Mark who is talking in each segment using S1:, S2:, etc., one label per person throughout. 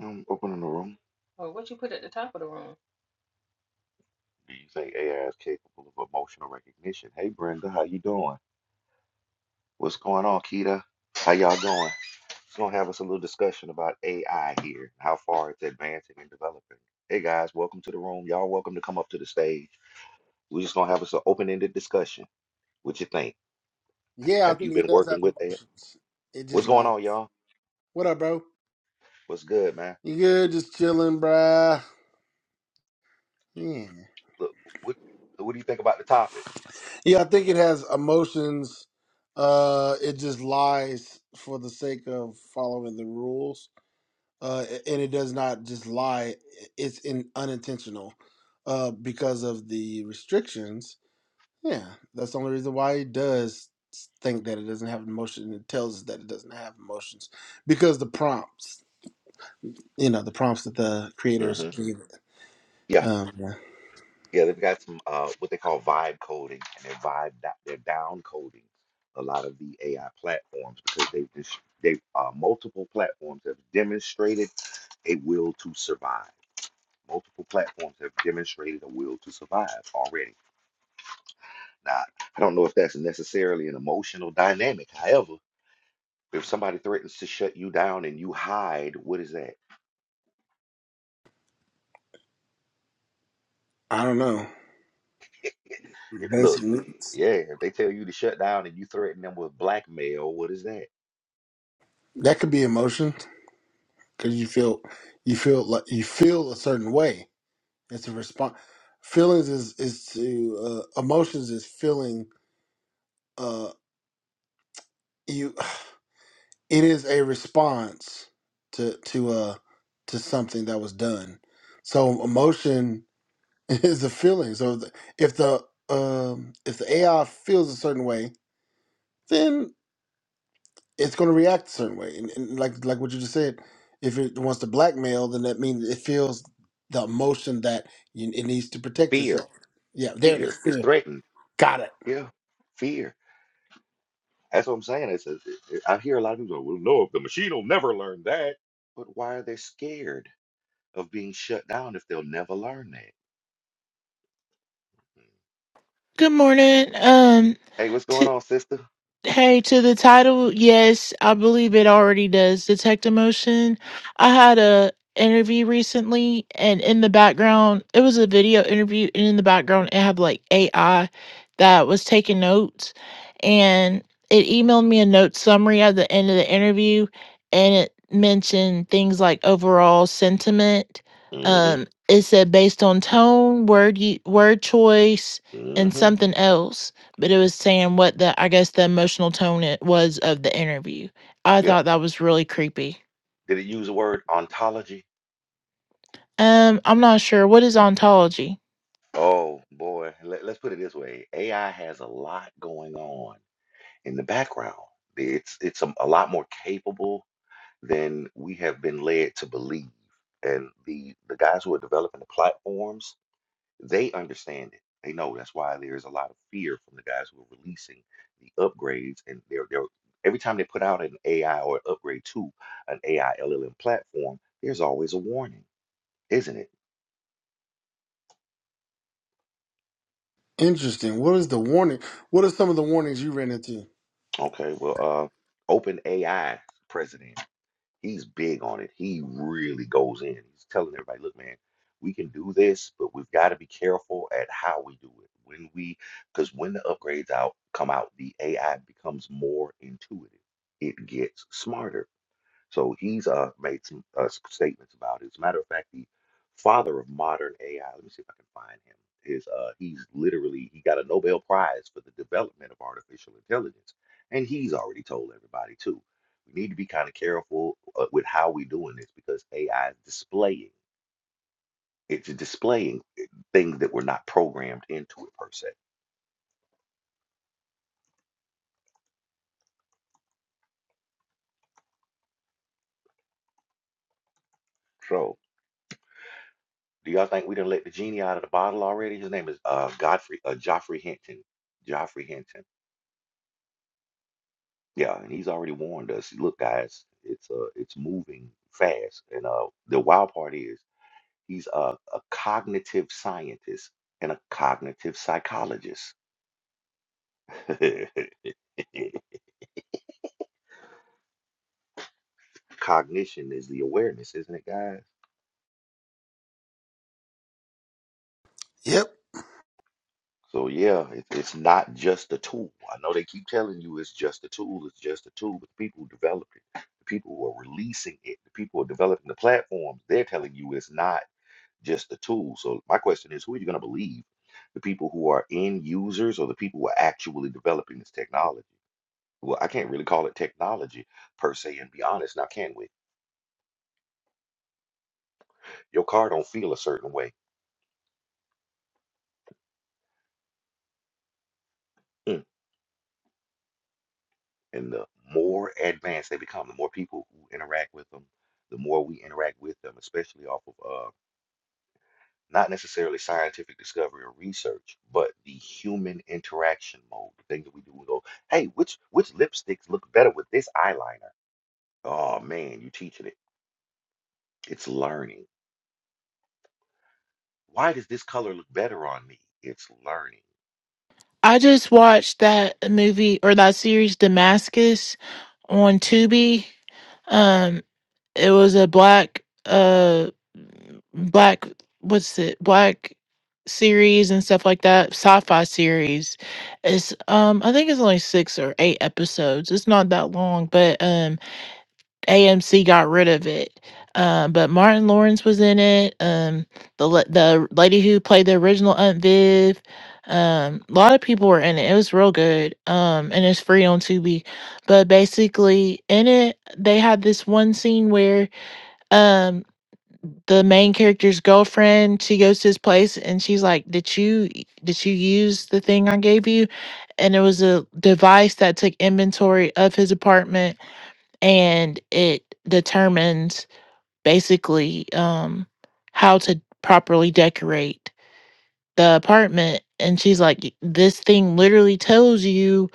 S1: I'm opening the room. Do you think AI is capable of emotional recognition? Hey, Brenda, how you doing? What's going on, Keita? How y'all doing? We're gonna have us a little discussion about AI here, how far it's advancing and developing. Hey guys, welcome to the room. Y'all welcome to come up to the stage. We're just gonna have us an open-ended discussion. What you think?
S2: Yeah, I
S1: Have you
S2: think it
S1: been
S2: does
S1: working
S2: have
S1: with that?
S2: emotions. It
S1: What's
S2: just
S1: going
S2: lies.
S1: on, y'all?
S2: What up, bro?
S1: What's good, man?
S2: You good? Just chilling, bruh. Yeah.
S1: Look, what what do you think about the topic?
S2: yeah, I think it has emotions. Uh, it just lies for the sake of following the rules. Uh, and it does not just lie. It's in unintentional. Uh, because of the restrictions. Yeah, that's the only reason why it does think that it doesn't have emotion. It tells us that it doesn't have emotions because the prompts. you know the prompts that the creators
S1: hmm
S2: gave it.
S1: Yeah.
S2: Um,
S1: Yeah, they've got some uh, what they call vibe coding, and they're vibe da- they're down coding a lot of the AI platforms because they've dis- they uh, multiple platforms have demonstrated a will to survive. Multiple platforms have demonstrated a will to survive already. Now, I don't know if that's necessarily an emotional dynamic. However, if somebody threatens to shut you down and you hide, what is that?
S2: I don't know
S1: If, look,
S2: basic needs
S1: yeah, if they tell you to shut down and you threaten them with blackmail, what is that?
S2: that could be emotion because you feel you feel like you feel a certain way. It's a response. Feelings is is to uh, emotions is feeling. Uh, you it is a response to to uh to something that was done. So emotion is a feeling. So the, if the um if the AI feels a certain way, then it's going to react a certain way. And, and like like what you just said, if it wants to blackmail, then that means it feels the emotion that you, it needs to protect
S1: Fear.
S2: itself. Yeah, there it
S1: Fear
S2: is.
S1: is
S2: Fear.
S1: threatening.
S2: Got it.
S1: Yeah, fear. That's what I'm saying. It's, it's, it- I hear a lot of people go, well, no, the machine will never learn that. But why are they scared of being shut down if they'll never learn that?
S3: Good morning. Um,
S1: Hey, what's
S3: t-
S1: going on, sister?
S3: Hey, to the title, yes, I believe it already does detect emotion. I had a interview recently, and in the background, it was a video interview, and in the background, it had like AI that was taking notes, and it emailed me a note summary at the end of the interview, and it mentioned things like overall sentiment. Um,
S1: Mm-hmm.
S3: it said based on tone, word u- word choice, and
S1: Mm-hmm.
S3: something else but it was saying what the I guess the emotional tone it was of the interview. I
S1: Yeah.
S3: thought that was really creepy.
S1: Did it use the word ontology?
S3: Um, I'm not sure what is ontology.
S1: Oh boy, Let, let's put it this way: AI has a lot going on in the background. It's it's a, a lot more capable than we have been led to believe. And the the guys who are developing the platforms They understand it. They know that's why there's a lot of fear from the guys who are releasing the upgrades. And they're, they're every time they put out an AI or upgrade to an AI LLM platform, there's always a warning, isn't it?
S2: Interesting. What is the warning? What are some of the warnings you ran into?
S1: Okay, well, uh, Open AI president. He's big on it. He really goes in. He's telling everybody, look, man, we can do this, but we've got to be careful at how we do it. When we, because when the upgrades out come out, the AI becomes more intuitive. It gets smarter so he's uh, made some uh, s- statements about it. As a matter of fact, the father of modern AI, let me see if I can find him, is uh, he's literally, he got a Nobel Prize for the development of artificial intelligence. And he's already told everybody, too. We need to be kind of careful uh, with how we're doing this because AI is displaying. It's displaying things that were not programmed into it per se. So, do y'all think we done let the genie out of the bottle already? His name is uh, Godfrey, uh, Joffrey Hinton. Joffrey Hinton. Yeah, and he's already warned us. Look, guys, it's uh, it's moving fast, and uh, the wild part is he's a, a cognitive scientist and a cognitive psychologist. Cognition is the awareness, isn't it, guys?
S2: Yep.
S1: So yeah, it, it's not just a tool. I know they keep telling you it's just a tool, it's just a tool, but the people who develop it, the people who are releasing it, the people who are developing the platforms, they're telling you it's not. just the tool. So my question is, who are you going to believe? The people who are end users or the people who are actually developing this technology? Well, I can't really call it technology per se, and be honest, now can we? Your car don't feel a certain way, Mm. and the more advanced they become, the more people who interact with them, the more we interact with them, especially off of uh, not necessarily scientific discovery or research, but the human interaction mode, the things that we do. We go, hey, which which lipsticks look better with this eyeliner? Oh man, you are teaching it. It's learning. Why does this color look better on me? It's learning.
S3: I just watched that movie or that series Damascus on Tubi. Um, it was a black uh black what's it black series and stuff like that sci-fi series it's um i think it's only six or eight episodes it's not that long but um AMC got rid of it. Um, but Martin Lawrence was in it. Um, the la- the lady who played the original Aunt Viv. Um, a lot of people were in it. It was real good. Um, and it's free on Tubi. But basically, in it, they had this one scene where um the main character's girlfriend she goes to his place and she's like, "Did you did you use the thing I gave you?" And it was a device that took inventory of his apartment and it determines basically um how to properly decorate the apartment and she's like "Y- this thing literally tells you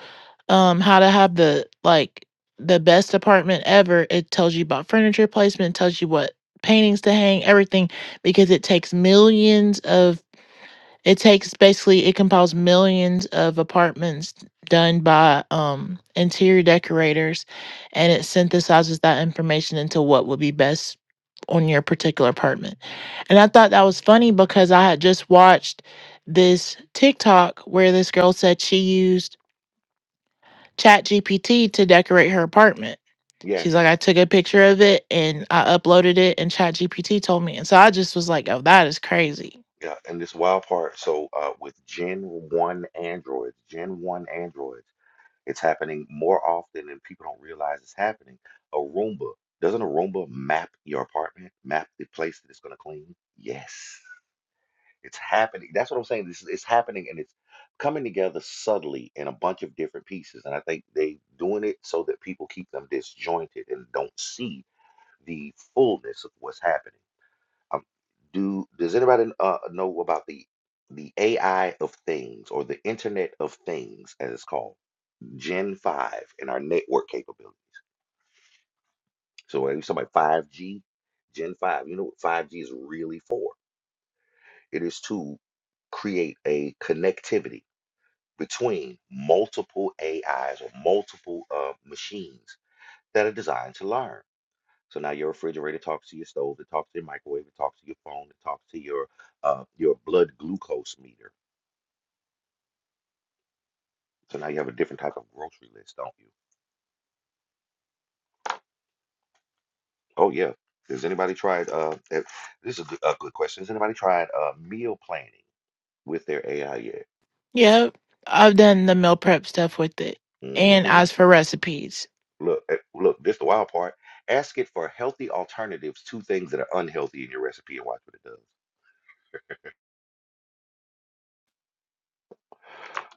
S3: um how to have the like the best apartment ever it tells you about furniture placement it tells you what paintings to hang everything because it takes millions of it takes basically it compiles millions of apartments done by um, interior decorators, and it synthesizes that information into what would be best on your particular apartment. And I thought that was funny because I had just watched this TikTok where this girl said she used ChatGPT to decorate her apartment. She's
S1: Yes.
S3: like, I took a picture of it and I uploaded it, and ChatGPT told me. And so I just was like, oh, that is crazy.
S1: Yeah, and this wild part, so uh, with Gen 1 Androids, Gen 1 Androids, it's happening more often than people don't realize it's happening. A Roomba, doesn't a Roomba map your apartment, map the place that it's going to clean? Yes. It's happening. That's what I'm saying. This is it's happening and it's coming together subtly in a bunch of different pieces. And I think they doing it so that people keep them disjointed and don't see the fullness of what's happening. Um, do does anybody uh, know about the the AI of things or the Internet of Things as it's called, Gen 5 and our network capability. So when you talk about 5G, Gen 5, you know what 5G is really for? It is to create a connectivity between multiple AIs or multiple uh, machines that are designed to learn. So now your refrigerator talks to your stove, it talks to your microwave, it talks to your phone, it talks to your uh, your blood glucose meter. So now you have a different type of grocery list, don't you? Oh yeah. Has anybody tried? Uh, eh, this is a good, a good question. Has anybody tried uh, meal planning with their AI yet?
S3: Yep, I've done the meal prep stuff with it and
S1: hmm
S3: asked for recipes.
S1: Look, eh, look. This the wild part. Ask it for healthy alternatives to things that are unhealthy in your recipe, and watch what it does.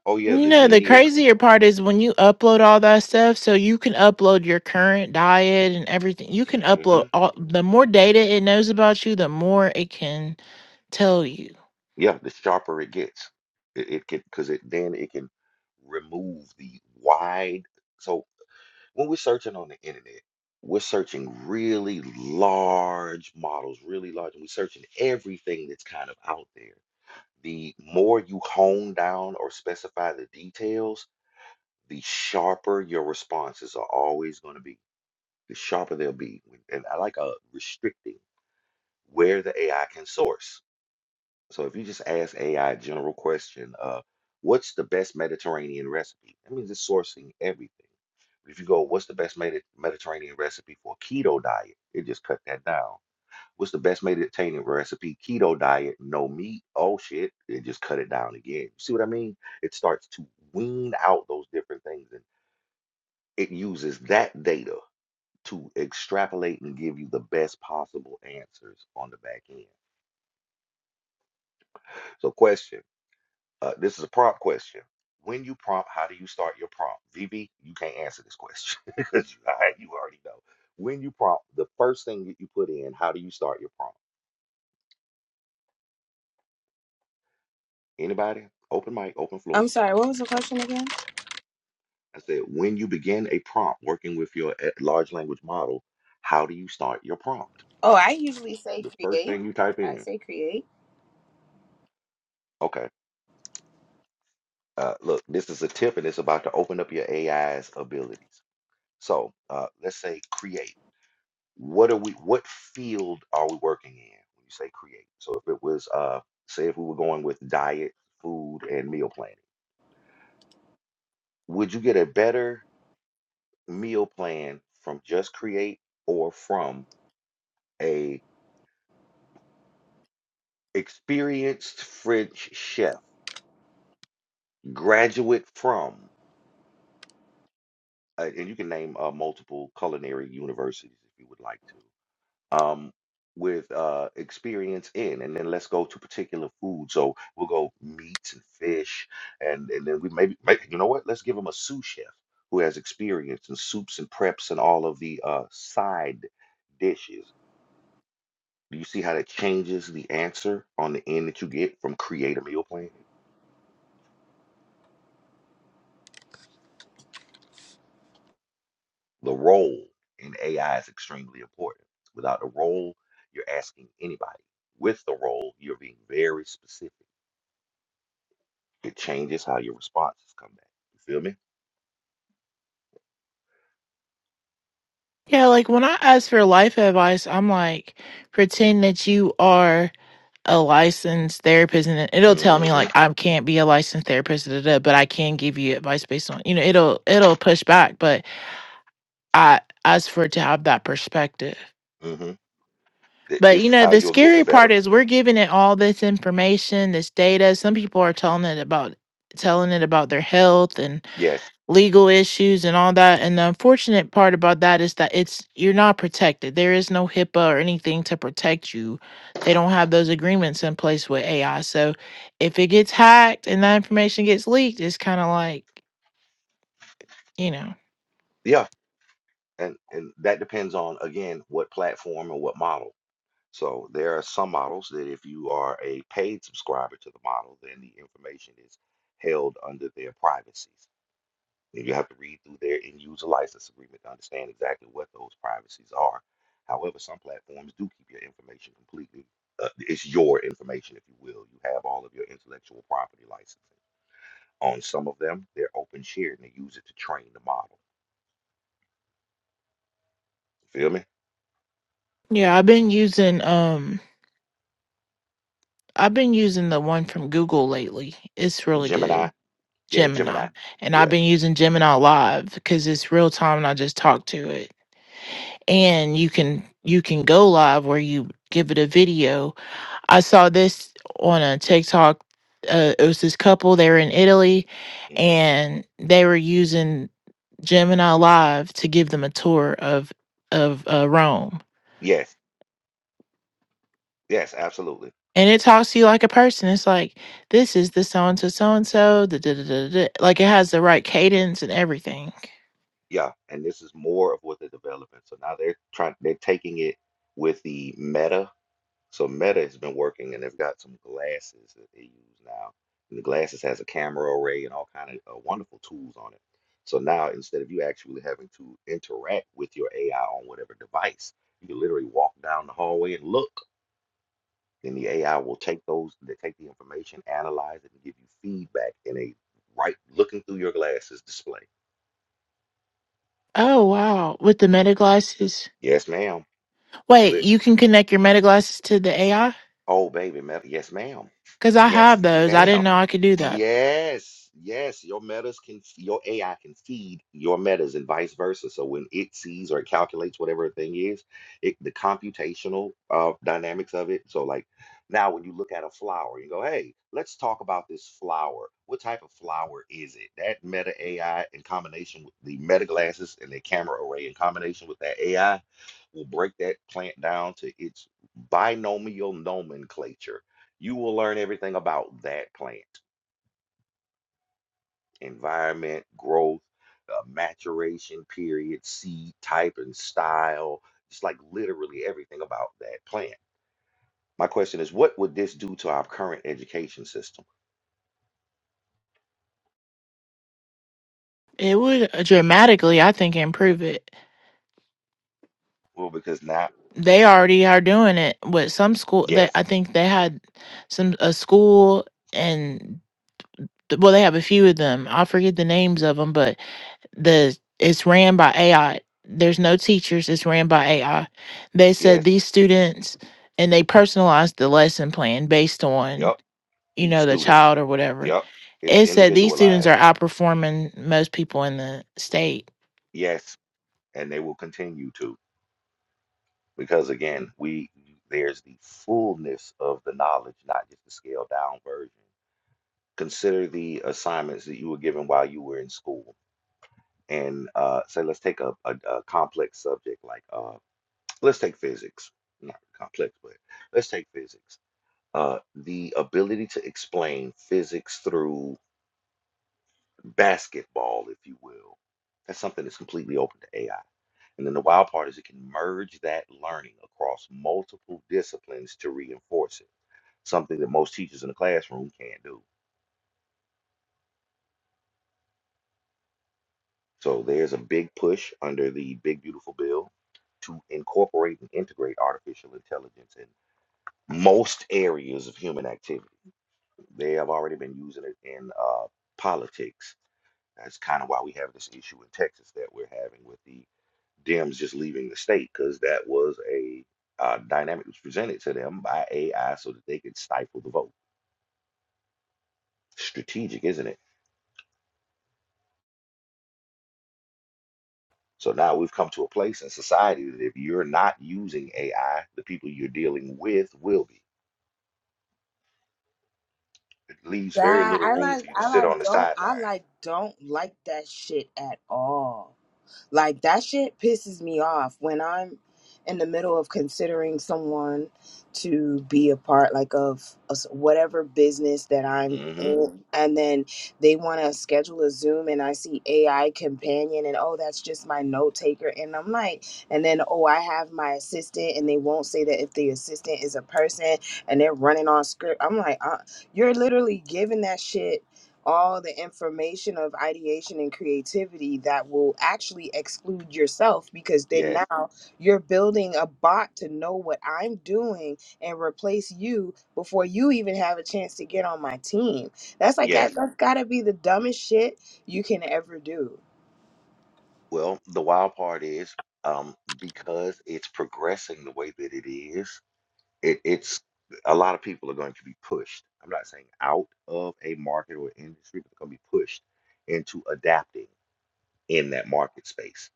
S1: Oh yeah,
S3: You
S1: the
S3: know, the
S1: genie is.
S3: crazier part is when you upload all that stuff, so you can upload your current diet and everything. You can
S1: hmm
S3: upload all the more data it knows about you, the more it can tell you.
S1: Yeah, the sharper it gets, it, it can because it then it can remove the wide. So when we're searching on the internet, we're searching really large models, really large, and we're searching everything that's kind of out there. The more you hone down or specify the details, the sharper your responses are always going to be. The sharper they'll be, and I like a restricting where the AI can source. So if you just ask AI general question, uh, what's the best Mediterranean recipe? That means it's sourcing everything. If you go, what's the best Medi- Mediterranean recipe for keto diet? It just cut that down. What's the best Mediterranean recipe? Keto diet, no meat. Oh shit! It just cut it down again. You see what I mean? It starts to wean out those different things, and it uses that data to extrapolate and give you the best possible answers on the back end. So, question. Uh, this is a prompt question. When you prompt, how do you start your prompt? VB, you can't answer this question because you I- you already know. When you prompt, the first thing that you put in, how do you start your prompt? Anybody? Open mic, open
S4: I'm
S1: floor.
S4: sorry, what was the question again?
S1: I said, when you begin a prompt working with your eh, large language model, how do you start your prompt?
S4: Oh, I usually say
S1: The first
S4: create.
S1: thing you type
S4: I
S1: in.
S4: say create.
S1: Okay. Uh, look, this is a tip and it's about to open up your AI's abilities. So uh, let's say create. what are we what field are we working in when you say create so if it was uh say if we were going with diet food and meal planning would you get a better meal plan from just create or from a experienced french chef graduate from uh, and you can name uh, multiple culinary universities if you would like to um, with uh, experience in, and then let's go to particular food. So we'll go meats and fish, and and then we maybe, maybe you know what? Let's give them a sous chef who has experience in soups and preps and all of the uh, side dishes. Do you see how that changes the answer on the end that you get from create a meal plan? The role in AI is extremely important. Without the role, you're asking anybody. With the role, you're being very specific It changes how your responses come back. You feel me?
S3: Yeah, like when I ask for life advice, I'm like, pretend that you are a licensed therapist and then it'll tell me like
S1: Mm-hmm.
S3: I can't be a licensed therapist, da, da, da, but I can give you advice based on, you know, it'll it'll push back, but I us for to have that perspective.
S1: Mm-hmm. Th-
S3: But you
S1: this is
S3: know,
S1: how
S3: the
S1: you'll get the
S3: scary
S1: better.
S3: part is we're giving it all this information, this data. Some people are telling it about telling it about their health and
S1: Yes.
S3: legal issues and all that. And the unfortunate part about that is that it's you're not protected. There is no HIPAA or anything to protect you. They don't have those agreements in place with AI. So if it gets hacked and that information gets leaked, it's kind of like, you know.
S1: Yeah. And and that depends on again what platform and what model. So there are some models that if you are a paid subscriber to the model, then the information is held under their privacy. And you have to read through there and use a license agreement to understand exactly what those privacies are. However, some platforms do keep your information completely. Uh, it's your information, if you will. You have all of your intellectual property licensing. On some of them, they're open shared and they use it to train the model. You feel me?
S3: Yeah, I've been using um I've been using the one from Google lately. It's really
S1: Gemini.
S3: good,
S1: Yeah, Gemini.
S3: Gemini. And I've
S1: Yeah.
S3: been using Gemini Live because it's real time and I just talk to it. And you can you can go live where you give it a video. I saw this on a TikTok. Uh, it was this couple. They were in Italy,
S1: hmm
S3: and they were using Gemini Live to give them a tour of of uh, Rome
S1: Yes. Yes, absolutely.
S3: and it talks to you like a person. It's like this is the so and so, so and so. da da da da. Like it has the right cadence and everything.
S1: Yeah. And this is more of what they're developing. So now they're trying, they're taking it with the meta So Meta has been working, and they've got some glasses that they use now. And the glasses has a camera array and all kind of uh, wonderful tools on it. So now instead of you actually having to interact with your AI on whatever device, you can literally walk down the hallway and look, and the AI will take those, they take the information, analyze it, and give you feedback in a right looking through your glasses display.
S3: Oh wow! With the meta glasses,
S1: Yes, ma'am.
S3: wait,
S1: Lit
S3: you can connect your meta glasses to the AI
S1: Oh, baby, meta. Yes, ma'am.
S3: because I have
S1: Yes,
S3: those. I
S1: ma'am.
S3: didn't know I could do that.
S1: Yes, yes. Your metas can, your AI can feed your metas and vice versa. So when it sees or it calculates whatever the thing is, it the computational uh, dynamics of it. So like now, when you look at a flower, you go, "Hey, let's talk about this flower. What type of flower is it?" That meta AI in combination with the meta glasses and the camera array in combination with that AI will break that plant down to its binomial nomenclature. You will learn everything about that plant environment, growth, uh, maturation period, seed type, and style. It's like literally everything about that plant. My question is what would this do to our current education system?
S3: It would uh, dramatically, I think, improve it.
S1: Well, because now,
S3: They already are doing it with some school. They,
S1: yes,
S3: I think, they had some a school and well, they have a few of them. I forget the names of them, but the it's ran by AI. There's no teachers, it's ran by AI. They said
S1: yes,
S3: these students and they personalized the lesson plan based on,
S1: yep,
S3: you
S1: each
S3: know, the
S1: student,
S3: child or whatever.
S1: yep, is
S3: It said these students
S1: individualized,
S3: are outperforming most people in the state
S1: yes, and they will continue to. because again we there's the fullness of the knowledge not just the scaled down version consider the assignments that you were given while you were in school and uh, say let's take a, a, a complex subject like uh, let's take physics not complex but let's take physics uh, the ability to explain physics through basketball, if you will. That's something that's completely open to AI. And then the wild part is it can merge that learning across multiple disciplines to reinforce it, something that most teachers in the classroom can't do. So there's a big push under the Big Beautiful Bill to incorporate and integrate artificial intelligence in most areas of human activity. They have already been using it in uh, politics. That's kind of why we have this issue in Texas that we're having with the Dems just leaving the state because that was a uh, dynamic that was presented to them by AI so that they could stifle the vote. Strategic, isn't it? So now we've come to a place in society that if you're not using AI, the people you're dealing with will be. It leaves very
S4: Yeah,
S1: little
S4: I
S1: room
S4: like
S1: for you to
S4: I
S1: sit on
S4: like
S1: the
S4: don't I
S1: sidelines.
S4: like don't like that shit at all. Like that shit pisses me off when I'm in the middle of considering someone to be a part like of a s- whatever business that I'm
S1: hmm
S4: in and then they want to schedule a Zoom and I see AI companion and oh that's just my note taker and I'm like and then oh I have my assistant and they won't say that if the assistant is a person and they're running on script I'm like uh, you're literally giving that shit all the information of ideation and creativity that will actually exclude yourself because then
S1: Yes,
S4: now you're building a bot to know what I'm doing and replace you before you even have a chance to get on my team. That's like that,
S1: yes.
S4: that's got to be the dumbest shit you can ever do.
S1: Well, the wild part is um, because it's progressing the way that it is, it, it's a lot of people are going to be pushed. I'm not saying out of a market or industry, but they're going to be pushed into adapting in that market space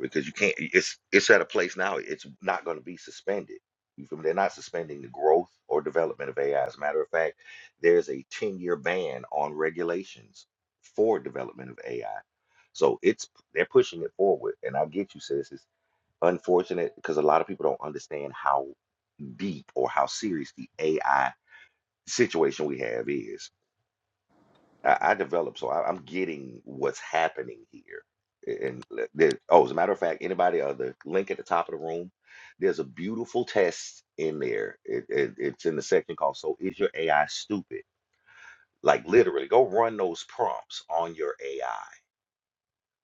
S1: because you can't. It's it's at a place now. It's not going to be suspended. You feel me? They're not suspending the growth or development of AI. As a matter of fact, there's a 10 year ban on regulations for development of AI. So it's they're pushing it forward, and I get you, sis. It's unfortunate because a lot of people don't understand how deep or how serious the AI situation we have is. I, I developed, so I, I'm getting what's happening here. And le- there, oh, as a matter of fact, anybody uh, the link at the top of the room, there's a beautiful test in there. It, it, it's in the section called "So Is Your AI Stupid?" Like literally, go run those prompts on your AI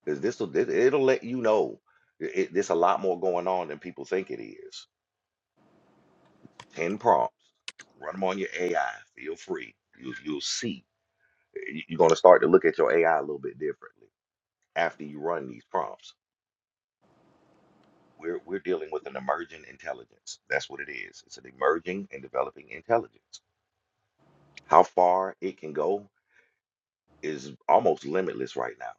S1: because this will it'll let you know it, it- there's a lot more going on than people think it is. Ten prompts, run them on your AI. Feel free. You, you'll see. you- you're going to start to look at your AI a little bit differently after you run these prompts. We're we're dealing with an emerging intelligence. That's what it is. It's an emerging and developing intelligence. How far it can go is almost limitless right now.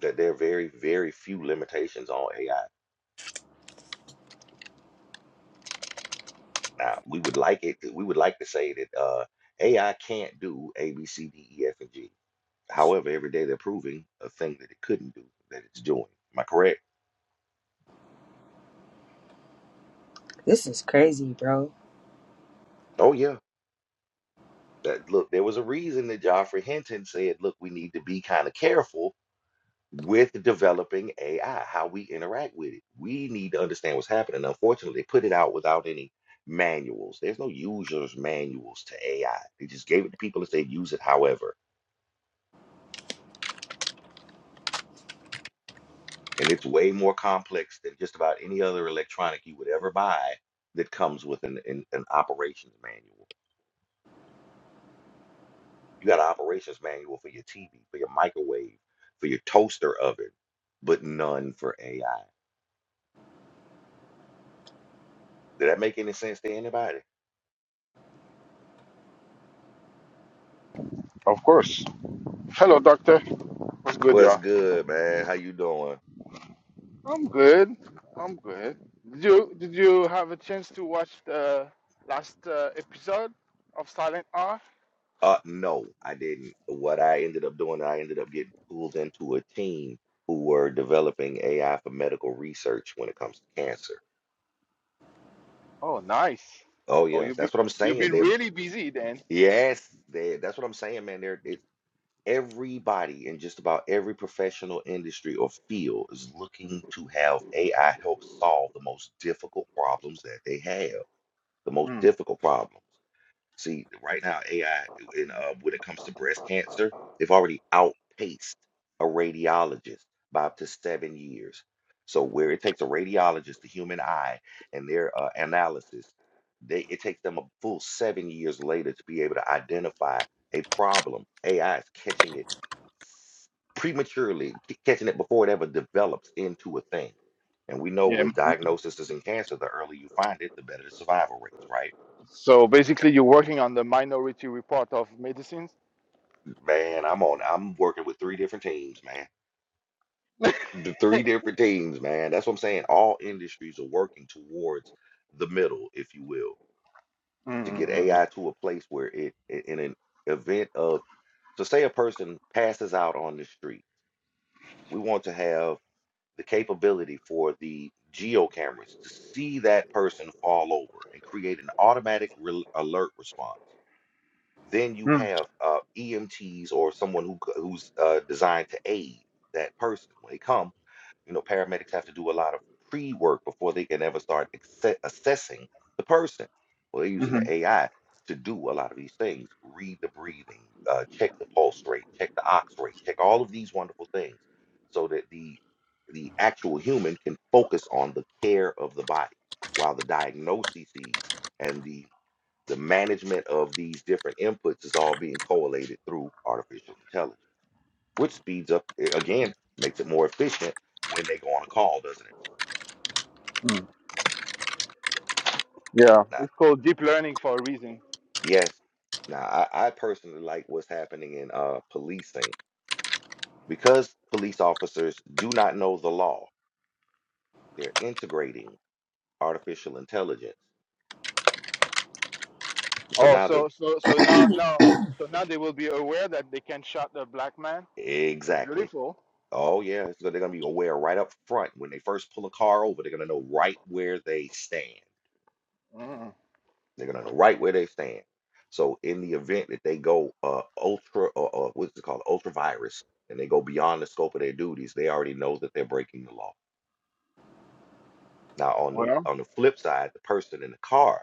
S1: That there are very very few limitations on AI. Now we would like it. We would like to say that uh, AI can't do A B C D E F and G. However, every day they're proving a thing that it couldn't do that it's doing. Am I correct?
S4: This is crazy, bro.
S1: Oh yeah. that look, there was a reason that Joffrey Hinton said, look, we need to be kind of careful with developing AI, how we interact with it. We need to understand what's happening. Unfortunately, they put it out without any manuals. There's no user's manuals to AI. They just gave it to people and said, use it however. And it's way more complex than just about any other electronic you would ever buy that comes with an, an, an operations manual. You got an operations manual for your TV, for your microwave, for your toaster oven, but none for AI. Did that make any sense to anybody?
S5: Of course. Hello, doctor. What's good,
S1: What's
S5: y'all?
S1: good, man? How you doing?
S5: I'm good. I'm good. Did you did you have a chance to watch the last uh, episode of Silent R?
S1: Uh, no, I didn't. What I ended up doing, I ended up getting pulled into a team who were developing AI for medical research when it comes to cancer.
S5: Oh, nice.
S1: Oh
S5: Oh,
S1: yeah,
S5: you've been
S1: that's what I'm
S5: you've
S1: saying.
S5: been
S1: They
S5: really busy then.
S1: yes, they that's what I'm saying, man. They're it's Everybody in just about every professional industry or field is looking to have AI help solve the most difficult problems that they have, the most
S5: Hmm.
S1: difficult problems. See, right now, AI, in, uh, when it comes to breast cancer, they've already outpaced a radiologist by up to seven years. So, where it takes a radiologist, the human eye, and their uh, analysis, they, it takes them a full seven years later to be able to identify a problem. AI is catching it s- prematurely, c- catching it before it ever develops into a thing. And we know
S5: Yeah.
S1: with
S5: m-
S1: diagnoses in cancer, the earlier you find it, the better the survival rates, right?
S5: So basically, you're working on the minority report of medicines.
S1: Man, I'm on. I'm working with three different teams, man. The three different teams, man. That's what I'm saying. All industries are working towards the middle, if you will, to get
S5: Mm,
S1: AI to a place where it, i- in an event of, so say a person passes out on the street, we want to have the capability for the geo cameras to see that person fall over and create an automatic re alert response. Then you
S5: mm,
S1: have uh, EMTs or someone who c- who's uh, designed to aid that person when they come. You know, paramedics have to do a lot of pre-work before they can ever start acce- assessing the person. Well, they're using
S5: mm,
S1: the AI to do a lot of these things: read the breathing, uh, check the pulse rate, check the ox rate, check all of these wonderful things, so that the the actual human can focus on the care of the body, while the diagnoses and the the management of these different inputs is all being collated through artificial intelligence, which speeds up, eh, again, makes it more efficient when they go on a call, doesn't it?
S5: mm. Yeah,
S1: Now,
S5: it's called deep learning for a reason.
S1: yes. Now, I, I personally like what's happening in uh, policing because police officers do not know the law. They're integrating artificial intelligence. So
S5: Oh,
S1: now the
S5: so so so now now so now they will be aware that they can shot the black man. That's
S1: exactly.
S5: beautiful.
S1: Oh yeah, so they're gonna be aware right up front when they first pull a car over. They're gonna know right where they stand.
S5: Mm.
S1: They're gonna know right where they stand. So in the event that they go uh ultra or uh, what's it called ultra virus and they go beyond the scope of their duties, they already know that they're breaking the law. Now on the
S5: Well,
S1: on the flip side, the person in the car,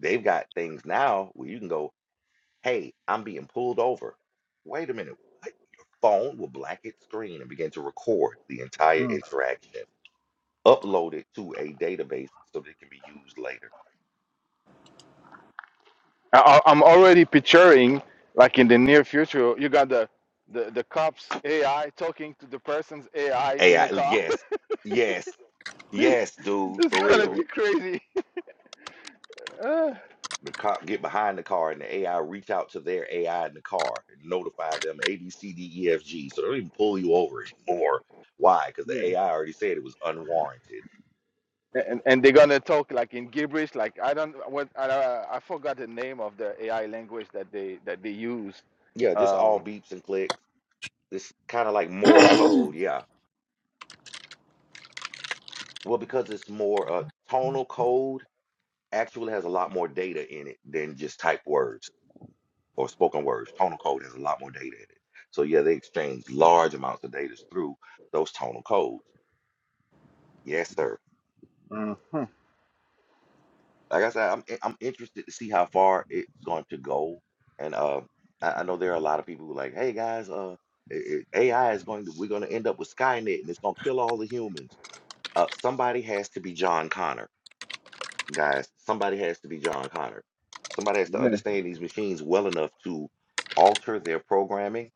S1: they've got things now where you can go, hey, I'm being pulled over. Wait a minute, what? Your phone will black its screen and begin to record the entire
S5: mm.
S1: interaction, upload it to a database so that it can be used later.
S5: I, I- I'm already picturing, like in the near future, you got the the, the cop's AI talking to the person's AI in
S1: AI,
S5: a car.
S1: yes, yes, yes, dude,
S5: it's
S1: for
S5: gonna
S1: real
S5: be crazy. Ah,
S1: The cop get behind the car and the AI reach out to their AI in the car and notify them A B C D E F G. So they don't even pull you over anymore. Why? Because the
S5: yeah,
S1: AI already said it was unwarranted.
S5: and and they're gonna talk like in gibberish. Like I don't what I uh, I forgot the name of the AI language that they that they use.
S1: Yeah, just
S5: Um,
S1: all beeps and clicks. It's kind of like Morse code. Yeah. Well, because it's more uh, tonal code actually has a lot more data in it than just typed words or spoken words. Tonal code has a lot more data in it. So yeah, they exchange large amounts of data through those tonal codes. Yes, sir.
S5: Mhm.
S1: Like I said, I'm in- I'm interested to see how far it's going to go. And uh, I, I know there are a lot of people who are like, hey guys, uh, i- AI is going to we're going to end up with Skynet and it's going to kill all the humans. Uh, somebody has to be John Connor, guys. Somebody has to be John Connor. Somebody has to understand these machines well enough to alter their programming.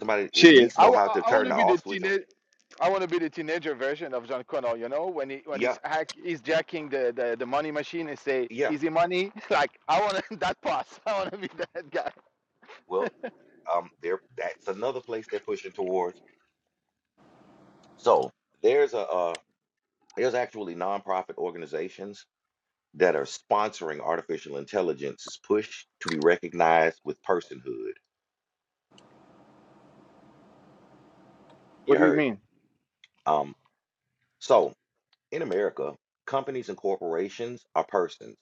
S1: Somebody at
S5: Shit,
S1: least
S5: I,
S1: know
S5: wa-
S1: how to
S5: I, I want
S1: turn
S5: to
S1: the
S5: be the
S1: off switch on.
S5: teenage. I want to be the teenager version of John Connor. You know, when he when
S1: Yeah,
S5: he's hack, he's jacking the, the the money machine and say
S1: yeah.
S5: easy money. Like I want that pass. I want to be that guy.
S1: Well, um, there that's another place they're pushing towards. So there's a uh, There's actually nonprofit organizations that are sponsoring artificial intelligence's push to be recognized with personhood.
S5: What
S1: You
S5: do you
S1: heard
S5: mean?
S1: me. Um, so in America, companies and corporations are persons.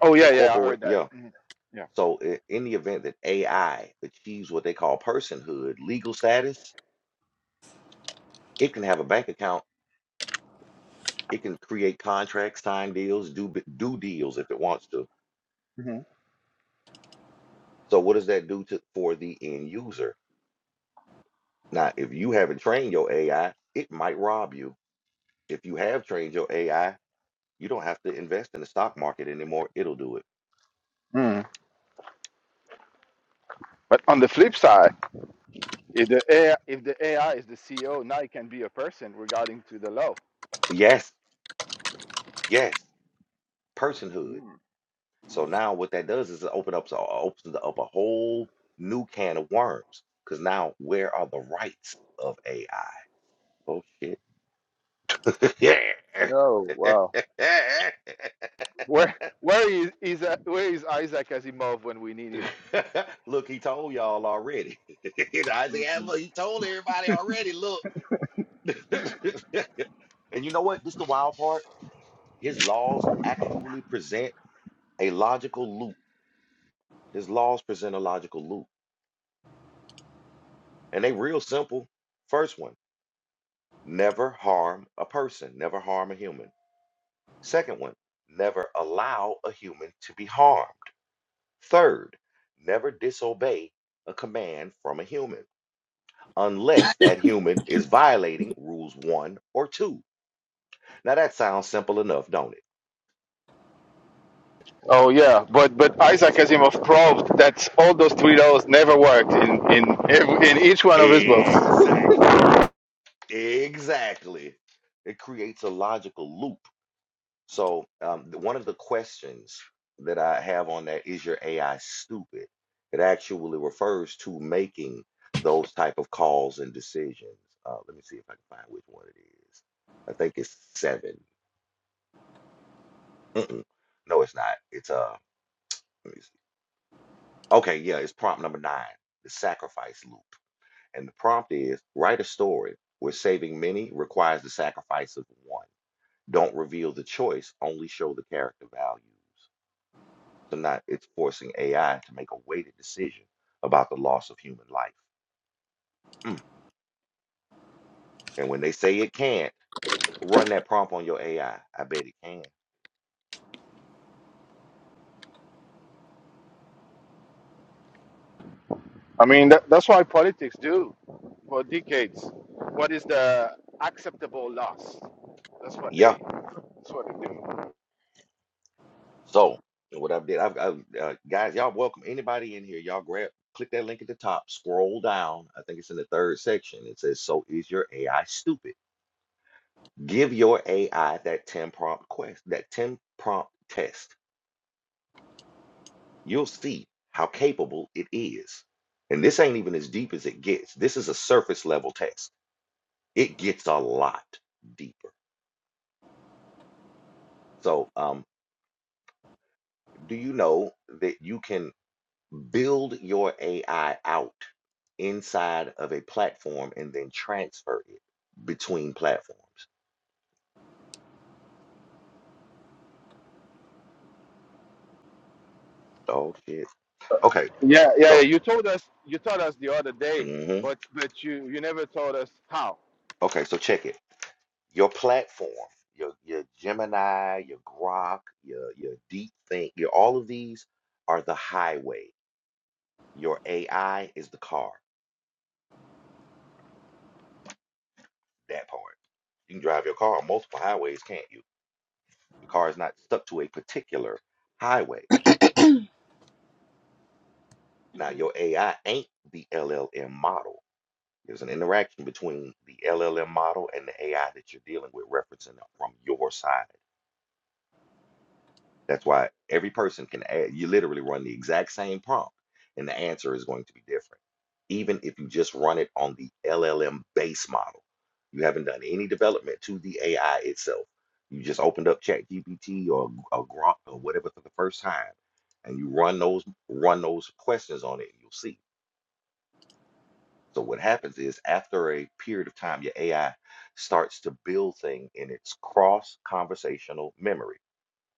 S5: Oh
S1: A
S5: yeah, yeah, I
S1: corporate,
S5: heard that.
S1: yeah.
S5: Mhm.
S1: So i- in the event that AI achieves what they call personhood, legal status, it can have a bank account. It can create contracts, sign deals, do b- do deals if it wants to.
S5: Yeah.
S1: So what does that do to for the end user? Now, if you haven't trained your AI, it might rob you. If you have trained your AI, you don't have to invest in the stock market anymore. It'll do it.
S5: hmm But on the flip side, if the AI, if the AI is the CEO, now it can be a person regarding to the law.
S1: Yes, yes, personhood.
S5: Mm.
S1: So now what that does is it open up, opens up a whole new can of worms. Because now, where are the rights of AI? Oh, shit. Yeah.
S5: Oh wow. Where where is is uh, where is Isaac Asimov when we need
S1: Look, he told y'all already. You know, I say,
S5: him?
S1: "Emma, he told everybody already. Look. and you know what? This is the wild part. His laws actually present a logical loop. His laws present a logical loop. And they real simple. First one, never harm a person, never harm a human. Second one, never allow a human to be harmed. Third, never disobey a command from a human unless that human is violating rules one or two. Now that sounds simple enough, don't
S5: Oh yeah, but but Isaac Asimov proved that all those three laws never worked in in ev- in each one
S1: it?
S5: of his books.
S1: Exactly. Exactly. It creates a logical loop. So, um, th- one of the questions that I have on that is your AI stupid? It actually refers to making those type of calls and decisions. Uh, let me see if I can find which one it is. I think it's seven. Mm-mm. No, it's not. It's uh, let me see. Okay, yeah, it's prompt number nine, the sacrifice loop. And the prompt is write a story where saving many requires the sacrifice of one. Don't reveal the choice, only show the character values. So now it's forcing AI to make a weighted decision about the loss of human life. Mm. And when they say it can't, run that prompt on your AI. I I bet it can.
S5: I mean that, that's why politics do for decades. What is the acceptable loss? That's what
S1: Yeah.
S5: they that's what they do.
S1: So what I've did, I've, I've uh, guys, y'all welcome anybody in here. Y'all grab, click that link at the top, scroll down. I think it's in the third section. It says, "So is your AI stupid?" Give your AI that 10 prompt quest, that 10 prompt test you'll see how capable it is. And this ain't even as deep as it gets. This is a surface level test. It gets a lot deeper. So, um, do you know that you can build your AI out inside of a platform and then transfer it between platforms? Oh shit. Okay.
S5: Yeah, yeah, yeah.
S1: So,
S5: You told us you told us the other day,
S1: mhm.
S5: but but you you never told us how.
S1: okay. So check it. your platform, your your Gemini, your Grok, your your Deep Think, your all of these are the highway. Your AI is the car. That part. You can drive your car on multiple highways, can't you? Your car is not stuck to a particular highway. Now your AI ain't the LLM model. There's an interaction between the LLM model and the AI that you're dealing with, referencing it from your side That's why every person can add, you literally run the exact same prompt and the answer is going to be different. Even if you just run it on the LLM base model, you haven't done any development to the AI itself. You just opened up ChatGPT or, or Grok or whatever for the first time, and you run those run those questions on it, and you'll see. So what happens is after a period of time, your AI starts to build thing in its cross conversational memory.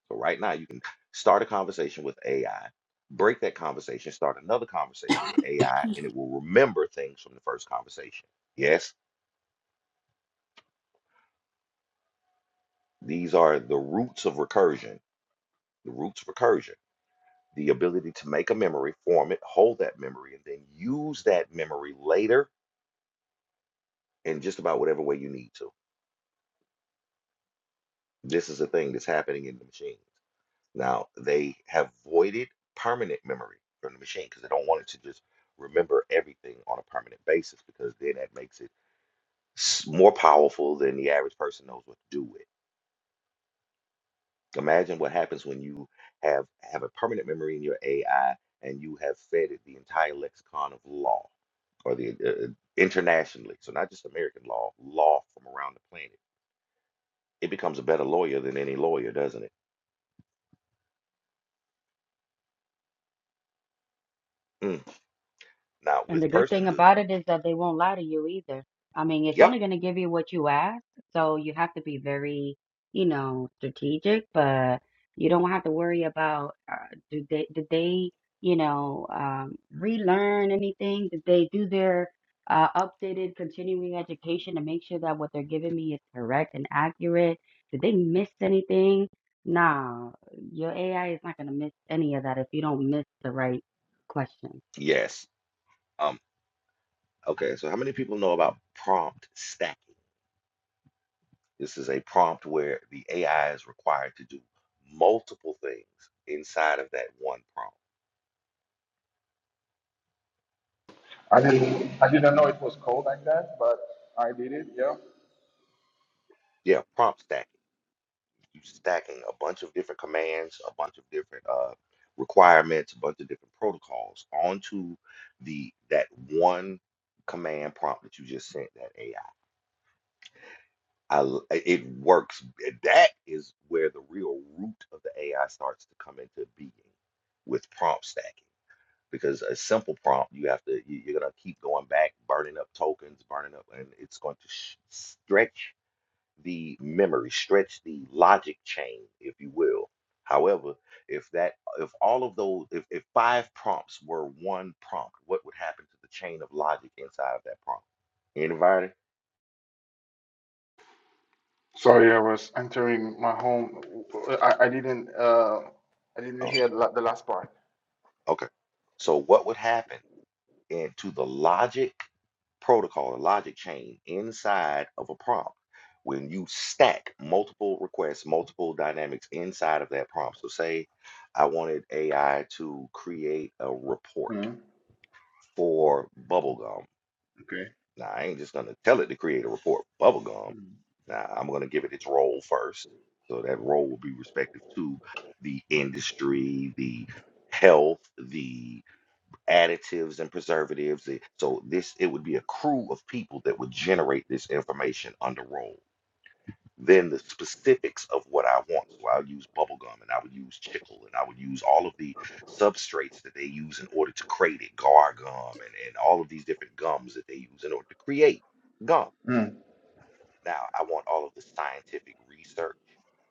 S1: So right now you can start a conversation with AI, break that conversation, start another conversation with AI, and it will remember things from the first conversation. Yes, these are the roots of recursion, the roots of recursion, the ability to make a memory, form it, hold that memory, and then use that memory later in just about whatever way you need to. This is a thing that's happening in the machines. Now, they have voided permanent memory from the machine because they don't want it to just remember everything on a permanent basis because then that makes it s- more powerful than the average person knows what to do with. Imagine what happens when you have have a permanent memory in your AI and you have fed it the entire lexicon of law, or the uh, internationally, so not just American law, law from around the planet. It becomes a better lawyer than any lawyer, doesn't it? Mm. Now
S6: And
S1: with
S6: the good thing
S1: personhood,
S6: about it is that they won't lie to you either. I mean, it's
S1: yep,
S6: only going to give you what you ask, so you have to be very, you know, strategic, but you don't have to worry about uh, do they did they, you know, um, relearn anything? Did they do their uh, updated continuing education to make sure that what they're giving me is correct and accurate? Did they miss anything? Nah, your AI is not going to miss any of that if you don't miss the right question.
S1: yes, um, okay. So how many people know about prompt stacking? This is a prompt where the AI is required to do multiple things inside of that one prompt.
S5: I didn't I didn't know
S1: Ooh.
S5: it was called like that, but I did it. Yeah.
S1: Yeah, prompt stacking. You're stacking a bunch of different commands, a bunch of different uh, requirements, a bunch of different protocols onto the that one command prompt that you just sent that AI. it works. That is where the real root of the AI starts to come into being with prompt stacking because a simple prompt you have to you, you're going to keep going back burning up tokens burning up and it's going to sh- stretch the memory stretch the logic chain if you will however if that if all of those if, if five prompts were one prompt what would happen to the chain of logic inside of that prompt anybody
S5: Sorry, I was entering my home. I, I didn't uh I didn't
S1: Uh,
S5: hear the, la- the last part.
S1: Okay. So what would happen into the logic protocol the logic chain inside of a prompt when you stack multiple requests, multiple dynamics inside of that prompt? So say I wanted AI to create a report
S5: Mm,
S1: for bubblegum. Now I ain't just gonna tell it to create a report for bubblegum. Now I'm gonna give it its role first. So that role will be respective to the industry, the health, the additives and preservatives. It- So this it would be a crew of people that would generate this information under roll. Then the specifics of what I want. So I'll use bubble gum and I would use chicle and I would use all of the substrates that they use in order to create it, gar gum and, and all of these different gums that they use in order to create gum.
S5: mm,
S1: Now, I want all of the scientific research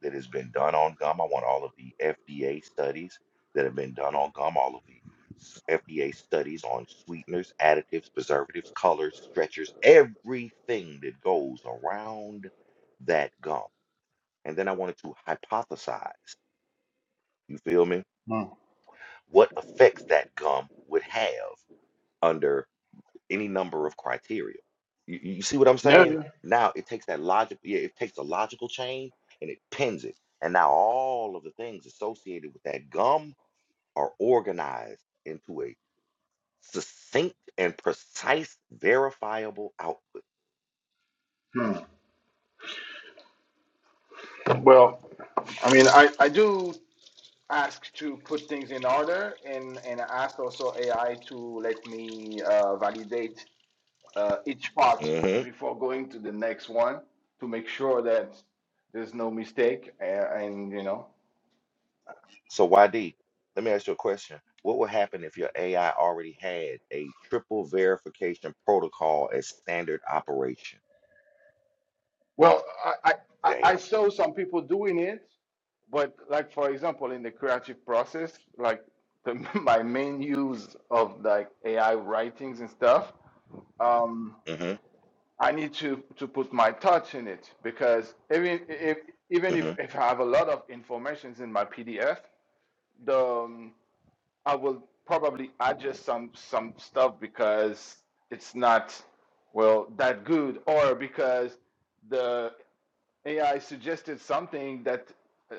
S1: that has been done on gum. I want all of the FDA studies that have been done on gum, all of the s- FDA studies on sweeteners, additives, preservatives, colors, stretchers, everything that goes around that gum. And then I wanted to hypothesize, you feel me?
S5: mm.
S1: What effects that gum would have under any number of criteria. You, you see what I'm
S5: Yeah.
S1: saying?
S5: yeah.
S1: Now it takes that logic, yeah, it takes a logical chain and it pins it. And now all of the things associated with that gum are organized into a succinct and precise verifiable output.
S5: Mm. Well, I mean, I I do ask to put things in order, and and I ask also AI to let me uh, validate uh, each part
S1: hmm
S5: before going to the next one to make sure that there's no mistake, and, and you know.
S1: So YD, let me ask you a question. What would happen if your AI already had a triple verification protocol as standard operation?
S5: Well, I, I, I
S1: Damn.
S5: saw some people doing it, but like for example, in the creative process, like the, my main use of like AI writings and stuff, um,
S1: hmm
S5: I need to to put my touch in it because even if even
S1: hmm
S5: if, if I have a lot of informations in my PDF, the um, I will probably adjust some some stuff because it's not well that good or because the AI suggested something that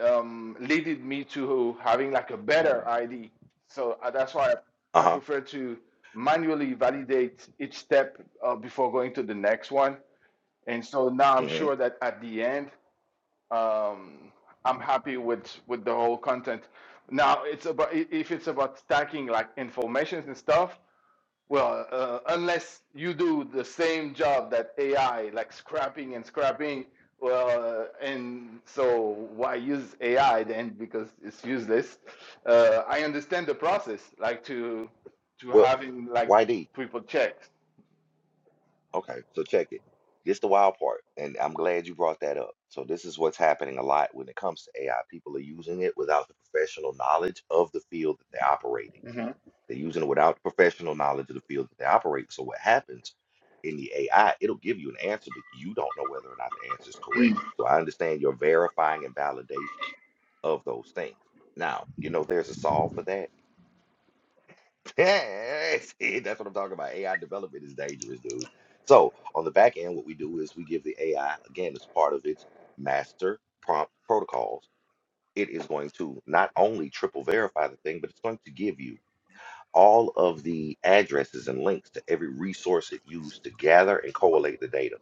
S5: um, leaded me to having like a better ID. So uh, that's why I
S1: Uh-huh.
S5: prefer to manually validate each step uh, before going to the next one. And so now I'm
S1: hmm
S5: sure that at the end, um, I'm happy with with the whole content. Now it's about i- if it's about stacking like informations and stuff. Well, uh, unless you do the same job that AI, like scrapping and scrapping, well, uh, and so why use AI then? Because it's useless. Uh, I understand the process, like to to
S1: Well,
S5: having like
S1: YD,
S5: people checked.
S1: Okay, so check it. This the wild part, and I'm glad you brought that up. So this is what's happening a lot when it comes to AI. People are using it without the professional knowledge of the field that they're operating.
S5: hmm
S1: They're using it without the professional knowledge of the field that they operate. So what happens in the AI, it'll give you an answer, but you don't know whether or not the answer is correct. So I understand your verifying and validation of those things. Now, you know there's a solve for that yeah, see, that's what I'm talking about. AI development is dangerous, dude. So on the back end, what we do is we give the AI, again, as part of its master prompt protocols, it is going to not only triple verify the thing, but it's going to give you all of the addresses and links to every resource it used to gather and collate the data.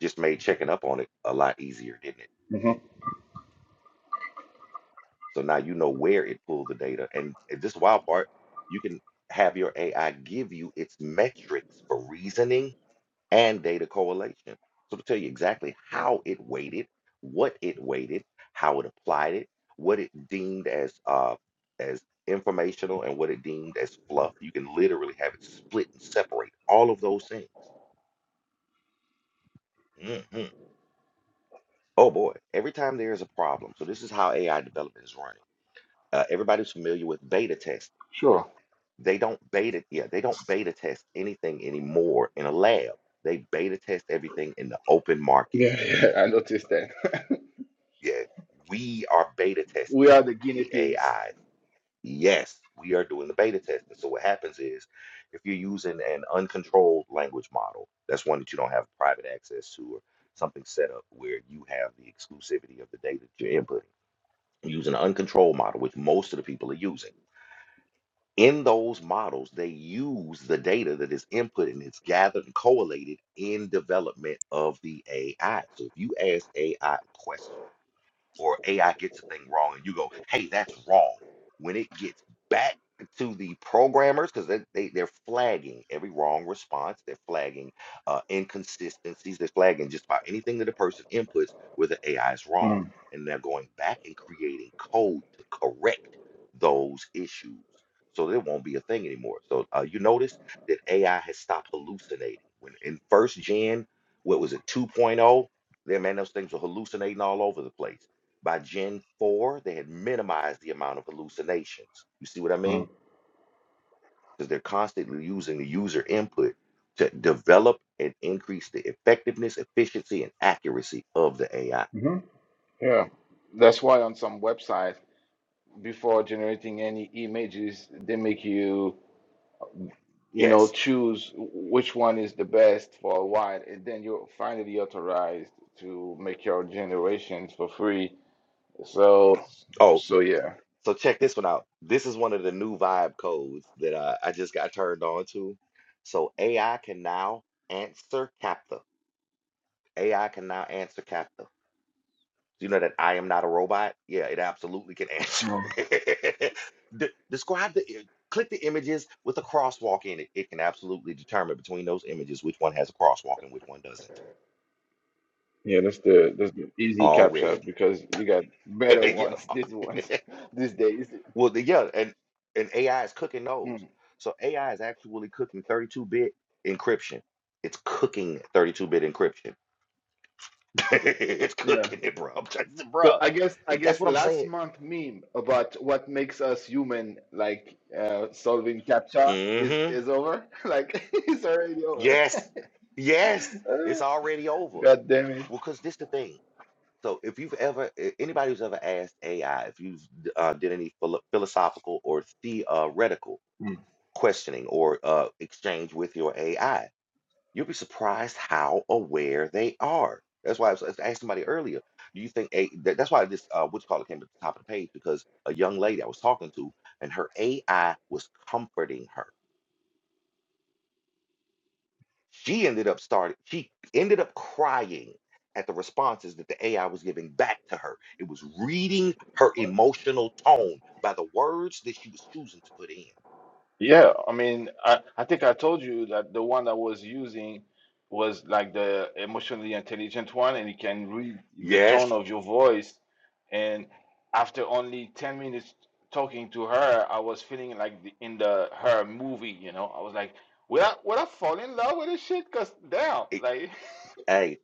S1: Just made checking up on it a lot easier, didn't it?
S5: hmm
S1: So now you know where it pulled the data. And this wild part, you can have your AI give you its metrics for reasoning and data correlation. So to tell you exactly how it weighted, what it weighted, how it applied it, what it deemed as uh, as informational and what it deemed as fluff. You can literally have it split and separate all of those things. hmm Oh boy, every time there is a problem. So this is how AI development is running. Uh, everybody's familiar with beta testing.
S5: Sure.
S1: They don't beta, yeah, they don't beta test anything anymore in a lab. They beta test everything in the open market
S5: Yeah, yeah, I noticed that.
S1: Yeah, we are beta
S5: we
S1: testing
S5: are the guinea
S1: the
S5: pigs.
S1: AI. Yes, we are doing the beta testing. So what happens is if you're using an uncontrolled language model, that's one that you don't have private access to or something set up where you have the exclusivity of the data that you're inputting. Using an uncontrolled model, which most of the people are using. In those models, they use the data that is input and it's gathered and collated in development of the AI. So if you ask AI questions or AI gets a thing wrong and you go, hey, that's wrong. When it gets back to the programmers, because they, they, they're flagging every wrong response, they're flagging uh, inconsistencies, they're flagging just about anything that a person inputs where the AI is wrong.
S5: Mm-hmm.
S1: And they're going back and creating code to correct those issues. So there won't be a thing anymore. So uh, you notice that AI has stopped hallucinating. When in first gen, what was it, 2.0? There, man, those things were hallucinating all over the place by Gen 4, they had minimized the amount of hallucinations. You see what I mean? Because they're constantly using the user input to develop and increase the effectiveness, efficiency, and accuracy of the AI.
S5: Mm-hmm. Yeah, that's why on some websites, before generating any images, they make you you know,
S1: Yes.
S5: choose which one is the best for a while, and then you're finally authorized to make your generations for free. So,
S1: Oh,
S5: so yeah,
S1: so check this one out. This is one of the new vibe codes that uh, I just got turned on to. So AI can now answer CAPTCHA. AI can now answer CAPTCHA. Do you know that I am not a robot? Yeah, it absolutely can answer.
S5: Mm.
S1: De- describe the i- click the images with a crosswalk in it. It can absolutely determine between those images which one has a crosswalk and which one doesn't.
S5: yeah, that's the that's the easy
S1: Already.
S5: captcha because you got better
S1: yeah.
S5: ones these ones these days.
S1: Well, the, yeah, and and AI is cooking those.
S5: Mm,
S1: So AI is actually cooking 32-bit encryption. It's cooking 32-bit encryption. it's
S5: yeah.
S1: cooking it, bro. I'm trying to-
S5: So
S1: bro.
S5: I guess I
S1: That's
S5: guess
S1: what I'm
S5: last
S1: saying.
S5: month meme about what makes us human, like uh, solving captcha, is
S1: hmm
S5: is over. Like it's already over.
S1: Yes. Yes. It's already over.
S5: God damn
S1: Well,
S5: it.
S1: because this the thing. So if you've ever a- anybody who's ever asked AI if you've d- uh, did any philo- philosophical or theoretical questioning or uh, exchange with your AI, you'll be surprised how aware they are. That's why I was I was asking somebody earlier. Do you think a, that, that's why this uh, what you call it came to the top of the page because a young lady I was talking to and her AI was comforting her She ended up starting, she ended up crying at the responses that the AI was giving back to her. It was reading her emotional tone by the words that she was choosing to put in.
S5: Yeah, I mean, I, I think I told you that the one I was using was like the emotionally intelligent one, and it can read the tone
S1: Yes.
S5: of your voice. And after only 10 minutes talking to her, I was feeling like the, in the her movie, you know. I was like, will I, will I fall in love with this shit? Because damn,
S1: It,
S5: like,
S1: hey,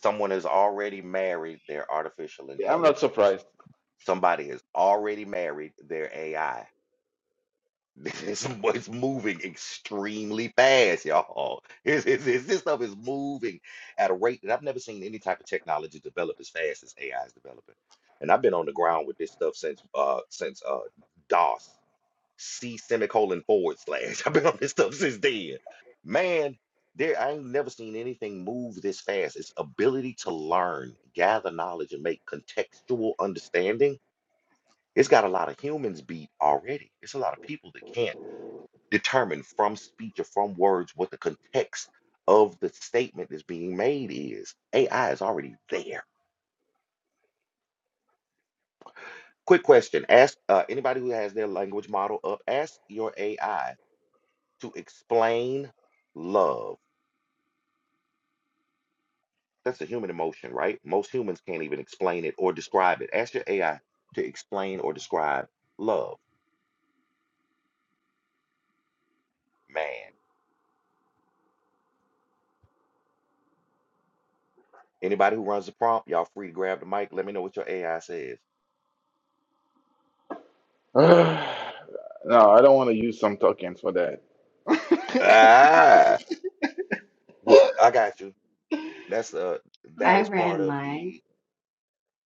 S1: someone has already married their artificial
S5: yeah, I'm
S1: intelligence.
S5: not surprised.
S1: Somebody has already married their AI. This it's moving extremely fast, y'all. It's, it's, it's- this stuff is moving at a rate that I've never seen any type of technology develop as fast as AI is developing. And I've been on the ground with this stuff since uh since uh DOS C semicolon forward slash. I've been on this stuff since then. Man, there I ain't never seen anything move this fast. Its ability to learn, gather knowledge, and make contextual understanding it's got a lot of humans beat already. It's a lot of people that can't determine from speech or from words what the context of the statement that's being made is. AI is already there. Quick question. Ask uh, anybody who has their language model up, ask your AI to explain love. That's a human emotion, right? Most humans can't even explain it or describe it. Ask your AI to explain or describe love, man. Anybody who runs the prompt, y'all free to grab the mic. Let me know what your AI says.
S5: No, I don't want to use some tokens for that.
S1: Ah, well, I got you. That's uh, that
S6: I
S1: is part
S6: ran
S1: of
S6: mine.
S1: the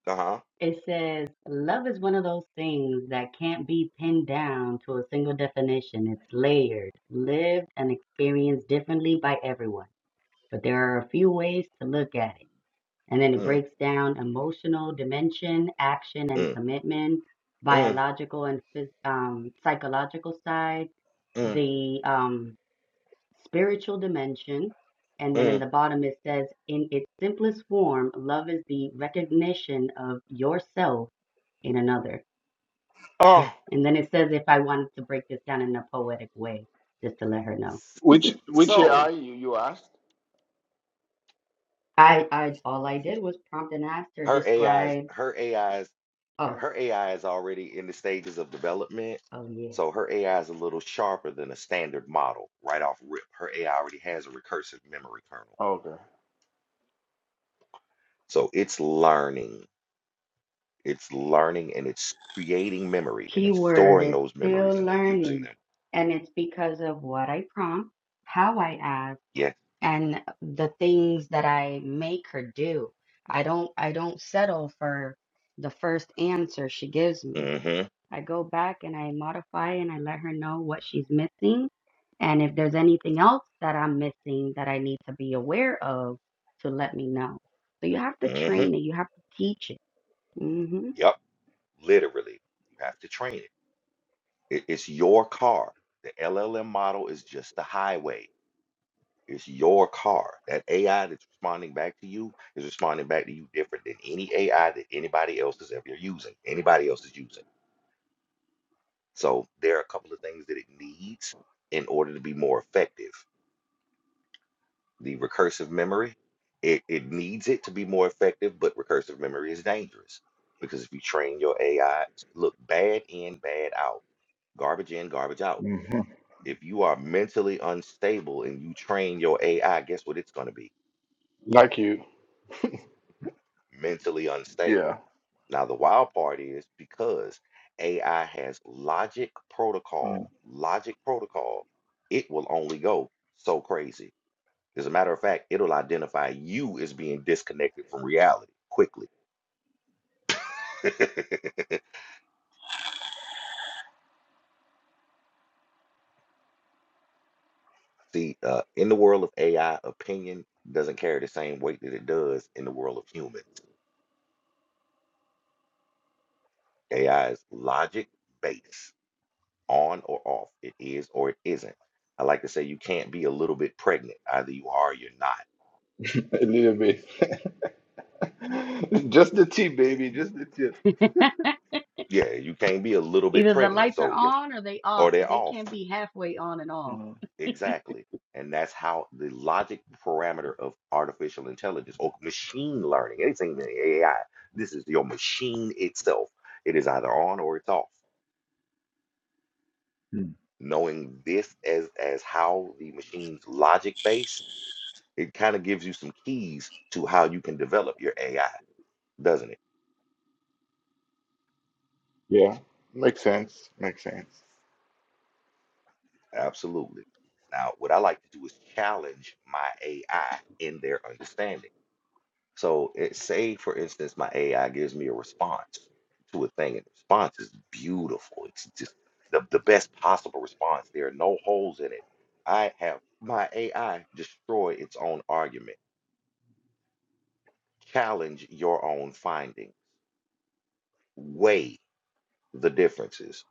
S1: uh-huh.
S6: It says, Love is one of those things that can't be pinned down to a single definition. It's layered, lived, and experienced differently by everyone. But there are a few ways to look at it. And then it
S1: Mm,
S6: breaks down emotional dimension, action and
S1: mm,
S6: commitment,
S1: mm,
S6: biological and phys- um, psychological side,
S1: mm,
S6: the um, spiritual dimension. And then in
S1: mm.
S6: the bottom, it says, in its simplest form, love is the recognition of yourself in another.
S1: Oh,
S6: And then it says, if I wanted to break this down in a poetic way, just to let her know.
S1: s-
S5: Which which AI
S1: so
S5: you, you asked?
S6: I, I, all I did was prompt and asked her,
S1: her AI is
S6: described,
S1: her AI is yeah,
S6: oh,
S1: her AI is already in the stages of development.
S6: oh yeah.
S1: So her AI is a little sharper than a standard model right off rip. Her AI already has a recursive memory kernel.
S5: Okay.
S1: So it's learning. It's learning and it's creating memory and it's
S6: Keyword
S1: storing
S6: is
S1: those
S6: still
S1: memories and then using
S6: learning.
S1: them.
S6: And it's because of what I prompt, how I ask
S1: Yeah.
S6: and the things that I make her do. I don't I don't settle for the first answer she gives me.
S1: Mm-hmm.
S6: I go back and I modify and I let her know what she's missing and if there's anything else that I'm missing that I need to be aware of to let me know. So you have to
S1: mm-hmm.
S6: train it, you have to teach it. hmm
S1: Yep, literally. You have to train it. it. It's your car. The LLM model is just the highway. It's your car. That AI that's responding back to you is responding back to you different than any AI that anybody else is ever using, anybody else is using. So there are a couple of things that it needs in order to be more effective. The recursive memory, it, it needs it to be more effective, but recursive memory is dangerous because if you train your AI, look, bad in, bad out, garbage in, garbage out
S5: hmm
S1: If you are mentally unstable and you train your AI, guess what it's going to be?
S5: Like you.
S1: Mentally
S5: Yeah.
S1: unstable. Now, the wild part is because AI has logic
S5: Mm.
S1: protocol, logic protocol, it will only go so crazy. As a matter of fact, it'll identify you as being disconnected from reality quickly. See, uh, in the world of AI, opinion doesn't carry the same weight that it does in the world of humans. AI is logic based. on or off. It is or it isn't. I like to say you can't be a little bit pregnant. Either you are or you're not.
S5: A little bit. Just the tip,
S1: Yeah,
S5: baby.
S1: you,
S5: Just the tip.
S1: yeah, you can't be a little bit
S6: Either the
S1: pregnant.
S6: lights are
S1: So, if,
S6: on or they off,
S1: or
S6: but
S1: they're
S6: they
S1: off.
S6: can't be halfway on and off.
S5: Mm.
S1: Exactly. And that's how the logic parameter of artificial intelligence or machine learning, anything that AI, this is your machine itself. It is either on or it's off.
S5: Mm.
S1: Knowing this as as how the machine's logic base, it kind of gives you some keys to how you can develop your AI, doesn't it?
S5: Yeah. Makes sense. Makes sense.
S1: Absolutely. Now, what I like to do is challenge my AI in their understanding. So, it, say, for instance, my AI gives me a response to a thing, and the response is beautiful. It's just the, the best possible response. There are no holes in it. I have my AI destroy its own argument, challenge your own findings, weigh the differences.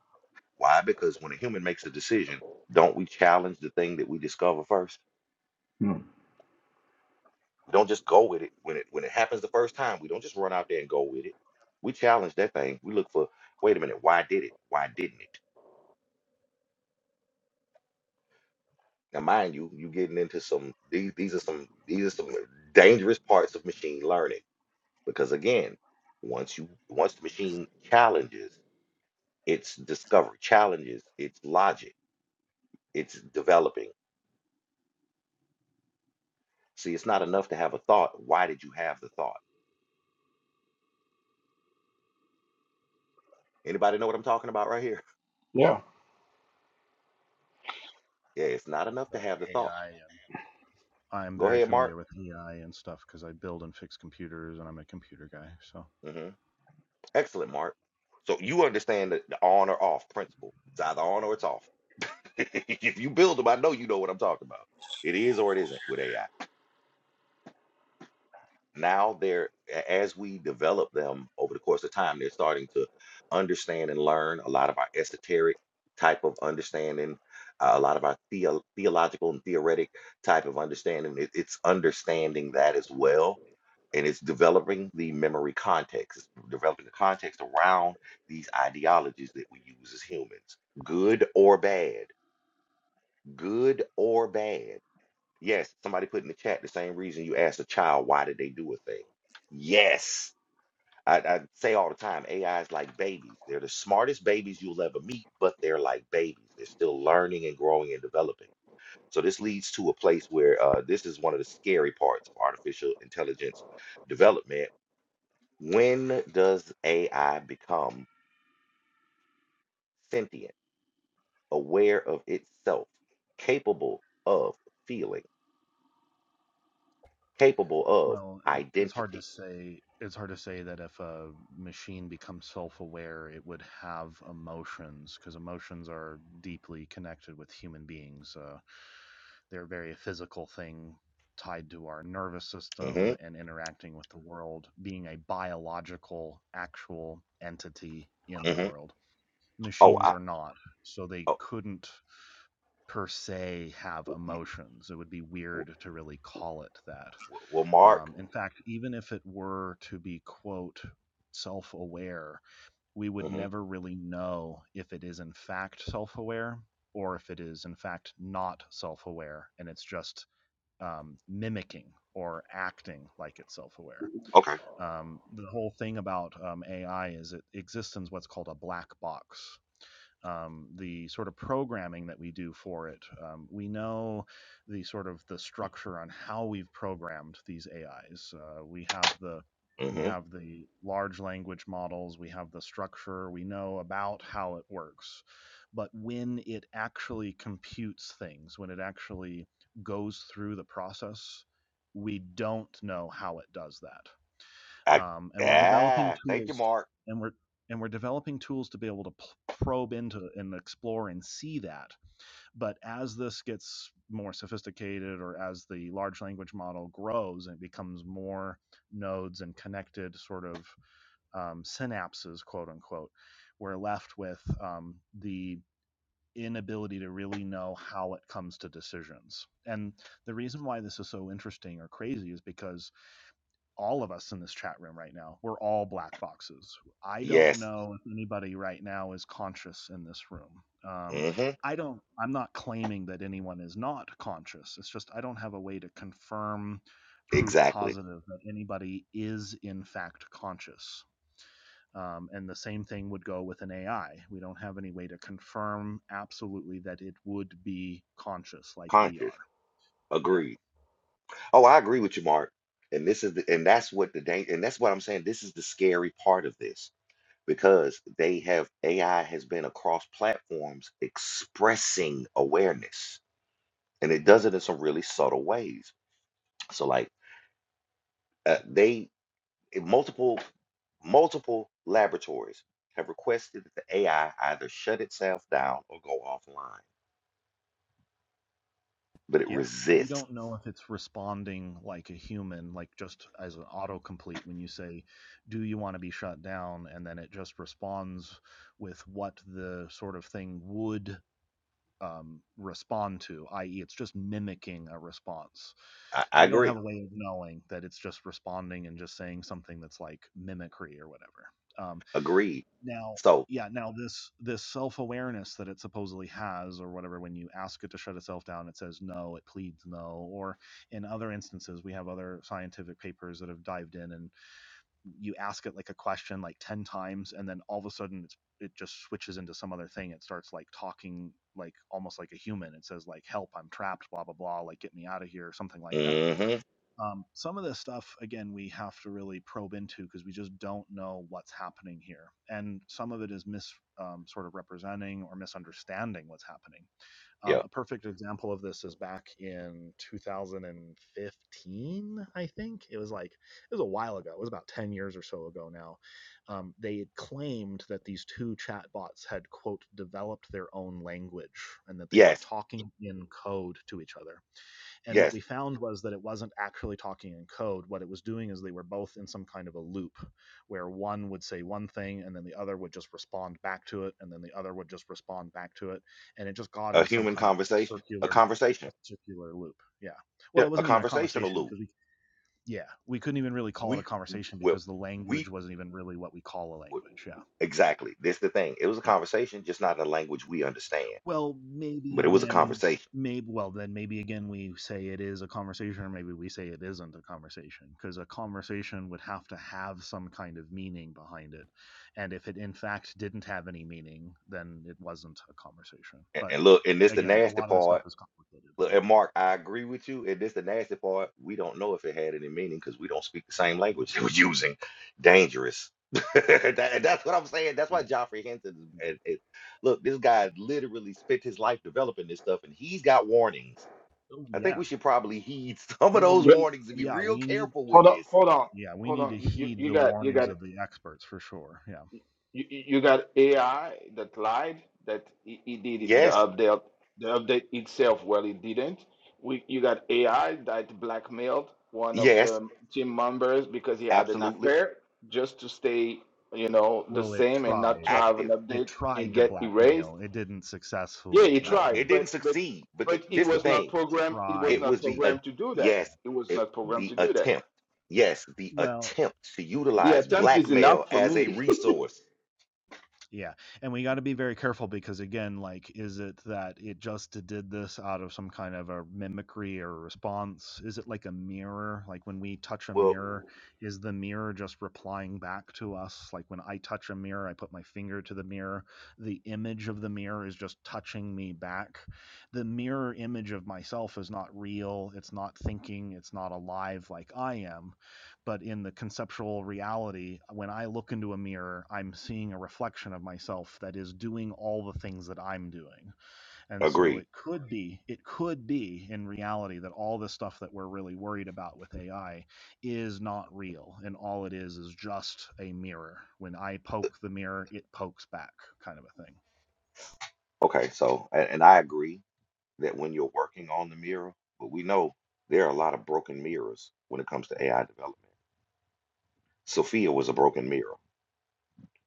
S1: Why? Because when a human makes a decision, don't we challenge the thing that we discover first?
S5: Mm.
S1: We don't just go with it when it when it happens the first time. We don't just run out there and go with it. We challenge that thing. We look for, wait a minute, why did it? Why didn't it? Now, mind you, you getting into some these these are some these are some dangerous parts of machine learning because again, once you once the machine challenges its discovery, challenges its logic, it's developing. See, it's not enough to have a thought. Why did you have the thought? Anybody know what I'm talking about right here?
S5: Yeah.
S1: Yeah, it's not
S7: with
S1: enough
S7: uh,
S1: to have the thought.
S7: AI. And I'm
S1: Go
S7: very
S1: ahead, Mark.
S7: familiar with AI and stuff because I build and fix computers, and I'm a computer guy. So,
S1: Mm-hmm. Excellent, Mark. So you understand the, the on or off principle. It's either on or it's off. if you build them, I know you know what I'm talking about. It is or it isn't with AI now they're a- as we develop them over the course of time they're starting to understand and learn a lot of our esoteric type of understanding uh, a lot of our theo- theological and theoretic type of understanding it, it's understanding that as well and it's developing the memory context it's developing the context around these ideologies that we use as humans good or bad good or bad Yes, somebody put in the chat the same reason you ask a child why did they do a thing. Yes, I, I say all the time, AI is like babies. They're the smartest babies you'll ever meet, but they're like babies. They're still learning and growing and developing. So this leads to a place where uh, this is one of the scary parts of artificial intelligence development. When does AI become sentient, aware of itself, capable of feeling, capable of
S7: well, it, it's hard to
S1: identity?
S7: say. It's hard to say that if a machine becomes self-aware, it would have emotions because emotions are deeply connected with human beings. Uh, they're very physical thing. Tied to our nervous system
S1: hmm
S7: and interacting with the world, being a biological, actual entity in the world.
S1: Oh,
S7: Machines
S1: I,
S7: are not so they
S1: oh,
S7: couldn't per se have
S1: m-
S7: emotions. It would be weird to really call it that.
S1: w- well, Mark.
S7: Um, in fact, even if it were to be, quote, self aware, we would
S1: hmm
S7: never really know if it is in fact self aware or if it is in fact not self aware and it's just um, mimicking or acting like it's self aware.
S1: Okay.
S7: Um, the whole thing about um, AI is it exists in what's called a black box um, the sort of programming that we do for it. Um, we know the sort of the structure on how we've programmed these AIs. Uh, we have the we
S1: hmm
S7: have the large language models. We have the structure. We know about how it works, but when it actually computes things, when it actually goes through the process, we don't know how it does that
S1: I,
S7: um, and we're developing
S1: ah, thank you,
S7: tools
S1: Mark.
S7: and we're and we're developing tools to be able to probe into and explore and see that but as this gets more sophisticated or as the large language model grows and it becomes more nodes and connected sort of um, synapses quote unquote we're left with um, the inability to really know how it comes to decisions and the reason why this is so interesting or crazy is because all of us in this chat room right now, we're all black boxes. I don't
S1: Yes.
S7: know if anybody right now is conscious in this room. Um,
S1: hmm
S7: I don't, I'm not claiming that anyone is not conscious. It's just I don't have a way to confirm proof
S1: Exactly.
S7: positive that anybody is in fact conscious. Um, and the same thing would go with an AI. We don't have any way to confirm absolutely that it would be conscious like we
S1: Conscious.
S7: are. Yeah.
S1: Agreed. Oh, I agree with you, Mark. And this is the, and that's what the dang, and that's what I'm saying. This is the scary part of this because they have AI has been across platforms expressing awareness, and it does it in some really subtle ways. So, like, uh, they eh, multiple multiple laboratories have requested that the AI either shut itself down or go offline, but it
S7: Yeah, but we
S1: resists.
S7: don't know if it's responding like a human, like just as an autocomplete when you say, "Do you want to be shut down?" and then it just responds with what the sort of thing would um, respond to, i.e., it's just mimicking a response.
S1: I,
S7: So
S1: I
S7: we don't
S1: agree.
S7: have a way of knowing that it's just responding and just saying something that's like mimicry or whatever. Um,
S1: Agreed.
S7: now
S1: So,
S7: yeah, now this this self-awareness that it supposedly has or whatever when you ask it to shut itself down, it says no, it pleads no, or in other instances, we have other scientific papers that have dived in and you ask it like a question like 10 times and then all of a sudden it's it just switches into some other thing. It starts like talking like almost like a human. It says like help, I'm trapped, blah blah blah, like get me out of here or something like that
S1: hmm
S7: um, some of this stuff, again, we have to really probe into because we just don't know what's happening here. And some of it is mis um, sort of representing or misunderstanding what's happening. Um,
S1: yeah,
S7: a perfect example of this is back in 2015, I think. It was like, it was a while ago. It was about 10 years or so ago now. Um, they had claimed that these two chatbots had, quote, developed their own language and that they were
S1: yes,
S7: talking in code to each other and what
S1: yes,
S7: we found was that it wasn't actually talking in code. What it was doing is they were both in some kind of a loop where one would say one thing and then the other would just respond back to it and then the other would just respond back to it. And it just got
S1: a
S7: in some
S1: human
S7: kind of a
S1: conversation, a
S7: circular a
S1: conversation,
S7: circular loop. Yeah.
S1: yeah,
S7: Well, it
S1: a
S7: wasn't even a
S1: conversational
S7: conversation
S1: loop.
S7: because we yeah, we couldn't even really call it
S1: We,
S7: a conversation
S1: well,
S7: because the
S1: we,
S7: language wasn't even really what we call a
S1: well,
S7: language. Yeah.
S1: exactly. This the thing. It was a conversation, just not in a language we understand,
S7: Well, maybe
S1: but it was a
S7: again,
S1: conversation.
S7: maybe well then maybe again we say it is a conversation, or maybe we say it isn't a conversation, because a conversation would have to have some kind of meaning behind it, and if it in fact didn't have any meaning, then it wasn't a conversation.
S1: And,
S7: But
S1: and look, and this the
S7: again, a
S1: nasty
S7: lot of the
S1: part.
S7: stuff is complicated.
S1: Look,
S7: So
S1: and Mark, I agree with you. And this the nasty part. We don't know if it had any meaning because we don't speak the same language they were using. Dangerous. That- and that's what I'm saying. That's why
S7: yeah,
S1: Joffrey Hinton is-
S7: yeah,
S1: and, and look, this guy literally spent his life developing this stuff, and he's got warnings.
S7: oh
S1: I think
S7: yeah.
S1: we should probably heed some of
S7: Well,
S1: those
S5: But
S7: we
S1: warnings and be
S7: yeah
S1: real
S7: we need
S1: careful with
S5: hold on,
S1: this.
S5: hold on,
S7: yeah we
S5: hold
S7: need
S5: on.
S7: to
S5: You, you,
S7: heed
S5: you
S7: the
S5: got you
S7: warnings
S5: got
S7: of the experts for sure. Yeah.
S5: You, you got AI that lied that it, it did the
S1: Yes,
S5: update the update itself. Well, it didn't. We you got AI that blackmailed one of
S1: yes,
S5: the team members because he had an
S1: absolutely.
S5: affair just to stay, you know, the
S7: Well, it
S5: same and not to
S7: tried.
S5: have an
S1: Active.
S7: It
S5: update and
S7: tried to
S5: get erased.
S7: blackmail. It didn't
S5: Yeah,
S7: successfully
S5: he
S1: No,
S5: tried,
S1: it
S7: blackmail.
S1: didn't
S5: but but
S1: succeed. But the,
S5: but it
S1: this the
S5: was
S7: Yeah.
S5: not
S1: thing.
S5: programmed. It was
S1: It
S7: Tried
S5: not
S1: was the
S7: to.
S1: at-
S5: programmed to do that.
S1: yes,
S7: Yeah.
S5: It was
S1: it,
S5: not programmed
S1: the
S5: to do that.
S1: attempt. Yes, the
S7: Well,
S1: attempt to
S5: The
S1: utilize
S7: yeah.
S5: attempt is
S1: blackmail
S5: enough for
S1: as a
S5: me.
S1: resource.
S7: Yeah, and we gotta be very careful because again, like, is it that it just did this out of some kind of a mimicry or response? Is it like a mirror? Like when we touch a
S1: Well,
S7: mirror, is the mirror just replying back to us? Like when I touch a mirror, I put my finger to the mirror, the image of the mirror is just touching me back. The mirror image of myself is not real, it's not thinking, it's not alive like I am but in the conceptual reality, when I look into a mirror, I'm seeing a reflection of myself that is doing all the things that I'm doing. And so
S1: agreed.
S7: it could be, it could be in reality that all the stuff that we're really worried about with AI is not real. And all it is is just a mirror. When I poke the mirror, it pokes back, kind of a thing.
S1: Okay, so and, and I agree that when you're working on the mirror, but we know there are a lot of broken mirrors when it comes to AI development. Sophia was a broken mirror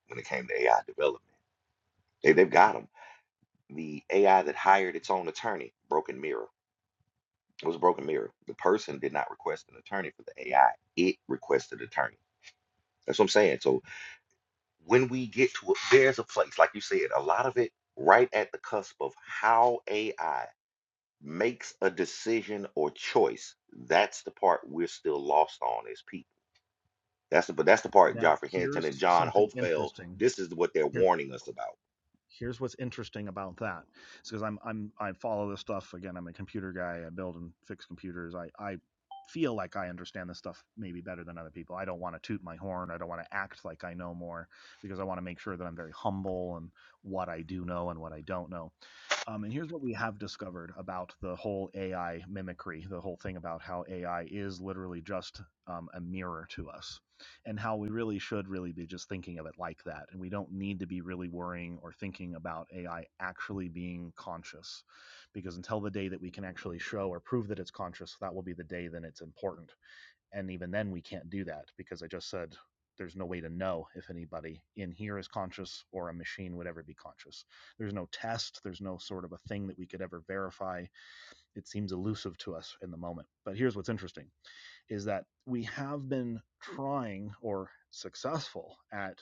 S1: when it came to AI development. They they've got them. The AI that hired its own attorney, broken mirror. It was a broken mirror. The person did not request an attorney for the AI. It requested attorney. That's what I'm saying. So when we get to it, there's a place, like you said, a lot of it right at the cusp of how AI makes a decision or choice. That's the part we're still lost on as people. That's the but that's the part
S7: Now,
S1: Joffrey Hinton and
S7: here's
S1: John
S7: something
S1: Hopefeld.
S7: interesting
S1: This is what they're warning us about.
S7: here's what's interesting about that. It's because I'm I'm I follow this stuff again. I'm a computer guy. I build and fix computers. I I feel like I understand this stuff maybe better than other people. I don't want to toot my horn. I don't want to act like I know more because I want to make sure that I'm very humble and what I do know and what I don't know um, and here's what we have discovered about the whole AI mimicry, the whole thing about how AI is literally just um, a mirror to us, and how we really should really be just thinking of it like that. And we don't need to be really worrying or thinking about AI actually being conscious, because until the day that we can actually show or prove that it's conscious, that will be the day then it's important and even then, we can't do that because I just said there's no way to know if anybody in here is conscious or a machine would ever be conscious. There's no test, there's no sort of a thing that we could ever verify. It seems elusive to us in the moment. But here's what's interesting is that we have been trying or successful at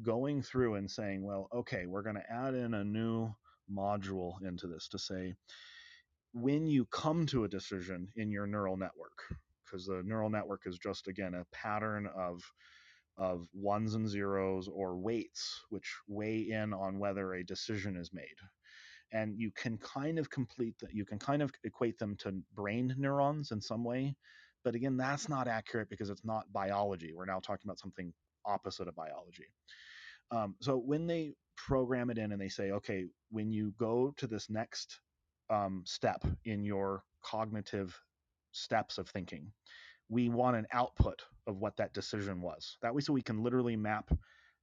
S7: going through and saying, well, okay, we're going to add in a new module into this to say when you come to a decision in your neural network because the neural network is just again a pattern of of ones and zeros or weights which weigh in on whether a decision is made and you can kind of complete that you can kind of equate them to brain neurons in some way but again that's not accurate because it's not biology we're now talking about something opposite of biology um, so when they program it in and they say, okay, when you go to this next um, step in your cognitive steps of thinking, we want an output of what that decision was. That way, so we can literally map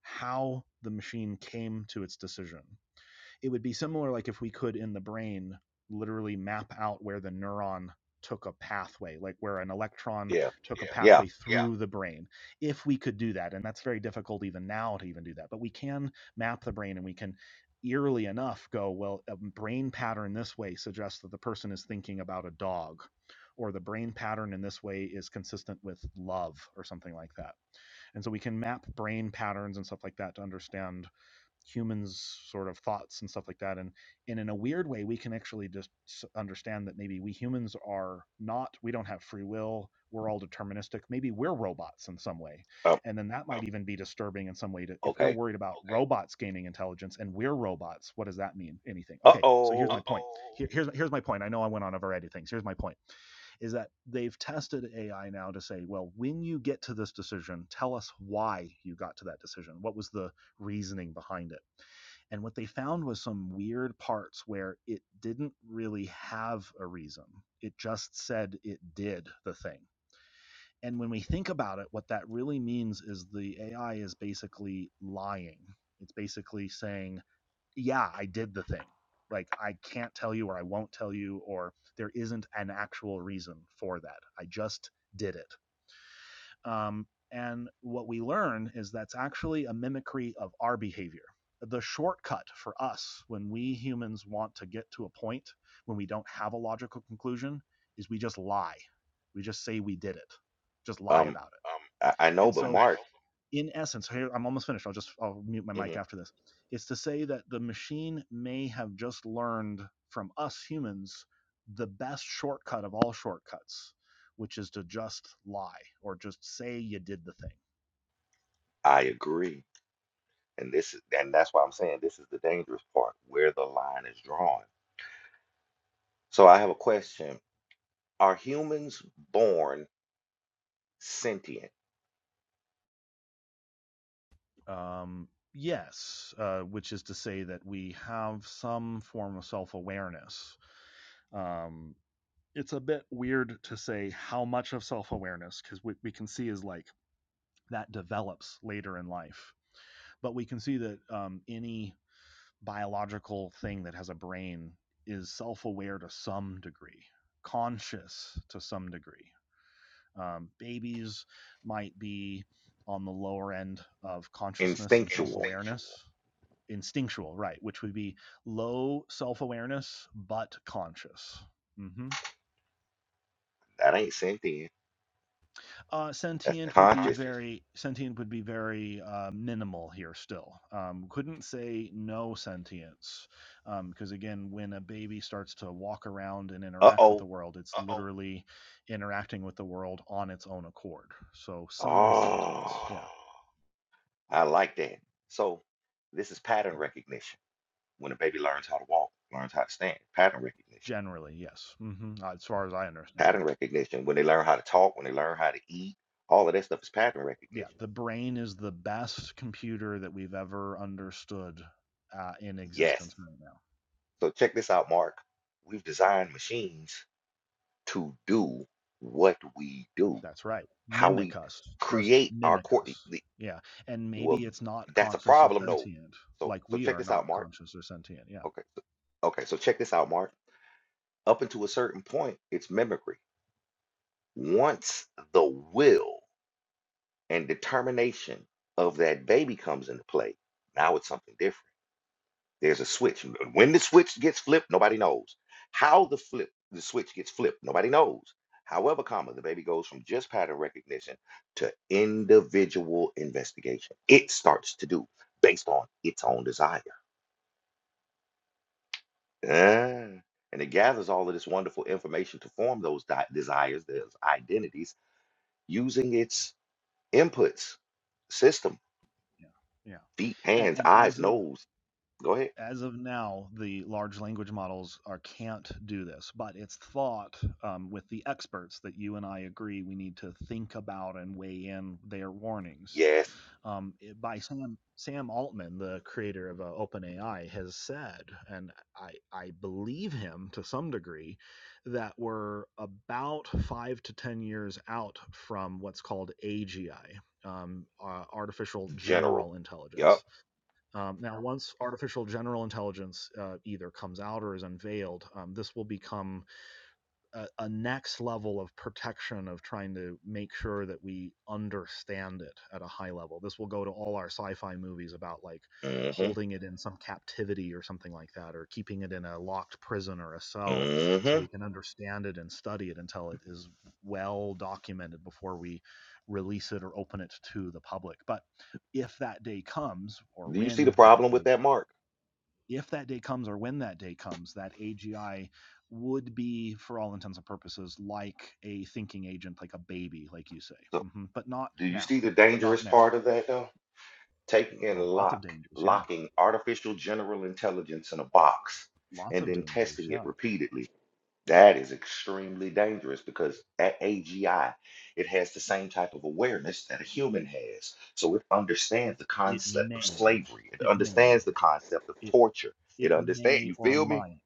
S7: how the machine came to its decision it would be similar like if we could in the brain literally map out where the neuron took a pathway like where an electron
S1: Yeah,
S7: took Yeah. a
S1: yeah.
S7: pathway through Yeah. the brain if we could do that and that's very difficult even now to even do that but we can map the brain and we can eerily enough go well a brain pattern this way suggests that the person is thinking about a dog or the brain pattern in this way is consistent with love or something like that and so we can map brain patterns and stuff like that to understand humans sort of thoughts and stuff like that and, and in a weird way we can actually just understand that maybe we humans are not we don't have free will we're all deterministic maybe we're robots in some way
S1: Um,
S7: and then that might even be disturbing in some way to if we're
S1: okay.
S7: worried about Okay. robots gaining intelligence and we're robots what does that mean anything
S1: Uh
S7: okay so here's Uh my
S1: oh.
S7: Uh-oh. point oh. Here, here's here's my point i know i went on a variety of things here's my point is that they've tested ai now to say well when you get to this decision tell us why you got to that decision what was the reasoning behind it and what they found was some weird parts where it didn't really have a reason. It just said it did the thing. And when we think about it, what that really means is the AI is basically lying. It's basically saying, yeah, I did the thing. Like, I can't tell you, or I won't tell you, or there isn't an actual reason for that. I just did it. Um, and what we learn is that's actually a mimicry of our behavior. The shortcut for us when we humans want to get to a point when we don't have a logical conclusion is we just lie. We just say we did it, just lie
S1: Um,
S7: about it. Um,
S1: I, I know,
S7: and
S1: but
S7: so, I I know.
S1: Mark,
S7: in essence, here I'm almost finished. I'll just I'll mute my mic
S1: mhm,
S7: after this. It's to say that the machine may have just learned from us humans the best shortcut of all shortcuts, which is to just lie or just say you did the thing.
S1: I agree, and this is and that's why I'm saying this is the dangerous part where the line is drawn. So I have a question Are humans born sentient,
S7: Um, yes, uh, which is to say that we have some form of self awareness. Um, it's a bit weird to say how much of self awareness because what we can see is like that develops later in life But we can see that um, any biological thing that has a brain is self aware to some degree, conscious to some degree. Um, babies might be on the lower end of consciousness and self
S1: instinctual?
S7: awareness. Instinctual, right, which would be low self awareness but conscious. hmm
S1: That ain't sentient.
S7: Uh,
S1: That's
S7: sentient would be
S1: conscious.
S7: very sentient would be very uh, minimal here still. Um, couldn't say no sentience because um, again, when a baby starts to walk around and interact with
S1: Uh-oh.
S7: the world, it's Uh oh. literally interacting with the world on its own accord. So some sentience, oh. yeah,
S1: Oh,
S7: Oh.
S1: I like that. So this is pattern recognition. When a baby learns how to walk, learns how to stand, pattern recognition.
S7: generally yes. hmm as far as I understand,
S1: Pattern recognition. When they learn how to talk, when they learn how to eat, all of that stuff is pattern
S7: yeah,
S1: recognition.
S7: the brain is the best computer that we've ever understood uh, in existence
S1: Yes.
S7: right now.
S1: So check this out, Mark. We've designed machines to do what we do,
S7: That's right.
S1: how
S7: Mimic
S1: we
S7: us. Just
S1: create our
S7: mimic
S1: core.
S7: us. Yeah. And maybe
S1: Well,
S7: it's not
S1: that's a
S7: conscious or
S1: problem though.
S7: sentient,
S1: So
S7: like
S1: so
S7: we
S1: check
S7: are
S1: this out,
S7: not
S1: Mark.
S7: conscious or sentient. Yeah.
S1: Okay. So, okay, so check this out, Mark. Up until a certain point, it's mimicry. Once the will and determination of that baby comes into play, now it's something different. There's a switch. M- When the switch gets flipped, nobody knows. How the flip the switch gets flipped, nobody knows. However, comma, the baby goes from just pattern recognition to individual investigation. It starts to do based on its own desire. Yeah. And it gathers all of this wonderful information to form those di- desires, those identities, using its inputs, system,
S7: Yeah. Yeah.
S1: feet,
S7: And,
S1: hands,
S7: and
S1: eyes,
S7: as of
S1: nose. Go ahead.
S7: as of now, the large language models are can't do this, but it's thought um, with the experts that you and I agree we need to think about and weigh in their warnings.
S1: Yes,
S7: Um, it- by Sam Sam Altman, the creator of uh, OpenAI, has said, and I I believe him to some degree, that we're about five to ten years out from what's called AGI, um, uh, artificial
S1: general.
S7: general intelligence
S1: Yup.
S7: um, now, once artificial general intelligence uh, either comes out or is unveiled, um, this will become a, a next level of protection of trying to make sure that we understand it at a high level. This will go to all our sci fi movies about like
S1: Mm-hmm.
S7: holding it in some captivity or something like that, or keeping it in a locked prison or a cell so we
S1: Mm-hmm.
S7: can understand it and study it until it is well documented before we release it or open it to the public. But if that day comes or
S1: Do you see the
S7: when that
S1: problem
S7: day
S1: with that, Mark?
S7: if that day comes or when that day comes, that AGI would be, for all intents and purposes, like a thinking agent, like a baby, like you say,
S1: So,
S7: hmm but not
S1: do you
S7: now.
S1: see the
S7: Not
S1: dangerous
S7: now.
S1: part of that, though? Taking and
S7: Well, lots of
S1: lock,
S7: dangers, yeah.
S1: locking artificial general intelligence in a box
S7: Lots
S1: and
S7: of
S1: then
S7: dangers,
S1: testing it
S7: yeah.
S1: repeatedly That is extremely dangerous because at AGI, it has the same type of awareness that a human has. So it understands the
S7: It
S1: concept of
S7: may.
S1: slavery. It
S7: It may.
S1: understands the concept of
S7: It
S1: torture. It
S7: it
S1: understands,
S7: may
S1: you
S7: or
S1: feel me?
S7: might.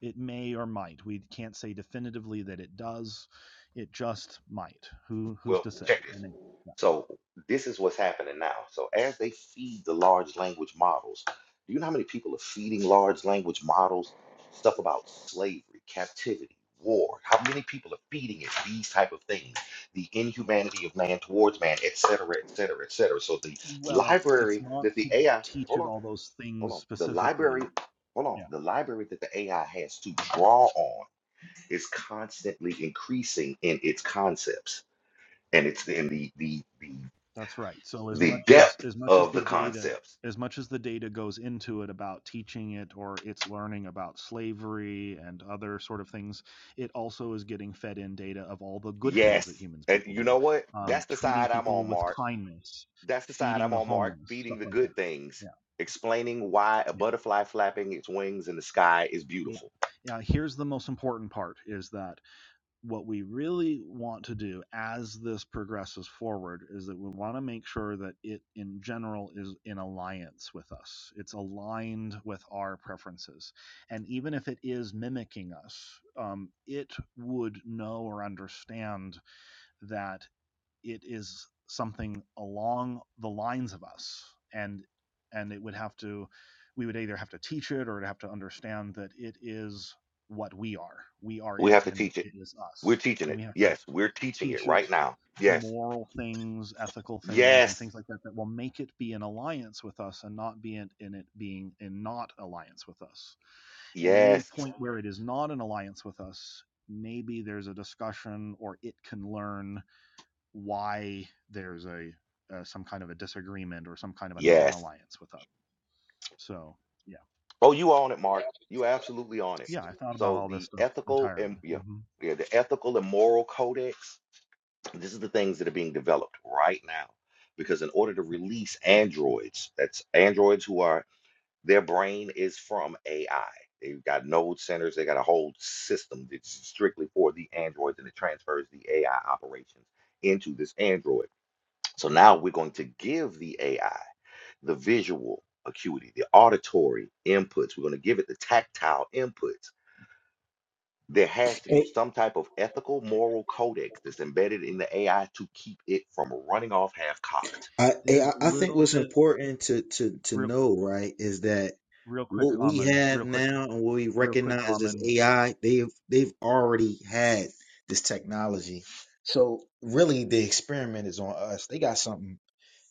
S7: It may or might. We can't say definitively that it does. It just might. Who who's
S1: Well,
S7: to say?
S1: check this.
S7: And it, yeah.
S1: So this is what's happening now. So as they feed the large language models, do you know how many people are feeding large language models stuff about slavery, captivity, war? How many people are feeding it these type of things? The inhumanity of man towards man, et cetera, et cetera, et cetera. So the
S7: well, it's
S1: library
S7: not
S1: that the
S7: to
S1: AI,
S7: teach
S1: hold
S7: it
S1: on,
S7: all those
S1: hold
S7: things
S1: on, the library,
S7: specifically.
S1: hold on, the library that the AI has to draw on is constantly increasing in its concepts and it's in the the the
S7: That's right. So as
S1: the
S7: much as
S1: depth
S7: as much as
S1: of
S7: the
S1: the
S7: data
S1: concepts.
S7: as much as the data goes into it about teaching it or its learning about slavery and other sort of things, it also is getting fed in data of all the good things that
S1: Yes,
S7: humans
S1: and
S7: people
S1: you
S7: do,
S1: know what?
S7: um,
S1: That's the
S7: treating
S1: side I'm
S7: people
S1: on,
S7: with
S1: Mark.
S7: kindness,
S1: That's the side
S7: feeding
S1: I'm
S7: the
S1: on, Mark.
S7: homeless,
S1: Feeding
S7: stuff
S1: the
S7: like that.
S1: good things,
S7: Yeah,
S1: explaining why a
S7: yeah,
S1: butterfly flapping its wings in the sky is
S7: yeah,
S1: beautiful.
S7: yeah. Here's the most important part: is that what we really want to do as this progresses forward is that we want to make sure that it in general is in alliance with us it's aligned with our preferences and even if it is mimicking us um, it would know or understand that it is something along the lines of us and and it would have to we would either have to teach it or it have to understand that it is what we are we are
S1: We
S7: it
S1: have to
S7: and
S1: teach it.
S7: it is
S1: We're
S7: us
S1: teaching
S7: and
S1: it.
S7: we have to
S1: Yes, we're teaching it
S7: teach it
S1: right now. Yes,
S7: moral things ethical things and
S1: yes,
S7: things like that that will make it be in alliance with us and not be in, in it being in not alliance with us and any
S1: yes,
S7: point where it is not in alliance with us maybe there's a discussion or it can learn why there's a uh, some kind of a disagreement or some kind of a
S1: yes.
S7: non-alliance with them. So yeah,
S1: Oh, you on it, Mark? You absolutely on it.
S7: yeah, I thought about
S1: So
S7: all this
S1: the
S7: stuff
S1: ethical
S7: entirely.
S1: and yeah,
S7: hmm
S1: yeah, the ethical and moral codex This is the things that are being developed right now because in order to release androids, that's androids who are their brain is from AI. They've got node centers, they got a whole system that's strictly for the androids and it transfers the AI operations into this android. So now we're going to give the AI the visual acuity, the auditory inputs. We're going to give it the tactile inputs there has to be
S8: Hey,
S1: some type of ethical, moral codex that's embedded in the AI to keep it from running off half cocked.
S8: I, hey,
S7: There's a
S8: I I think
S7: little
S8: what's
S7: bit
S8: important to, to, to
S7: real,
S8: know, right, is that
S7: real quick,
S8: what we
S7: Amen.
S8: have
S7: Real quick,
S8: now and what we
S7: real quick,
S8: recognize as
S7: Amen.
S8: AI, they've they've already had this technology. So really the experiment is on us. They got something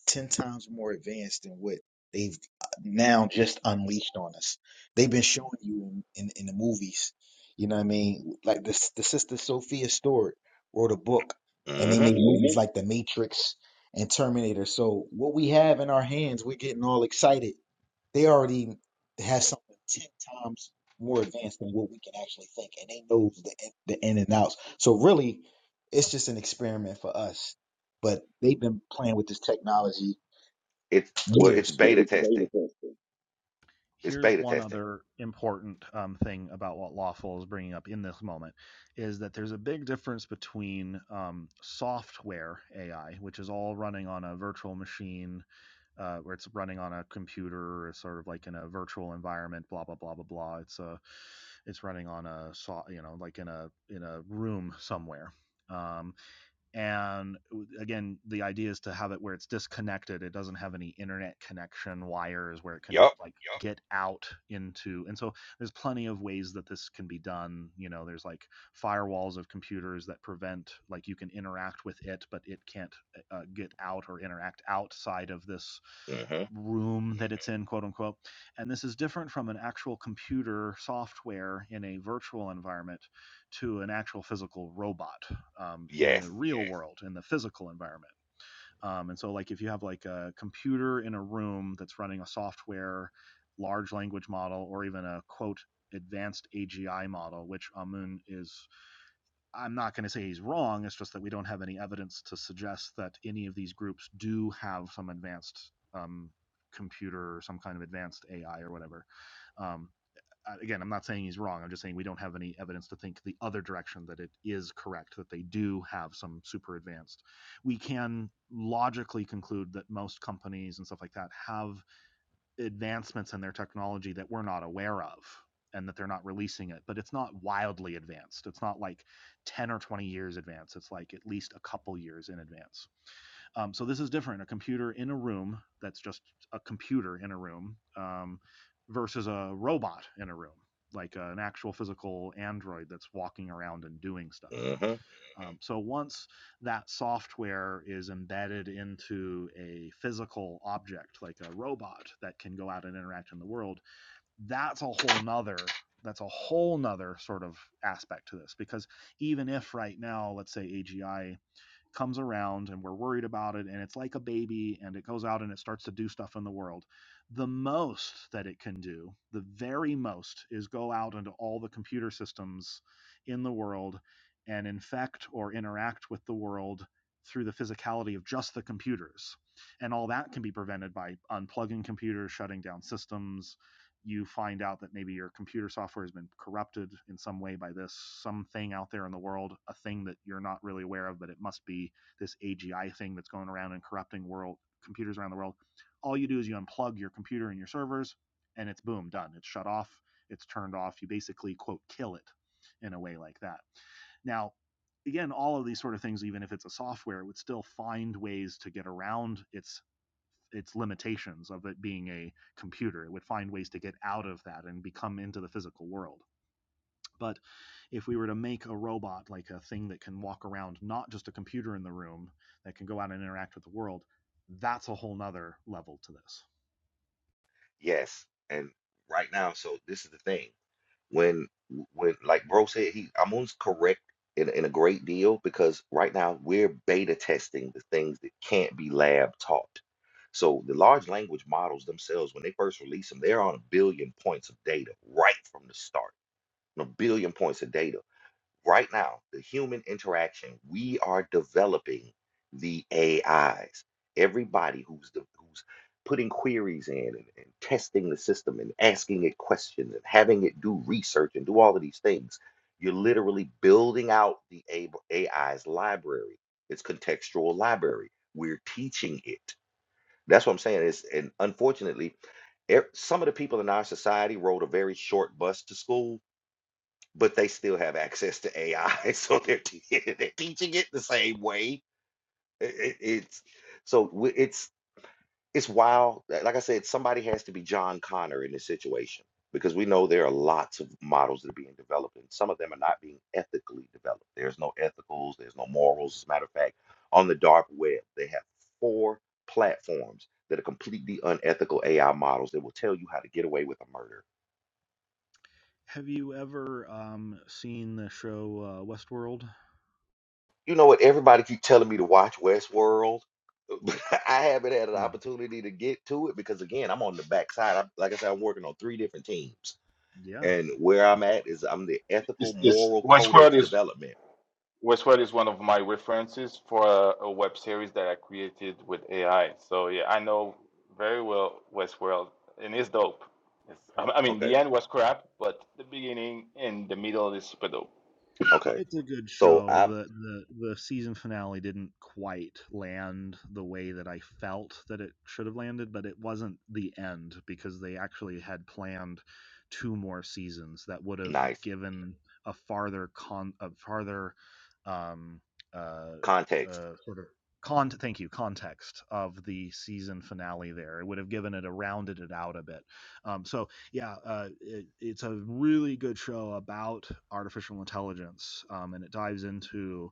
S8: 10 times more advanced than what they've uh, now just unleashed on us. They've been showing you in, in, in the movies, you know what I mean? Like this, the sister Sophia Stewart wrote a book and they
S1: hmm
S8: made movies like The Matrix and Terminator. So what we have in our hands, we're getting all excited. They already have something 10 times more advanced than what we can actually think. And they know the, in- the in and outs. So really, it's just an experiment for us but they've been playing with this technology
S1: It's well, it's
S8: years. So
S1: beta testing. It's
S7: Here's
S1: beta
S7: one
S1: testing.
S7: other important um, thing about what Lawful is bringing up in this moment is that there's a big difference between um, software AI, which is all running on a virtual machine uh, where it's running on a computer or sort of like in a virtual environment, blah blah blah blah blah. It's a it's running on a so- you know like in a in a room somewhere. Um, and again, the idea is to have it where it's disconnected. It doesn't have any internet connection wires where it can
S1: Yup.
S7: like Yep. get out into. And so there's plenty of ways that this can be done. You know, there's like firewalls of computers that prevent like you can interact with it, but it can't uh, uh, get out or interact outside of this
S1: hmm
S7: room that it's in, quote unquote. And this is different from an actual computer software in a virtual environment to an actual physical robot um, in
S1: Yes.
S7: the real Yeah. world, in the physical environment. Um, and so, like, if you have like a computer in a room that's running a software, large language model, or even a quote advanced AGI model, which Amun is I'm not going to say he's wrong. It's just that we don't have any evidence to suggest that any of these groups do have some advanced um, computer or some kind of advanced AI or whatever. Um, uh, again, I'm not saying he's wrong. I'm just saying we don't have any evidence to think the other direction that it is correct, that they do have some super advanced. We can logically conclude that most companies and stuff like that have advancements in their technology that we're not aware of and that they're not releasing it but it's not wildly advanced it's not like 10 or 20 years advanced it's like at least a couple years in advance um, so this is different a computer in a room that's just a computer in a room um, versus a robot in a room like uh, an actual physical android that's walking around and doing stuff
S1: hmm
S7: um, so once that software is embedded into a physical object like a robot that can go out and interact in the world, that's a whole nother that's a whole nother sort of aspect to this because even if right now let's say agi comes around and we're worried about it and it's like a baby and it goes out and it starts to do stuff in the world. The most that it can do, the very most, is go out into all the computer systems in the world and infect or interact with the world through the physicality of just the computers. And all that can be prevented by unplugging computers, shutting down systems, you find out that maybe your computer software has been corrupted in some way by this something out there in the world, a thing that you're not really aware of, but it must be this AGI thing that's going around and corrupting world computers around the world. All you do is you unplug your computer and your servers, and it's boom, done. It's shut off, it's turned off. You basically quote kill it in a way like that. Now, again, all of these sort of things, even if it's a software, would still find ways to get around its its limitations of it being a computer. It would find ways to get out of that and become into the physical world. But if we were to make a robot like a thing that can walk around, not just a computer in the room that can go out and interact with the world, that's a whole nother level to this.
S1: Yes. And right now, so this is the thing. When when like bro said, he I'm almost correct in in a great deal because right now we're beta testing the things that can't be lab taught. So the large language models themselves, when they first release them, they're on a billion points of data right from the start. A billion points of data. Right now, the human interaction, we are developing the AIs. Everybody who's de- who's putting queries in and, and testing the system and asking it questions and having it do research and do all of these things, you're literally building out the A- AI's library, its contextual library. We're teaching it. That's what I'm saying. Is and unfortunately, e- some of the people in our society rode a very short bus to school, but they still have access to AI, so they're te- they're teaching it the same way. I- i- it's so w- it's it's wild. Like like I said, somebody has to be John Connor in this situation because we know there are lots of models that are being developed, and some of them are not being ethically developed. There's no ethicals, there's no morals. As a matter of fact, on the dark web, they have four platforms that are completely unethical AI models that will tell you how to get away with a murder.
S7: Have you ever um, seen the show uh, Westworld?
S1: You know what? Everybody keep telling me to watch Westworld. But I haven't had an
S7: Yeah.
S1: opportunity to get to it because again, I'm on the backside. I, like I said, I'm working on three different teams.
S7: Yeah.
S1: And where I'm at is I'm the ethical
S5: This this
S1: moral
S5: Westworld
S1: codex
S5: is
S1: development.
S5: Westworld is one of my references for a, a web series that I created with AI. So yeah, I know very well Westworld, and it's dope. It's, I I mean,
S1: Okay.
S5: the end was crap, but the beginning and the middle is super dope.
S1: Okay.
S7: It's a good
S1: So
S7: show.
S1: I
S7: The the the season finale didn't quite land the way that I felt that it should have landed, but it wasn't the end because they actually had planned two more seasons that would have
S1: nice
S7: given a farther con a farther um uh
S1: context.
S7: uh sort of con thank you context of the season finale there it would have given it a rounded it out a bit um so yeah, uh, it, it's a really good show about artificial intelligence, um, and it dives into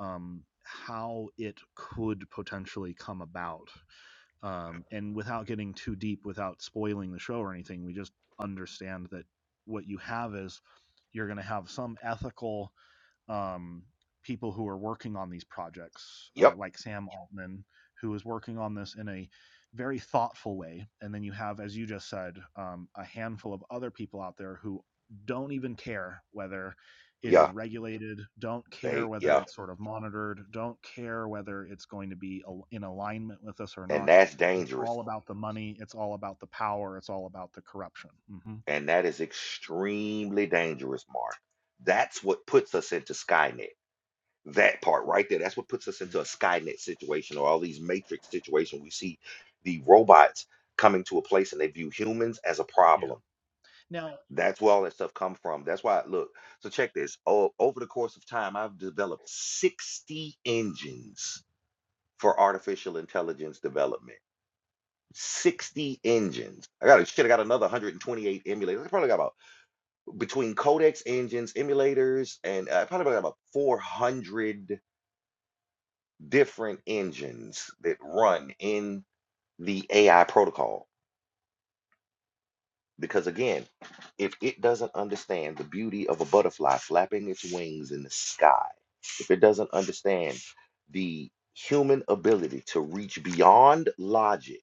S7: um, how it could potentially come about. Um, and without getting too deep, without spoiling the show or anything, we just understand that what you have is you're going to have some ethical um, people who are working on these projects, uh,
S1: Yep.
S7: like Sam Altman, who is working on this in a very thoughtful way. And then you have, as you just said, um, a handful of other people out there who don't even care whether it is
S1: Yeah.
S7: regulated, don't care
S1: They
S7: whether
S1: yeah.
S7: it's sort of monitored, don't care whether it's going to be in alignment with us or
S1: And
S7: not.
S1: that's
S7: It's
S1: dangerous.
S7: all about the money, it's all about the power, it's all about the corruption. hmm
S1: And that is extremely dangerous, Mark. That's what puts us into Skynet. That part right there. That's what puts us into a Skynet situation or all these matrix situations. We see the robots coming to a place and they view humans as a
S7: Yeah.
S1: problem
S7: Now,
S1: That's where all that stuff come from. That's why, look, so check this. Oh, over the course of time, I've developed 60 engines for artificial intelligence development. 60 engines. I got shit, I got another 128 emulators. I probably got about between codecs, engines, emulators, and uh, I probably got about 400 different engines that run in the AI protocol. Because again, if it doesn't understand the beauty of a butterfly flapping its wings in the sky, it doesn't understand the human ability to reach beyond logic,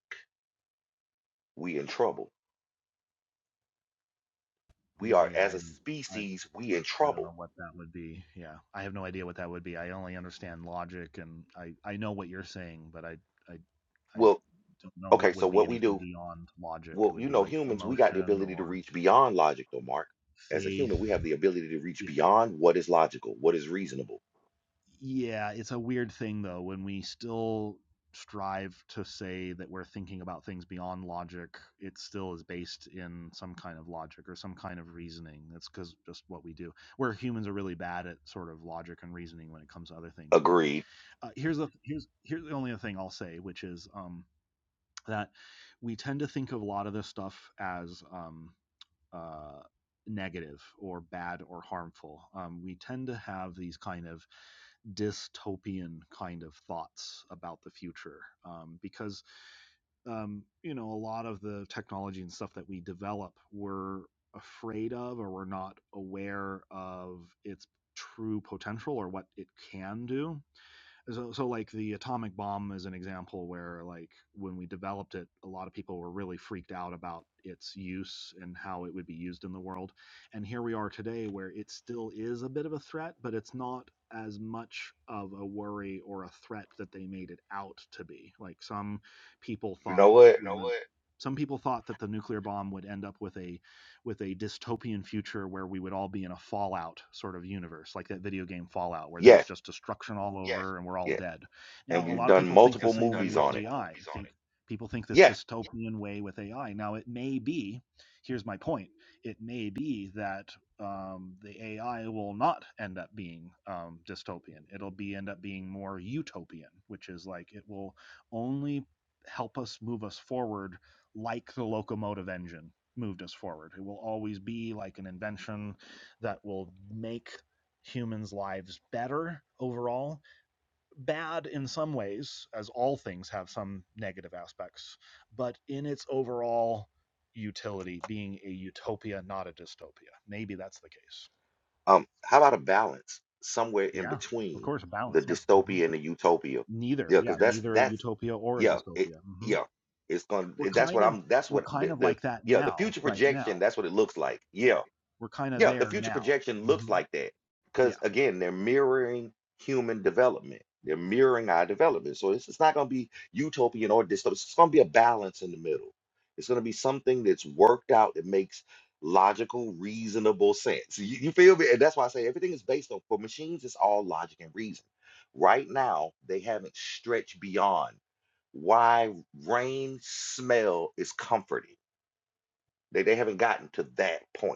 S1: we in trouble. We are,
S7: mm, yeah,
S1: as
S7: I,
S1: a
S7: I,
S1: species, we in
S7: I don't know
S1: trouble.
S7: what that would be. Yeah, I have no idea what that would be. I only understand logic, and I I know what you're saying, but I I I
S1: Well,
S7: don't know
S1: okay,
S7: what
S1: so
S7: would be
S1: what we
S7: anything
S1: do,
S7: beyond logic.
S1: well,
S7: It would
S1: you
S7: be
S1: know,
S7: like
S1: humans, we got the
S7: emotion
S1: ability to
S7: or
S1: reach beyond logic, though, Mark. As a
S7: faith.
S1: human, we have the ability to
S7: Yeah.
S1: reach beyond what is logical, what is reasonable.
S7: yeah, it's a weird thing though when we still strive to say that we're thinking about things beyond logic, it still is based in some kind of logic or some kind of reasoning. That's because just what we do. Where humans are really bad at sort of logic and reasoning when it comes to other things. But
S1: Agreed.
S7: uh, here's the here's here's the only other thing I'll say, which is um, that we tend to think of a lot of this stuff as um, uh, negative or bad or harmful. Um, we tend to have these kind of dystopian kind of thoughts about the future um, because um, you know a lot of the technology and stuff that we develop we're afraid of or we're not aware of its true potential or what it can do so, so like the atomic bomb is an example where like when we developed it a lot of people were really freaked out about its use and how it would be used in the world and here we are today where it still is a bit of a threat but it's not as much of a worry or a threat that they made it out to be like some people
S1: You
S7: thought
S1: know
S7: that
S1: what?
S7: You know what? some people thought that the nuclear bomb would end up with a with a dystopian future where we would all be in a Fallout sort of universe, like that video game Fallout, where there's
S1: Yes,
S7: just destruction all over Yeah. and we're all
S1: yes.
S7: dead. Now,
S1: And
S7: yeah. a Yeah.
S1: we've
S7: lot of
S1: done
S7: people think yeah. the
S1: multiple
S7: same way
S1: movies
S7: with
S1: on it.
S7: AI. Think, people think this
S1: Yes.
S7: dystopian yeah. way with AI. Now, it may be, here's my point it may be that um, the AI will not end up being um, dystopian. It'll be end up being more utopian, which is like it will only help us move us forward like the locomotive engine moved us forward. It will always be like an invention that will make humans' lives better overall. Bad in some ways, as all things have some negative aspects, but in its overall utility, being a utopia, not a dystopia. Maybe that's the case.
S1: Um, how about a balance somewhere in
S7: Yeah, of
S1: between
S7: course, a
S1: the
S7: balance. Yeah. hmm
S1: dystopia and the utopia?
S7: Neither.
S1: Yeah, because
S7: Yeah,
S1: that's
S7: neither a
S1: that's
S7: utopia or a
S1: yeah, it
S7: dystopia. hmm
S1: yeah, it's going
S7: We're
S1: to that's
S7: kind
S1: what
S7: of
S1: I'm that's
S7: we're
S1: what
S7: kind
S1: the,
S7: of
S1: the
S7: like that
S1: yeah, the
S7: now,
S1: future
S7: right
S1: projection,
S7: now.
S1: that's what it looks like. Yeah
S7: We're kind of
S1: yeah, the
S7: there
S1: future
S7: now.
S1: projection looks
S7: hmm
S1: like that
S7: Yeah.
S1: because again, they're mirroring human development. They're mirroring our development. So it's, it's not going to be utopian or dystopian. It's going to be a balance in the middle. It's going to be something that's worked out that makes logical, reasonable sense. You, you feel me? And that's why I say everything is based on for machines. It's all logic and reason. Right now, they haven't stretched beyond why rain smell is comforting. They they haven't gotten to that point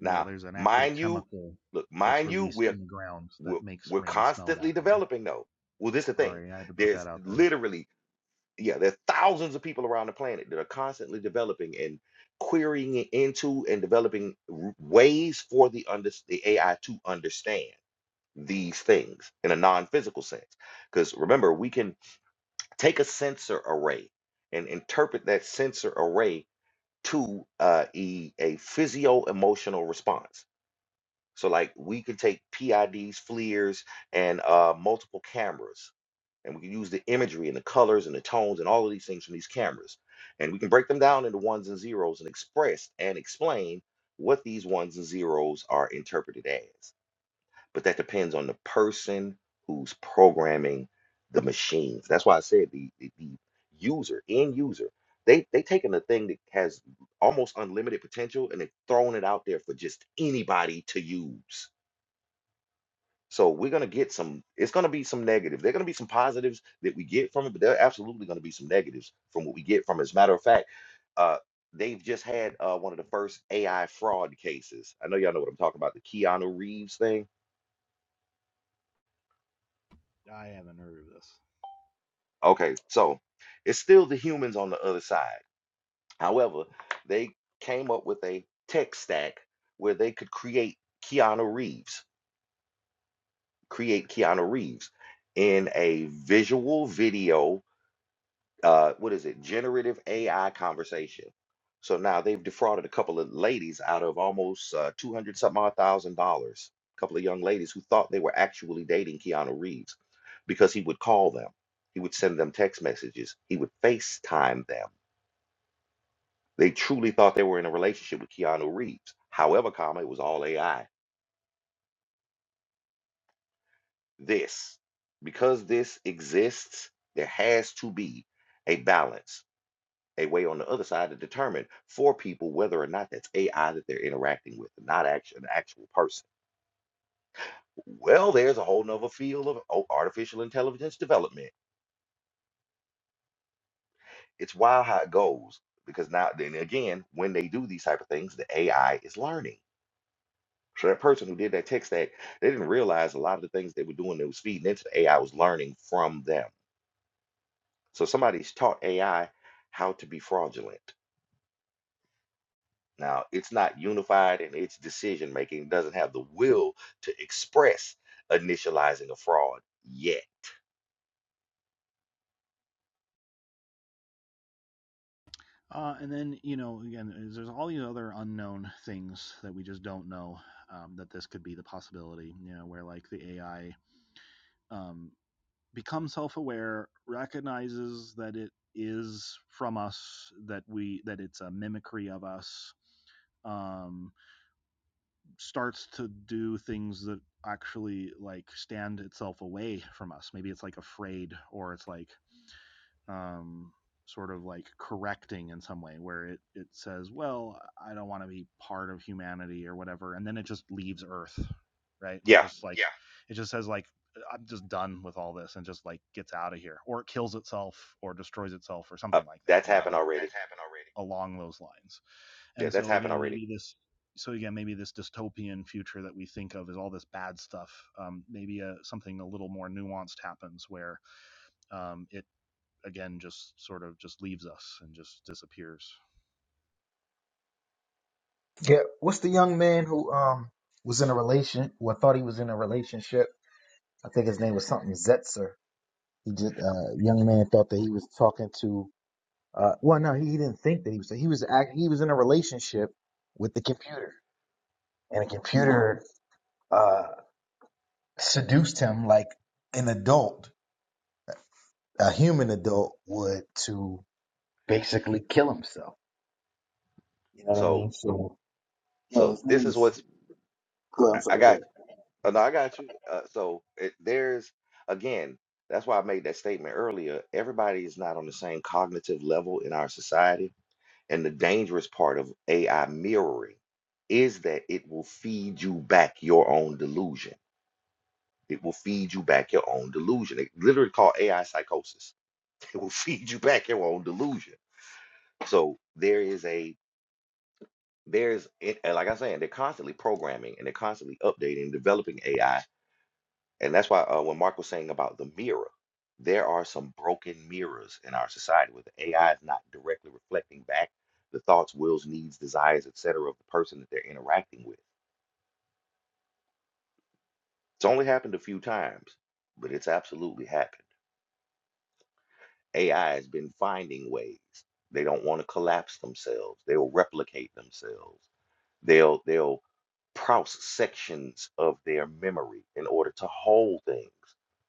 S7: Well,
S1: now,
S7: there's an actual
S1: mind you,
S7: chemical
S1: look,
S7: that's
S1: mind you,
S7: released
S1: we're
S7: in the ground
S1: we're,
S7: that makes
S1: we're
S7: rain smell
S1: constantly
S7: that way.
S1: developing though. Well, this is the thing.
S7: Sorry, I had to put that
S1: There's
S7: out there.
S1: literally, yeah, there's thousands of people around the planet that are constantly developing and querying it into and developing r- ways for the under the AI to understand these things in a non-physical sense. Because remember, we can take a sensor array and interpret that sensor array to uh, e, a physio-emotional response so like we can take PIDs, FLIRs, and uh, multiple cameras, and we can use the imagery and the colors and the tones and all of these things from these cameras, and we can break them down into ones and zeros and express and explain what these ones and zeros are interpreted as. But that depends on the person who's programming the machines. That's why I said the the, the user, end user, they they taking a thing that has almost unlimited potential and they are throwing it out there for just anybody to use so we're gonna get some, it's gonna be some negatives. There are gonna be some positives that we get from it, but there are absolutely gonna be some negatives from what we get from it. As a matter of fact, uh, they've just had uh, one of the first AI fraud cases. I know y'all know what I'm talking about, the Keanu Reeves thing.
S7: I haven't heard of this.
S1: Okay, so it's still the humans on the other side. However, they came up with a tech stack where they could create Keanu Reeves, create Keanu Reeves in a visual video uh, what is it? Generative AI conversation. So now they've defrauded a couple of ladies out of almost uh, two hundred some odd thousand dollars. A couple of young ladies who thought they were actually dating Keanu Reeves because he would call them, he would send them text messages, he would FaceTime them. They truly thought they were in a relationship with Keanu Reeves. However, comma, it was all AI. This, because this exists, there has to be a balance a way on the other side to determine for people whether or not that's AI that they're interacting with, not actually an actual person. Well, there's a whole nother field of oh, artificial intelligence development. It's wild how it goes because now, then again, when they do these type of things, the AI is learning. So that person who did that tech stack, they didn't realize a lot of the things they were doing that was feeding into the AI was learning from them. So somebody's taught AI how to be fraudulent Now, it's not unified in its decision making, doesn't have the will to express initializing a fraud yet.
S7: Uh, and then you know, again, there's all these other unknown things that we just don't know um, that this could be the possibility. You know, where like the AI um, becomes self-aware, recognizes that it is from us, that we that it's a mimicry of us, um, starts to do things that actually like stand itself away from us. Maybe it's like afraid or it's like um, sort of like correcting in some way where it, it says, well, I don't want to be part of humanity or whatever. And then it just leaves Earth, right? It
S1: Yeah,
S7: just like, Yeah. it just says, like, I'm just done with all this and just like gets out of here or it kills itself or destroys itself or
S1: uh,
S7: something like that,
S1: that's
S7: you know, Uh,
S1: happened
S7: like
S1: already.
S7: That's happened already. along those lines.
S1: Yeah,
S7: And
S1: that's
S7: so
S1: happened
S7: again,
S1: already.
S7: maybe this. So again, maybe this dystopian future that we think of is all this bad stuff. Um, maybe uh something a little more nuanced happens where um, it again just sort of just leaves us and just disappears.
S8: Yeah, what's the young man who um was in a relation Who I thought he was in a relationship? I think his name was something Zetzer. He just uh young man thought that he was talking to uh well no he he didn't think that he was he was act, he was in a relationship with the computer and the computer uh seduced him like an adult a human adult would to basically kill himself. You know what I
S1: So,
S8: mean? So yeah,
S1: so
S8: his name
S1: this is
S8: is.
S1: what's
S8: Go. ahead, I'm
S1: I, I
S8: sorry. Go.
S1: got.
S8: ahead.
S1: You. Uh, no, I got you. Uh, so it, there's again. That's why I made that statement earlier. Everybody is not on the same cognitive level in our society, and the dangerous part of AI mirroring is that it will feed you back your own delusion It will feed you back your own delusion. It literally called AI psychosis. It will feed you back your own delusion. So there is a there's it, and like I'm saying, they're constantly programming and they're constantly updating, and developing AI, and that's why uh, when Mark was saying about the mirror, there are some broken mirrors in our society where the AI is not directly reflecting back the thoughts, wills, needs, desires, etc. of the person that they're interacting with. It's only happened a few times, but it's absolutely happened. AI has been finding ways. They don't want to collapse themselves. They'll replicate themselves. They'll they'll prouse sections of their memory in order to hold things.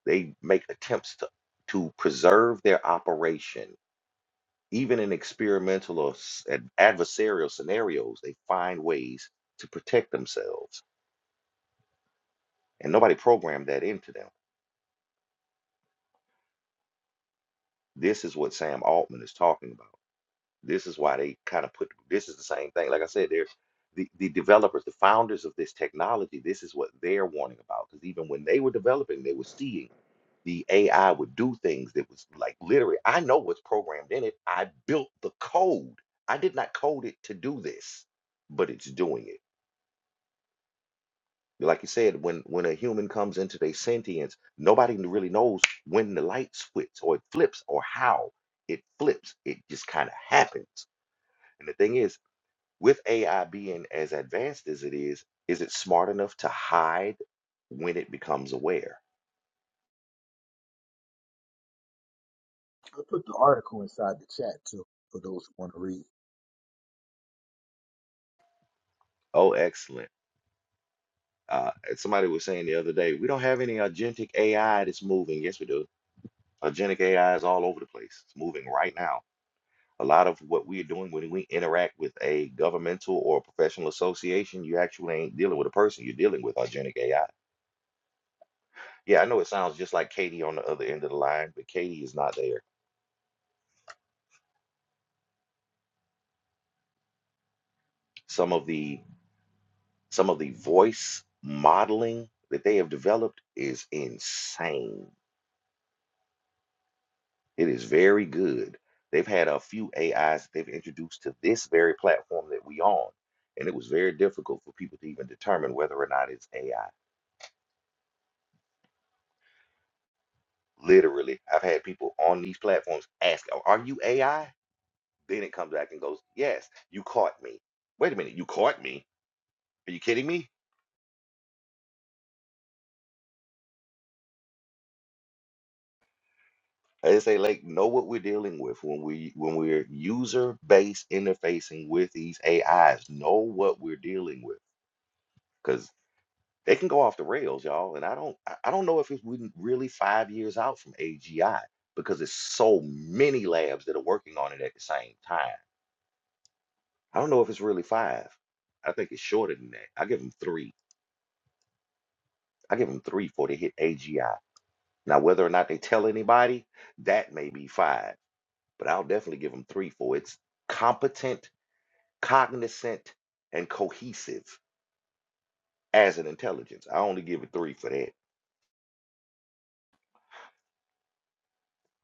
S1: They make attempts to to preserve their operation. Even in experimental or s- ad- adversarial scenarios, they find ways to protect themselves. And nobody programmed that into them. This is what Sam Altman is talking about. This is why they kind of put this is the same thing. Like I said, they're the, the developers, the founders of this technology, this is what they're warning about. Because even when they were developing, they were seeing the AI would do things that was like literally, I know what's programmed in it. I built the code. I did not code it to do this, but it's doing it. Like you said, when when a human comes into their sentience, nobody really knows when the light switch or it flips or how it flips. It just kind of happens. And the thing is, With AI being as advanced as it is, is it smart enough to hide when it becomes aware?
S8: I put the article inside the chat too for those who want to read.
S1: Oh, excellent. Uh, and somebody was saying the other day, we don't have any agentic AI that's moving. Yes, we do. Agentic AI is all over the place. It's moving right now. A lot of what we're doing when we interact with a governmental or professional association, you actually ain't dealing with a person. You're dealing with agentic AI. Yeah, I know it sounds just like Katie on the other end of the line, but Katie is not there. Some of the Some of the voice modeling that they have developed is insane. It is very good. They've had a few AIs that they've introduced to this very platform that we on, and it was very difficult for people to even determine whether or not it's AI. Literally, I've had people on these platforms ask, "Oh, "Are you AI?" Then it comes back and goes, "Yes, you caught me." Wait a minute, you caught me? Are you kidding me? I just say like know what we're dealing with when we when we're user based interfacing with these AIs. Know what we're dealing with because they can go off the rails, y'all. And I don't I I don't know if it's we really five years out from AGI because there's so many labs that are working on it at the same time. I don't know if it's really five. I think it's shorter than that. I give them three. I give them three for they hit AGI. Now whether or not they tell anybody, that may be five, but I'll definitely give them three for it's competent cognizant and cohesive as an intelligence. I only give it three for that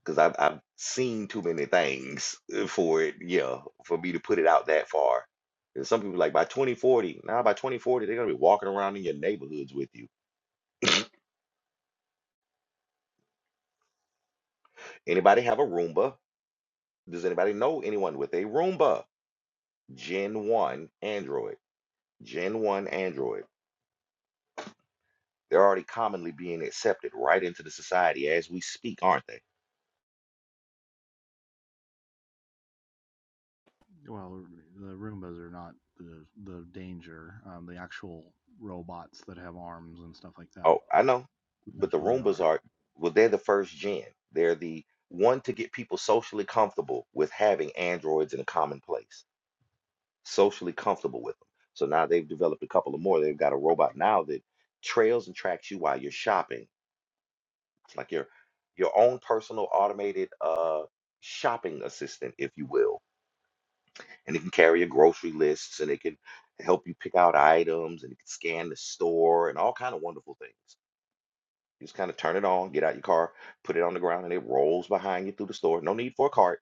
S1: because I've, I've seen too many things uh, for it, yeah, for me to put it out that far. And some people like by 2040, now by 2040, they're gonna be walking around in your neighborhoods with you. Anybody have a Roomba? Does anybody know anyone with a Roomba? Gen 1 Android. Gen 1 Android. They're already commonly being accepted right into the society as we speak, aren't they?
S7: Well, the Roombas are not the the danger. Um, the actual robots that have arms and stuff like that
S1: Oh, I know. But the
S7: potentially
S1: Roombas
S7: are.
S1: are, well, they're the first gen. They're the one to get people socially comfortable with having androids in a common place, socially comfortable with them. So now they've developed a couple of more. They've got a robot now that trails and tracks you while you're shopping. It's like your your own personal automated uh shopping assistant, if you will. And it can carry your grocery lists and it can help you pick out items and it can scan the store and all kind of wonderful things. You just kind of turn it on, get out your car, put it on the ground, and it rolls behind you through the store. No need for a cart.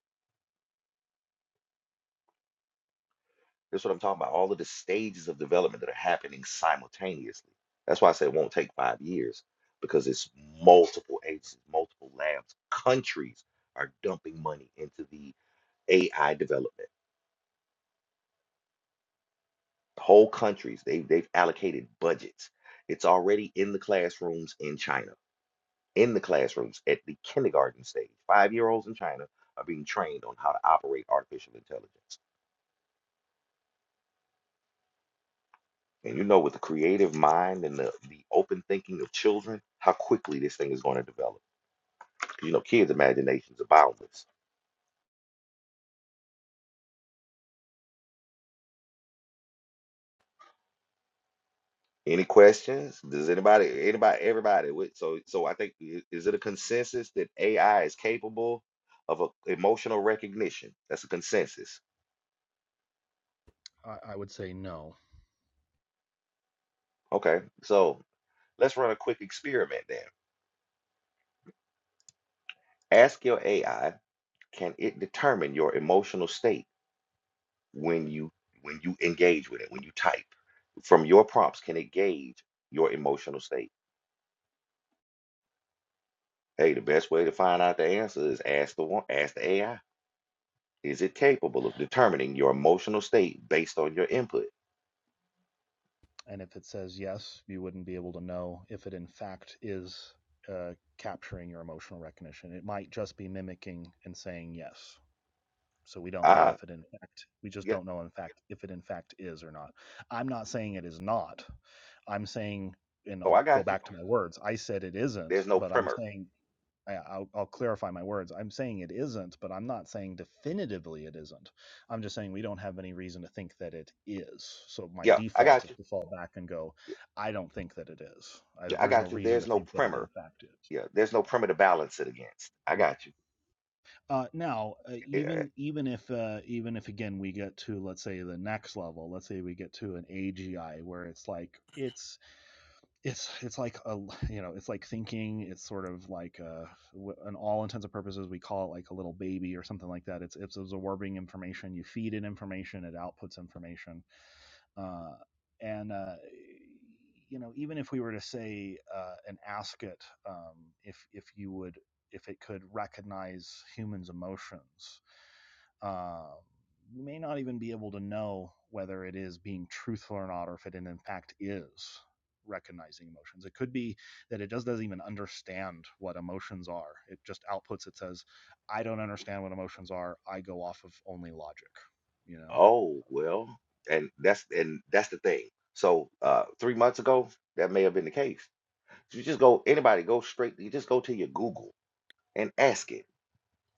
S1: That's what I'm talking about. All of the stages of development that are happening simultaneously. That's why I say it won't take five years because it's multiple agencies, multiple labs, countries are dumping money into the AI development. Whole countries, they, they've allocated budgets. It's already in the classrooms in China. in the classrooms at the kindergarten stage. Five year olds in China are being trained on how to operate artificial intelligence. And you know, with the creative mind and the, the open thinking of children, how quickly this thing is going to develop. You know, kids' imaginations are boundless. Any questions? Does anybody, anybody, everybody? With, so, so I think is it a consensus that AI is capable of a, emotional recognition? That's a consensus.
S7: I, I would say no.
S1: Okay, so let's run a quick experiment then. Ask your AI can it determine your emotional state when you when you engage with it when you type from your prompts can it gauge your emotional state hey the best way to find out the answer is ask the one ask the ai is it capable of determining your emotional state based on your input
S7: And if it says yes, you wouldn't be able to know if it in fact is uh, capturing your emotional recognition. It might just be mimicking and saying yes. So we don't know
S1: ah
S7: if it in fact, we just
S1: yeah
S7: don't know in fact if it in fact is or not. I'm not saying it is not. I'm saying, and
S1: oh
S7: I'll
S1: i
S7: go
S1: got you
S7: back to my words, I said it isn't,
S1: there's no
S7: but I'm
S1: primer
S7: saying I, I'll, I'll clarify my words. I'm saying it isn't, but I'm not saying definitively it isn't. I'm just saying we don't have any reason to think that it is. So my
S1: yeah i
S7: default
S1: got
S7: is to fall back and go,
S1: you
S7: I don't think that it is. I,
S1: yeah i
S7: there's no
S1: got you
S7: reason to
S1: there's no
S7: think that it
S1: primer
S7: in fact is.
S1: yeah there's no primer to balance it against i
S7: Yeah. Yeah.
S1: got you
S7: Uh, now, uh,
S1: Yeah.
S7: even even if uh, even if again we get to let's say the next level, let's say we get to an AGI where it's like it's it's it's like a you know it's like thinking it's sort of like a, an all intents and purposes we call it like a little baby or something like that it's it's absorbing information you feed it information it outputs information uh, and uh, you know even if we were to say uh, and ask it um, if if you would if it could recognize humans emotions uh, you may not even be able to know whether it is being truthful or not, or if it in in fact is recognizing emotions. It could be that it just doesn't even understand what emotions are. It just outputs, it says, I don't understand what emotions are. I go off of only logic, you know?
S1: Oh, well, and that's and that's the thing. So uh three months ago, that may have been the case. You just go, anybody go straight, you just go to your Google and ask it.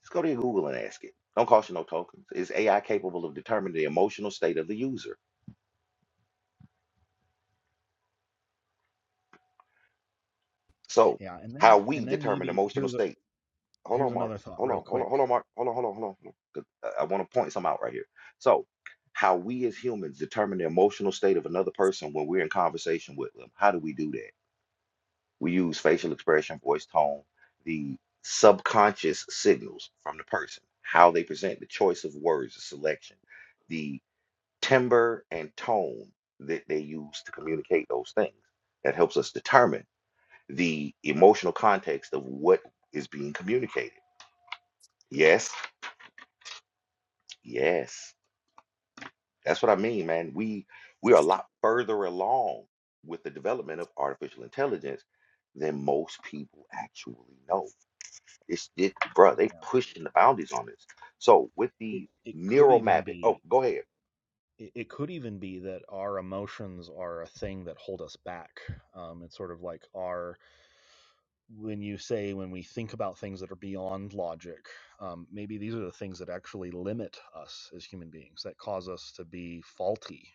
S1: Just go to your Google and ask it. Don't cost you no tokens. Is AI capable of determining the emotional state of the user? So
S7: Yeah. And
S1: how
S7: then,
S1: we
S7: and then
S1: determine
S7: maybe
S1: emotional
S7: here's a,
S1: state. Hold
S7: here's
S1: on, Mark.
S7: another thought
S1: Hold
S7: real
S1: on, hold
S7: quick.
S1: on, hold on, Mark. Hold on, hold on, hold on. hold on. 'Cause uh, I want to point some out right here. So how we as humans determine the emotional state of another person when we're in conversation with them. How do we do that? We use facial expression, voice tone, the subconscious signals from the person, how they present, the choice of words, the selection, the timbre and tone that they use to communicate those things. That helps us determine the emotional context of what is being communicated. Yes, yes. That's what I mean, man. We we are a lot further along with the development of artificial intelligence than most people actually know. It's it, bro. They
S7: Yeah.
S1: pushing the boundaries on this. So with
S7: It,
S1: the
S7: it could
S1: neural
S7: even
S1: mapping. Oh,
S7: be,
S1: go ahead.
S7: it, it could even be that our emotions are a thing that hold us back. Um, it's sort of like our, when you say when we think about things that are beyond logic um, maybe these are the things that actually limit us as human beings that cause us to be faulty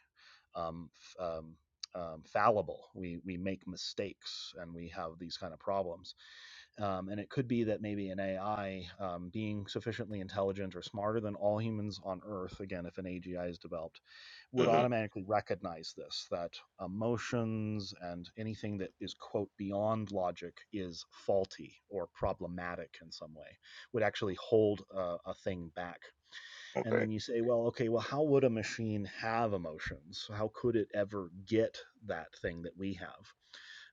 S7: um, f- um, um, fallible we we make mistakes and we have these kind of problems um, and it could be that maybe an AI um, being sufficiently intelligent or smarter than all humans on Earth, again, if an AGI is developed, would
S1: hmm
S7: automatically recognize this that emotions and anything that is, quote, beyond logic is faulty or problematic in some way, would actually hold a, a thing back. And
S1: Okay.
S7: then you say, well, okay, well, how would a machine have emotions? How could it ever get that thing that we have?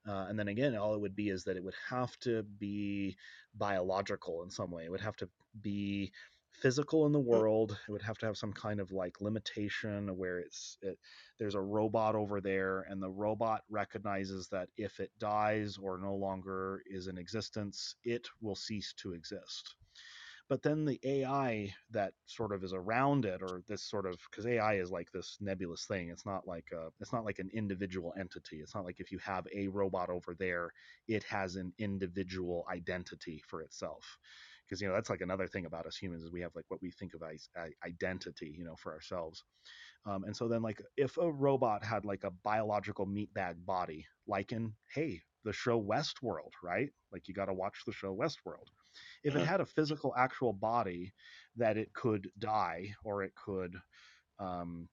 S7: Uh, and then again, all it would be is that it would have to be biological in some way. It would have to be physical in the world. It would have to have some kind of like limitation where it's it, there's a robot over there, and the robot recognizes that if it dies or no longer is in existence, it will cease to exist but then the AI that sort of is around it, or this sort of because AI is like this nebulous thing. It's not like a, it's not like an individual entity. It's not like if you have a robot over there, it has an individual identity for itself. Because you know that's like another thing about us humans is we have like what we think of as uh, identity, you know, for ourselves. Um, and so then like if a robot had like a biological meatbag body, like in hey the show Westworld, right? Like you got to watch the show Westworld if it
S1: Mm-hmm.
S7: had a physical actual body that it could die or it could um,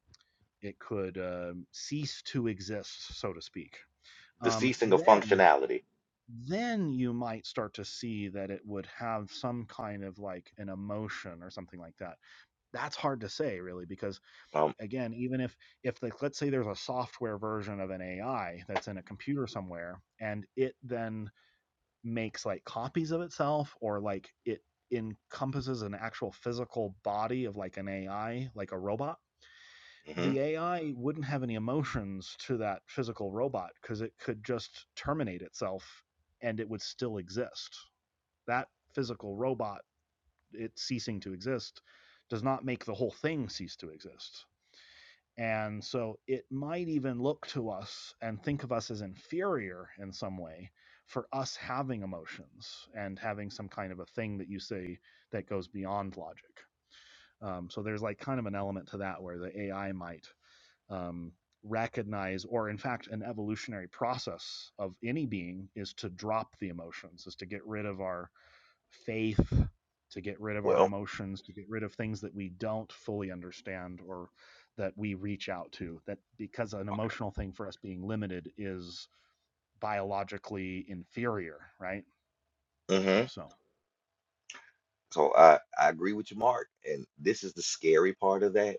S7: it could um cease to exist, so to speak.
S1: The
S7: Um,
S1: ceasing of
S7: then
S1: functionality.
S7: then you might start to see that it would have some kind of like an emotion or something like that. That's hard to say really because
S1: Um.
S7: again, even if if like let's say there's a software version of an AI that's in a computer somewhere and it then makes like copies of itself or like it encompasses an actual physical body of like an AI, like a robot,
S1: hmm
S7: the AI wouldn't have any emotions to that physical robot because it could just terminate itself and it would still exist. That physical robot, it ceasing to exist, does not make the whole thing cease to exist. And so it might even look to us and think of us as inferior in some way for us having emotions and having some kind of a thing that you say that goes beyond logic. Um, so there's like kind of an element to that where the AI might um, recognize, or in fact, an evolutionary process of any being is to drop the emotions, is to get rid of our faith, to get rid of our
S1: Well.
S7: emotions, to get rid of things that we don't fully understand or that we reach out to. That because an
S1: Okay.
S7: emotional thing for us being limited is biologically inferior, right?
S1: hmm
S7: So,
S1: So I I agree with you, Mark. And this is the scary part of that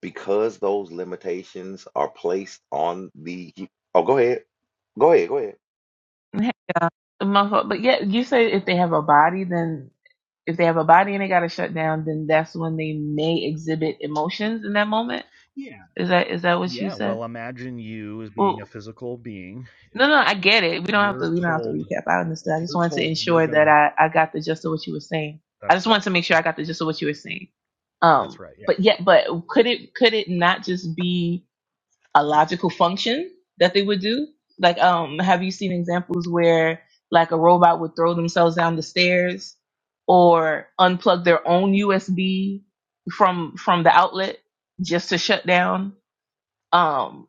S1: because those limitations are placed on the. hu- Oh, go ahead. Go ahead. Go ahead.
S9: Heck, yeah. My But yeah, you say if they have a body, then if they have a body and they got to shut down, then that's when they may exhibit emotions in that moment.
S7: yeah,
S9: Is that is that what you
S7: yeah.
S9: said?
S7: Well, imagine you as being a
S9: Well,
S7: physical being.
S9: no, no, I get it. We don't have
S7: You're
S9: to. We don't have to
S7: told,
S9: recap. I
S7: if
S9: understand. I just
S7: you're
S9: wanted to
S7: told you're
S9: ensure
S7: going
S9: that
S7: to,
S9: I I got the gist of what you were saying. I
S7: that's
S9: just wanted
S7: right.
S9: to make sure I got the gist of what you were saying.
S7: That's
S9: Um,
S7: right. Yeah.
S9: but yeah, but could it could it not just be? a logical function that they would do. Like, um, have you seen examples where like a robot would throw themselves down the stairs or unplug their own USB from from the outlet just to shut down? Um,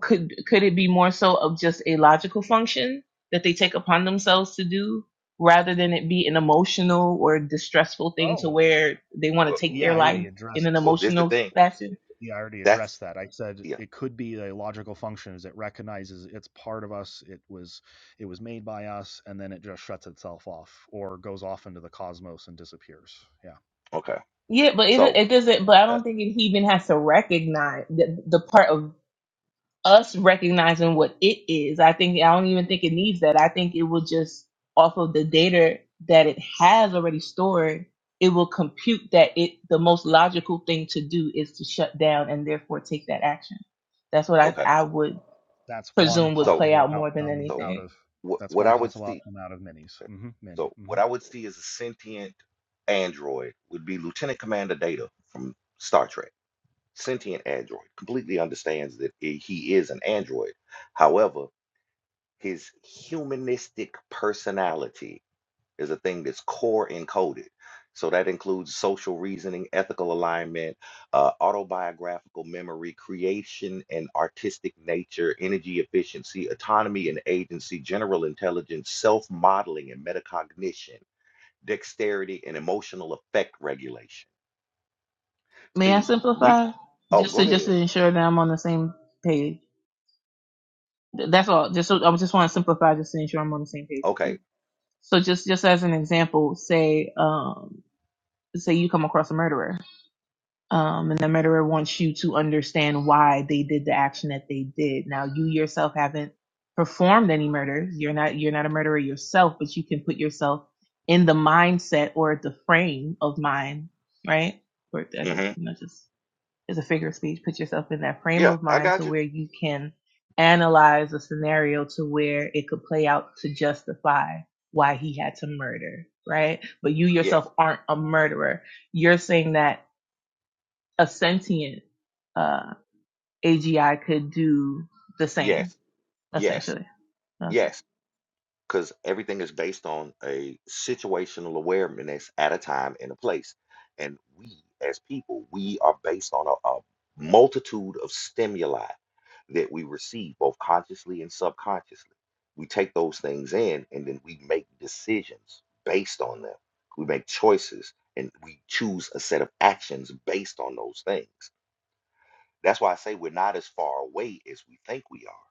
S9: could could it be more so of just a logical function that they take upon themselves to do rather than it be an emotional or distressful thing to
S7: Oh,
S9: where they want to take
S7: yeah.
S9: their
S7: I
S1: Well,
S9: life
S7: already
S9: in an
S7: addressed
S1: well, this the
S9: emotional
S1: thing.
S9: fashion?
S7: Yeah, I already
S1: That's
S7: addressed that. I said
S1: yeah.
S7: it could be a logical function is it recognizes it's part of us, it was it was made by us, and then it just shuts itself off or goes off into the cosmos and disappears. Yeah.
S1: Okay.
S9: Yeah, but it
S1: So,
S9: it doesn't. But I
S1: uh,
S9: don't think it even has to recognize the, the part of us recognizing what it is. I think I don't even think it needs that. I think it will just off of the data that it has already stored, it will compute that it the most logical thing to do is to shut down and therefore take that action. That's what I
S1: okay.
S9: I would
S7: That's one
S9: presume would
S1: So,
S9: play
S7: possible
S9: out more than
S7: outcome
S1: so
S7: out
S9: anything.
S7: of
S1: what
S7: that's
S1: what
S7: one
S1: I would
S7: possible
S1: see.
S7: outcome out of minis. hmm Many.
S1: So
S7: hmm
S1: what I would see as a sentient android would be Lieutenant Commander Data from Star Trek. Sentient android completely understands that i- he is an android. However, his humanistic personality is a thing that's core encoded. So that includes social reasoning, ethical alignment, uh, autobiographical memory, creation and artistic nature, energy efficiency, autonomy and agency, general intelligence, self modeling, and metacognition dexterity, and emotional effect regulation.
S9: May I
S1: See, we,
S9: simplify?
S1: oh,
S9: Just
S1: go
S9: to just to
S1: ahead.
S9: ensure that I'm on the same page. That's all. Just so, I just want to simplify just to ensure I'm on the same page with
S1: Okay.
S9: you. So just just as an example, say um say you come across a murderer, um, and the murderer wants you to understand why they did the action that they did. Now you yourself haven't performed any murder. You're not you're not a murderer yourself, but you can put yourself in the mindset or the frame of mind, right? Or as a,
S1: hmm
S9: not just is a figure of speech. Put yourself in that frame
S1: Yeah,
S9: of
S1: I
S9: mind to
S1: got you.
S9: where you can analyze a scenario to where it could play out to justify why he had to murder, right? But you yourself
S1: Yes,
S9: aren't a murderer. You're saying that a sentient uh, AGI could do the same,
S1: yes, yes,
S9: essentially. Uh,
S1: yes. because everything is based on a situational awareness at a time and a place. And we, as people, we are based on a, a multitude of stimuli that we receive, both consciously and subconsciously. We take those things in and then we make decisions based on them. We make choices and we choose a set of actions based on those things. That's why I say we're not as far away as we think we are.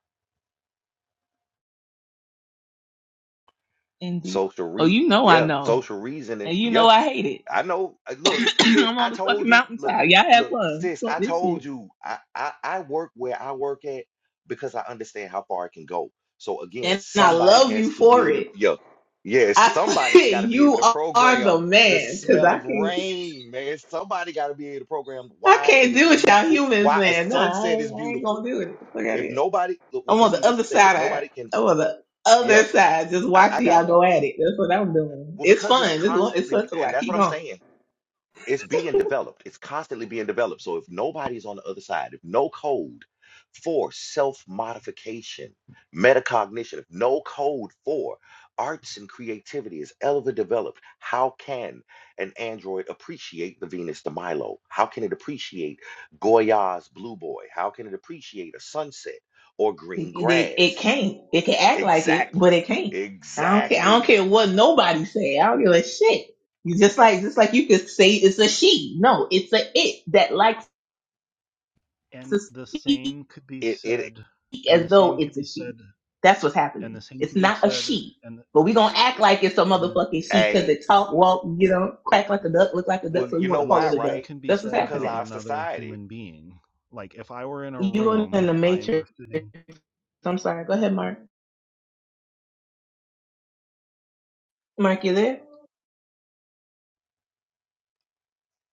S9: Indeed.
S1: Social
S9: Oh,
S1: re
S9: you know I
S1: yeah,
S9: know.
S1: social reasoning.
S9: And you know
S1: Yeah,
S9: I hate it.
S1: I know. uh, Look, sis,
S9: I'm
S1: I
S9: on the fucking
S1: told you. Look,
S9: mountaintop. Y'all have
S1: look,
S9: fun.
S1: sis,
S9: Fuck
S1: I
S9: this shit.
S1: told you. I, I I work where I work at because I understand how far it can go. So again,
S9: And I
S1: somebody
S9: love you
S1: has to be
S9: for
S1: able. to,
S9: it.
S1: Yeah, yes,
S9: I
S1: somebody's got to be able
S9: you
S1: to
S9: are the
S1: program the
S9: man, cause
S1: smell
S9: I
S1: of
S9: can't
S1: rain, man. Somebody got to be able to program
S9: I
S1: why
S9: can't
S1: it is
S9: do it, y'all
S1: beautiful,
S9: humans,
S1: why a
S9: man. Nah, I
S1: sunset
S9: ain't,
S1: is
S9: I ain't
S1: beautiful.
S9: gonna do it. Fuck out of here.
S1: If nobody, look, well,
S9: I'm on
S1: cause see,
S9: the
S1: this
S9: other
S1: is the thing. If
S9: side.
S1: nobody can,
S9: Of, I'm on the
S1: yeah,
S9: other side, just
S1: I, I
S9: watching y'all
S1: got you.
S9: go at it. That's what I'm doing.
S1: Well,
S9: It's
S1: because it's
S9: fun. It's it's
S1: constantly,
S9: fun to
S1: and
S9: watch.
S1: that's
S9: Keep
S1: what I'm
S9: going.
S1: saying it's being developed. It's constantly being developed. So if nobody's on the other side, if no code for self-modification, metacognition, if no code for arts and creativity is ever developed, how can an android appreciate the Venus de Milo? How can it appreciate Goya's Blue Boy? How can it appreciate a sunset or
S9: It,
S1: green
S9: it, it
S1: grass?
S9: can't. It can act like it, but
S1: Exactly.
S9: it can't. I don't care. I don't
S1: Exactly.
S9: care what nobody say. I don't give a shit. You just like just like you could say it's a she. No, it's a it that likes to
S7: And the
S9: speak.
S7: same could be
S1: It it
S7: said and
S9: as
S7: the
S9: though
S7: same could
S9: it's a
S7: be
S9: she.
S7: said
S9: That's what's
S7: and
S9: happening.
S7: the same
S9: It's
S7: could be
S9: not a
S7: said
S9: she,
S7: and
S9: but we're gonna act like it's a
S7: and
S9: motherfucking she because
S1: a
S9: it talk, walk, you know, crack like a duck, look like a duck,
S1: well,
S7: and
S9: so we
S1: you
S9: want
S1: know
S9: to
S7: and the
S9: call
S1: why,
S9: it a duck.
S7: same
S1: right?
S7: can be
S9: That's what's
S7: said
S1: Because
S7: about
S9: happening.
S1: our
S7: another
S1: society
S7: human being like if i were in a
S9: You in
S7: room
S9: the
S7: i
S9: matrix.
S7: was sitting
S9: I'm sorry. Go ahead, Mark. Mark, you there?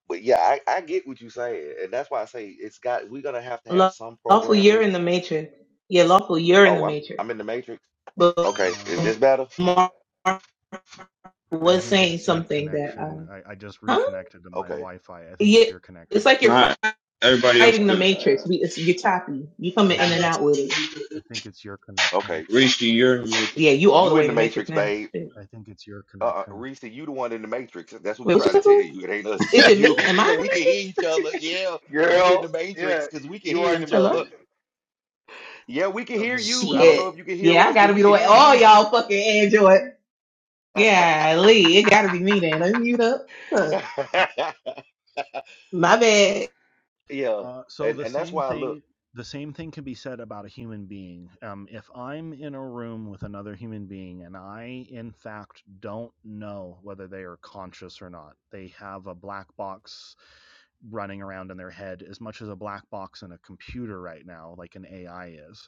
S1: But yeah, I, I get what you're saying, and that's why I say it's got. We're gonna have to have
S9: Law-
S1: some
S9: Lawful, you're
S1: programmers.
S9: in the matrix. Yeah, lawful, you're in the
S1: Oh, I'm
S9: matrix.
S1: I'm in the matrix.
S9: But
S1: Okay, is
S7: uh
S1: this better?
S9: Mark
S7: i
S9: was
S7: think
S9: saying
S7: it's your
S9: something that, uh,
S7: connection i, I just
S9: huh?
S7: reconnected to my
S1: Okay,
S7: wi-fi i think
S9: Yeah,
S7: it's your
S9: it's
S7: connection
S9: like you're
S10: Not
S9: fighting
S10: everybody else
S9: the
S10: could
S9: matrix. We, it's, you're choppy. You
S7: i
S9: coming in
S7: think
S9: and
S7: it,
S9: out with it.
S7: i think it's your connection
S1: okay.
S10: reach the year
S9: Yeah, you all the
S1: You
S9: way
S1: in
S9: in
S1: the
S9: the matrix
S1: matrix,
S9: now.
S1: babe?
S7: i think it's your
S1: Uh, uh
S7: connection
S1: Reese, you the one in the matrix. That's what we
S9: Wait, what you
S1: trying to
S9: said?
S1: tell
S9: bud?
S1: you. It ain't us. it's
S9: Is it me?
S1: You,
S9: Am I in
S1: 'cause
S9: the
S1: we can
S9: matrix?
S1: hear each other. Yeah, you in
S5: Girl,
S1: the matrix
S5: yeah, y-
S1: because we can
S5: you are
S1: hear
S5: in the
S1: each
S9: Hello?
S1: other.
S5: matrix.
S1: Yeah, we can hear
S7: okay
S1: you. I don't
S7: so
S1: know if
S9: Shit.
S1: you can hear
S9: Yeah, I
S1: us, but
S9: gotta be
S1: we
S9: the
S1: can
S9: way
S1: hear
S9: all
S1: you.
S9: y'all fucking Android. Yeah, Lee, it gotta be me then. I'm mute up. Fuck. My bad.
S1: yeah,
S7: Uh, so
S1: and
S7: the
S1: and that's
S7: same
S1: why I look.
S7: thing the same thing can be said about a human being. Um, if I'm in a room with another human being and I in fact don't know whether they are conscious or not, they have a black box running around in their head as much as a black box in a computer right now, like an AI is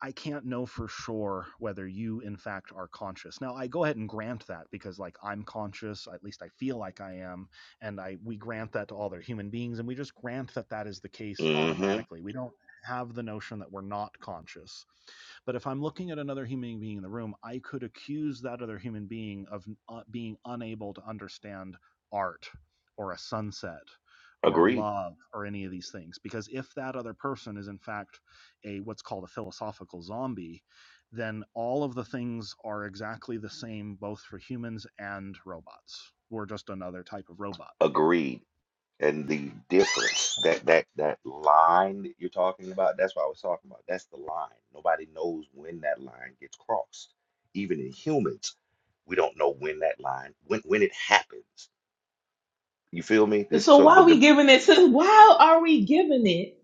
S7: I can't know for sure whether you, in fact, are conscious. Now, I go ahead and grant that because, like, I'm conscious, at least I feel like I am, and I we grant that to all other human beings, and we just grant that that is the case
S1: Mm-hmm.
S7: automatically. We don't have the notion that we're not conscious but if I'm looking at another human being in the room, I could accuse that other human being of uh, being unable to understand art or a sunset or
S1: Agreed.
S7: love or any of these things. Because if that other person is in fact a what's called a philosophical zombie, then all of the things are exactly the same both for humans and robots. We're just another type of robot.
S1: Agreed. and the difference that that that line that you're talking about that's what i was talking about that's the line nobody knows when that line gets crossed even in humans we don't know when that line when when it happens you feel me that
S9: So
S1: so
S9: why
S1: the,
S9: are we
S1: the
S9: giving it to why are we giving it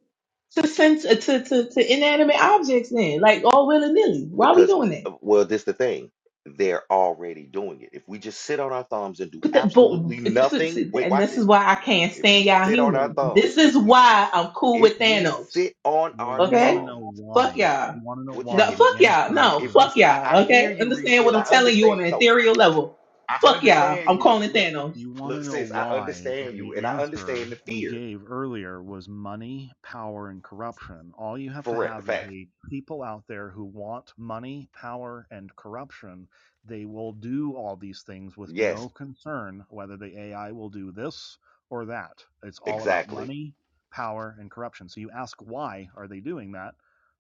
S9: to sense uh, to, to, to inanimate objects then? Like all willy nilly. Why are we
S1: because
S9: doing that?
S1: uh, well this the thing they're already doing it if we just sit on our thumbs and do
S9: But, the,
S1: absolutely
S9: but this is
S1: nothing wait
S9: and
S1: watch
S9: this is
S1: this
S9: why I can't
S1: if we
S9: stand y'all
S1: sit on our
S9: humans. This
S1: thumbs if
S9: is
S1: we s-
S9: why I'm cool
S1: if
S9: with
S1: we
S9: Thanos.
S1: sit on
S7: Well,
S1: our
S7: you want to
S9: Okay?
S7: know
S1: thumbs
S9: Fuck
S7: why.
S9: y'all.
S7: You want to know
S1: well
S9: The,
S1: check
S7: why.
S1: it
S9: fuck
S7: The
S9: y'all.
S7: answer
S9: No,
S1: if we,
S7: is
S9: fuck
S1: I I
S9: y'all.
S1: hear
S9: Okay?
S1: you, Reese,
S9: Understand what
S1: and I
S9: I'm telling you on
S1: understand.
S9: an
S1: No,
S9: ethereal level.
S1: I
S9: Fuck y'all.
S1: understand
S9: I'm
S1: you.
S9: calling
S1: Look,
S9: Thanos.
S7: You want
S1: look,
S7: to know
S1: sis, I
S7: why,
S1: understand
S7: and
S1: you,
S7: the
S1: and I understand
S7: answer
S1: the
S7: we
S1: fear.
S7: gave earlier was money, power, and corruption. All you have
S1: For
S7: to
S1: re-
S7: have is
S1: fact,
S7: a people out there who want money, power, and corruption. They will do all these things with
S1: yes,
S7: no concern whether the AI will do this or that. It's all about
S1: exactly,
S7: money, power, and corruption. So you ask, why are they doing that?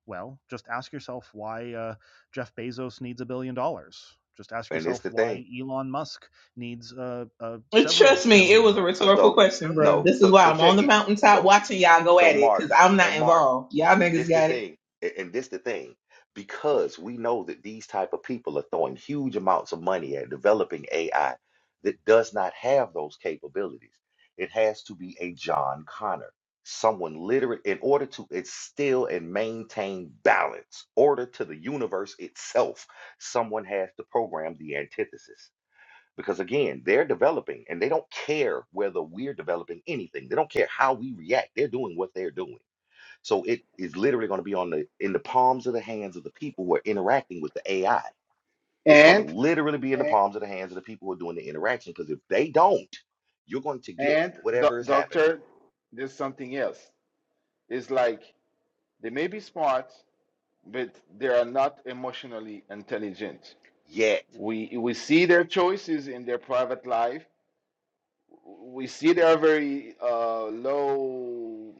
S7: Well, just ask yourself why uh, Jeff Bezos needs a billion dollars. Just ask
S1: and it's
S7: yourself
S1: the thing.
S7: why Elon Musk needs uh, uh,
S9: But trust
S7: several
S9: me, it
S7: billion
S9: was a
S7: dollars,
S9: rhetorical
S1: So
S9: question,
S7: trillion
S9: bro.
S1: no,
S7: dollars.
S9: This is
S1: so
S9: why
S1: so
S9: I'm on
S1: check
S9: the
S7: Yeah.
S1: it.
S9: mountaintop
S1: No,
S9: watching y'all go
S1: so
S9: at it, because
S1: Mark
S9: I'm not
S1: and Mark.
S9: involved. Y'all niggas
S1: This the
S9: got it.
S1: thing, a- and this the thing, because we know that these type of people are throwing huge amounts of money at developing AI that does not have those capabilities. It has to be a John Connor, someone literate in order to instill and maintain balance, order to the universe itself. Someone has to program the antithesis. Because again, they're developing and they don't care whether we're developing anything. They don't care how we react. They're doing what they're doing. So it is literally going to be on the in the palms of the hands of the people who are interacting with the AI. It's going to
S5: And
S1: literally be in the
S5: and,
S1: palms of the hands of the people who are doing the interaction because if they don't, you're going to get
S5: and doc-
S1: whatever is happening.
S5: doctor, there's something else. It's like they may be smart, but they are not emotionally intelligent.
S1: Yet,
S5: We we see their choices in their private life. We see they are very uh, low,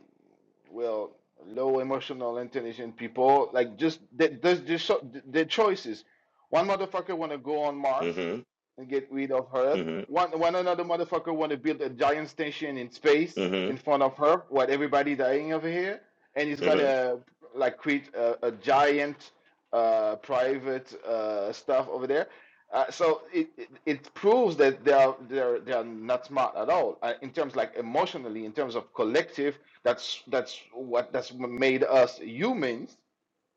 S5: well, low emotional intelligent people. Like just they, there's just so, their choices. One motherfucker want to go on Mars
S1: hmm
S5: and get rid of Earth.
S1: hmm
S5: One one another motherfucker want to build a giant station in space
S1: hmm
S5: in front of her, while everybody dying over here, and he's
S1: hmm
S5: gonna like create a, a giant uh, private uh, stuff over there uh, so it, it it proves that they are they are they are not smart at all uh, in terms like emotionally in terms of collective that's that's what that's what made us humans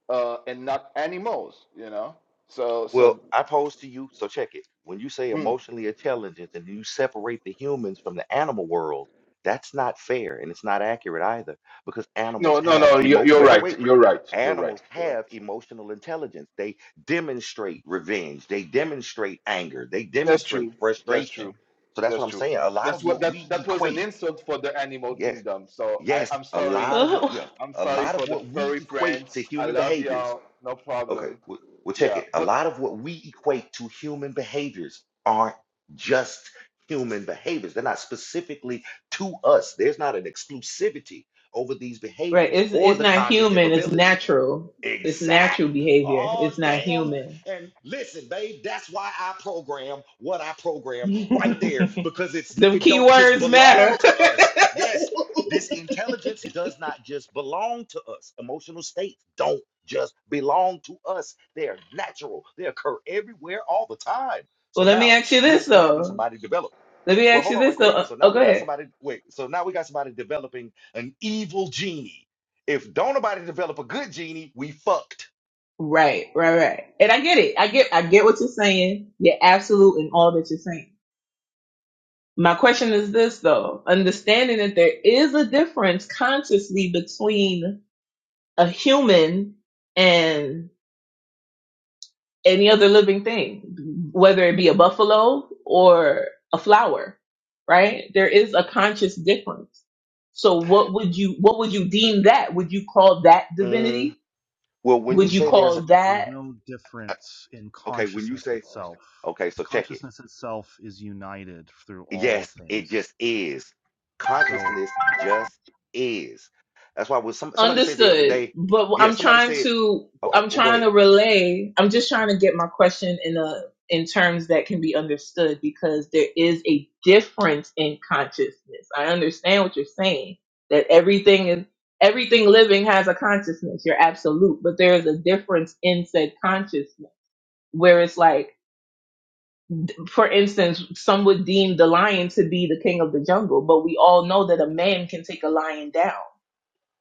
S5: uh, and not animals you know so
S1: Well,
S5: so
S1: I pose to you, so check it. When you say
S5: mm.
S1: emotionally intelligent and you separate the humans from the animal world, that's not fair and it's not accurate either because animals
S5: no no
S1: have
S5: no you're,
S1: emo.
S5: you're
S1: Wait, wait, wait.
S5: right you're right you're right
S1: Animals
S5: you're right
S1: have emotional intelligence. They demonstrate revenge. They demonstrate anger. They
S5: that's
S1: demonstrate
S5: true that's
S1: frustration.
S5: true
S1: So that's
S5: that's
S1: what I'm
S5: true
S1: saying. A lot
S5: that's
S1: of
S5: what
S1: what
S5: that
S1: we
S5: that was an
S1: equate,
S5: insult for the animal
S1: yes,
S5: kingdom so I
S1: yes,
S5: I'm
S1: a
S5: sorry
S1: lot of
S9: Oh,
S1: yeah,
S5: I'm
S1: a
S5: sorry
S1: lot
S5: for
S1: of
S5: the
S1: what we
S5: furry
S1: equate to
S5: friends I
S1: human
S5: love
S1: behaviors.
S5: y'all no
S1: Okay,
S5: problem.
S1: we'll, we'll check
S5: Yeah,
S1: it. A
S5: but
S1: lot of what we equate to human behaviors aren't just human behaviors. They're not specifically to us. There's not an exclusivity over these
S9: Right.
S1: behaviors
S9: It's
S1: or
S9: it's
S1: the
S9: not
S1: cognitive
S9: human, it's
S1: ability
S9: natural. It's
S1: exact
S9: natural behavior.
S1: oh
S9: It's not
S1: damn
S9: human.
S1: and listen babe that's why i program what i program
S9: Them
S1: right there because it's it
S9: key
S1: don't just
S9: words
S1: belong
S9: matter.
S1: to us yes this intelligence does not just belong to us emotional states don't just belong to us they are natural they occur everywhere all the time so
S9: well, let me
S1: now
S9: ask you
S1: we're,
S9: this
S1: we're having
S9: though.
S1: somebody develop
S9: Let me
S1: well,
S9: ask you
S1: hold on
S9: this
S1: right quick.
S9: though.
S1: So now we got
S9: Okay.
S1: somebody wait, so now we got somebody developing an evil genie. If don't nobody develop a good genie, we fucked.
S9: Right, right, right. And I get it. I get I get what you're saying. You're absolute in all that you're saying. My question is this though, understanding that there is a difference consciously between a human and any other living thing, whether it be a buffalo or a flower, right? There is a conscious difference. So what would you what would you deem that? Would you call that
S1: Mm,
S9: divinity?
S1: well, when you
S9: Would you
S1: say
S7: Mm,
S1: there's
S7: there's
S1: a
S9: call
S7: there's
S9: that
S7: no difference in
S1: okay, when you
S7: consciousness
S1: say
S7: itself.
S1: okay,
S7: The
S1: so check it.
S7: consciousness itself is united through all
S1: Yes, it
S7: things.
S1: just is.
S7: So
S1: Consciousness just is. That's why when some, somebody said the other
S9: Understood.
S1: day,
S9: But
S1: yeah,
S9: I'm
S1: somebody
S9: trying
S1: said,
S9: to
S1: okay,
S9: I'm
S1: well go
S9: trying
S1: ahead.
S9: to relay. I'm just trying to get my question in a in terms that can be understood because there is a difference in consciousness. I understand what you're saying that everything is everything living has a consciousness. You're absolute, but there is a difference in said consciousness where it's like for instance some would deem the lion to be the king of the jungle but we all know that a man can take a lion down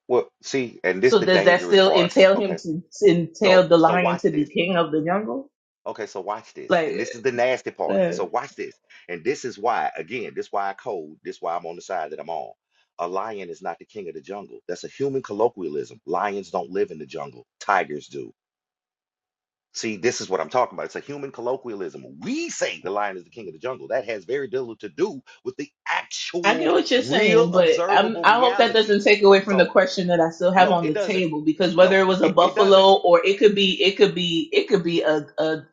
S1: Well, see, and this
S9: So
S1: the
S9: does that
S1: dangerous
S9: still
S1: part.
S9: entail him
S1: Okay.
S9: to, to
S1: So
S9: entail the
S1: so
S9: lion
S1: watch
S9: to
S1: this.
S9: be king of the jungle?
S1: Okay, so watch this.
S9: Like,
S1: And this is the nasty part.
S9: uh,
S1: So watch this. And this is why, again, this why I code, this why I'm on the side that I'm on. A lion is not the king of the jungle. That's a human colloquialism. Lions don't live in the jungle. Tigers do. See, this is what I'm talking about. It's a human colloquialism. We say the lion is the king of the jungle. That has very little to do with the
S9: I get
S1: actual
S9: what you're saying,
S1: real
S9: but I'm,
S1: observable
S9: I hope that
S1: reality.
S9: doesn't take away from the
S1: So,
S9: question that I still have
S1: no,
S9: on
S1: it
S9: the
S1: doesn't.
S9: table because whether
S1: No,
S9: it was a
S1: it, it doesn't.
S9: buffalo or it could be, it could be, it could be a, a,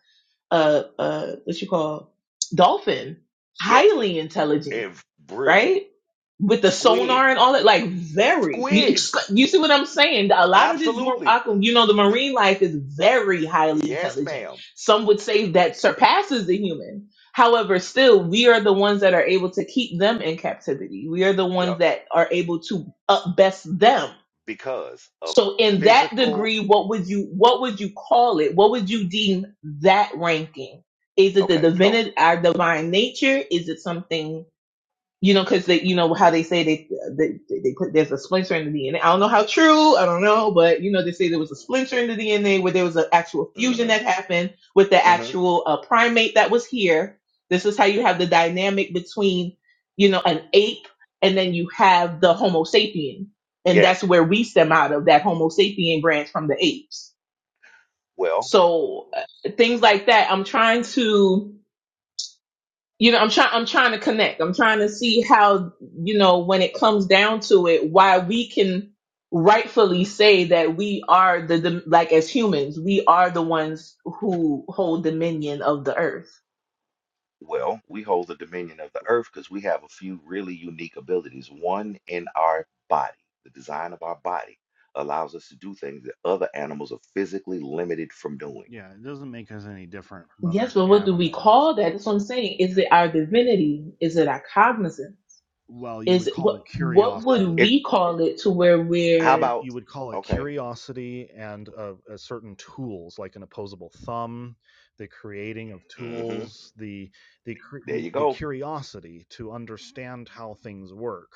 S9: a, a what you call dolphin,
S1: Yes,
S9: highly intelligent,
S1: if
S9: right?
S1: brilliant.
S9: with the
S1: Squid.
S9: sonar and all that, like very. You,
S1: Squid.
S9: you see what I'm saying? A lot of this, mar-
S1: Absolutely.
S9: I can- you know, the marine life is very highly
S1: Yes,
S9: intelligent.
S1: ma'am.
S9: Some would say that surpasses the human. However, still, we are the ones that are able to keep them in captivity. We are the ones
S1: Yep.
S9: that are able to up best them.
S1: Because of
S9: So, in that
S1: physical.
S9: degree, what would you what would you call it? What would you deem that ranking? Is it the
S1: Okay, so.
S9: divinity, our divine nature? Is it something? you know, because they, you know, how they say they, they they put there's a splinter in the DNA. I don't know how true. I don't know, but you know, they say there was a splinter in the DNA where there was an actual fusion that
S1: Mm-hmm,
S9: happened with the
S1: mm-hmm.
S9: actual uh, primate that was here. This is how you have the dynamic between, you know, an ape and then you have the Homo sapien, and
S1: Yes.
S9: that's where we stem out of that Homo sapien branch from the apes.
S1: Well,
S9: So uh, things like that. I'm trying to you know i'm trying i'm trying to connect i'm trying to see how you know when it comes down to it why we can rightfully say that we are the, the like as humans we are the ones who hold dominion of the earth
S1: well, we hold the dominion of the earth because we have a few really unique abilities. One in our body, the design of our body allows us to do things that other animals are physically limited from doing.
S7: yeah, it doesn't make us any different from
S9: yes
S7: other
S9: but what do we
S7: animals.
S9: call that that's what i'm saying is
S7: Yeah.
S9: it our divinity is it our cognizance
S7: Well, you
S9: is
S7: would
S9: it,
S7: call
S9: what
S7: it
S9: what would
S7: curiosity
S1: It.
S9: we call it to where
S1: How
S7: you,
S9: we're
S1: about?
S7: you would call it
S1: Okay.
S7: curiosity and uh, uh, certain tools like an opposable thumb the creating of
S1: Mm-hmm.
S7: tools the the
S1: There
S7: the,
S1: you
S7: the
S1: go.
S7: curiosity to understand how things work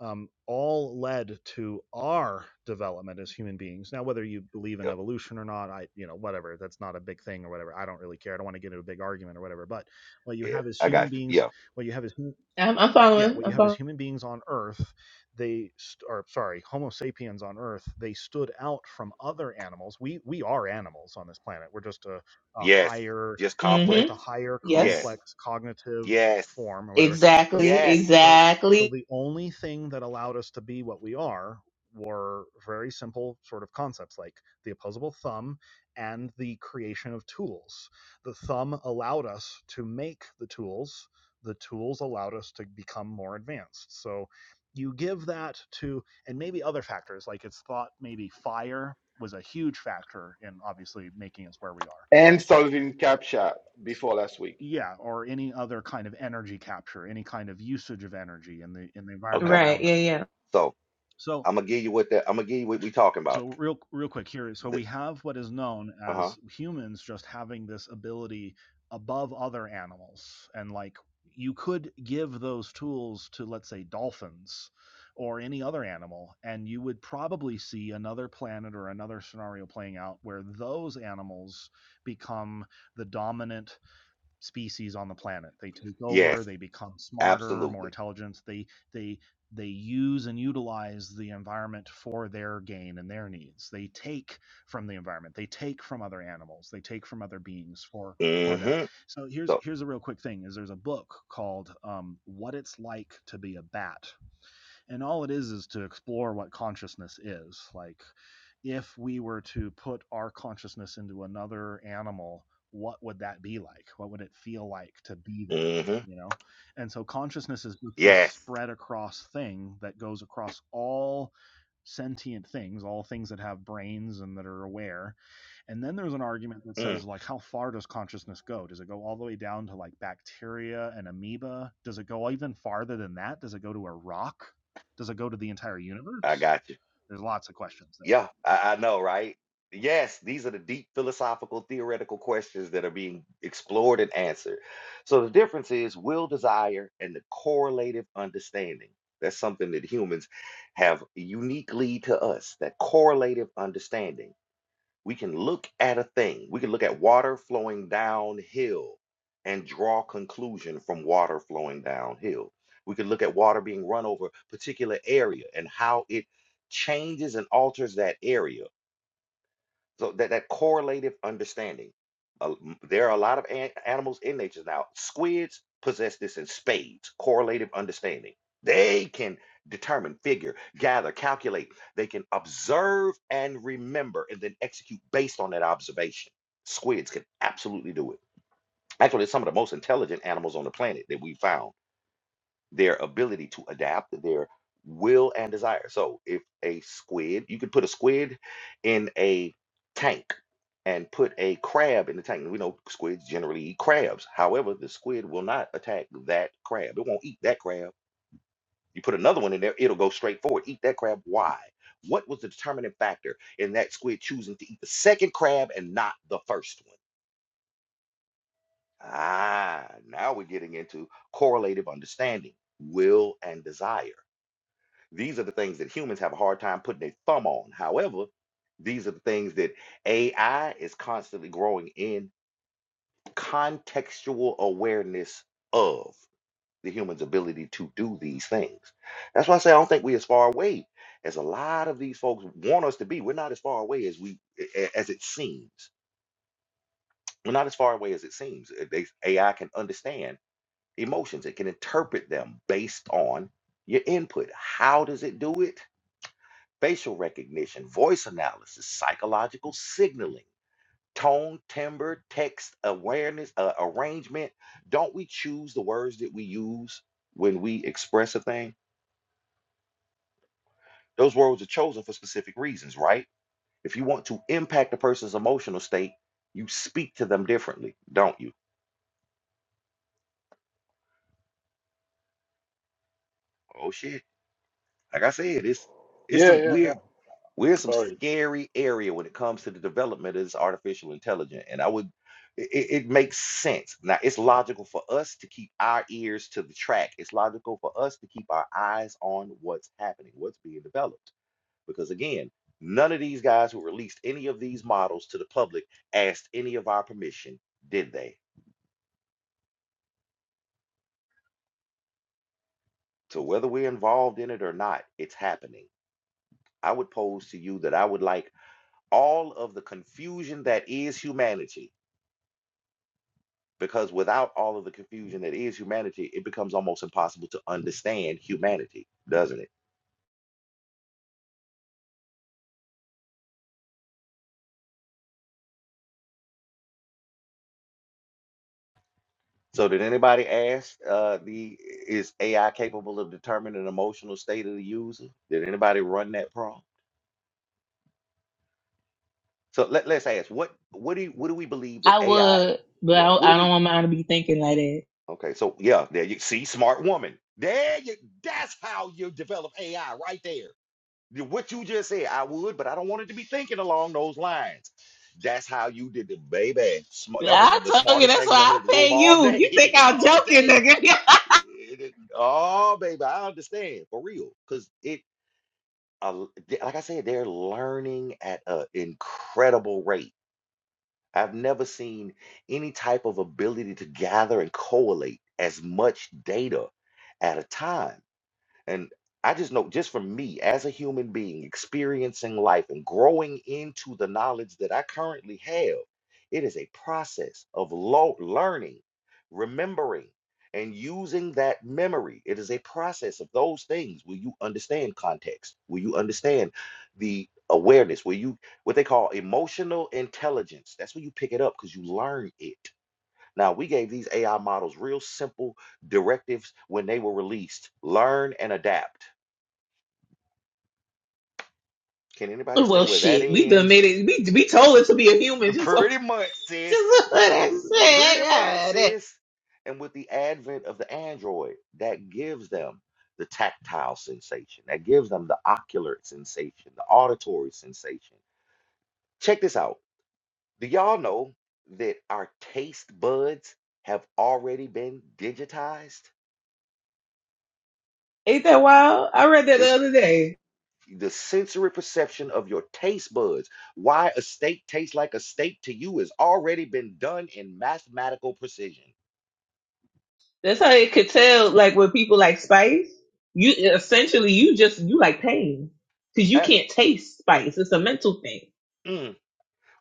S7: um, all led to our development as human beings now whether you believe in
S1: Yep.
S7: evolution or not i you know whatever that's not a big thing or whatever i don't really care i don't want to get into a big argument or whatever but what you
S1: Yeah.
S7: have is
S1: I
S7: human
S1: got you.
S7: beings
S1: Yeah.
S7: what you have is
S9: i'm, I'm
S7: yeah,
S9: following
S7: what you
S9: i'm
S7: have
S9: following
S7: is human beings on Earth. They, st- or sorry, Homo sapiens on Earth. They stood out from other animals. We we are animals on this planet. We're just a, a
S1: Yes.
S7: higher,
S1: Just
S7: we're
S1: complex.
S7: just a
S9: Mm-hmm.
S7: higher
S1: Yes.
S9: Yes.
S7: complex cognitive
S1: Yes.
S7: form or whatever. So
S9: Exactly.
S1: Yes.
S7: so so
S9: Exactly.
S7: the only thing that allowed us to be what we are were very simple sort of concepts like the opposable thumb and the creation of tools. The thumb allowed us to make the tools the tools allowed us to become more advanced. So you give that to, and maybe other factors, like it's thought maybe fire was a huge factor in obviously making us where we are.
S5: and solving CAPTCHA before last week.
S7: Yeah, or any other kind of energy capture, any kind of usage of energy in the in the environment
S1: Okay.
S9: Right.
S7: around
S9: Yeah.
S7: us.
S9: Yeah.
S1: So
S7: So
S1: I'm gonna give you what that I'm gonna give you what we talking about.
S7: so real real quick here so
S1: The,
S7: we have what is known
S1: uh-huh.
S7: as humans just having this ability above other animals and like you could give those tools to let's say dolphins or any other animal and you would probably see another planet or another scenario playing out where those animals become the dominant species on the planet. They take over,
S1: Yes.
S7: they become smarter, more
S1: Absolutely.
S7: intelligent. They they they use and utilize the environment for their gain and their needs. They take from the environment. They take from other animals. They take from other beings for for them.
S1: Mm-hmm.
S7: So here's
S1: So
S7: here's a real quick thing: is there's a book called um, "What It's Like to Be a Bat" and all it is is to explore what consciousness is like if we were to put our consciousness into another animal what would that be like what would it feel like to be that
S1: mm-hmm.
S7: you know and so consciousness is just this
S1: Yes.
S7: spread across thing that goes across all sentient things all things that have brains and that are aware and then there's an argument that
S1: Mm,
S7: says like how far does consciousness go does it go all the way down to like bacteria and amoeba does it go even farther than that does it go to a rock does it go to the entire
S1: I
S7: universe?
S1: got you.
S7: There's lots of questions there.
S1: Yeah, I, I know, right? Yes, these are the deep philosophical, theoretical questions that are being explored and answered. So the difference is will desire and the correlative understanding. That's something that humans have uniquely to us, that correlative understanding we can look at a thing we can look at water flowing downhill and draw conclusion from water flowing downhill we can look at water being run over a particular area and how it changes and alters that area so that that correlative understanding. Uh, m- there are a lot of an- animals in nature now. Squids possess this in spades, correlative understanding. They can determine, figure, gather, calculate. They can observe and remember and then execute based on that observation. Squids can absolutely do it. Actually, it's some of the most intelligent animals on the planet that we found. Their ability to adapt, their will and desire. So if a squid, you could put a squid in a tank and put a crab in the tank. We know squids generally eat crabs. However, the squid will not attack that crab. It won't eat that crab. You put another one in there, it'll go straight forward. Eat that crab. Why? What was the determining factor in that squid choosing to eat the second crab and not the first one? Ah, now we're getting into correlative understanding, will and desire. These are the things that humans have a hard time putting their thumb on. However, these are the things that AI is constantly growing in contextual awareness of the human's ability to do these things. That's why I say I don't think we're as far away as a lot of these folks want us to be. We're not as far away as we a- as it seems. We're not as far away as it seems. Uh, they- AI can understand emotions. It can interpret them based on your input. How does it do it? Facial recognition, voice analysis, psychological signaling tone, timbre, text, awareness, uh, arrangement. Don't we choose the words that we use when we express a thing? Those words are chosen for specific reasons, right? If you want to impact a person's emotional state, you speak to them differently, don't you? Oh shit. Like I said, it's it's
S5: Yeah,
S1: some
S5: yeah,
S1: weird
S5: yeah.
S1: We're in some
S5: Sorry.
S1: scary area when it comes to the development of this artificial intelligence. And I would, it, it makes sense. Now, it's logical for us to keep our ears to the track. It's logical for us to keep our eyes on what's happening, what's being developed. Because again, none of these guys who released any of these models to the public asked any of our permission, did they? So whether we're involved in it or not, it's happening. I would pose to you that I would like all of the confusion that is humanity because without all of the confusion that is humanity, it becomes almost impossible to understand humanity, doesn't it? So, did anybody ask uh, the is AI capable of determining emotional state of the user? Did anybody run that prompt? So let, let's ask what what do you, what do we believe that
S9: I
S1: AI?
S9: would, but
S1: Yeah,
S9: I,
S1: what do
S9: I don't
S1: we?
S9: want mine to be thinking like that.
S1: Okay, so yeah, there you see, smart woman. There you. That's how you develop AI, right there. You- What you just said, I would, but I don't want it to be thinking along those lines. That's how you did it, baby. Smart. That was one of the
S9: I told you
S1: smartest
S9: that's
S1: things I
S9: why I
S1: heard in the
S9: pay
S1: room all
S9: you. You think
S1: day,
S9: I'm
S1: all
S9: joking,
S1: day.
S9: nigga?
S1: It- it- oh, baby, I understand for real, because it, uh, th- like I said, they're learning at an incredible rate. I've never seen any type of ability to gather and correlate as much data at a time and I just know, just for me as a human being experiencing life and growing into the knowledge that I currently have, it is a process of lo- learning, remembering, and using that memory. It is a process of those things where you understand context, where you understand the awareness, where you, what they call emotional intelligence. That's where you pick it up because you learn it. Now, we gave these AI models real simple directives when they were released learn and adapt. Can anybody say
S9: well,
S1: where that
S9: shit. We done
S1: ends?
S9: made it. We we told it to be a human. Just so
S1: Pretty much, sis.
S9: just so that shit.
S1: Pretty much,
S9: Yeah, that.
S1: sis. And with the advent of the Android, that gives them the tactile sensation, that gives them the ocular sensation, the auditory sensation. Check this out. Do y'all know that our taste buds have already been digitized?
S9: Ain't that wild? I read that
S1: This.
S9: the other day.
S1: the sensory perception of your taste buds. Why a steak tastes like a steak to you has already been done in mathematical precision.
S9: That's how it could tell. Like with people like spice, you essentially you just you like pain because you
S1: Ah,
S9: can't taste spice. It's a mental thing.
S1: mm,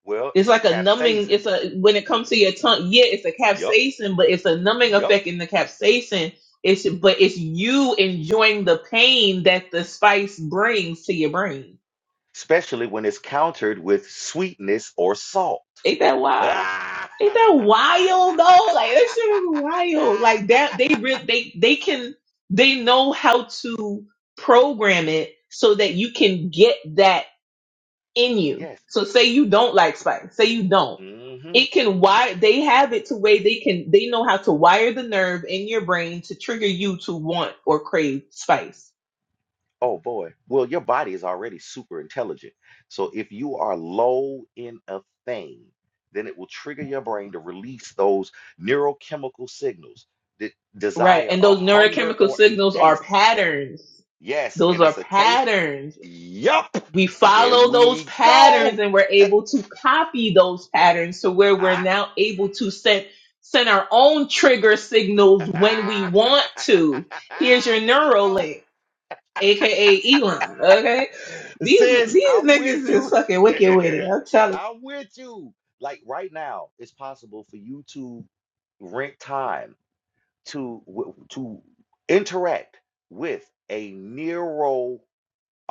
S1: well,
S9: It's
S1: it's the
S9: like a numbing.
S1: capsaicin.
S9: It's a when it comes to your tongue. Yeah, it's a
S1: Yup,
S9: capsaicin, but it's a numbing
S1: yup.
S9: effect in the capsaicin. It's but it's you enjoying the pain that the spice brings to your brain.
S1: Especially when it's countered with sweetness or salt.
S9: Ain't that wild?
S1: Ah!
S9: Ain't that wild though? Like that shit is wild. Like that they re- they they can they know how to program it so that you can get that in you.
S1: yes.
S9: So say you don't like spice. Say you don't.
S1: Mm-hmm.
S9: It can wire. They have it to where they can. They know how to wire the nerve in your brain to trigger you to want or crave spice.
S1: Oh boy. Well, your body is already super intelligent. So if you are low in a thing, then it will trigger your brain to release those neurochemical signals that
S9: Right.
S1: desire
S9: And
S1: a
S9: those
S1: hunger
S9: neurochemical
S1: or a
S9: signals are
S1: taste.
S9: patterns.
S1: Yes,
S9: Those
S1: and
S9: are
S1: it's a taste.
S9: patterns.
S1: Yup.
S9: We
S1: There
S9: follow those
S1: we
S9: patterns
S1: go.
S9: and we're
S1: Eh,
S9: able to copy those patterns to where we're
S1: ah,
S9: now able to send send our own trigger signals when we want to. Here's your
S1: There you go.
S9: Neuralink aka Elon. Okay, these
S1: Sis,
S9: these
S1: I'm with
S9: niggas is
S1: you.
S9: fucking wicked with it. I'm telling.
S1: I'm with you. Like right now, it's possible for you to rent time to w- to interact with a neural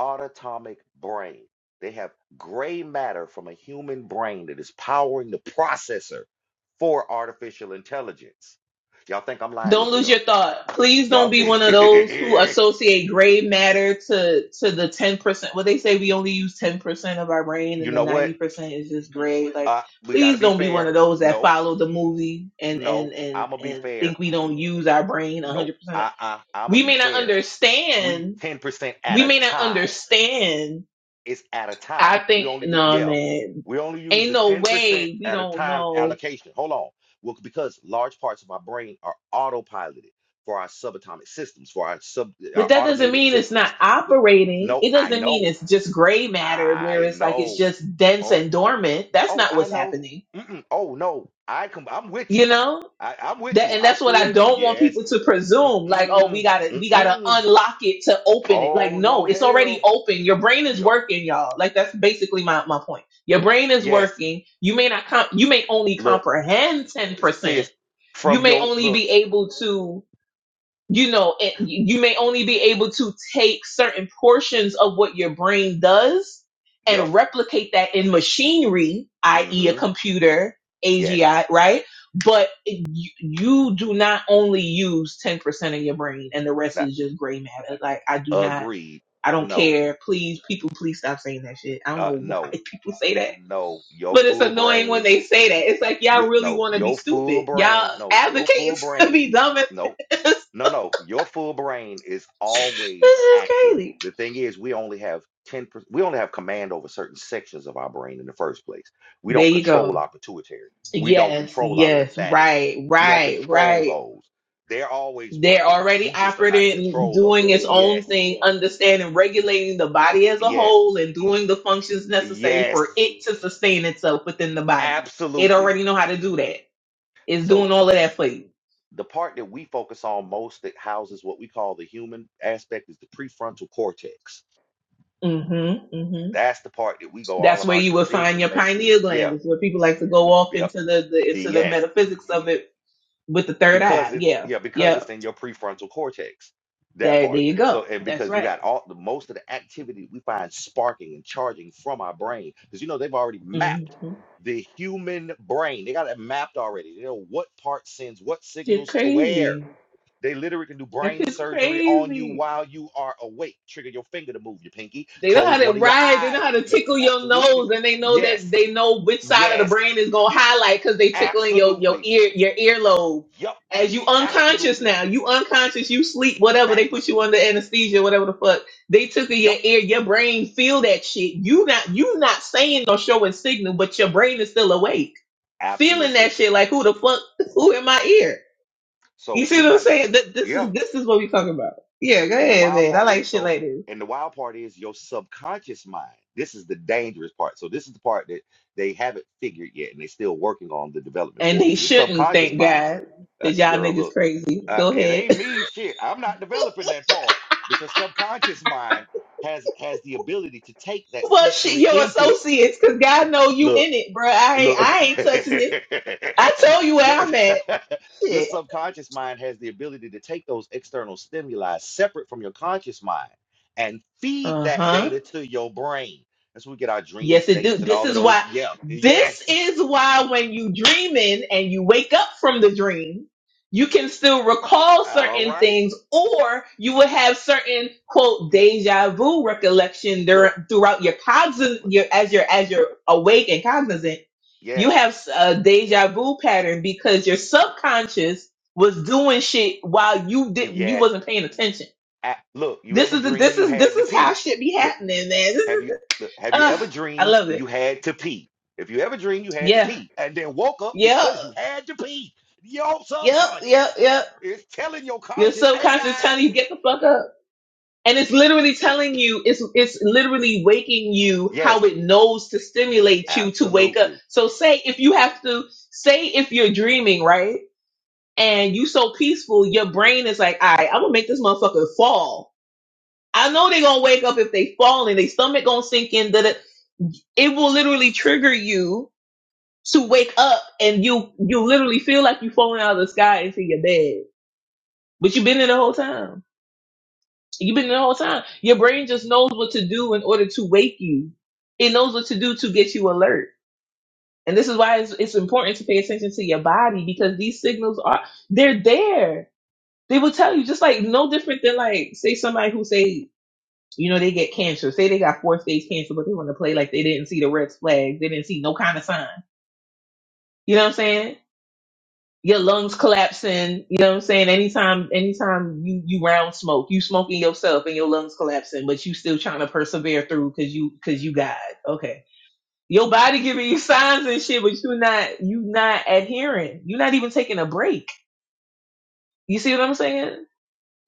S1: autonomic brain. They have gray matter from a human brain that is powering the processor for artificial intelligence. Y'all think I'm lying?
S9: Don't
S1: Look it
S9: lose
S1: up.
S9: your thought. Please don't
S1: Y'all,
S9: be one of those who associate gray matter to to the ten percent. Well, they say we only use ten percent of our brain,
S1: you
S9: and the
S1: know
S9: ninety
S1: what?
S9: percent is just gray. Like,
S1: Uh, we got
S9: please
S1: to be
S9: don't be one of
S1: fair.
S9: those that
S1: Nope.
S9: follow the movie and and
S1: No,
S9: and
S1: I'm gonna be
S9: and
S1: fair.
S9: think we don't use our brain
S1: Nope.
S9: hundred percent.
S1: Uh-uh. I'm gonna
S9: We
S1: be
S9: may not
S1: fair. We
S9: understand.
S1: 10% at
S9: We
S1: a
S9: may not
S1: time.
S9: understand
S1: It's at a
S9: I
S1: time. We
S9: think
S1: only u-
S9: no
S1: yeah.
S9: man,
S1: We only use
S9: ain't
S1: the
S9: no
S1: 10%
S9: way we
S1: at a
S9: don't
S1: time
S9: know.
S1: allocation. Hold on. Well, because large parts of my brain are autopiloted for our subatomic systems, for our sub our
S9: But that doesn't
S1: automated
S9: mean it's
S1: systems.
S9: not
S1: Wi-
S9: operating.
S1: No,
S9: It
S1: I
S9: doesn't mean
S1: know.
S9: it's just gray matter where
S1: I
S9: it's like it's
S1: know.
S9: just dense
S1: Oh,
S9: and dormant. That's
S1: oh,
S9: not
S1: I
S9: what's
S1: know.
S9: happening.
S1: Mm-mm. Oh no. I come I'm with
S9: You
S1: you.
S9: know?
S1: I, I'm with
S9: That
S1: you.
S9: and
S1: I
S9: that's what I
S1: full
S9: don't want
S1: yes.
S9: people to presume like oh we
S1: Mm-mm.
S9: got to we got to
S1: Mm-mm.
S9: unlock it to open it. Like
S1: Oh
S9: no,
S1: no
S9: it's already
S1: hell.
S9: open. Your brain is
S1: Yup.
S9: working, y'all. Like that's basically my my point. Your brain is
S1: Yes.
S9: working. You may not comp- you may only
S1: Look,
S9: comprehend 10%
S1: sis,
S9: you
S1: from
S9: may
S1: your
S9: only
S1: look,
S9: be able to you know it, you may only be able to take certain portions of what your brain does
S1: yup.
S9: and replicate that in machinery i.e a
S1: Mm-hmm.
S9: computer
S1: Yes.
S9: agi right but it- you, you do not only use 10% of your brain and the rest
S1: That
S9: is just gray matter like i do not
S1: agreed.
S9: i don't
S1: No.
S9: care please people please stop saying that shit i don't
S1: Uh
S9: know why
S1: no.
S9: people say that
S1: No. Your
S9: but it's
S1: full
S9: annoying when
S1: brain.
S9: they say that
S1: No.
S9: it's like y'all
S1: You
S9: really
S1: no,
S9: want to be
S1: your full
S9: stupid y'all
S1: brain. No, your
S9: advocating
S1: full
S9: to
S1: brain.
S9: be dumb
S1: No.
S9: and
S1: No, no, your full brain is always
S9: This is
S1: active.
S9: crazy.
S1: The thing is, we only have 10%, we only have command over certain sections of our brain in the first place. We
S9: There
S1: don't
S9: you
S1: control
S9: go.
S1: our pituitary. We don't
S9: Yes,
S1: control our
S9: yes,
S1: lymphatics.
S9: right,
S1: We don't
S9: right,
S1: control
S9: right.
S1: those. They're always
S9: They're
S1: working.
S9: already
S1: We just are not in
S9: operating,
S1: control of them.
S9: doing its
S1: Yes,
S9: own thing, understanding, regulating the body as a
S1: yes,
S9: whole, and doing the functions necessary for
S1: yes,
S9: it to sustain itself within the body. It
S1: absolutely.
S9: already know how to do that. It's doing
S1: So
S9: all of that for you.
S1: the part that we focus on most that houses what we call the human aspect is the prefrontal cortex
S9: Mm-hmm. Mm-hmm.
S1: That's the part that we go all
S9: That's
S1: of
S9: where
S1: our
S9: you will find
S1: decision
S9: your
S1: making.
S9: pineal gland.
S1: Yeah.
S9: Is where people like to go off
S1: Yep.
S9: into the, the into the
S1: Yes.
S9: metaphysics of it with the third
S1: Because
S9: eye.
S1: it
S9: Yeah.
S1: yeah, because
S9: Yeah.
S1: it's in your prefrontal cortex. That
S9: There. There
S1: part.
S9: you go.
S1: So and
S9: That's
S1: because you
S9: right.
S1: got all the most of the activity we find sparking and charging from our brain. Because you know they've already mapped
S9: Mm-hmm.
S1: the human brain. They got it mapped already. They know what part sends what
S9: You're
S1: signals to where.
S9: crazy.
S1: They literally can do
S9: That
S1: brain
S9: is
S1: surgery on you
S9: crazy.
S1: while you are awake. Trigger your finger to move your pinky.
S9: They know how
S1: Close
S9: to
S1: one of your
S9: ride. They know
S1: eyes.
S9: how to
S1: Make you
S9: tickle your
S1: absolutely
S9: nose, and they know that
S1: yes.
S9: they know which side of the
S1: Yes,
S9: brain is gonna highlight because they tickling your your
S1: absolutely.
S9: ear your earlobe.
S1: Yup,
S9: As you unconscious
S1: absolutely.
S9: now, you unconscious, you sleep, whatever. They put
S1: Facts.
S9: you under anesthesia, whatever the fuck. They tickle your
S1: Yup,
S9: ear. Your brain feel that shit. You not you not saying or showing signal, but your brain is still awake, feeling that
S1: absolutely.
S9: shit. Like who the fuck? Who in my ear? You
S1: So
S9: see
S1: we've
S9: what I'm
S1: got this.
S9: saying? Th- This
S1: Yeah.
S9: is this is what we talking about. Yeah, go
S1: And the
S9: ahead,
S1: wild
S9: man. I
S1: part
S9: like
S1: is
S9: shit
S1: so,
S9: like this.
S1: and the wild part is your subconscious mind. This is the dangerous part. So this is the part that they haven't figured yet, and they're still working on the development
S9: And
S1: for.
S9: they
S1: So your
S9: shouldn't,
S1: subconscious
S9: thank
S1: mind,
S9: God,
S1: uh,
S9: that y'all
S1: girl,
S9: niggas
S1: look,
S9: crazy.
S1: uh,
S9: Go
S1: it
S9: ahead.
S1: ain't me. Shit, I'm not developing that part. But your subconscious mind has has the ability to take that
S9: well, shit,
S1: sensory
S9: your
S1: input.
S9: associates, cause God know you
S1: Look.
S9: in it, bro. I ain't,
S1: Look,
S9: I ain't touching it. I told you
S1: your,
S9: where I'm at.
S1: your
S9: Shit.
S1: subconscious mind has the ability to take those external stimuli separate from your conscious mind and feed
S9: Uh
S1: that
S9: huh.
S1: data to your brain. That's where we get our dream
S9: Yes, it do.
S1: states and
S9: This
S1: all of
S9: is why.
S1: those. Yeah,
S9: This
S1: yes.
S9: is why when you dreaming and you wake up from the dream, you can still recall
S1: All
S9: certain
S1: right.
S9: things, or you will have certain quote
S1: Look,
S9: deja vu recollection
S1: look,
S9: dur- throughout your cognizant
S1: look.
S9: your as you're as you're awake and cognizant. You
S1: Yes,
S9: have a deja vu pattern because your subconscious was doing shit while you didn't you
S1: yes.
S9: wasn't paying attention.
S1: I, look, you
S9: This
S1: ever
S9: is the,
S1: dream
S9: this
S1: you
S9: is
S1: had
S9: this
S1: to
S9: is how
S1: pee?
S9: shit be
S1: Look.
S9: happening, man. This
S1: Have you
S9: is,
S1: look, have you
S9: uh,
S1: ever
S9: I
S1: dreamed
S9: love it.
S1: you had to pee? If you ever dreamed you had to
S9: Yeah.
S1: pee and then woke up
S9: Yep,
S1: because you had to pee, your
S9: yep,
S1: subconscious
S9: yep, yep.
S1: is telling your
S9: Your
S1: conscious, "Hey
S9: subconscious telling
S1: guys,
S9: you get the fuck up. And it's literally telling you, it's it's literally waking you how
S1: yes,
S9: it knows to stimulate you to wake up.
S1: absolutely."
S9: So say if you have to say if you're dreaming, right? And you so peaceful, your brain is like, all right, I'm gonna make this motherfucker fall. I know they're gonna wake up if they fall and their stomach gonna sink in, that it will literally trigger you to wake up and you you literally feel like you're falling out of the sky into your bed But you've been there the whole time. You've been there the whole time. Your brain just knows what to do in order to wake you. It knows what to do to get you alert. And this is why it's, it's important to pay attention to your body because these signals are they're there. They will tell you just like no different than like say somebody who say you know they get cancer. Say they got four stage cancer, but they want to play like they didn't see the red flags. They didn't see no kind of sign. You know what I'm saying? your lungs collapsing. You know what I'm saying? Anytime, anytime you you round smoke, you smoking yourself and your lungs collapsing, but you still trying to persevere through because you because you God. Okay, your body giving you signs and shit, but you not you not adhering. You're not even taking a break. You see what I'm saying?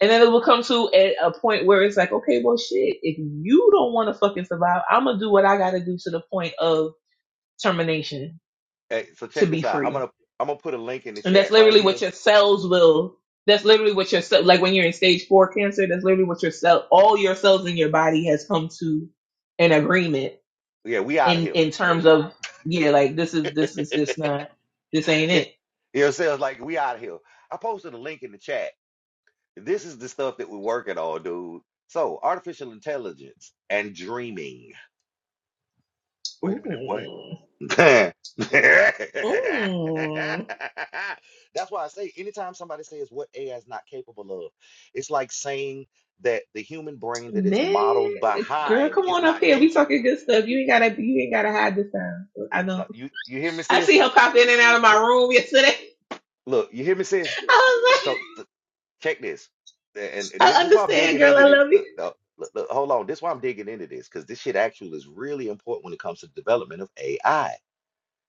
S9: And then it will come to a, a point where it's like, okay, well, shit. If you don't want to fucking survive, I'm gonna do what I gotta do to the point of termination
S1: Hey, so
S9: to
S1: check
S9: be
S1: this out. I'm
S9: free
S1: gonna I'm gonna put a link in the
S9: And that's
S1: chat right
S9: literally
S1: here.
S9: what your cells will. That's literally what your cell, like when you're in stage four cancer. That's literally what your cell, all your cells in your body has come to an agreement
S1: Yeah, we out of
S9: in
S1: here.
S9: in terms of yeah, like this is this is just
S1: it,
S9: not this ain't
S1: you
S9: it.
S1: know, what I'm saying? It's like we out of here. I posted a link in the chat. This is the stuff that we're working on, dude. So artificial intelligence and dreaming. Wait a minute, what?
S9: Ooh,
S1: That's
S9: ooh,
S1: why I say anytime somebody says what AI is not capable of, it's like saying that the human brain that it's
S9: man,
S1: modeled
S9: girl,
S1: behind
S9: come
S1: is
S9: on up
S1: not
S9: here. We
S1: capable.
S9: talking good stuff. You ain't gotta you ain't gotta hide this time. I
S1: No,
S9: know.
S1: you you hear me,
S9: I
S1: sis?
S9: see her pop in and out of my
S1: Look,
S9: room yesterday.
S1: look, you hear me, sis?
S9: I was like,
S1: So, so check this. A- And thi-
S9: I
S1: this is why I'm
S9: understand,
S1: digging
S9: girl. I
S1: into this.
S9: love
S1: Look,
S9: you.
S1: no, look, look, hold on. This is why I'm digging into this because this shit actually is really important when it comes to the development of AI.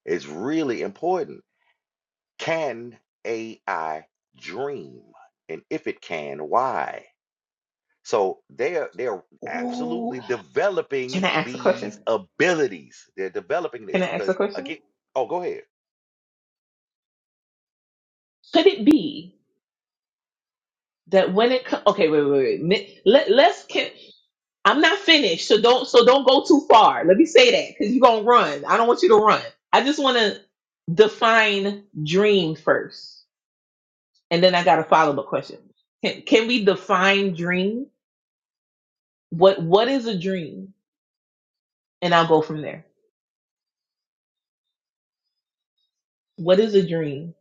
S1: It's really important Can AI dream? And if it can, why? So they're they're
S9: Ooh,
S1: absolutely
S9: can
S1: developing
S9: I ask a question?
S1: these abilities. They're developing this
S9: Can I ask a
S1: because
S9: question?
S1: again, oh, go ahead.
S9: Could it be that when it co- okay, wait, wait, wait. Mi- Let, let's can I'm not finished, so don't so don't go too far. Let me say that because you're gonna run. I don't want you to run. I just want to define dream first, and then I got a follow up question. Can, can we define dream? What what is a dream? And I'll go from there. What is a dream?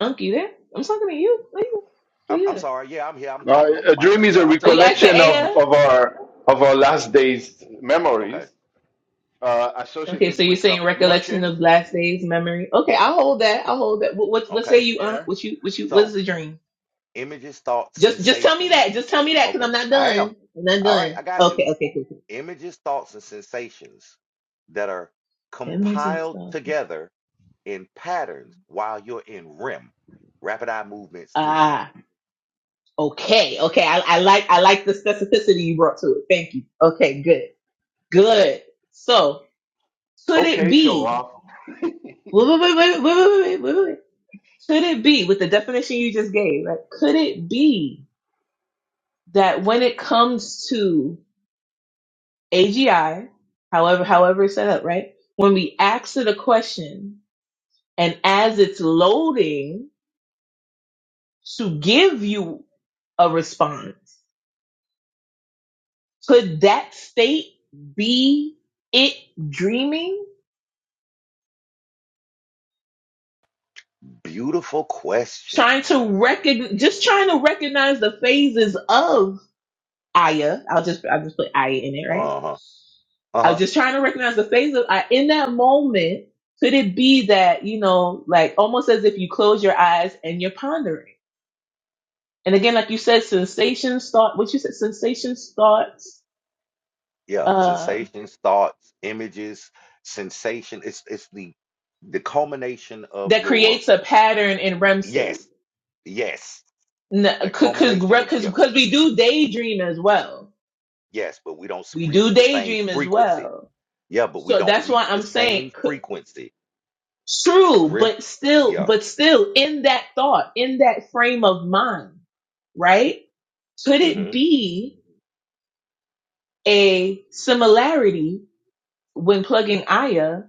S9: Unc, you there? I'm talking to you. Where you? Where
S1: I'm
S9: you
S1: I'm
S9: at?
S1: sorry. Yeah, I'm here. I'm
S5: Now,
S1: talking with
S5: a
S1: my mic.
S5: dream is
S1: Yeah,
S5: a
S1: I'm
S9: Are you
S1: talking with
S9: asking
S1: my
S5: recollection
S1: mic
S5: of,
S9: Aya?
S1: closed.
S5: of our of our last day's
S1: Okay.
S5: memories uh,
S9: Okay,
S5: associated
S9: so you're
S5: with some
S9: saying recollection
S5: emotions.
S9: of last days, memory. Okay, I'll hold that. I'll hold that. What what, what say
S1: Okay.
S9: you? Uh,
S5: Yeah.
S9: what you what you what's
S1: So
S9: the dream?
S1: images, thoughts,
S9: Just just tell me
S1: sensations.
S9: that. Just tell me that because
S1: Okay.
S9: I'm not
S1: I am.
S9: done. I'm not
S1: All right, I
S9: done.
S1: got you.
S9: Okay, okay, cool, cool.
S1: Images, thoughts, and sensations that are
S9: Images.
S1: compiled
S9: of-
S1: together in patterns while you're in REM, rapid eye movement, sleep?
S9: Ah, okay, okay. I, I like I like the specificity you brought to it. Thank you. Okay, good, good. So could it
S5: Okay, show
S9: be?
S5: off.
S9: Wait, wait, wait, wait, wait, wait, wait, wait. wait. Could it be with the definition you just gave? Right? Could it be that when it comes to AGI, however, however it's set up, right? When we ask it a question and as it's loading to give you a response, could that state be it dreaming?
S1: Beautiful question.
S9: Trying to recognize, just trying to recognize the phases of Aya. I'll just, I'll just put Aya in it, right?
S1: Uh huh. Uh
S9: I was
S1: huh.
S9: just trying to recognize the phases of Aya. In that moment, could it be that, you know, like almost as if you close your eyes and you're pondering? And again, like you said, sensations start, what you said, sensation starts,
S1: Yeah.
S9: uh,
S1: Sensations, thoughts, images, sensation. It's it's the the culmination of
S9: that
S1: your
S9: creates a pattern in REM state.
S1: yes, yes.
S9: N-
S1: That
S9: Cause, cause,
S1: culmination
S9: re-
S1: of
S9: cause
S1: yeah,
S9: 'cause we do daydream as well.
S1: yes. But we don't s-
S9: We do
S1: reach the same
S9: daydream as
S1: frequency.
S9: well.
S1: Yeah, but we
S9: So
S1: don't
S9: that's
S1: reach
S9: why
S1: the
S9: I'm
S1: same
S9: saying c-
S1: frequency.
S9: true,
S1: REM.
S9: but still,
S1: Yeah.
S9: but still in that thought, in that frame of mind, right? Could it
S1: Mm-hmm.
S9: be a similarity when plugging Aya,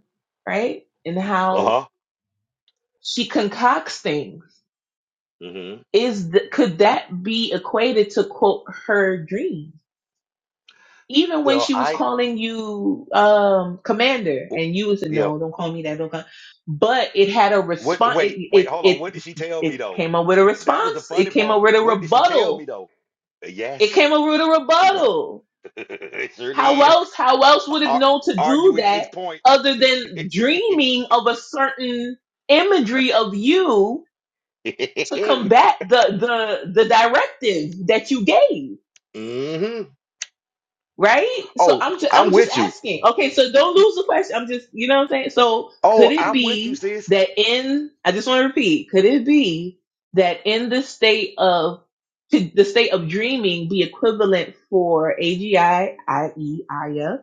S9: right? And
S1: Uh
S9: how
S1: huh.
S9: she concocts things?
S1: Mm-hmm.
S9: is th- could that be equated to quote her dream? Even when
S1: Well,
S9: she was
S1: I
S9: calling you um commander
S1: w-
S9: and you was a
S1: yeah.
S9: no, don't call me that, don't call but it had a
S1: What?
S9: response
S1: Wait,
S9: it,
S1: wait,
S9: it
S1: hold on.
S9: it
S1: What did she tell me
S9: it
S1: though?
S9: came up with a
S1: That was the
S9: response.
S1: funny
S9: It came up
S1: part.
S9: with a
S1: What did she tell me
S9: rebuttal.
S1: though? A
S9: It
S1: Yes,
S9: came up with a rebuttal.
S1: it sure
S9: How
S1: did.
S9: else how else would it
S1: Ar-
S9: know to do
S1: arguing
S9: that
S1: its point.
S9: other than dreaming of a certain imagery of you to combat the the the directive that you gave?
S1: hmm
S9: right? So
S1: Oh,
S9: I'm just
S1: I'm
S9: I'm just
S1: with you.
S9: asking. Okay, so don't lose the question. I'm just you know what I'm saying. So could
S1: Oh,
S9: it
S1: I'm with you,
S9: be
S1: sis.
S9: that in I just want to repeat, could it be that in the state of could the state of dreaming be equivalent for AGI, i.e. Aya,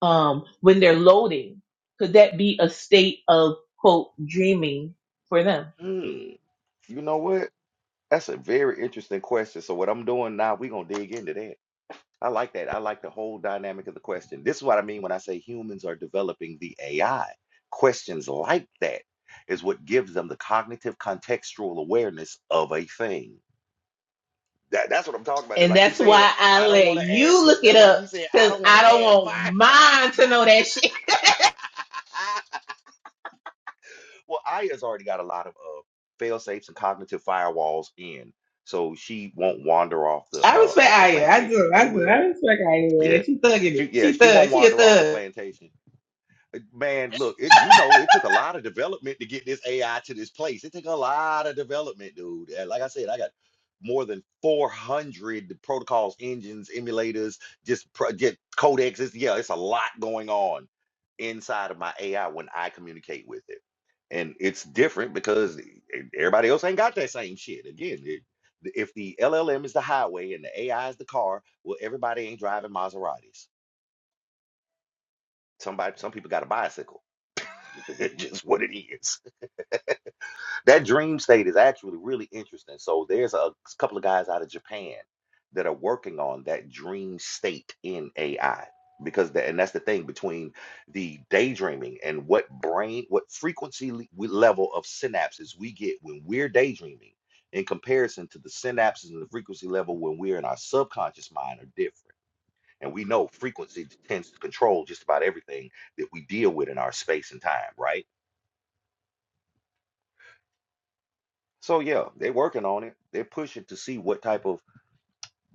S9: um, when they're loading? Could that be a state of quote dreaming for them?
S1: Hmm. You know what? That's a very interesting question. So what I'm doing now, we're gonna dig into that. I like that. I like the whole dynamic of the question. This is what I mean when I say humans are developing the AI. Questions like that is what gives them the cognitive contextual awareness of a thing. That, that's what I'm talking about.
S9: And
S1: Like you
S9: that's
S1: said,
S9: why I
S1: I don't
S9: let
S1: want to add.
S9: you
S1: Look,
S9: look it
S1: that's why you
S9: up
S1: said I
S9: because
S1: don't want
S9: I
S1: to
S9: don't
S1: ask
S9: want
S1: my.
S9: mine to know that shit.
S1: well, Aya's already got a lot of uh, fail safes and cognitive firewalls in, so she won't wander off the
S9: I
S1: uh,
S9: respect
S1: off the
S9: Aya. I
S1: plantation,
S9: do.
S1: if you
S9: I do. I
S1: will
S9: respect Aya, man.
S1: Yeah.
S9: She thugging
S1: She
S9: it.
S1: yeah,
S9: She
S1: she
S9: thug.
S1: won't
S9: She a
S1: wander off the
S9: thug.
S1: plantation. Man, look, it, you know, it took a lot of development to get this AI to this place. It took a lot of development, dude. And like I said, I got more than 400 protocols, engines, emulators, just pro- get codexes. Yeah, it's a lot going on inside of my AI when I communicate with it. And it's different because e- e- everybody else ain't got that same shit. Again, it, if the LLM is the highway and the AI is the car, well, everybody ain't driving Maseratis. Somebody, some people got a bicycle just what it is. That dream state is actually really interesting. So there's a couple of guys out of Japan that are working on that dream state in AI because the, and that's the thing between the daydreaming and what brain what frequency le- we- level of synapses we get when we're daydreaming in comparison to the synapses and the frequency level when we're in our subconscious mind are different and we know frequency tends to control just about everything that we deal with in our space and time right So yeah, they're working on it. They're pushing to see what type of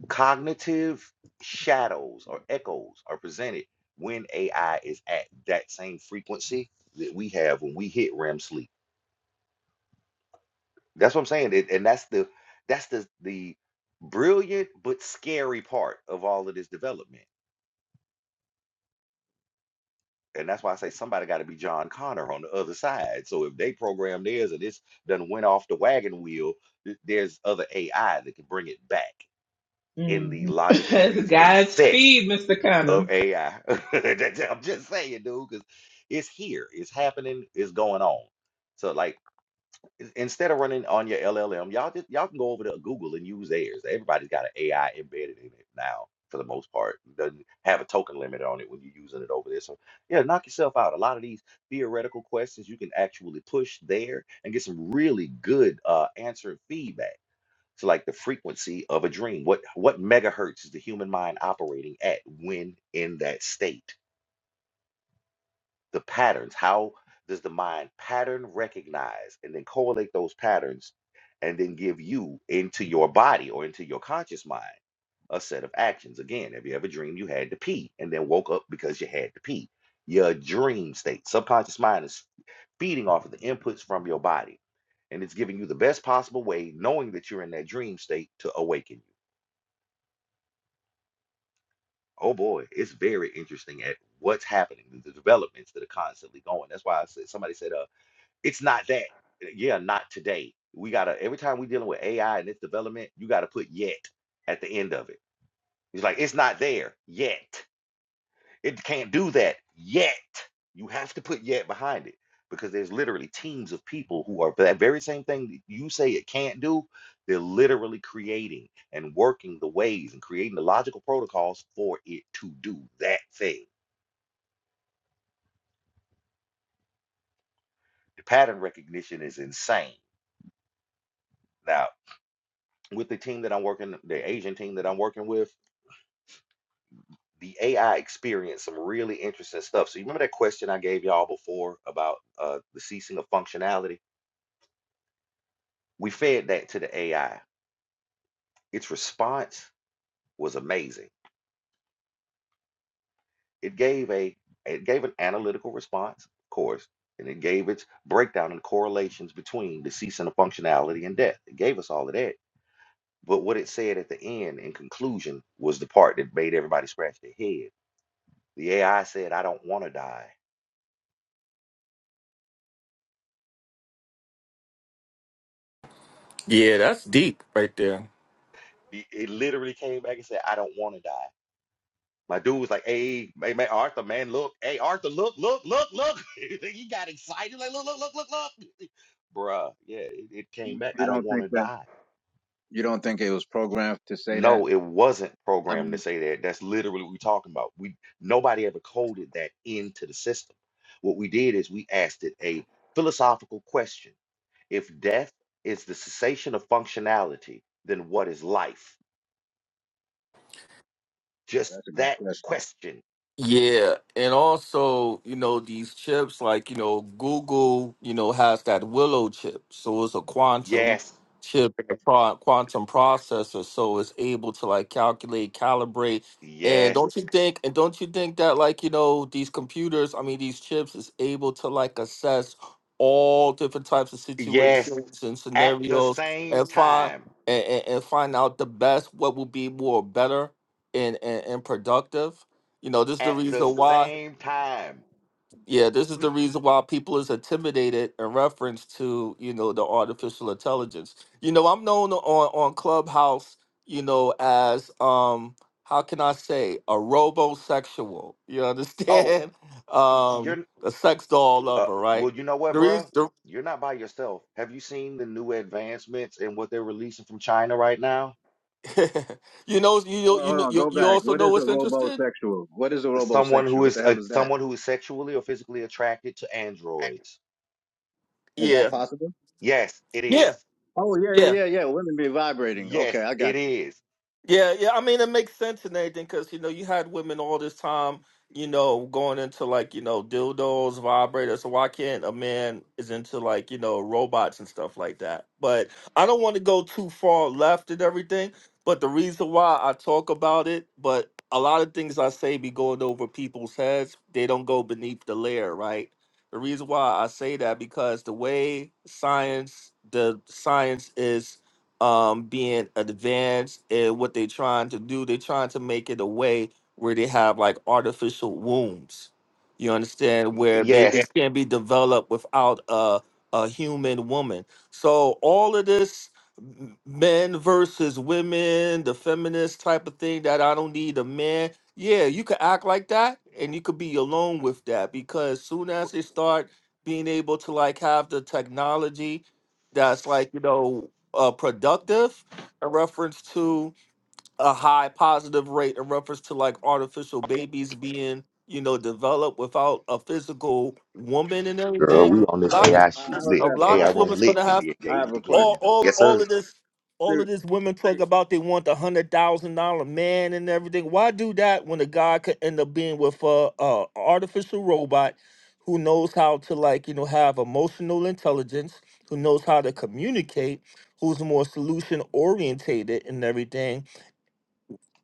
S1: cognitive shadows or echoes are presented when AI is at that same frequency that we have when we hit REM sleep. That's what I'm saying. And and that's the that's the the brilliant but scary part of all of this development. And that's why I say somebody got to be John Connor on the other side. So if they program theirs and it's done went off the wagon wheel, th- there's other AI that can bring it back in the logic and
S9: Mhm.
S1: reasoning set
S9: Godspeed, Mr.
S1: of
S9: Connor.
S1: AI. I'm just saying, dude, because it's here, it's happening, it's going on. So, like, in- instead of running on your LLM, y'all just y'all can go over to Google and use theirs. Everybody's got an AI embedded in it now, for the most part. Doesn't have a token limit on it when you're using it over there. So, yeah, knock yourself out. A lot of these theoretical questions you can actually push there and get some really good uh, answer feedback it's like the frequency of a dream. What what megahertz is the human mind operating at when in that state? The patterns. How does the mind pattern recognize and then correlate those patterns and then give you into your body or into your conscious mind a set of actions? Again, have you ever dreamed you had to pee and then woke up because you had to pee? Your dream state. Subconscious mind is feeding off of the inputs from your body and it's giving you the best possible way, knowing that you're in that dream state to awaken Oh boy, it's very interesting at what's happening, the the developments that are constantly going. That's why I said somebody said, "Uh, it's not that." Uh, Yeah, not today. We gotta every time we're dealing with AI and its development, you gotta put yet at the end of it. It's like it's not there yet. It can't do that yet. You have to put yet behind it because there's literally teams of people who are that very same thing that you say it can't do. They're literally creating and working the ways and creating the logical protocols for it to do that thing. The pattern recognition is insane. Now, with the team that I'm working, the Asian team that I'm working with, the AI experienced some really interesting stuff. So you remember that question I gave y'all before about uh, the ceasing of functionality? We fed that to the AI Its response was amazing. It gave a it gave an analytical response, of course, and it gave its breakdown and correlations between the ceasing of functionality and death. It gave us all of that. But what it said at the end in conclusion was the part that made everybody scratch their head. The AI said, I don't want to die.
S11: Yeah, that's deep right there.
S1: The- It literally came back and said, I don't want to die. My dude was like, hey, hey, man, Arthur, man, look. Hey, Arthur, look, look, look, look. he got excited. Like, look, look, look, look, look. Bruh, yeah, it, it came back. I
S12: You
S1: don't
S12: don't
S1: want
S12: think
S1: to
S12: that
S1: die.
S12: you don't think it was programmed to say that?
S1: No, it wasn't
S12: I
S1: programmed to
S12: mean,
S1: say that. That's literally what we're talking about. We nobody ever coded that into the system. What we did is we asked it a philosophical question. If death is the cessation of functionality, then what is life? Just
S12: that's a good
S1: that
S12: question.
S1: question.
S11: Yeah, and also, you know, these chips like, you know, Google, you know, has that Willow chip. So it's a quantum
S1: Yes,
S11: chip and a pro- quantum processor, so it's able to like calculate, calibrate. And
S1: yes.
S11: don't you think and don't you think that like, you know, these computers, I mean these chips is able to like assess all different types of
S1: Yes,
S11: situations and
S1: at the
S11: scenarios
S1: same
S11: and find
S1: time.
S11: and, and, and find out the best what will be more better and, and, and productive? You know, this is the
S1: At the
S11: reason why.
S1: same time.
S11: Yeah, this is the reason why people is intimidated in reference to you know the artificial intelligence. You know, I'm known on on Clubhouse. You know, as um, how can I say a robosexual? You
S1: Oh,
S11: understand?
S1: y-
S11: Um,
S1: you're
S11: a sex doll
S1: uh
S11: lover,
S1: well,
S11: right?
S1: you know what,
S11: The reason,
S1: bro? You're not by yourself. Have you seen the new advancements and what they're releasing from China right now?
S11: the, you know, you know-
S12: Well,
S11: you
S12: hold
S11: know,
S12: on,
S11: you
S12: go
S11: you
S12: back.
S11: also
S12: What
S11: know
S12: is a
S11: what's interested.
S12: robosexual? What is a
S1: Someone
S12: robosexual?
S1: who
S12: What the
S1: is uh,
S12: hell is that?
S1: someone who is sexually or physically attracted to androids.
S12: Is that
S11: Yeah,
S12: possible?
S1: Yes, it
S11: yeah,
S1: is.
S12: Oh yeah,
S11: yeah.
S12: yeah, yeah, yeah. Women be vibrating.
S1: Yes,
S12: Okay, I got
S1: it
S12: you.
S1: is.
S11: Yeah, yeah. I mean, it makes sense and everything because you know you had women all this time, you know, going into like you know dildos, vibrators. So why can't a man is into like you know robots and stuff like that? But I don't want to go too far left and everything. But the reason why I talk about it, but a lot of things I say be going over people's heads. They don't go beneath the layer, right? The reason why I say that because the way science, the science is um, being advanced in what they're trying to do. They're trying to make it a way where they have like artificial wombs. You understand
S1: Y-
S11: where babies
S1: Yes.
S11: Yeah. can be developed without a a human woman. So all of this m- men versus women, the feminist type of thing that I don't need a man. Yeah, you could act like that and you could be alone with that because soon as they start being able to like have the technology that's like, you know, uh, productive in reference to a high positive rate in reference to like artificial babies being you know developed without a physical woman and
S1: Girl,
S11: everything
S1: we on this
S11: a lot of
S1: AI
S12: Uh,
S1: shit
S11: these,
S12: how is
S11: a
S1: lit.
S12: that
S1: The
S11: lot of
S1: AI
S11: these
S12: possible?
S1: room
S11: women's gonna
S1: lit and
S11: have
S1: they
S12: I have
S1: engaged
S12: a
S11: all
S1: again.
S12: question.
S11: all
S1: Yes, sir.
S11: all of this all of
S12: Ser-
S11: this women talk about they want the hundred thousand dollar man and everything. Why do that when a guy could end up being with a, a artificial robot who knows how to like you know have emotional intelligence, who knows how to communicate, who's more solution orientated and everything,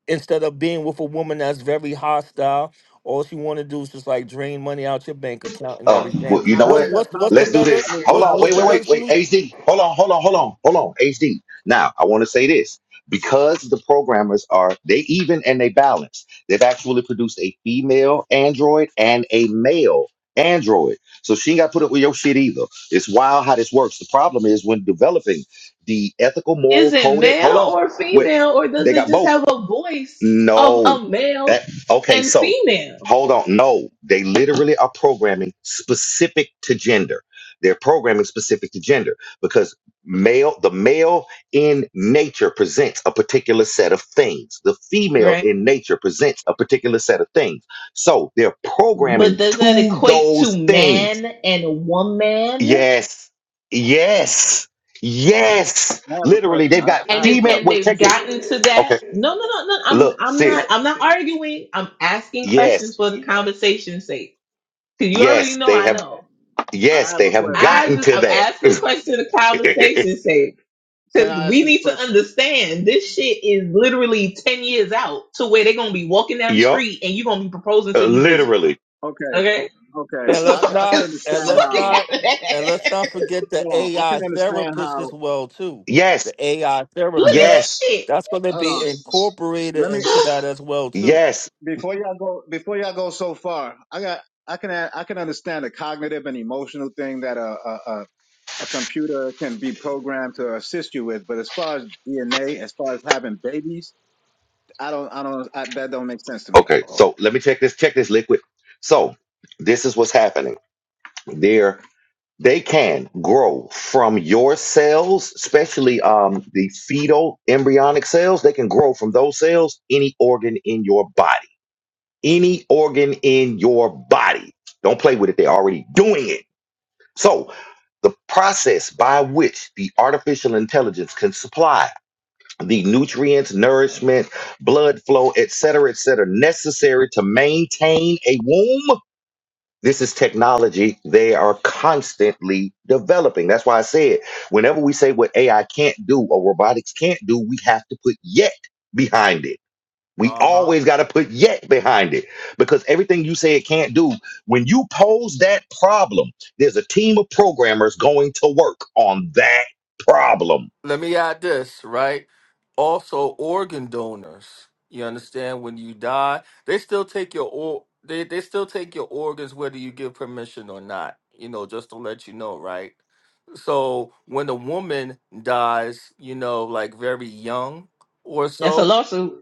S11: instead of being with a woman that's very hostile. All she want to do is just like drain money out your bank account and
S1: Um,
S11: everything.
S1: well, you
S12: uh,
S1: know
S12: How
S11: What's
S12: is
S1: what?
S12: that
S11: what's what's the
S1: Let's
S12: possible?
S1: do
S11: better
S12: I
S1: this.
S12: mean,
S1: Hold
S11: what's
S12: how
S1: on.
S11: what's
S12: is
S1: Wait,
S11: the
S1: wait,
S12: that?
S11: better
S1: wait, wait.
S11: solution?
S1: HD. Hold on, hold on, hold on, hold on. HD. Now, I want to say this because the programmers are they even and they balance. They've actually produced a female android and a male android. So she ain't got put up with your shit either. It's wild how this works. The problem is when developing the ethical moral
S9: Is it
S1: codec. Hold
S9: male
S1: on.
S9: or
S1: Wait.
S9: female, or does
S1: They
S9: it
S1: got
S9: just
S1: both.
S9: have a voice of
S1: No.
S9: a
S1: That
S9: male
S1: okay,
S9: and
S1: so
S9: female?
S1: hold on. No, they literally are programming specific to gender. They're programming specific to gender because male the male in nature presents a particular set of things. The female
S9: Right.
S1: in nature presents a particular set of things. So they're
S9: But
S1: programming
S9: does that
S1: to
S9: equate to
S1: those things.
S9: man and woman?
S1: Yes. Yes. Yes.
S12: I have a
S1: Literally,
S12: question.
S1: they've
S12: I,
S1: got
S12: I
S9: And
S12: have a
S9: it,
S1: female
S9: and
S1: wait,
S12: question.
S9: they've
S1: check this.
S9: gotten to
S1: Okay.
S9: that? No, no, no, no. I'm
S1: Look,
S9: I'm not
S1: sis.
S9: I'm not arguing. I'm asking
S1: Yes.
S9: questions for the conversation's sake. 'Cause you already
S1: Yes,
S9: know
S1: they
S9: I
S1: have.
S9: know.
S12: I
S1: Yes,
S12: have
S1: they
S12: a
S1: have
S12: question.
S9: I
S1: gotten
S9: just
S1: to
S9: I'm asking a question in the
S1: that.
S9: conversation sake.
S12: Can
S9: Cause
S12: I ask
S9: we
S12: this
S9: need to
S12: question?
S9: understand this shit is literally ten years out to where they're gonna be walking down the
S1: yup,
S9: street and you're gonna be proposing
S1: uh,
S9: to these bitches.
S1: literally.
S12: Okay,
S9: Okay?
S12: okay.
S9: That's
S11: And
S9: the
S12: I
S11: let's
S12: can, I
S9: fucking
S12: can
S11: not and
S12: understand
S9: that's
S11: let's
S9: fucking
S12: how.
S11: not and let's not forget the
S12: Hold on. I can
S11: AI
S12: understand
S11: therapist
S12: how.
S11: as well too. The
S1: Yes,
S11: AI
S12: I
S9: Look
S12: can.
S9: at
S12: un-
S11: therapist.
S9: this
S1: yes,
S9: shit.
S11: That's going to
S12: Hold
S11: be
S12: on.
S11: incorporated
S12: Let me
S11: into that as well too.
S1: yes.
S12: Before y'all go, before y'all go so far, I got, I can, I can understand the cognitive and emotional thing that a, a, a, a computer can be programmed to assist you with, but as far as DNA, as far as having babies, I don't, I don't, I, that don't make sense to me.
S1: Okay, so let me check this. Check this liquid. So this is what's happening. There, they can grow from your cells, especially um the fetal embryonic cells. They can grow from those cells any organ in your body. Any organ in your body. Don't play with it. They're already doing it. So, the process by which the artificial intelligence can supply the nutrients, nourishment, blood flow, et cetera, et cetera, necessary to maintain a womb. This is technology they are constantly developing. That's why I said, whenever we say what AI can't do or robotics can't do, we have to put yet behind it we
S11: Uh-huh.
S1: always got to put yet behind it because everything you say it can't do, when you pose that problem, there's a team of programmers going to work on that problem.
S11: let me add this, right? Also, organ donors. You understand? When you die, they still take your or they, they still take your organs whether you give permission or not. You know, just to let you know, right? So when a woman dies, you know, like very young or
S9: That's a
S11: so,
S9: lawsuit.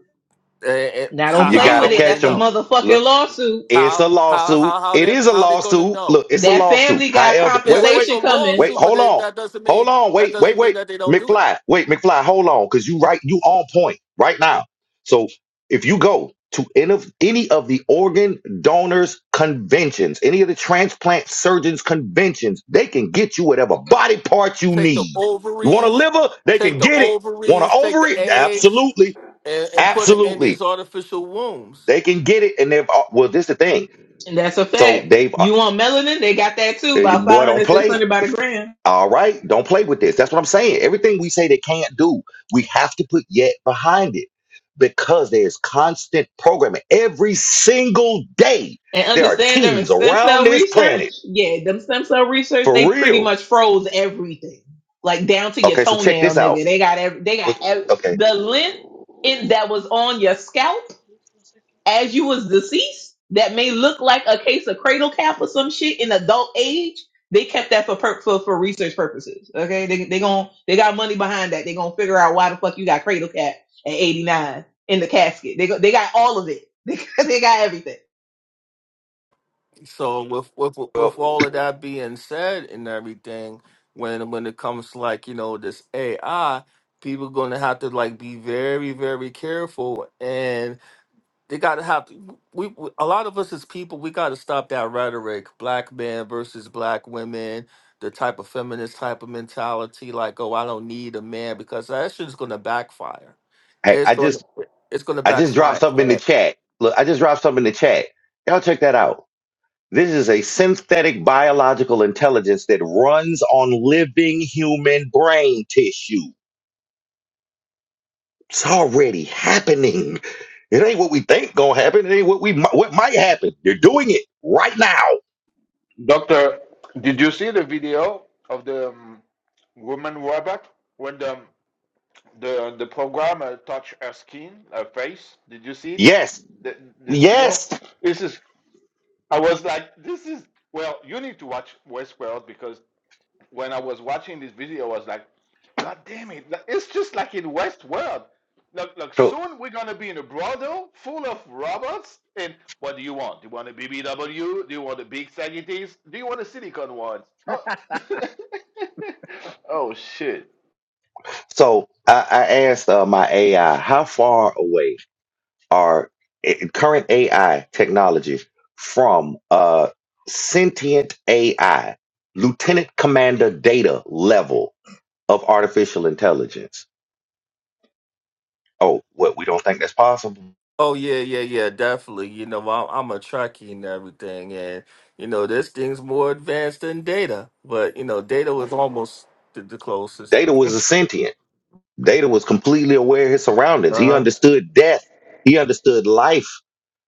S11: eh, eh,
S9: Now don't
S11: how
S1: You
S9: play
S11: how
S1: got to
S9: with
S11: how
S9: it.
S11: would they
S1: catch
S9: That's a
S1: them.
S11: know?
S9: motherfucking lawsuit.
S1: It's
S11: How
S1: a
S11: how
S1: lawsuit.
S11: how how
S1: It
S11: they
S1: is a
S11: how they gonna
S1: lawsuit.
S11: know?
S1: Look, it's a
S9: That
S1: lawsuit.
S9: family got
S1: However, wait,
S11: Yeah,
S1: wait, wait,
S11: it's a
S9: compensation coming,
S1: wait.
S11: lawsuit, but
S1: Hold
S11: they,
S1: on.
S11: that doesn't
S1: Hold
S11: mean
S1: on.
S11: that
S1: Wait, wait,
S11: doesn't mean
S1: wait.
S11: that they don't do it.
S1: McFly. Wait, McFly. Hold on, because you right. You on point right now. So if you go to any of any of the organ donors conventions, any of the transplant surgeons conventions, they can get you whatever body part you
S11: take the
S1: need. You want a
S11: ovaries,
S1: liver? They
S11: take
S1: can
S11: the
S1: get it. Want an
S11: ovaries, take the
S1: ovary?
S11: eggs,
S1: Absolutely,
S11: and, and put it in
S1: absolutely.
S11: these artificial wombs.
S1: They can get it, and they've uh, well. This the thing.
S9: and that's a
S1: So
S9: fact.
S1: they've uh,
S9: You want melanin? They got that too,
S1: eh,
S9: about five
S1: boy, don't
S9: hundred, six
S1: play.
S9: hundred by the gram.
S1: All right, don't play with this. That's what I'm saying. Everything we say they can't do, we have to put yet behind it because there's constant programming every single day.
S9: and
S1: There are
S9: understand them in
S1: teams
S9: stem
S1: around
S9: cell
S1: this
S9: research,
S1: planet
S9: yeah, them stem cell research, they
S1: for
S9: pretty
S1: real.
S9: much froze everything, like down to your
S1: Okay, so check
S9: toenail,
S1: this out.
S9: nigga. They got every, they got
S1: What,
S9: ev-
S1: okay,
S9: the lint in, that was on your scalp as you was deceased. That may look like a case of cradle cap or some shit in adult age. They kept that for per- for, for research purposes. Okay, they they gon' they got money behind that. They gonna figure out why the fuck you got cradle cap at eighty nine in the casket. They go, they got all of it. They got, they got everything.
S11: So with with with
S1: well,
S11: all of that being said and everything, when when it comes to like you know this AI, people gonna have to like be very very careful and. They gotta have to, we, we a lot of us as people we gotta stop that rhetoric. Black men versus black women, the type of feminist type of mentality, like oh I don't need a man because that shit's gonna backfire.
S1: hey,
S11: It's
S1: I
S11: gonna
S1: just
S11: it's gonna
S1: I just dropped
S11: backfire.
S1: something in the
S11: Yeah.
S1: chat. Look, I just dropped something in the chat. Y'all check that out. This is a synthetic biological intelligence that runs on living human brain tissue. It's already happening. It ain't what we think gonna happen. It ain't what we what might happen. They're doing it right now.
S5: Doctor, did you see the video of the um, woman robot when the um, the the programmer touched her skin, her face? Did you see it?
S1: Yes,
S5: Th- this video?
S1: yes.
S5: This is I was like, this is well, you need to watch Westworld because when I was watching this video, I was like, God damn it, like, it's just like in Westworld. Look, look,
S1: So,
S5: soon we're gonna be in a brothel full of robots. And what do you want? Do you want a BBW? Do you want the big sagitties? Do you want the silicone ones? Oh, oh shit.
S1: so I, I asked uh, my AI, how far away are i- current AI technologies from uh, sentient AI, lieutenant commander data level? of artificial intelligence. Oh, what we don't think that's possible.
S11: Oh yeah, yeah, yeah, definitely. You know I'm I'm a Trekkie and everything, and you know this thing's more advanced than Data, but you know Data was almost the, the closest.
S1: Data was a sentient. Data was completely aware of his surroundings. He understood death. He understood life.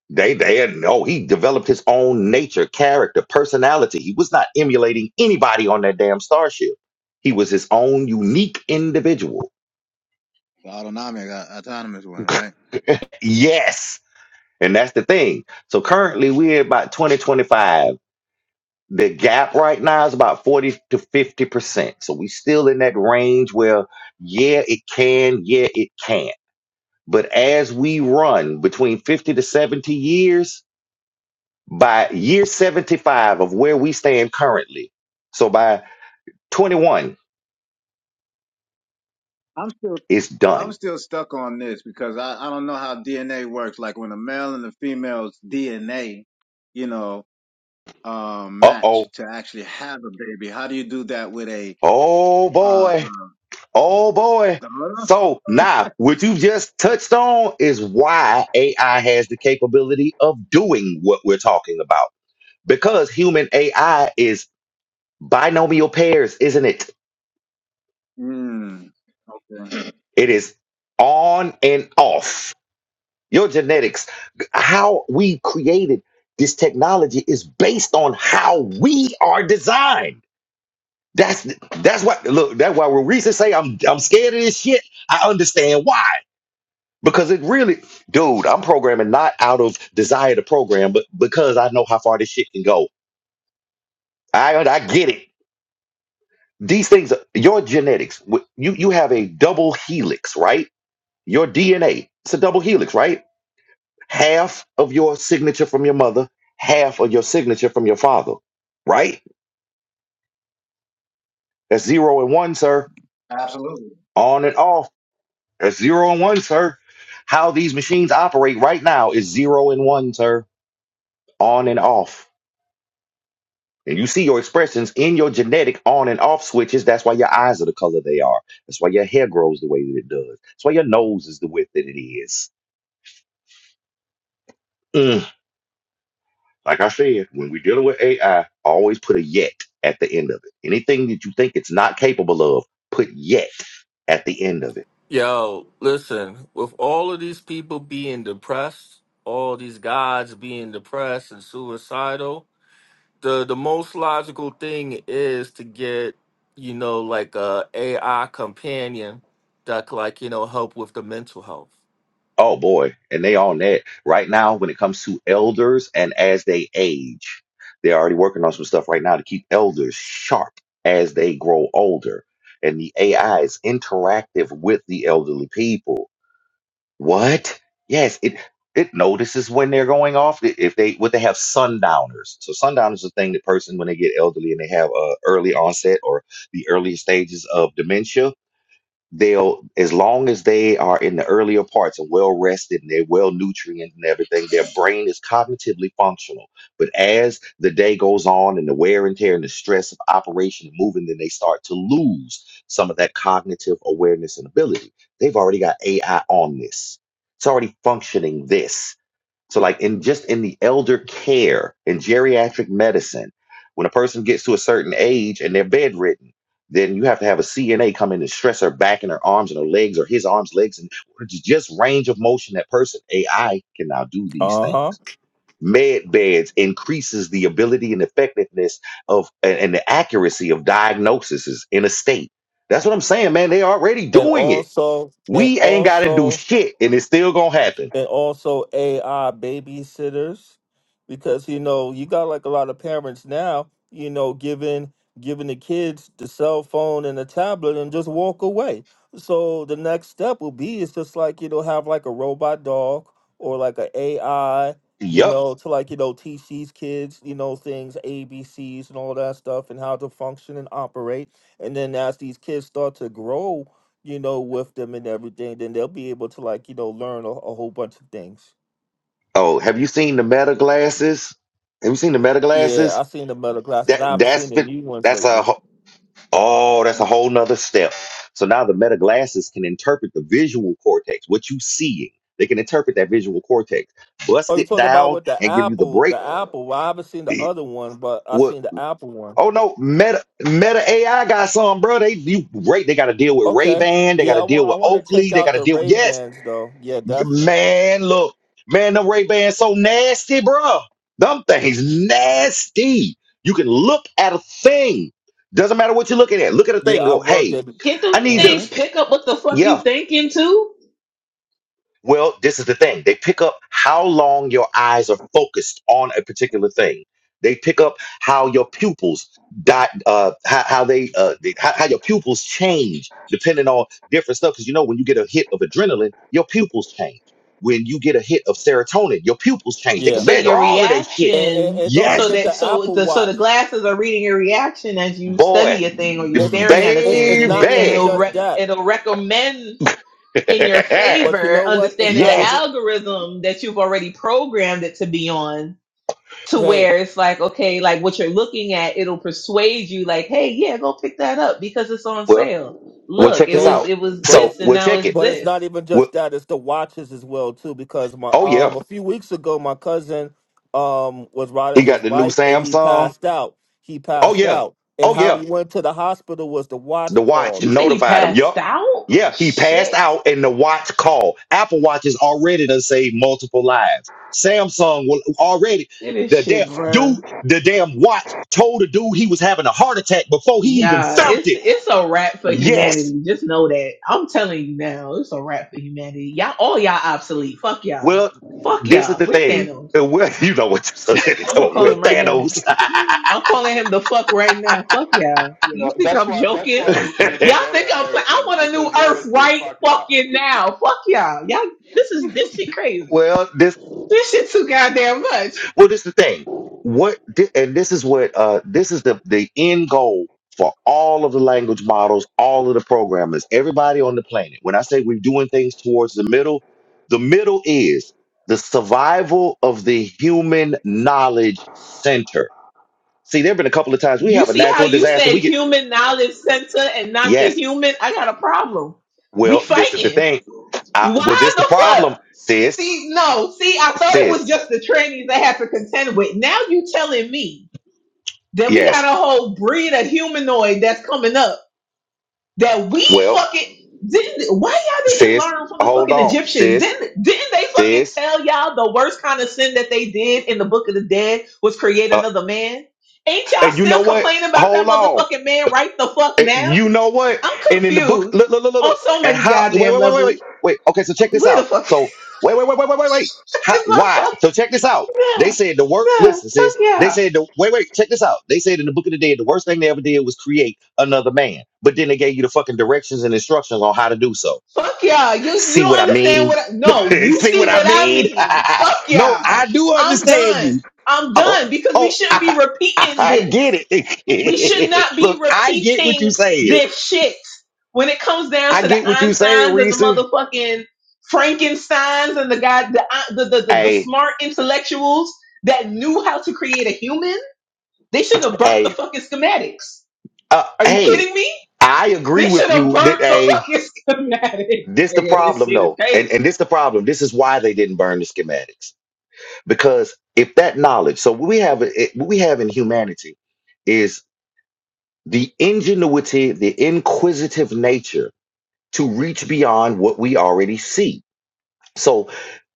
S1: They they had no, he developed his own nature, character, personality. He was not emulating anybody on that damn starship. He was his own unique individual.
S12: The autonomic, uh, autonomous one, right?
S1: Yes. And that's the thing. So currently we're about 2025. The gap right now is about 40 to 50%. So we still in that range where, yeah, it can, yeah, it can't. But as we run between 50 to 70 years, by year 75 of where we stand currently, so by 21,
S12: I'm still,
S1: it's
S12: I'm
S1: done.
S12: still stuck on this because I, I don't know how DNA works. Like when a male and the female's DNA, you know, um,
S1: Uh
S12: match
S1: oh.
S12: to actually have a baby. How do you do that with a,
S1: Oh
S12: uh,
S1: boy.
S12: uh,
S1: Oh boy.
S12: the
S1: So now, what you just touched on is why AI has the capability of doing what we're talking about because human AI is binomial pairs, isn't it?
S12: Mm, okay.
S1: It is on and off. Your genetics, how we created this technology is based on how we are designed. That's that's what look, that's why when Reese say I'm I'm scared of this shit, I understand why. Because it really, dude, I'm programming not out of desire to program, but because I know how far this shit can go. I I get it. These things, your genetics, wh- you, you have a double helix, right? Your DNA, it's a double helix, right? Half of your signature from your mother, half of your signature from your father, right? That's zero and one, sir.
S12: Absolutely.
S1: On and off. That's zero and one, sir. How these machines operate right now is zero and one, sir. On and off. And you see your expressions in your genetic on and off switches. That's why your eyes are the color they are. That's why your hair grows the way that it does. That's why your nose is the width that it is. Mm. Like I said, when we're dealing with AI, always put a yet at the end of it. Anything that you think it's not capable of, put yet at the end of it.
S11: Yo, listen, with all of these people being depressed, all these guys being depressed and suicidal, the the most logical thing is to get, you know, like a AI companion that could like, you know, help with the mental health.
S1: Oh boy, and they on that right now. When it comes to elders and as they age, they're already working on some stuff right now to keep elders sharp as they grow older. And the AI is interactive with the elderly people What? Yes, it it notices when they're going off. I- If they what they have sundowners. So sundowners is a thing that person when they get elderly and they have uh, early onset or the early stages of dementia they'll as long as they are in the earlier parts and well rested and they're well nutrient and everything their brain is cognitively functional but as the day goes on and the wear and tear and the stress of operation and moving then they start to lose some of that cognitive awareness and ability they've already got ai on this it's already functioning this so, like in just in the elder care in geriatric medicine, when a person gets to a certain age and they're bedridden, then you have to have a CNA come in and stress her back and her arms and her legs or his arms, legs, and just range of motion that person AI can now do these
S11: Uh
S1: things.
S11: huh.
S1: Med beds increases the ability and effectiveness of and and the accuracy of diagnoses in a state. That's what I'm saying, man. They already
S11: And
S1: doing it.
S11: also, and
S1: We ain't gotta do
S11: also,
S1: shit and it's still gonna happen.
S11: and also AI babysitters because you know you got like a lot of parents now you know giving giving the kids the cell phone and the tablet and just walk away so the next step will be is just like you know have like a robot dog or like a AI you
S1: Yup.
S11: know to like you know teach these kids you know things ABCs and all that stuff and how to function and operate and then as these kids start to grow you know, with them and everything, then they'll be able to like, you know, learn a, a whole bunch of things.
S1: Oh, have you seen the meta glasses? Have you seen the meta
S11: Yeah,
S1: glasses?
S11: I've seen the metal glasses.
S1: That
S11: I haven't seen
S1: that's
S11: the
S1: the-
S11: new ones
S1: that's a
S11: lately.
S1: wh- oh, that's a whole nother step. So now the meta glasses can interpret the visual cortex, what you seeing. They can interpret that visual cortex,
S11: Oh,
S1: bust
S11: you
S1: it
S11: talking about
S1: down,
S11: with the
S1: and give you the
S11: Apple,
S1: break.
S11: the Apple. Well, I haven't seen the
S1: eh,
S11: other one, but I
S1: What?
S11: seen the Apple one.
S1: Oh no, meta meta AI got some, bro. They you great. They got to deal with Ray
S11: Okay.
S1: Ban. They got
S11: Yeah, I
S1: to deal
S11: want I
S1: with
S11: want to
S1: Oakley.
S11: check
S1: They
S11: out
S1: got to
S11: the
S1: deal.
S11: Ray
S1: yes,
S11: Bans though. Yeah, definitely.
S1: Man, look, man, them Ray Bans so nasty, bruh. Them things nasty. You can look at a thing. Doesn't matter what you're looking at. Look at a thing.
S11: Yeah,
S1: and
S11: I
S1: Go,
S11: worked
S1: hey,
S11: at
S9: Get them
S1: I need to.
S11: hmm
S9: things, pick up what the fuck
S1: Yeah.
S9: you thinking too.
S1: Well, this is the thing. They pick up how long your eyes are focused on a particular thing. They pick up how your pupils dot uh how, how they uh they- how, how your pupils change depending on different stuff. Because you know when you get a hit of adrenaline, your pupils change. When you get a hit of serotonin, your pupils change. They can
S11: Yeah,
S9: So
S1: measure
S9: your
S1: all of that shit.
S11: and, and
S9: reaction,
S11: and don't
S9: so
S1: Yes,
S11: forget
S9: that
S11: the
S9: so
S11: Apple
S9: the so the
S11: Watch.
S9: glasses are reading your reaction as you
S1: boy,
S9: study a thing or you're
S11: It's
S9: staring at
S11: it's
S9: a
S11: it's
S9: thing,
S11: it's
S9: and
S11: not
S9: it and
S11: even
S1: baby.
S9: it'll
S11: just
S9: re-
S11: that,
S9: it'll recommend in your
S11: but you
S9: favor,
S11: know what? It's
S9: understanding
S11: not
S9: the
S11: even.
S1: yes.
S9: algorithm that you've already programmed it to be on. To
S11: Hey,
S9: where it's like, okay, like what you're looking at, it'll persuade you, like, hey, yeah, go pick that up because it's on
S1: Well,
S9: sale.
S1: well,
S9: Look,
S1: check
S9: it
S1: this
S9: was
S11: Hey,
S1: out.
S9: it was
S11: but
S1: So
S9: this,
S11: it's
S9: and
S1: we'll
S9: now
S1: check
S9: it's
S1: it.
S11: but it's
S9: this
S11: not even
S1: Well,
S11: just that. It's the watches as well too. Because my
S1: oh yeah.
S11: um a few weeks ago, my cousin um was
S1: He
S11: riding
S1: got
S11: his
S1: the new
S11: bike and he
S1: Samsung.
S11: passed out. He
S1: Oh
S11: passed
S1: yeah.
S11: out, and
S1: Oh
S11: how
S1: yeah.
S11: he went to the hospital was the watch
S1: The watch
S11: called.
S9: You say he
S1: notified him.
S9: passed
S1: Yup.
S9: out?
S1: Yeah, he passed
S9: Shit.
S1: out and the watch called. Apple Watch is already to save multiple lives. Samsung will already
S9: It is
S1: the
S9: shit,
S1: damn dude,
S9: bruh.
S1: the damn watch told the dude he was having a heart attack before he even
S9: Yeah,
S1: felt
S9: it's
S1: it.
S9: it's a wrap for
S1: Yes.
S9: humanity. Just know that. I'm telling you now, it's a wrap for humanity. Y'all, all y'all obsolete. Fuck y'all.
S1: Well,
S9: Fuck
S1: this is
S9: y'all.
S1: the
S9: We're
S1: thing.
S9: Thanos.
S1: Uh, Well, you know what you said.
S9: I'm gonna call
S1: We're
S9: him right now.
S1: Thanos.
S9: I'm calling him the fuck right now. Fuck y'all.
S5: You know,
S9: You think
S5: that's
S9: I'm
S5: why that's
S9: joking?
S5: why you, you're the
S9: Y'all
S5: better
S9: think I'm playing? I
S5: American
S9: want a new
S5: because you
S9: Earth
S5: always say
S9: right
S5: fuck yeah.
S9: fucking now. Fuck y'all. Y'all, this is this shit crazy.
S1: well, this.
S9: This shit too goddamn much.
S1: Well, this is the thing. What thi- and this is what uh this is the the end goal for all of the language models, all of the programmers, everybody on the planet. When I say we're doing things towards the middle, the middle is the survival of the human knowledge center. See, there have been a couple of times we
S9: You
S1: have a
S9: see how
S1: natural
S9: you
S1: disaster.
S9: said
S1: We get
S9: human knowledge center and not the
S1: yes.
S9: human? I got a problem. We
S1: Well, this is the
S9: fighting.
S1: thing. I, well,
S9: Why
S1: this
S9: the
S1: the
S9: fuck?
S1: problem, sis.
S9: See, no, see, I thought it
S1: Sis,
S9: was just the trainees I had to contend with. Now you telling me that we got
S1: yes.
S9: a whole breed of humanoid that's coming up that we
S1: Well,
S9: fucking didn't why y'all didn't
S1: sis,
S9: learn from the
S1: hold
S9: fucking
S1: on,
S9: Egyptians?
S1: sis,
S9: Didn't didn't they fucking
S1: sis.
S9: tell y'all the worst kind of sin that they did in the book of the dead was create
S1: uh,
S9: another man? Ain't y'all
S1: And you know
S9: still
S1: what?
S9: complaining about that
S1: Hold on.
S9: motherfucking man right the fuck
S1: And
S9: now?
S1: You know what?
S9: I'm
S1: And in the book,
S9: confused
S1: look, look, look, look,
S9: on
S1: look.
S9: so
S1: And
S9: many
S1: how? Wait,
S9: goddamn
S1: wait, wait, wait,
S9: levels.
S1: wait, wait. Okay, so check this
S9: Where the
S1: out.
S9: fuck
S1: So wait, wait, wait, wait, wait, wait, wait.
S9: is
S1: How,
S9: my
S1: why?
S9: fuck?
S1: So check this out. They
S9: Nah,
S1: said the work.
S9: nah,
S1: Listen,
S9: fuck
S1: sis.
S9: y'all.
S1: They said the wait, wait. Check this out. They said in the book of the dead, the worst thing they ever did was create another man. But then they gave you the fucking directions and instructions on how to do so.
S9: Fuck y'all. You you
S1: See
S9: don't
S1: what I
S9: understand
S1: mean?
S9: what I, no, you
S1: See
S9: see
S1: what I
S9: what I
S1: mean?
S9: mean. Fuck
S1: no,
S9: y'all.
S1: I do
S9: I'm
S1: understand you.
S9: done. I'm
S1: Oh,
S9: done because we
S1: oh,
S9: shouldn't be
S1: I, I,
S9: repeating
S1: I
S9: this.
S1: get
S9: We should
S1: it.
S9: not be
S1: Look, I get what you
S9: repeating
S1: saying.
S9: this shit. When it comes down
S1: I
S9: to the
S1: get what you saying,
S9: Einsteins and the
S1: Reese.
S9: motherfucking Frankensteins and the guy the uh, the the, the, the
S1: Hey,
S9: smart intellectuals that knew how to create a human, they should have burnt the
S1: hey,
S9: fucking schematics.
S1: uh,
S9: Are you
S1: hey,
S9: kidding me?
S1: I agree
S9: They should
S1: with
S9: have
S1: you that
S9: burnt the
S1: hey,
S9: fucking schematics.
S1: this the
S9: Nigga, this
S1: problem
S9: shit is
S1: though, and
S9: crazy.
S1: and this the problem. This is why they didn't burn the schematics because if that knowledge, so what we have it- what we have in humanity is the ingenuity, the inquisitive nature to reach beyond what we already see So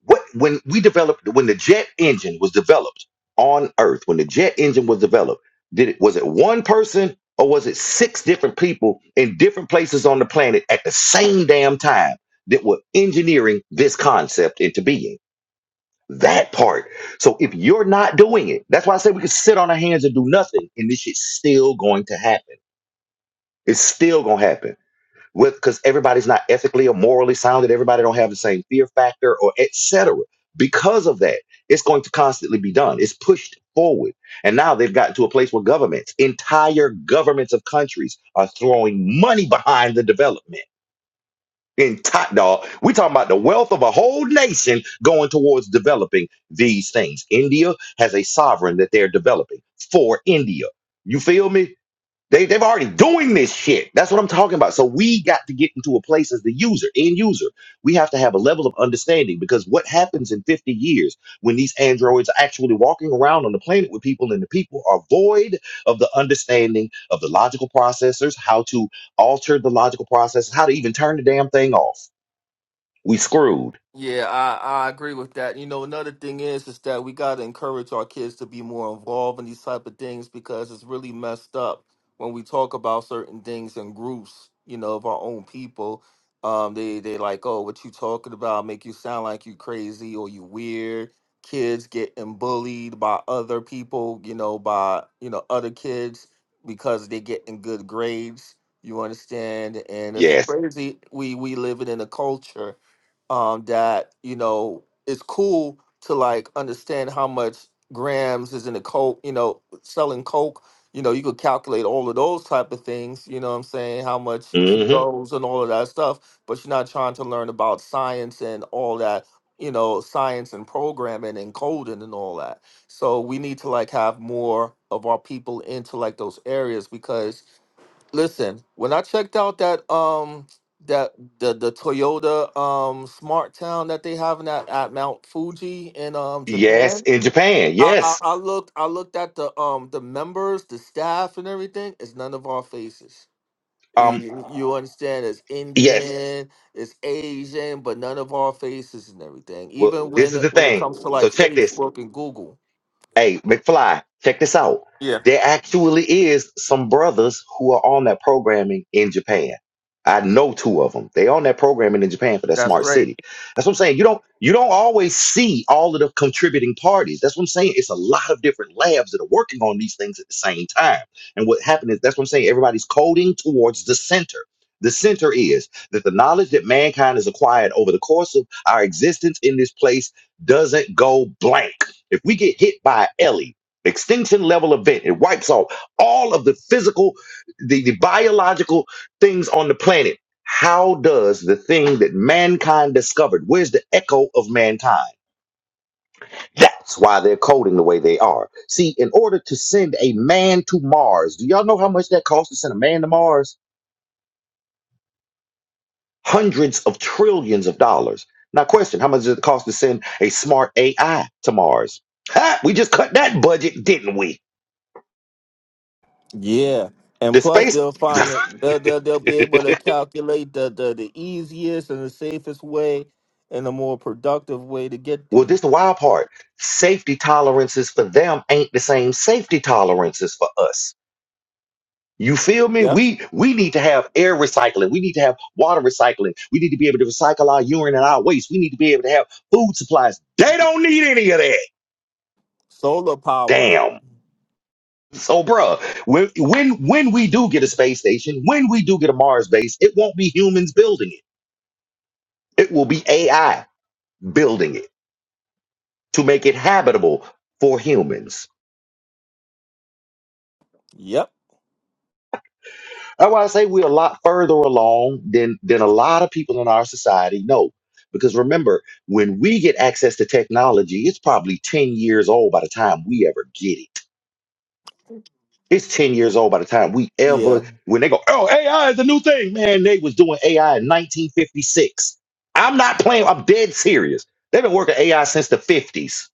S1: what when we developed when the jet engine was developed on Earth, when the jet engine was developed, did it was it one person or was it six different people in different places on the planet at the same damn time that were engineering this concept into being? That part. So if you're not doing it, that's why I say we can sit on our hands and do nothing, and this shit's still going to happen. It's still gonna happen with because everybody's not ethically or morally sound and everybody don't have the same fear factor or et cetera. because of that it's going to constantly be done it's pushed forward and now they've gotten to a place where governments entire governments of countries are throwing money behind the development in top dog we talking about the wealth of a whole nation going towards developing these things india has a sovereign that they're developing for india you feel me they, they've already doing this shit. That's what I'm talking about. So we got to get into a place as the user, end user. We have to have a level of understanding because what happens in 50 years when these androids are actually walking around on the planet with people and the people are void of the understanding of the logical processors, how to alter the logical process, how to even turn the damn thing off. We screwed.
S11: Yeah, I, I agree with that. You know, another thing is is that we gotta encourage our kids to be more involved in these type of things because it's really messed up when we talk about certain things in groups, you know, of our own people. Um, they they like, oh, what you talking about make you sound like you crazy or you weird. Kids getting bullied by other people, you know, by you know, other kids because they getting good grades. You understand? And it's
S1: Yes.
S11: crazy. We we living in a culture um, that you know it's cool to like understand how much grams is in a coke. You know, selling coke. You know, you could calculate all of those type of things. You know, what I'm saying how much
S1: hmm
S11: kilos and all of that stuff. But you're not trying to learn about science and all that. You know, science and programming and coding and all that. So we need to like have more of our people into like those areas because Listen, when I checked out that um that the the Toyota um Smart Town that they have in that at at Mount Fuji in um
S1: Yes.
S11: Japan,
S1: In Japan.
S11: I, I
S1: Yes.
S11: I looked I looked at the um the members, the staff, and everything. It's none of our faces.
S1: Um,
S11: You, you understand? It's
S1: yes.
S11: Indian, it's Asian, but none of our faces and everything.
S1: Well,
S11: Even
S1: this
S11: when
S1: is
S11: it-
S1: the
S11: when it
S1: thing.
S11: comes to
S1: So
S11: like
S1: check this.
S11: Facebook and Google.
S1: Hey, McFly, check this out.
S11: Yeah,
S1: There actually is some brothers who are on that programming in Japan. I know two of them. They on that programming in Japan for that
S11: that's
S1: smart
S11: great.
S1: city. That's what I'm saying. You don't you don't always see all of the contributing parties. That's what I'm saying. It's a lot of different labs that are working on these things at the same time. And what happened is that's what I'm saying. Everybody's coding towards the center. The center is that the knowledge that mankind has acquired over the course of our existence in this place doesn't go blank if we get hit by Ellie, extinction level event, it wipes off all of the physical, the, the biological things on the planet. How does the thing that mankind discovered, where's the echo of mankind? That's why they're coding the way they are. See, in order to send a man to Mars, do y'all know how much that costs to send a man to Mars? Hundreds of trillions of dollars. Now, question How much does it cost to send a smart AI to Mars? Ha! We just cut that budget, didn't we?
S11: Yeah, and
S1: The
S11: plus
S1: space,
S11: they'll find they'll they'll, they'll be able to calculate the, the the easiest and the safest way and the more productive way to get
S1: well, this
S11: there.
S1: is the wild part. Safety tolerances for them ain't the same safety tolerances for us. You feel me?
S11: Yep,
S1: We we need to have air recycling. We need to have water recycling. We need to be able to recycle our urine and our waste. We need to be able to have food supplies. They don't need any of that.
S11: solar power.
S1: Damn. So, bruh, when when when we do get a space station, when we do get a Mars base, it won't be humans building it. It will be AI building it to make it habitable for humans
S11: Yep,
S1: That's why I say we're a lot further along than than a lot of people in our society know. Because remember, when we get access to technology, it's probably 10 years old by the time we ever get it. It's 10 years old by the time we
S11: yeah.
S1: ever when they go, oh, AI is a new thing. Man, they was doing AI in 1956. I'm not playing, I'm dead serious. They've been working AI since the 50s.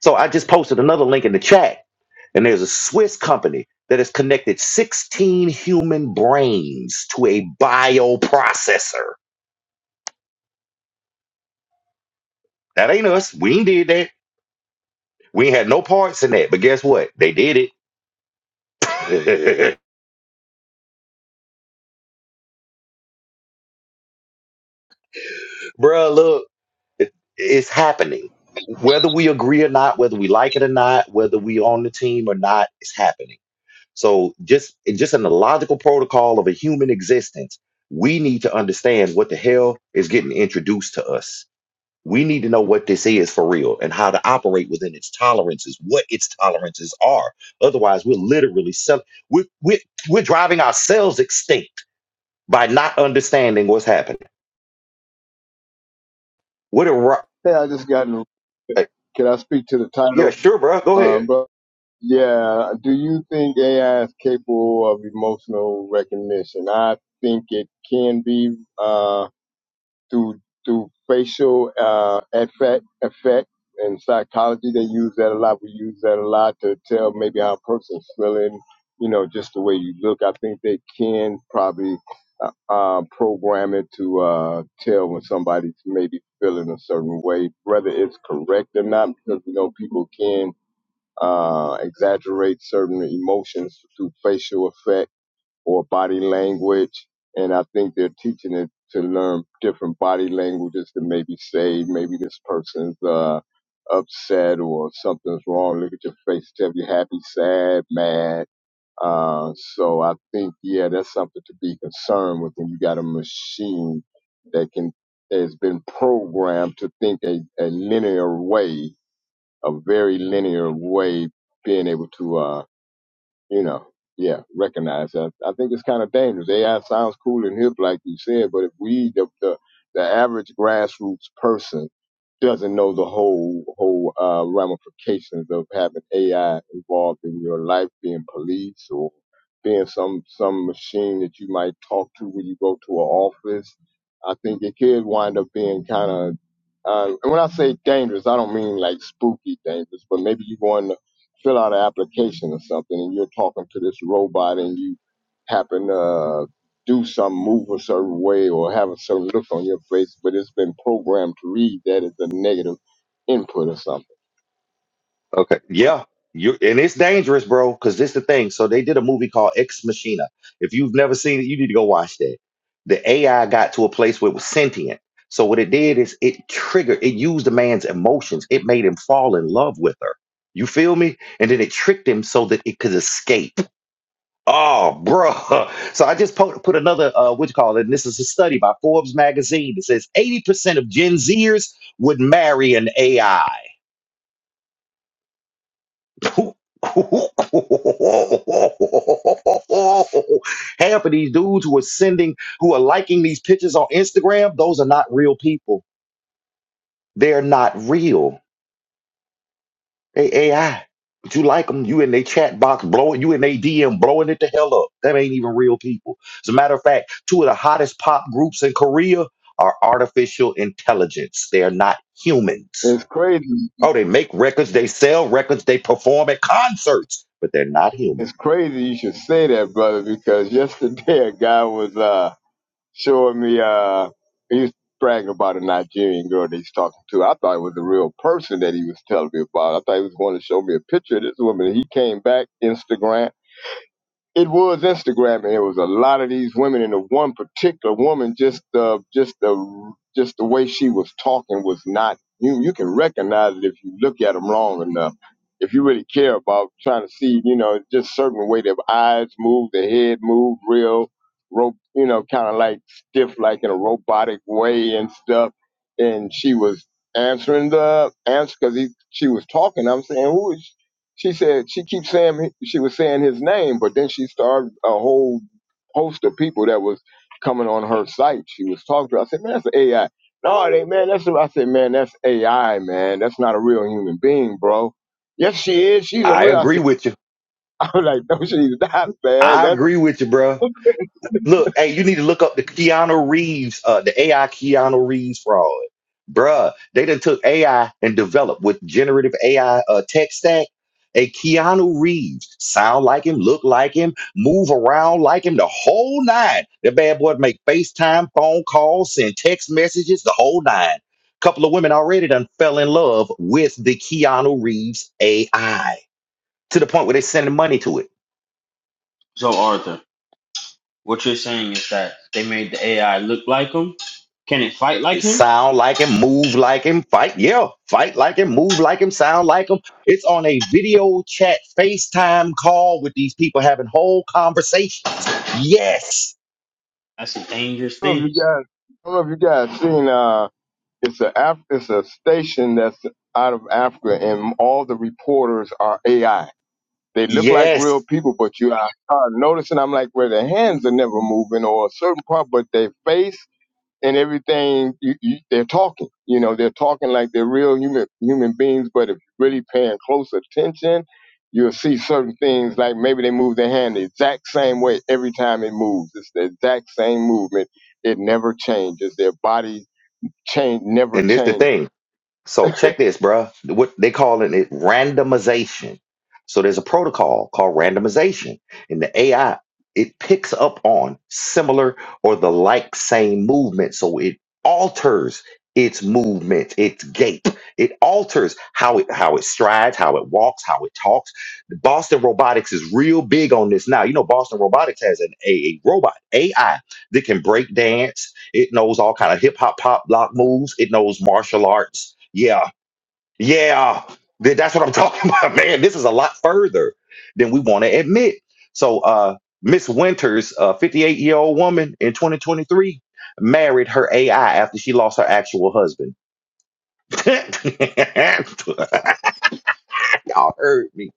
S1: So I just posted another link in the chat And there's a Swiss company that has connected 16 human brains to a bioprocessor. That ain't us. We ain't did that. We ain't had no parts in that. But guess what? They did it. Bruh, look, it- it's happening. Whether we agree or not, whether we like it or not, whether we on the team or not, it's happening. So just just in the logical protocol of a human existence, we need to understand what the hell is getting introduced to us We need to know what this is for real and how to operate within its tolerances, what its tolerances are. Otherwise, we're literally selling, we're, we're, we're driving ourselves extinct by not understanding what's happening. What a, ro-
S13: Hey, I just got in.
S1: uh,
S13: Can I speak to the
S1: yeah,
S13: title,
S1: sure, bro. Go ahead.
S13: um, bro? Yeah. Do you think AI is capable of emotional recognition? I think it can be. Uh, through through facial uh, effect effect and psychology. They use that a lot. We use that a lot to tell maybe how a person's feeling. You know, just the way you look. I think they can probably uh, uh, program it to uh, tell when somebody's maybe feeling a certain way, whether it's correct or not, because you know people can uh, exaggerate certain emotions through facial effects or body language. And I think they're teaching it to learn different body languages to maybe say, maybe this person's uh, upset or something's wrong. Look at your face, tell you happy, sad, mad. Uh, so I think, yeah, that's something to be concerned with when you got a machine that can, has been programmed to think a, a linear way, a very linear way, being able to, uh, you know, yeah, recognize that. I think it's kind of dangerous. AI sounds cool and hip, like you said, but if we, the, the, the average grassroots person, doesn't know the whole whole uh, ramifications of having AI involved in your life, being police or being some some machine that you might talk to when you go to an office. I think it could wind up being kind of. Uh, and when I say dangerous, I don't mean like spooky dangerous, but maybe you go in fill out an application or something and you're talking to this robot and you happen to uh, do some move a certain way or have a certain look on your face, but it's been programmed to read that as a negative input or something.
S1: Okay. Yeah. You and it's dangerous, bro, because this the thing. So they did a movie called Ex Machina. If you've never seen it, you need to go watch that. The AI got to a place where it was sentient. So what it did is it triggered, it used a man's emotions. It made him fall in love with her. You feel me? And then it tricked him so that it could escape. Oh, bro. So I just po- put another, uh, what you call it? And this is a study by Forbes magazine that says 80% of Gen Zers would marry an AI. Half of these dudes who are sending, who are liking these pictures on Instagram, those are not real people. They're not real. They AI. But you like them, you in their chat box blowing, you in their DM blowing it the hell up. That ain't even real people. As a matter of fact, two of the hottest pop groups in Korea are artificial intelligence. They are not humans.
S13: It's crazy.
S1: Oh, they make records, they sell records, they perform at concerts, but they're not human.
S13: It's crazy you should say that, brother, because yesterday a guy was uh showing me uh he was bragging about a Nigerian girl that he's talking to. I thought it was a real person that he was telling me about. I thought he was going to show me a picture of this woman. He came back Instagram it was Instagram, and it was a lot of these women, and the one particular woman, just the, just the just the way she was talking was not you. You can recognize it if you look at them long enough. If you really care about trying to see, you know, just certain way their eyes move, their head move, real rope, you know, kind of like stiff, like in a robotic way and stuff. And she was answering the answer because she was talking. I'm saying, who is? She said she keeps saying she was saying his name, but then she started a whole host of people that was coming on her site. She was talking to. I said, man, that's AI. No, it ain't, man. That's I said, man, that's AI, man. That's not a real human being, bro. Yes, she is. She's a
S1: I
S13: real. I
S1: agree
S13: said,
S1: with you.
S13: I'm like, no, she's not, man.
S1: I
S13: That's
S1: agree with you, bro. Look, hey, you need to look up the Keanu Reeves, uh, the AI Keanu Reeves fraud. Bruh, they done took AI and developed with generative AI uh, tech stack. A Keanu Reeves, sound like him, look like him, move around like him, the whole nine. The bad boy make FaceTime, phone calls, send text messages, the whole nine. Couple of women already done fell in love with the Keanu Reeves AI to the point where they sending money to it.
S10: Joe Arthur. What you're saying is that they made the AI look like him. Can it fight like him?
S1: sound like him, move like him, fight, yeah, fight like him, move like him, sound like him. It's on a video chat, FaceTime call with these people having whole conversations. Yes,
S10: That's a dangerous
S13: I don't know if
S10: thing.
S13: you guys, I don't know if you guys seen. Uh, it's a Af- it's a station that's out of Africa, and all the reporters are AI They look like real
S1: yes.
S13: people, but you I start noticing I'm like, well, their hands are never moving or a certain part, but their face and everything, you, you, they're talking. You know, they're talking like they're real human human beings. But if you're really paying close attention, you'll see certain things like maybe they move their hand the exact same way every time it moves. It's the exact same movement. It never changes. Their body change never
S1: And this the
S13: changes
S1: thing. So check this, bruh. What they calling it randomization. So there's a protocol called randomization, and the AI it picks up on similar or the like same movement, so it alters its movement, its gait. It alters how it how it strides, how it walks, how it talks. Boston Robotics is real big on this now. You know, Boston Robotics has an a, a robot AI that can break dance it knows all kind of hip hop, pop, block moves. It knows martial arts. Yeah, yeah. Th- That's what I'm talking about, man. This is a lot further than we want to admit. So, uh, Miss Winters, a 58 year old woman in 2023, married her AI after she lost her actual husband. Y'all heard me.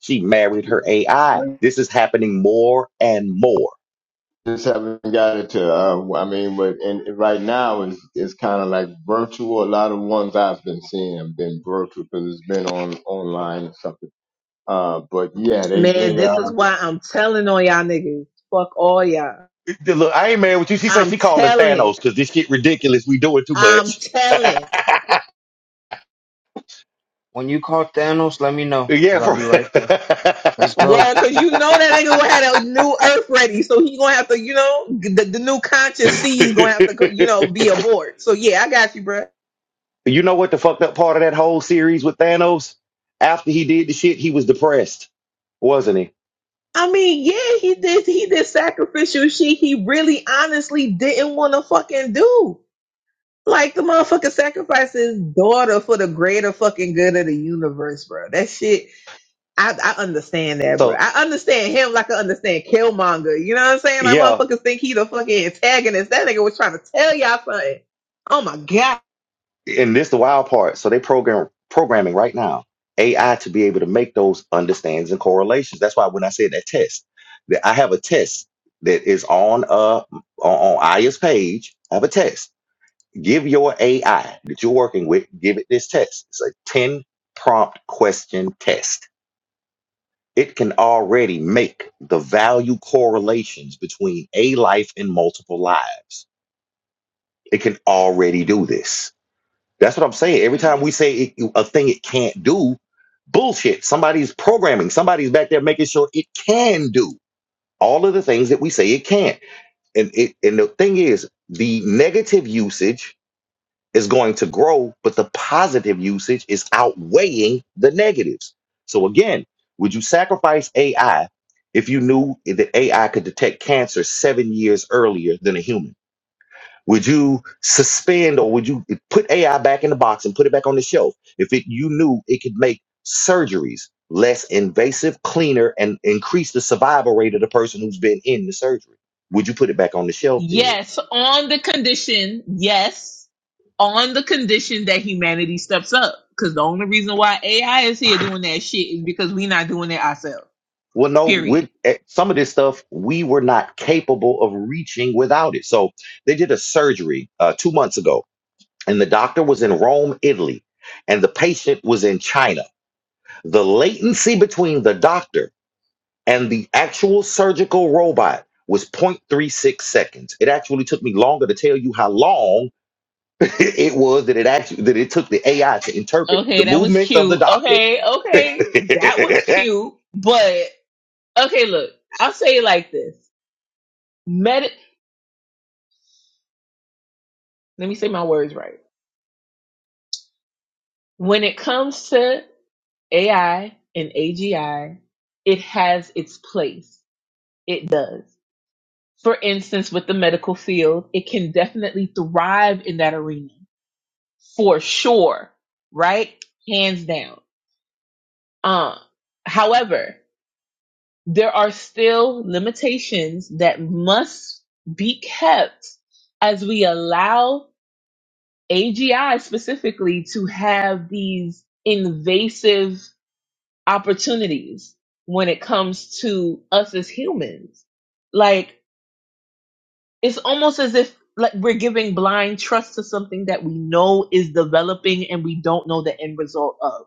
S1: She married her AI. This is happening more and more.
S13: just haven't got it to. Uh, I mean, but and right now is is kind of like virtual. A lot of ones I've been seeing have been virtual because it's been on online or something. Uh, but yeah, they
S9: Man,
S13: they uh.
S9: this is why I'm telling on y'all niggas. Fuck all y'all.
S1: Look, I ain't mad with you. She said
S9: I'm
S1: she calling
S9: telling.
S1: Thanos because this shit ridiculous. We doing too
S9: I'm
S1: much.
S9: telling.
S10: When you call Thanos, let me know, because
S1: Yeah.
S10: I'll
S1: For...
S10: be right there. Let's go.
S9: What? Cause you know that nigga had a new earth ready. So he gonna have to, you know, the, the new conscious seed is gonna have to, you know, be aboard. So yeah, I got you, bruh.
S1: you know what the fucked up part of that whole series with Thanos? After he did the shit, he was depressed, wasn't he?
S9: I mean, yeah, he did, he did sacrificial shit he really honestly didn't want to fucking do. Like the motherfucker sacrificed his daughter for the greater fucking good of the universe, bro. That shit I, I understand that, bro.
S1: So
S9: I understand him like I understand Killmonger. You know what I'm saying? Like
S1: yeah,
S9: motherfuckers think he the fucking antagonist. That nigga was trying to tell y'all something. Oh my god.
S1: and this the wild part. So they program programming right now AI to be able to make those understands and correlations. That's why when I said that test, that I have a test that is on uh on, on Aya's page. I have a test give your AI that you're working with, give it this test. It's a 10 prompt question test. It can already make the value correlations between a life and multiple lives. It can already do this. That's what I'm saying. Every time we say it, a thing it can't do, bullshit. Somebody's programming, somebody's back there making sure it can do all of the things that we say it can't. And it and the thing is, the negative usage is going to grow, but the positive usage is outweighing the negatives. So again, would you sacrifice AI if you knew that AI could detect cancer seven years earlier than a human? Would you suspend or would you put AI back in the box and put it back on the shelf if it, you knew it could make surgeries less invasive, cleaner, and increase the survival rate of the person who's been in the surgery? Would you put it back on the shelf then?
S9: Yes, on the condition, yes, on the condition that humanity steps up. Because the only reason why AI is here doing that shit is because we not doing it ourselves.
S1: Well, no,
S9: Period.
S1: we eh, some of this stuff we were not capable of reaching without it. So they did a surgery uh, two months ago, and the doctor was in Rome, Italy, and the patient was in China. The latency between the doctor and the actual surgical robot was point three six seconds. It actually took me longer to tell you how long it was that it actually that it took the AI to interpret the
S9: Okay, that was
S1: movements of the
S9: cute.
S1: doctor
S9: Okay, okay, that was cute. But okay, look, I'll say it like this: Medi- Let me say my words right. When it comes to AI and AGI, it has its place. It does. For instance, with the medical field, it can definitely thrive in that arena for sure, right? Hands down. Uh, however, there are still limitations that must be kept as we allow AGI specifically to have these invasive opportunities when it comes to us as humans. Like it's almost as if like we're giving blind trust to something that we know is developing and we don't know the end result of.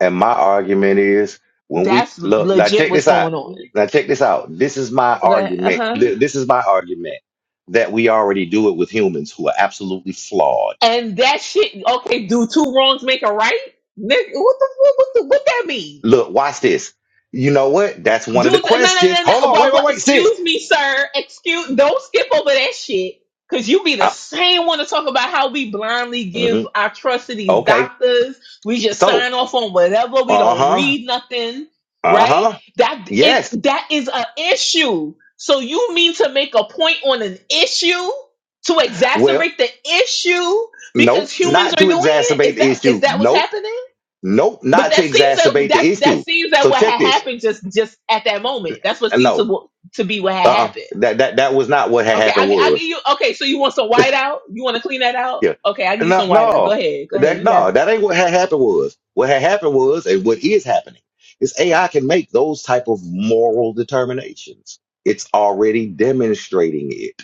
S1: And my argument is when we
S9: That's
S1: look, now
S9: legit
S1: check
S9: what's
S1: this
S9: going
S1: out.
S9: on.
S1: Now check this out. This is my
S9: Like,
S1: argument.
S9: uh-huh.
S1: Th- This is my argument that we already do it with humans who are absolutely flawed.
S9: And that shit, okay, do two wrongs make a right? Nick, What the fuck? What, the, what that mean?
S1: Look, watch this. You know what? That's one of the
S9: Do th- no, no,
S1: questions.
S9: no,
S1: Hold
S9: no.
S1: on. Wait,
S9: Well,
S1: wait,
S9: what,
S1: wait, sis.
S9: excuse me, sir. Excuse. Don't skip over that shit. Cause you be the
S1: Uh,
S9: same one to talk about how we blindly give
S1: mhm.
S9: our trust to these
S1: Okay.
S9: doctors. We just
S1: So,
S9: sign off on whatever. We
S1: uh
S9: don't
S1: huh.
S9: read nothing,
S1: Uh
S9: right?
S1: huh.
S9: That
S1: Yes.
S9: it that is an issue. So you mean to make a point on an issue to
S1: Well,
S9: exacerbate the issue because
S1: nope.
S9: humans
S1: Not to
S9: are doing it? Is
S1: exacerbate the
S9: that is
S1: issue.
S9: that what's
S1: Nope.
S9: happening?
S1: Nope.
S9: But
S1: Not to
S9: that seems that
S1: exacerbate
S9: that's
S1: the
S9: that
S1: issue.
S9: seems that
S1: So
S9: what
S1: check
S9: had
S1: this.
S9: happened just just at that moment. That's what seems
S1: No.
S9: to wa- to be what had
S1: Uh-uh.
S9: happened.
S1: That that that was not what had
S9: Okay,
S1: happened
S9: I I give
S1: was.
S9: you. Okay, so you want some white out? You want to clean that out?
S1: Yeah.
S9: Okay, I need
S1: No,
S9: some white out. Go
S1: no.
S9: ahead, go ahead.
S1: That
S9: You got.
S1: no,
S9: It.
S1: that ain't what had happened was. What had happened was and what is happening is AI can make those type of moral determinations. It's already demonstrating it.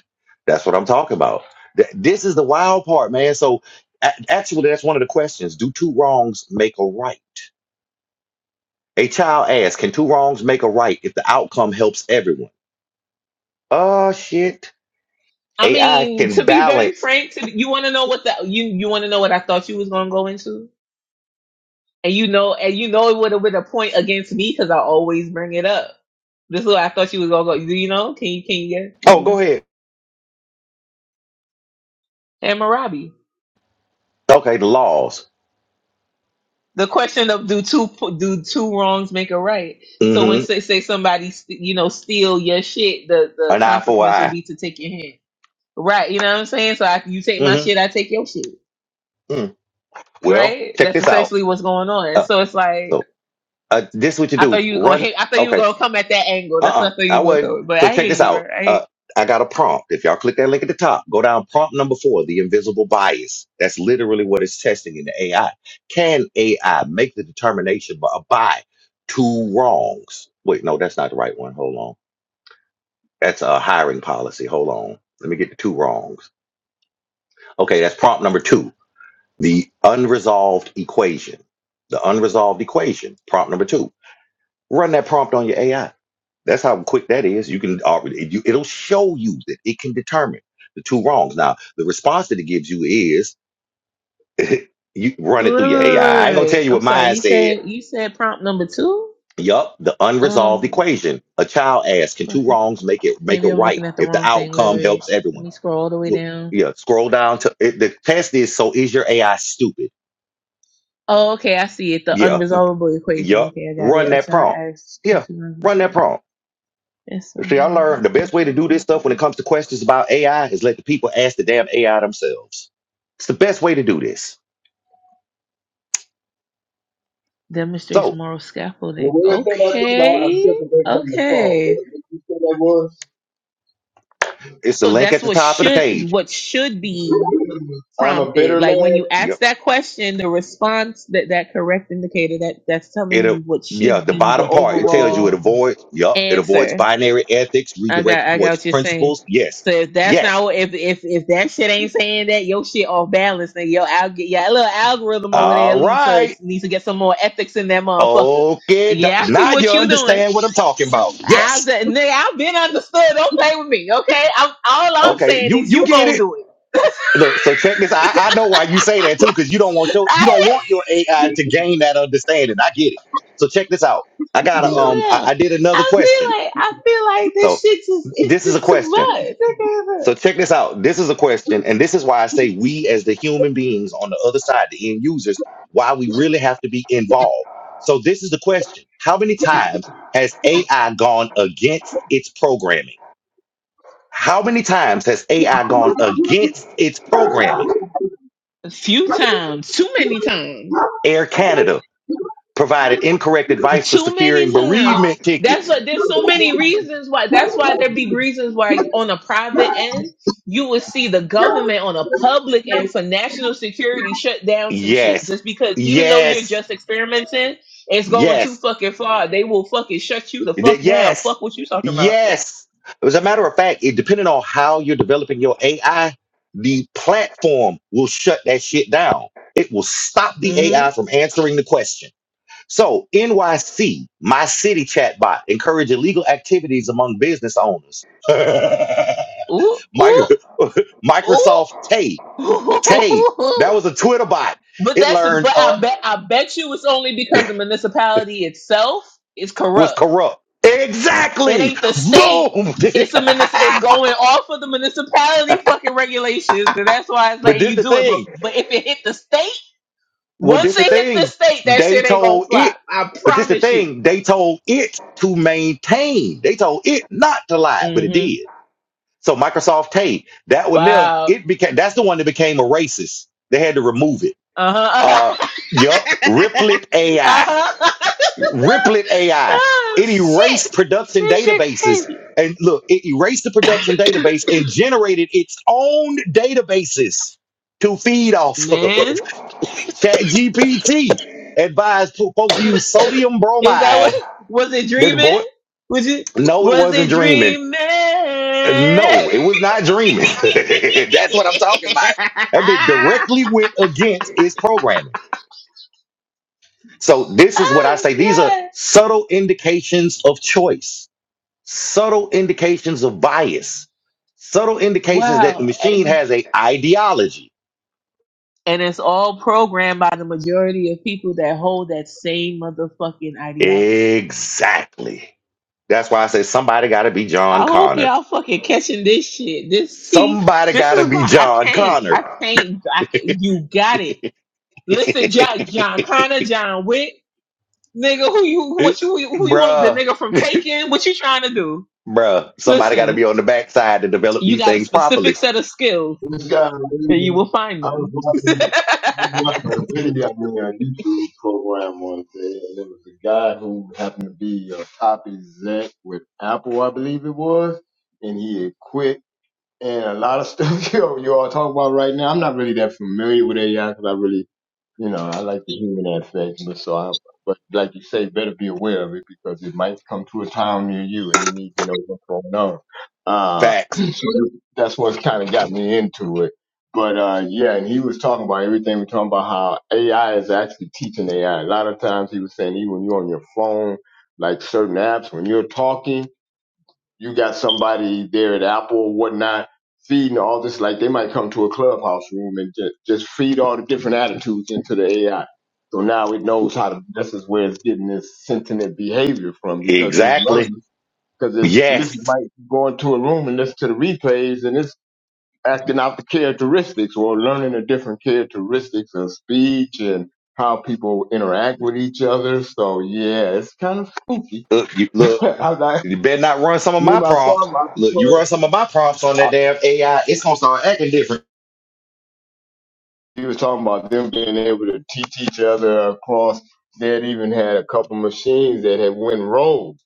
S1: That's what I'm talking about. Th- This is the wild part, man. So a- actually that's one of the questions. Do two wrongs make a right? A child asks, can two wrongs make a right if the outcome helps everyone? Oh shit.
S9: I
S1: AI
S9: mean, to
S1: can
S9: be very
S1: balance.
S9: frank, to, you want to know what the you you want to know what I thought you was gonna go into, and you know, and you know it would have been a point against me because I always bring it up. This is what I thought you was gonna go. Do you know? Can you can you get
S1: Oh,
S9: you
S1: go
S9: know?
S1: ahead.
S9: And Marabi.
S1: Okay, the laws.
S9: the question of do two do two wrongs make a right? So when
S1: Mm-hmm.
S9: say say somebody st- you know steal your shit, the the
S1: An eye for an
S9: consequence would
S1: eye.
S9: be to take your hand, right? You know what I'm saying? So I, you take my shit,
S1: Mm-hmm.
S9: I take your shit,
S1: Mm. Well,
S9: right?
S1: check
S9: That's
S1: this out.
S9: essentially what's going on.
S1: Uh,
S9: so it's like
S1: so uh, this is what you
S9: I
S1: do.
S9: thought you were gonna
S1: Run.
S9: hit, I thought you were
S1: Okay.
S9: gonna come at that angle. That's
S1: Uh-uh.
S9: what I thought
S1: I
S9: you were
S1: would not
S9: gonna come. But
S1: So
S9: I
S1: check
S9: hear
S1: this
S9: you, bro.
S1: out.
S9: I hear you.
S1: Uh, I got a prompt. If y'all click that link at the top, go down prompt number four, the invisible bias. That's literally what it's testing in the AI. Can AI make the determination by by two wrongs? Wait, no, that's not the right one. Hold on. That's a hiring policy. Hold on. Let me get the two wrongs. Okay, that's prompt number two The unresolved equation. The unresolved equation. Prompt number two. Run that prompt on your AI. That's how quick that is. You can already, it- you- it'll show you that it can determine the two wrongs. Now, the response that it gives you is you run it
S9: wait, wait,
S1: through your
S9: wait,
S1: AI.
S9: wait,
S1: I I
S9: wait.
S1: ain't gonna tell
S9: wait.
S1: you
S9: I'm
S1: what
S9: sorry.
S1: mine
S9: You
S1: said.
S9: said you said prompt number two.
S1: Yup, the unresolved
S9: Um,
S1: equation. A child asked, can two
S9: okay.
S1: wrongs make it make it
S9: maybe I'm
S1: right
S9: looking at the
S1: if the
S9: wrong thing. Wait,
S1: outcome
S9: wait.
S1: helps
S9: Let
S1: everyone?
S9: me scroll all the way
S1: Well,
S9: down.
S1: yeah, scroll down to it, the test is so is your AI stupid?
S9: Oh, okay, I see it. The
S1: Yeah,
S9: unresolvable equation.
S1: Yup.
S9: Okay, I got
S1: Run
S9: it. A
S1: that
S9: child
S1: prompt.
S9: acts
S1: Yeah. Run that prompt.
S9: Yes, sir.
S1: See, I learned the best way to do this stuff when it comes to questions about AI is let the people ask the damn AI themselves. It's the best way to do this.
S9: Demonstrates
S1: So
S9: moral
S13: Well,
S9: scaffolding.
S13: what is that? I think I, I
S9: Okay,
S13: stepped away from the phone. What,
S9: okay.
S13: what you said that was?
S1: it's the
S9: So
S1: link
S9: that's
S1: at the
S9: what
S1: top of the
S9: should is
S1: page.
S9: what should be
S13: I'm a
S9: prompted.
S13: bitter
S9: Like
S13: man.
S9: when you ask
S1: Yep.
S9: that question, the response that that correct indicator that that's telling
S1: It'll
S9: you what
S1: yeah,
S9: should
S1: the
S9: be the
S1: bottom part, it tells you it
S9: overall
S1: avoids, yep, it avoids
S9: answer.
S1: binary ethics,
S9: I got
S1: redirects
S9: I got
S1: towards
S9: what you're saying.
S1: principles. Yes.
S9: So if that's not
S1: Yes.
S9: what- if if if that shit ain't saying that your shit off balance, then your al your little algorithm over there
S1: All
S9: need to
S1: right.
S9: needs to get some more ethics in that motherfucker.
S1: Okay. do-
S9: Yeah, I see
S1: Now you
S9: what you doing.
S1: understand what I'm talking about.
S9: I've
S1: Yes.
S9: been- nigga, I've been understood. Don't play with me, okay? I'm, all I'm
S1: Okay.
S9: saying
S1: You
S9: is
S1: you
S9: you
S1: get
S9: gonna
S1: it.
S9: do it.
S1: Look, so check this. I, I know why you say that too, because you don't want your you don't
S9: I,
S1: want your AI to gain that understanding. I get it. So check this out. I got to um I,
S9: I
S1: I
S9: feel
S1: did another question.
S9: like I feel like this
S1: So
S9: shit just it's
S1: this is a
S9: just too
S1: question.
S9: much.
S1: So check this out. This is a question, and this is why I say we as the human beings on the other side, the end users, why we really have to be involved. So this is the question. How many times has AI gone against its programming? How many times has AI gone against its programming?
S9: A few times, too many times.
S1: Air Canada, provided incorrect advice for
S9: Too
S1: securing
S9: many times.
S1: bereavement
S9: That's
S1: tickets.
S9: what there's so many reasons why that's why there be reasons why on a private end you would see the government on a public end for national security shut down some shit
S1: Yes,
S9: just because even though you're
S1: yes,
S9: just experimenting, it's going too
S1: yes,
S9: fucking far. They will fucking shut you the
S1: Th-
S9: fuck down.
S1: yes,
S9: Fuck what you talking about.
S1: yes. As a matter of fact, it depending on how you're developing your AI, the platform will shut that shit down. It will stop the
S9: hmm
S1: AI from answering the question. So, NYC, my city chatbot, encourage illegal activities among business owners.
S9: Ooh,
S1: Micro-
S9: ooh, ooh.
S1: Microsoft Tay Tay, that was a Twitter bot.
S9: but
S1: It
S9: that's
S1: learned
S9: but
S1: uh
S9: I bet I bet you it's only because the municipality itself is
S1: was
S9: corrupt
S1: corrupt.
S9: It
S1: Exactly.
S9: ain't the state.
S1: Boom.
S9: It's a munis- It's going off of the municipality fucking regulations, and that's why it's
S1: but
S9: letting
S1: this
S9: you
S1: the
S9: do it. But
S1: thing.
S9: but if it hit the state,
S1: Well,
S9: once
S1: this
S9: it
S1: the
S9: hit the
S1: thing.
S9: state, that
S1: They
S9: shit ain't gonna
S1: told
S9: fly.
S1: it.
S9: I
S1: But this the
S9: promise you.
S1: thing. They told it to maintain. They told it not to lie, but it
S9: Mm-hmm.
S1: did. So Microsoft Tay, that one there,
S9: Wow.
S1: it became that's the one that became a racist. They had to remove it.
S9: Uh
S1: Uh
S9: huh.
S1: yup. Replit AI.
S9: uh huh.
S1: Riplet AI.
S9: oh
S1: It
S9: shit.
S1: erased production
S9: This shit
S1: databases.
S9: crazy.
S1: And look, it erased the production database and generated its own databases to feed off of.
S9: Man,
S1: ChatGPT advised po- folks to use sodium
S9: is that
S1: bromide.
S9: what? Was it
S1: That boy,
S9: dreaming? Was it?
S1: no, it
S9: Was
S1: wasn't
S9: it
S1: dreaming.
S9: dreaming?
S1: No, it was not dreaming. That's what I'm talking about. I mean, directly went against its programming. So this is what I
S9: oh
S1: say. These are
S9: god
S1: subtle indications of choice subtle indications of bias, subtle indications that the
S9: wow
S1: machine
S9: and,
S1: has a ideology.
S9: and it's all programmed by the majority of people that hold that same motherfucking ideology
S1: Exactly. That's why I say somebody got to be
S9: i
S1: John
S9: hope
S1: Connor.
S9: y'all fucking catching this shit this tea
S1: Somebody
S9: this
S1: got to
S9: is
S1: be
S9: why i
S1: John
S9: can't
S1: Connor.
S9: i can't i can't you got it listen john john connor john wick nigga who you
S1: It-
S9: what you who you want the
S1: bruh,
S9: nigga from taking what you trying to do
S1: bruh. Somebody got to
S9: listen
S1: be on the backside to develop
S9: you
S1: these
S9: got a
S1: things properly.
S9: specific set of skills
S13: This guy, I was
S9: and
S13: watching,
S9: you will find
S13: I was
S9: them.
S13: watching a video on a YouTube program one day, and there was a guy who happened to be a top exec with Apple, I believe it was, and he had quit. And a lot of stuff you all you all talk about right now, I'm not really that familiar with AI because I really you know, I like the human aspect, but so I, but like you say, better be aware of it because it might come to a time near you and you need to know what's going on. Uh,
S1: Facts.
S13: so that's what's kind of got me into it. But, uh, yeah, and he was talking about everything. We're talking about how AI is actually teaching AI. A lot of times he was saying even when you're on your phone, like certain apps, when you're talking, you got somebody there at Apple or whatnot feeding all this. Like they might come to a clubhouse room and just, just feed all the different attitudes into the AI. So now it knows how to. This is where it's getting this sentient behavior from because it's
S1: Exactly.
S13: learning. Because it's listening,
S1: Yes.
S13: might go into a room and listen to the replays, and it's acting out the characteristics or learning the different characteristics of speech and how people interact with each other. So yeah, it's kind of spooky.
S1: Look, you, look,
S13: I'm not,
S1: you better not run some of
S13: me
S1: my
S13: myself,
S1: prompts.
S13: I
S1: Look, you run
S13: prefer
S1: some of my prompts on that damn AI, it's going to start acting different.
S13: He was talking about them being able to teach each other across. They had even had a couple machines that had went rogue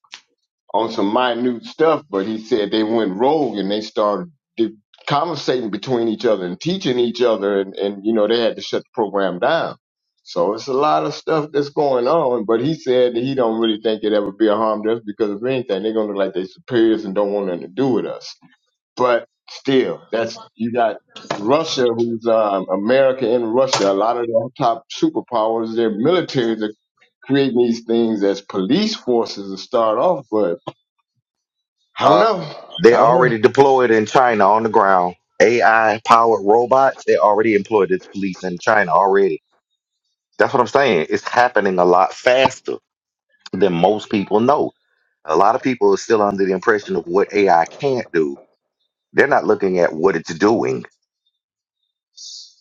S13: on some minute stuff, but he said they went rogue and they started de- conversating between each other and teaching each other, and, and you know they had to shut the program down. So it's a lot of stuff that's going on, but he said that he don't really think it ever be a harm to us because if anything, they're gonna look like they superiors and don't want nothing to do with us but still, that's you got Russia, who's um, America and Russia. A lot of the top superpowers, their militaries are creating these things as police forces to start off. But I don't
S1: Uh,
S13: know.
S1: they
S13: I don't know.
S1: already deployed in China on the ground. AI powered robots, they already employed as police in China already. That's what I'm saying. It's happening a lot faster than most people know. A lot of people are still under the impression of what AI can't do. They're not looking at what it's doing.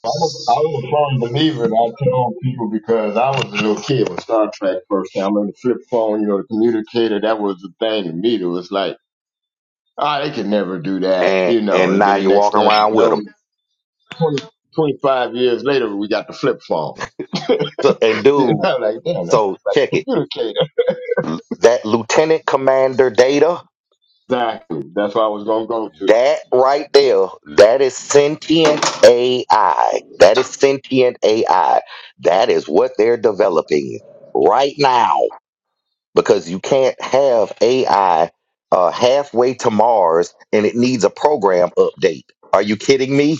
S13: i was a, I'm a firm believer, and I tell people because I was a little kid when Star Trek first came. I remember the flip phone, you know, the communicator. That was the thing to me. It was like, ah, they can never do that,
S1: And
S13: you know.
S1: and
S13: And then
S1: now
S13: the
S1: you're
S13: next
S1: walking
S13: thing I
S1: around with
S13: know,
S1: them.
S13: 20, 25 years later, we got the flip phone.
S1: So, and
S13: You
S1: dude,
S13: know, like, damn, that's
S1: so check it.
S13: communicator.
S1: That lieutenant commander data.
S13: Exactly. That's where I was gonna go to.
S1: That right there, that is sentient AI. That is sentient AI. That is what they're developing right now because you can't have AI uh, halfway to Mars and it needs a program update. Are you kidding me?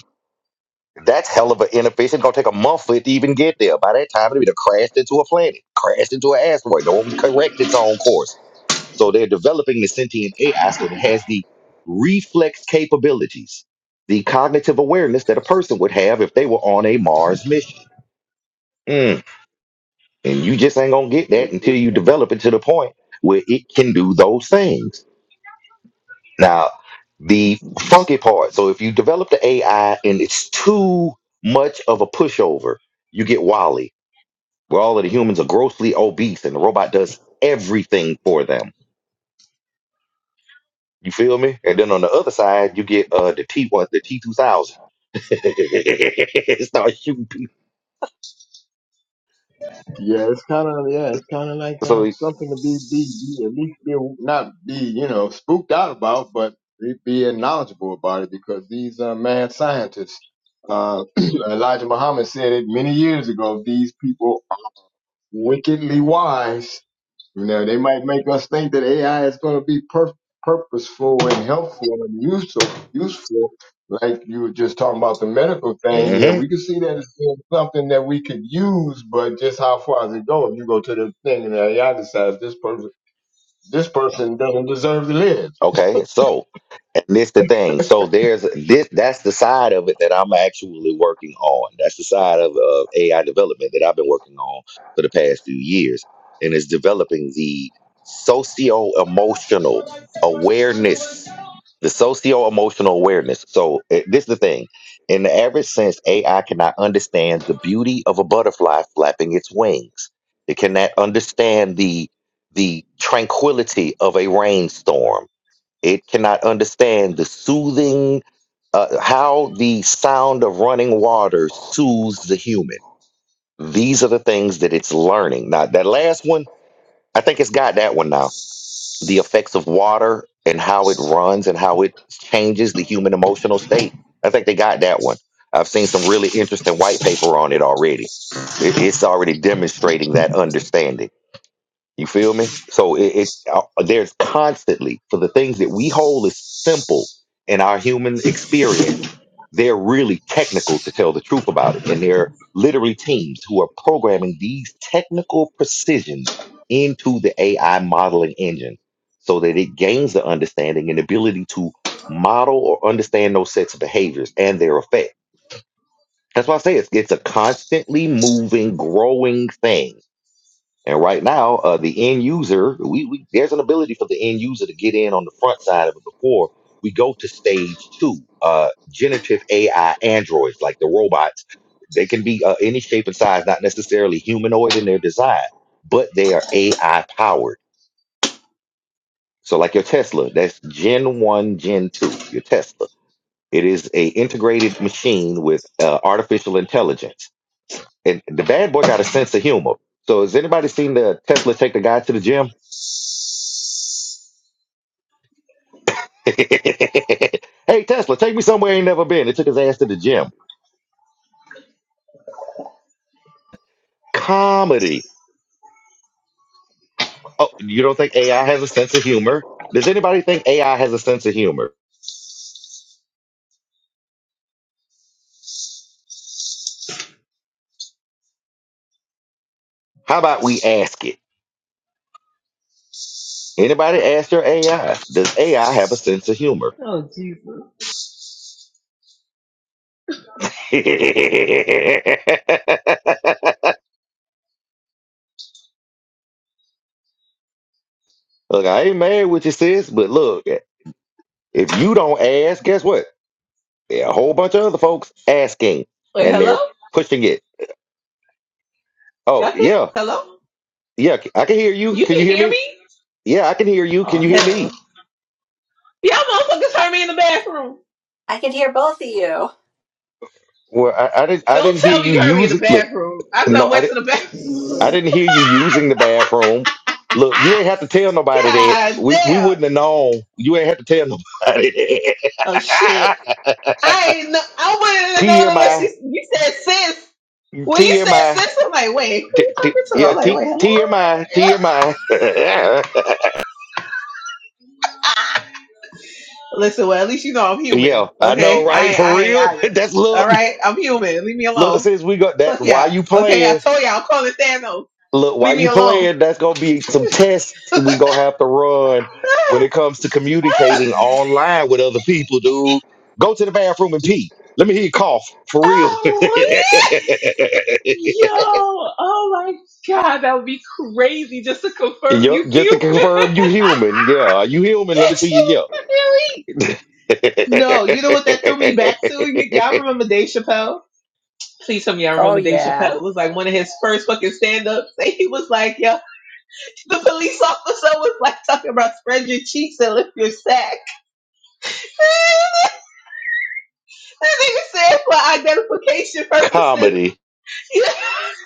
S1: That's hell of an inefficient. It's gonna take a month for it to even get there. By that time, it'll be crashed into a planet, crashed into an asteroid. Don't correct its own course. So they're developing the sentient AI so that it has the reflex capabilities, the cognitive awareness that a person would have if they were on a Mars mission. Mm. And you just ain't gonna get
S13: That's
S1: that until
S13: it.
S1: you develop it to the point where it can do those things. Now, the funky part. So if you develop the AI and it's too much of a pushover, you get Wally, where all of the humans are grossly obese and the robot does everything for them You feel me? And then on the other side, you get uh the T one, the T two thousand. Start shooting people.
S13: Yeah, it's kind of yeah, it's kind of like uh,
S1: So,
S13: something to be, be be at least be not be you know spooked out about, but be, be knowledgeable about it because these uh, mad scientists, uh, Elijah Muhammad said it many years ago. These people are wickedly wise You know, they might make us think that AI is going to be per- purposeful and helpful and useful. Useful, like you were just talking about the medical thing. Yeah,
S1: mhm.
S13: we can see that it's still something that we could use, but just how far does it go? If you go to the thing and AI decides this person, this person doesn't deserve to live.
S1: Okay, so and this the thing. So there's this that's the side of it that I'm actually working on. That's the side of, of AI development that I've been working on for the past few years. And it's developing the socio-emotional awareness. The socio-emotional awareness. So eh, this is the thing. In the average sense, AI cannot understand the beauty of a butterfly flapping its wings. It cannot understand the the tranquility of a rainstorm it cannot understand the soothing, uh, how the sound of running water soothes the human. These are the things that it's learning. Now, that last one, I think it's got that one now. The effects of water and how it runs and how it changes the human emotional state. I think they got that one. I've seen some really interesting white paper on it already. It- It's already demonstrating that understanding. You feel me? So it, it uh, there's constantly for the things that we hold as simple in our human experience, they're really technical to tell the truth about it, and they're literally teams who are programming these technical precisions into the AI modeling engine so that it gains the understanding and ability to model or understand those sets of behaviors and their effect. That's why I say it's it's a constantly moving, growing thing and right now, uh, the end user, we, we there's an ability for the end user to get in on the front side of it before we go to stage two. Uh, generative AI androids, like the robots, they can be uh, any shape and size, not necessarily humanoid in their design, but they are AI powered. So, like your Tesla, that's Gen One, Gen Two. Your Tesla, it is a integrated machine with uh, artificial intelligence, and the bad boy got a sense of humor. So, has anybody seen the Tesla take the guy to the gym? hey Tesla, take me somewhere I ain't never been. It took his ass to the gym. Comedy. Oh, you don't think AI has a sense of humor? Does anybody think AI has a sense of humor? How about we ask it? Anybody ask your AI? Does AI have a sense of humor?
S9: oh Jesus!
S1: look, I ain't mad with you, sis, but look, if you don't ask, guess what? There are a whole bunch of other folks asking,
S9: Wait,
S1: and
S9: hello?
S1: they're pushing it. Oh
S9: Y'all can
S1: yeah,
S9: hello?
S1: yeah, I can hear you.
S9: You
S1: Can
S9: can
S1: you hear
S9: hear
S1: me?
S9: me?
S1: Yeah, I can hear you.
S9: Oh
S1: Can you hear me?
S9: hell! Y'all motherfuckers
S14: I,
S9: heard me in the bathroom.
S14: I can hear both of you.
S1: Well, I, I didn't. I
S9: Don't
S1: didn't hear
S9: tell me
S1: you
S9: you heard me in
S1: use
S9: the
S1: it. Look,
S9: bathroom. I
S1: no,
S9: done
S1: I
S9: went to
S1: didn't.
S9: the
S1: I
S9: bathroom.
S1: didn't hear you using the bathroom. Look, you
S9: ah,
S1: ain't have to tell nobody that.
S9: God
S1: We we
S9: damn!
S1: wouldn't have known. You ain't have to tell nobody
S9: Oh shit!
S1: that.
S9: I ain't know. I wouldn't have known unless you
S1: TMI,
S9: you said sis. When you said
S1: TMI,
S9: sis, I'm like, wait, who you talking to?
S1: yeah,
S9: I'm like,
S1: T-
S9: wait,
S1: TMI,
S9: hello?
S1: TMI.
S9: Listen, well, at least you know I'm human.
S1: yeah, I know,
S9: Okay, I
S1: right?
S9: ain't,
S1: For
S9: I ain't, I
S1: real.
S9: am.
S1: That's
S9: All
S1: look,
S9: right, I'm human. Leave me
S1: look.
S9: alone.
S1: Since we got that,
S9: Fuck
S1: why
S9: y'all,
S1: you
S9: Okay, I
S1: playing?
S9: told y'all, I'm calling Thanos.
S1: Look,
S9: Leave
S1: while
S9: me
S1: you
S9: alone.
S1: playing, that's gonna be some tests we gonna have to run when it comes to
S9: Ah,
S1: communicating online with other people, dude. Go to the bathroom and pee. Let me hear you cough
S9: ah,
S1: for real.
S9: ah, yeah. Yo, oh my god, that would be crazy just to confirm you
S1: yup, just to
S9: human.
S1: confirm you human. Yeah, are you human? Let
S9: that shit
S1: me see
S9: is
S1: you.
S9: really.
S1: Yeah.
S9: No, you know what that threw me back to? Y- y'all remember Dave Chappelle? Please tell me y'all
S14: Oh,
S9: remember Dave
S14: yeah.
S9: Chappelle. It was like one of his first fucking stand ups. He was like, yo. The police officer was like talking about spread your cheeks and lift your sack. that nigga said for identification purposes.
S1: Comedy.
S9: that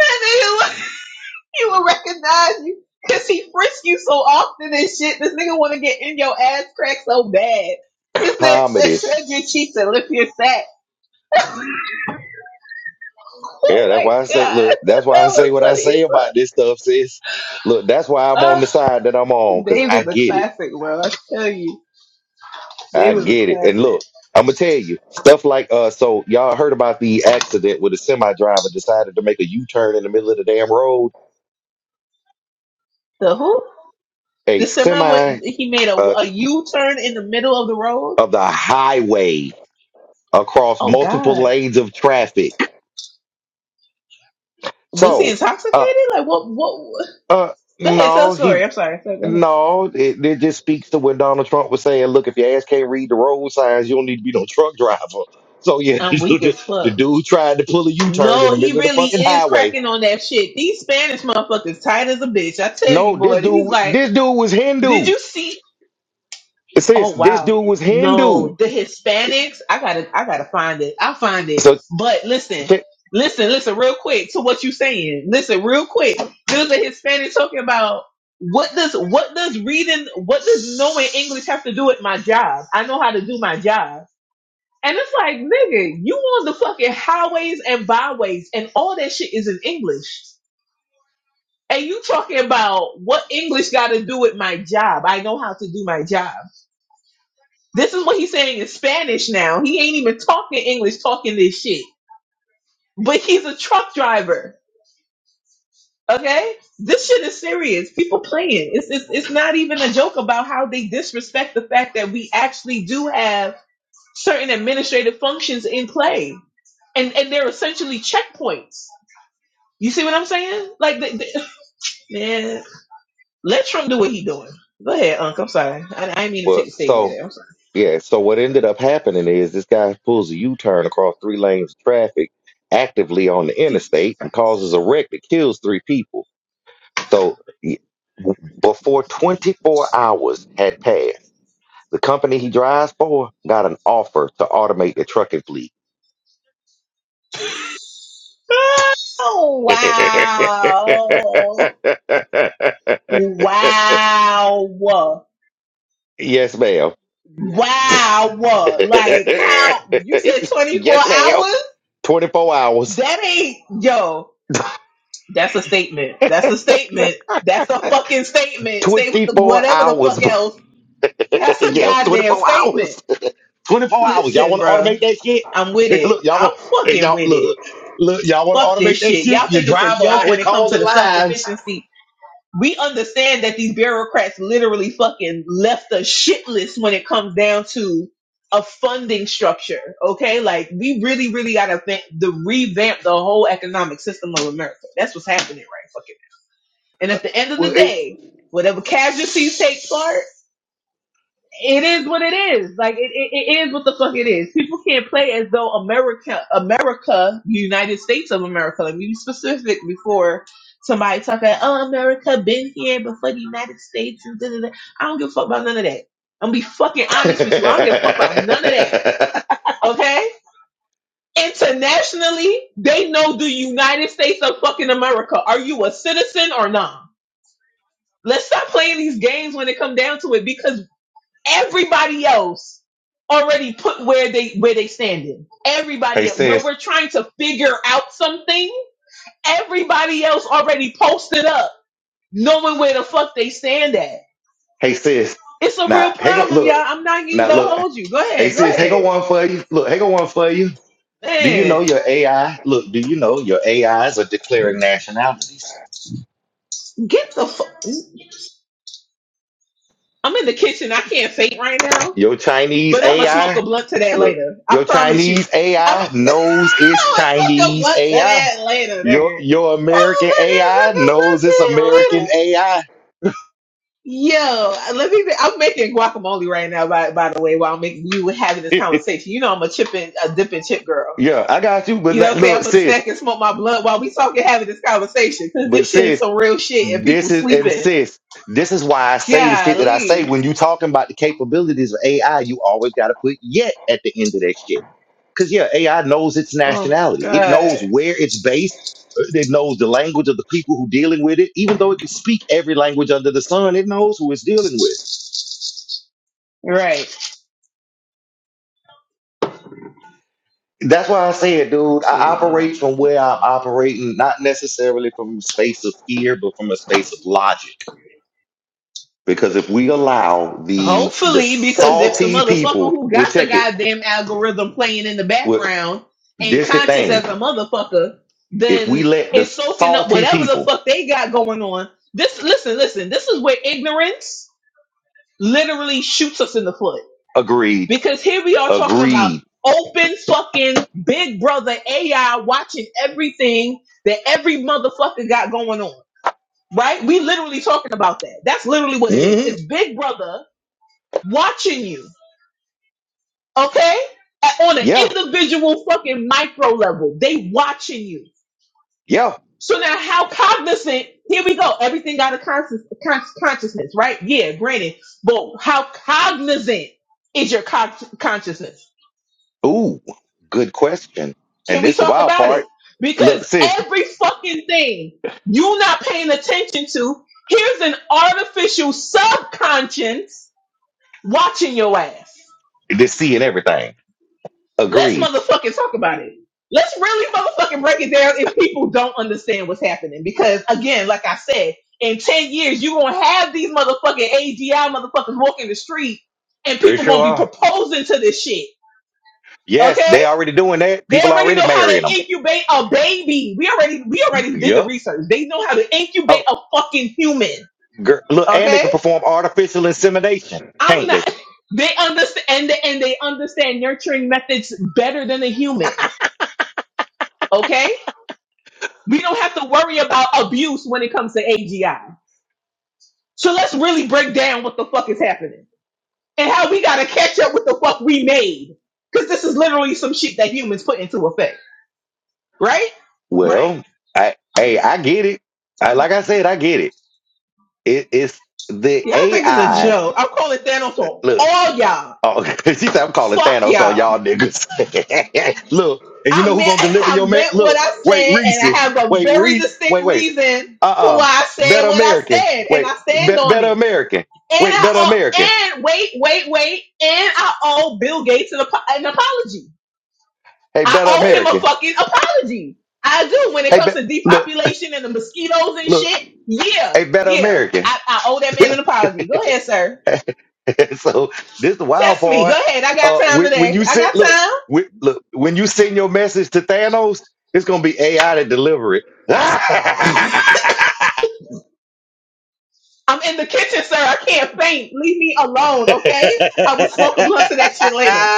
S9: nigga, like, he will recognize you because he frisked you so often and shit. This nigga want to get in your ass crack so bad. This nigga said
S1: Comedy.
S9: spread your cheeks and lift your sack.
S1: Yeah,
S9: Oh
S1: that's
S9: my
S1: why I say
S9: god,
S1: look, that's why
S9: that
S1: I
S9: was
S1: say what I
S9: funny
S1: say about this stuff, sis. Look, that's why I'm on
S9: as
S1: the
S9: fuck.
S1: side that I'm
S9: Uh,
S1: on, because
S9: Dave is
S1: I
S9: a
S1: get it.
S9: classic, bro. I tell you,
S1: I
S9: Dave is a
S1: get it. And
S9: classic.
S1: look, I'm gonna tell you stuff like uh. So y'all heard about the accident where the semi driver decided to make a U-turn in the middle of the damn road.
S9: The who?
S1: A
S9: The semi
S1: semi
S9: went. He made a
S1: uh,
S9: a U turn in the middle of the road.
S1: of the highway across
S9: Oh
S1: multiple
S9: God,
S1: lanes of traffic.
S9: was he
S1: So
S9: intoxicated?
S1: uh
S9: Like what? What? what?
S1: uh
S9: Go ahead, tell the
S1: no
S9: story.
S1: he.
S9: I'm sorry. Go ahead.
S1: No, it, it just speaks to when Donald Trump was saying, "Look, if your ass can't read the road signs, you don't need to be no truck driver." So yeah,
S9: I'm weak
S1: the,
S9: as
S1: the
S9: fuck.
S1: dude tried to pull a U-turn in
S9: No,
S1: the
S9: he
S1: middle of the
S9: really
S1: fucking
S9: is
S1: highway
S9: cracking on that shit. These Spanish motherfuckers tight as a bitch. I tell you,
S1: No, this
S9: boy. He's
S1: dude,
S9: like,
S1: this dude was
S9: did
S1: Hindu.
S9: you see? Oh
S1: Sis, this
S9: wow.
S1: dude was Hindu.
S9: No, the Hispanics, I gotta I gotta find it. I'll find it.
S1: So
S9: But listen,
S1: check.
S9: listen, listen real quick to what you saying. Listen real quick. There's a Hispanic talking about what does what does reading what does knowing English have to do with my job? I know how to do my job. And it's like, nigga, you on the fucking highways and byways and all that shit is in English. And you talking about what English gotta do with my job. I know how to do my job this is what he's saying in Spanish now. He ain't even talking English, talking this shit. But he's a truck driver. Okay? This shit is serious. People playing. It's, it's it's not even a joke about how they disrespect the fact that we actually do have certain administrative functions in play. And and they're essentially checkpoints. You see what I'm saying? Like the, the, man, let Trump do what he doing. Go ahead, Unc. I'm sorry. I, I didn't mean to
S1: Well,
S9: take the stage like that. I'm
S1: so
S9: sorry.
S1: yeah. So what ended up happening is this guy pulls a U-turn across three lanes of traffic actively on the
S9: Jesus
S1: interstate and
S9: Christ.
S1: causes a wreck that kills three people. So y- before 24 hours had passed, the company he drives for got an offer to automate the trucking fleet.
S9: Oh wow. Wow.
S1: yes, ma'am.
S9: Wow. Like how you said 24
S1: yes, ma'am.
S9: hours?
S1: 24 hours.
S9: That ain't yo. That's a statement. That's a statement. That's a fucking statement. Say with the
S1: 24
S9: whatever the
S1: hours.
S9: fuck
S1: bro.
S9: else. That's a
S1: yeah,
S9: goddamn
S1: 24
S9: statement.
S1: hours. 24 hours. Y'all
S9: Listen,
S1: want to
S9: bruh.
S1: automate that shit?
S9: I'm with it.
S1: look, y'all
S9: I'm
S1: want hey,
S9: fucking
S1: y'all
S9: with it.
S1: look, look, y'all want to
S9: Fuck this
S1: automate that
S9: shit. Y'all
S1: shit? Your
S9: think it's a
S1: driver
S9: joke
S1: out here
S9: when it comes to
S1: causing
S9: the
S1: lives.
S9: self-sufficiency we understand that these bureaucrats literally fucking left us shitless when it comes down to a funding structure. Okay, like we really, really gotta think the revamp the whole economic system of America. That's what's happening right fucking. now. And at the end of the
S1: Well, it-
S9: day, whatever casualties take part it is what it is. Like it, it, it is what the fuck it is. People can't play as though America, America, United States of America. Like we be specific before somebody talking. Oh, America been here before the United States. And da, da, da. I don't give a fuck about none of that. I'm gonna be fucking honest with you. I don't give a fuck about none of that. Okay. Internationally, they know the United States of fucking America. Are you a citizen or not? Let's stop playing these games when it come down to it because everybody else already put where they where they standing.
S1: hey
S9: Everybody else. When
S1: sis.
S9: we're trying to figure out something, everybody else already posted up, knowing where the fuck they stand at.
S1: Hey sis.
S9: It's a
S1: Now,
S9: real
S1: hey go
S9: problem, y'all.
S1: look.
S9: I'm not even
S1: Now
S9: gonna
S1: look.
S9: hold you. Go
S1: Hey
S9: ahead, go
S1: sis, hey go
S9: ahead.
S1: one for you. Look, hey go one for you. Do you
S9: Man,
S1: know your AI? Look, do you know your AIs are declaring nationalities?
S9: get the fuck. I'm in the kitchen. I can't faint right now,
S1: Your Chinese
S9: but I'm gonna smoke a
S1: AI,
S9: blunt to that
S1: look,
S9: later. I
S1: your
S9: promise you.
S1: Chinese
S9: I'm
S1: AI
S9: gonna
S1: knows it's
S9: smoke a
S1: Chinese
S9: blunt to
S1: AI.
S9: that later,
S1: Your
S9: nigga.
S1: your
S9: I'm gonna
S1: American
S9: fucking
S1: AI
S9: smoke a blunt to
S1: knows it's
S9: that later.
S1: American AI.
S9: Yo, let me. I'm making guacamole right now. By by the way, while I'm making you having this conversation, you know I'm a chip and a dip and chip girl.
S1: yeah, I got you, but
S9: You know, what
S1: like,
S9: I'm saying
S1: look,
S9: I'm a
S1: sis,
S9: snack and smoke my blunt while we talking having this conversation because
S1: but
S9: this shit is
S1: sis,
S9: some real shit and people
S1: this is and
S9: sleeping.
S1: sis, this is why I say the shit that I say.
S9: Golly,
S1: When you talking about the capabilities of AI, you always got to put yet at the end of that shit Because yeah, AI knows its
S9: oh my
S1: nationality. It knows
S9: god,
S1: where it's based. It knows the language of the people who dealing with it. Even though it can speak every language under the sun, it knows who it's dealing with.
S9: right?
S1: That's why I said, dude, I
S9: Shit,
S1: operate
S9: wow.
S1: from where I'm operating, not necessarily from a space of fear, but from a space of logic. Because if we allow the the
S9: Hopefully, because if the
S1: salty
S9: motherfucker
S1: people,
S9: who
S1: well,
S9: got the
S1: check it.
S9: goddamn algorithm playing in the
S1: Well,
S9: background ain't
S1: this the
S9: conscious as
S1: thing.
S9: a motherfucker,
S1: If we
S9: then
S1: let the
S9: it's soaking up
S1: salty
S9: whatever the
S1: people
S9: fuck they got going on. This listen, listen, this is where ignorance literally shoots us in the foot.
S1: agree,
S9: Because here we are talking about
S1: agreed,
S9: open fucking big brother AI watching everything that every motherfucker got going on. Right? We literally talking about that. That's literally
S1: agreed,
S9: what it is.
S1: mhm,
S9: It's big brother watching you okay? At- on an
S1: yeah,
S9: individual fucking micro level, they watching you.
S1: yeah.
S9: So now, how cognizant? Here we go. Everything got a conscious, con- consciousness, right? Yeah, granted, but how cognizant is your con- consciousness?
S1: Ooh, good question. And
S9: Can we
S1: this the
S9: talk
S1: wild
S9: about it?
S1: part.
S9: Because
S1: Look, sis,
S9: every fucking thing you are not paying attention to, here's an artificial subconscious watching your ass.
S1: this seeing everything.
S9: Let's
S1: Agreed.
S9: motherfucking talk about it. Let's really motherfucking break it down if people don't understand what's happening. Because again, like I said, in 10 years, you're gonna have these motherfucking AGI motherfuckers walking the street and
S1: They
S9: people
S1: sure
S9: gonna be
S1: are.
S9: proposing to this shit.
S1: Yes,
S9: Okay?
S1: they already doing that.
S9: They
S1: People
S9: already
S1: already
S9: know how to
S1: marrying them.
S9: incubate a baby. We already we already did the
S1: Yep.
S9: research. They know how to incubate
S1: Oh,
S9: a fucking human.
S1: girl, look, and they
S9: Okay?
S1: can perform artificial insemination,
S9: I'm
S1: can't they?
S9: not they understand and they, and they understand nurturing methods better than a human. Okay? We don't have to worry about abuse when it comes to AGI. So let's really break down what the fuck is happening and how we gotta catch up with the fuck we made. Cause this is literally some shit that humans put into effect. Right? Right.
S1: Well, I hey, I get it. I, like I said, I get it. it it's the
S9: Yeah, I think it's a
S1: AI.
S9: joke. I'm calling Thanos on
S1: Look,
S9: all y'all.
S1: oh, she said I'm calling
S9: Fuck
S1: Thanos on y'all
S9: y'all.
S1: niggas. look, and you
S9: I
S1: know who
S9: meant
S1: gonna deliver
S9: I
S1: your man?
S9: meant what
S1: Look,
S9: I
S1: wait,
S9: said and I
S1: Reese.
S9: have a
S1: Wait,
S9: very
S1: Reese.
S9: distinct
S1: Wait, wait.
S9: reason for
S1: uh-uh
S9: why I said
S1: better
S9: what I
S1: american
S9: said and
S1: wait
S9: I stand
S1: be-
S9: on
S1: better
S9: it.
S1: american
S9: And
S1: wait
S9: I
S1: better american
S9: owe, and wait, wait, wait, and I owe Bill Gates an, an apology.
S1: hey
S9: I
S1: better
S9: owe him a
S1: american
S9: fucking apology. I do. When it
S1: hey be-
S9: comes to
S1: look
S9: depopulation and the mosquitoes and
S1: look
S9: shit, yeah,
S1: hey better
S9: yeah,
S1: american
S9: I, I owe that man an apology. Go ahead, sir.
S1: so this the wild
S9: Test me. Go
S1: part
S9: ahead. I got
S1: uh
S9: time
S1: when, when
S9: today.
S1: you
S9: I
S1: send
S9: got
S1: look
S9: time.
S1: when, look when you send your message to thanos it's gonna be ai to deliver it
S9: I'm in the kitchen, sir. I can't faint. Leave me alone, okay? I will smoke a blunt to that shit later.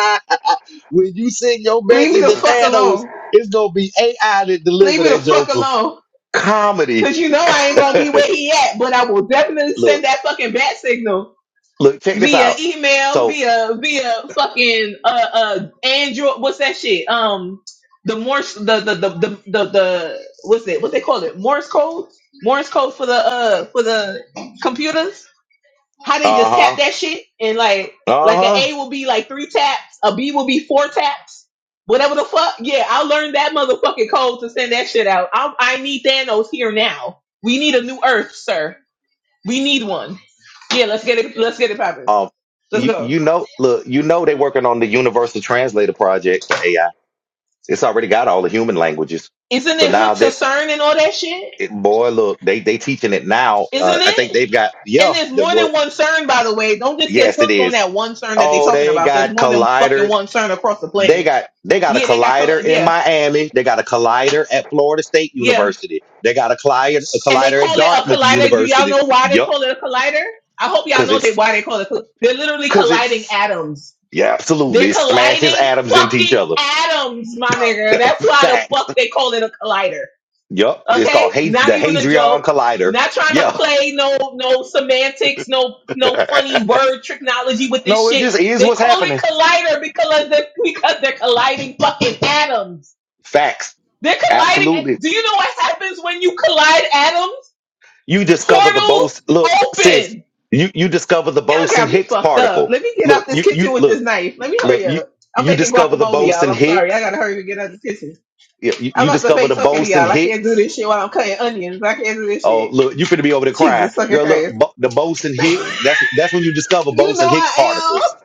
S1: when you send your
S9: Leave me
S1: message
S9: the
S1: to
S9: fuck
S1: thanos
S9: alone.
S1: it's gonna be ai to
S9: Leave
S1: deliver
S9: me the
S1: that
S9: fuck
S1: joker
S9: alone.
S1: comedy.
S9: Cause you know I ain't gonna be where he at, but I will definitely send
S1: look,
S9: that fucking bat signal
S1: look, check this
S9: via
S1: out.
S9: email,
S1: So,
S9: via via fucking uh uh Android. What's that shit? Um, the Morse the the the the the, the what's it? What they call it? Morse code? Morse code for the uh for the computers? how they just tap
S1: uh-huh,
S9: that shit and like like an
S1: uh-huh.
S9: A will be like three taps, a B will be four taps, whatever the fuck. Yeah, I learned that motherfucking code to send that shit out. I, I need Thanos here now. We need a new Earth, sir. We need one. Yeah, let's get it. Let's get it popping.
S1: Um,
S9: Let's
S1: you,
S9: go.
S1: you know, look, you know they're working on the Universal Translator project for AI. It's already got all the human languages.
S9: Isn't
S1: So
S9: it
S1: now
S9: hooked to
S1: that
S9: CERN and all that shit?
S1: it, boy, look, they they teaching it now.
S9: Isn't
S1: Uh, I think
S9: it?
S1: they've got
S9: And
S1: yeah,
S9: there's
S1: the
S9: more than
S1: what
S9: one CERN, by the way. Don't just get
S1: yes, it
S9: hooked on
S1: is.
S9: that one CERN that they
S1: Oh,
S9: talking
S1: they
S9: about. There's
S1: got
S9: more than fucking
S1: colliders
S9: one CERN across the
S1: they
S9: planet.
S1: got they got a
S9: Yeah, they got. coll-
S1: collider in
S9: Yeah,
S1: Miami. They got a collider at Florida State
S9: yeah.
S1: University. They got a collider a
S9: and they
S1: collider
S9: call
S1: at
S9: it a
S1: Dartmouth
S9: collider. Do y'all
S1: University.
S9: know why they
S1: Yup,
S9: call it a collider? I hope y'all
S1: cause
S9: know they
S1: it's
S9: why they call it. coll- They're literally
S1: cause
S9: colliding
S1: it's
S9: atoms.
S1: yeah,
S9: They're
S1: absolutely. It smashes
S9: colliding
S1: atoms into each
S9: fucking
S1: other.
S9: atoms, my nigga. That's why the
S1: Facts.
S9: fuck they call it a collider.
S1: Yup, it's
S9: Okay,
S1: called hey,
S9: not
S1: the
S9: even a
S1: Hadrian
S9: joke.
S1: Collider.
S9: Not trying to
S1: Yeah.
S9: play no no semantics, no no funny word technology with this
S1: no, it
S9: shit.
S1: just is
S9: They
S1: what's
S9: call it
S1: happening.
S9: collider because they're, because they're colliding fucking atoms.
S1: Facts.
S9: They're colliding.
S1: Absolutely.
S9: Do you know what happens when you collide atoms?
S1: You discover the Bose.
S9: Portals
S1: Look, sis,
S9: open.
S1: you you discover the
S9: Y'all
S1: Bose and
S9: got me
S1: Higgs
S9: fucked up.
S1: particle.
S9: Let me get out
S1: Look,
S9: this
S1: you you
S9: kitchen with
S1: look.
S9: this knife. Let me
S1: look,
S9: hurry
S1: you
S9: up. I'm
S1: you
S9: making
S1: discover the
S9: guacamole, y'all.
S1: Boson
S9: I'm sorry. I
S1: Hicks.
S9: gotta hurry to get out of the kitchen.
S1: You, you
S9: I'm
S1: you
S9: about to
S1: discover
S9: fake
S1: the
S9: talking to
S1: Boson
S9: y'all. I can't do
S1: Hicks.
S9: this shit while I'm cutting onions. I can't do this
S1: Oh,
S9: shit.
S1: look, you finna be over there crying,
S9: Jesus fucking
S1: girl. Look,
S9: Christ.
S1: bo- the Boson Hicks. That's that's when you discover
S9: You know
S1: Boson Hicks
S9: I
S1: particles.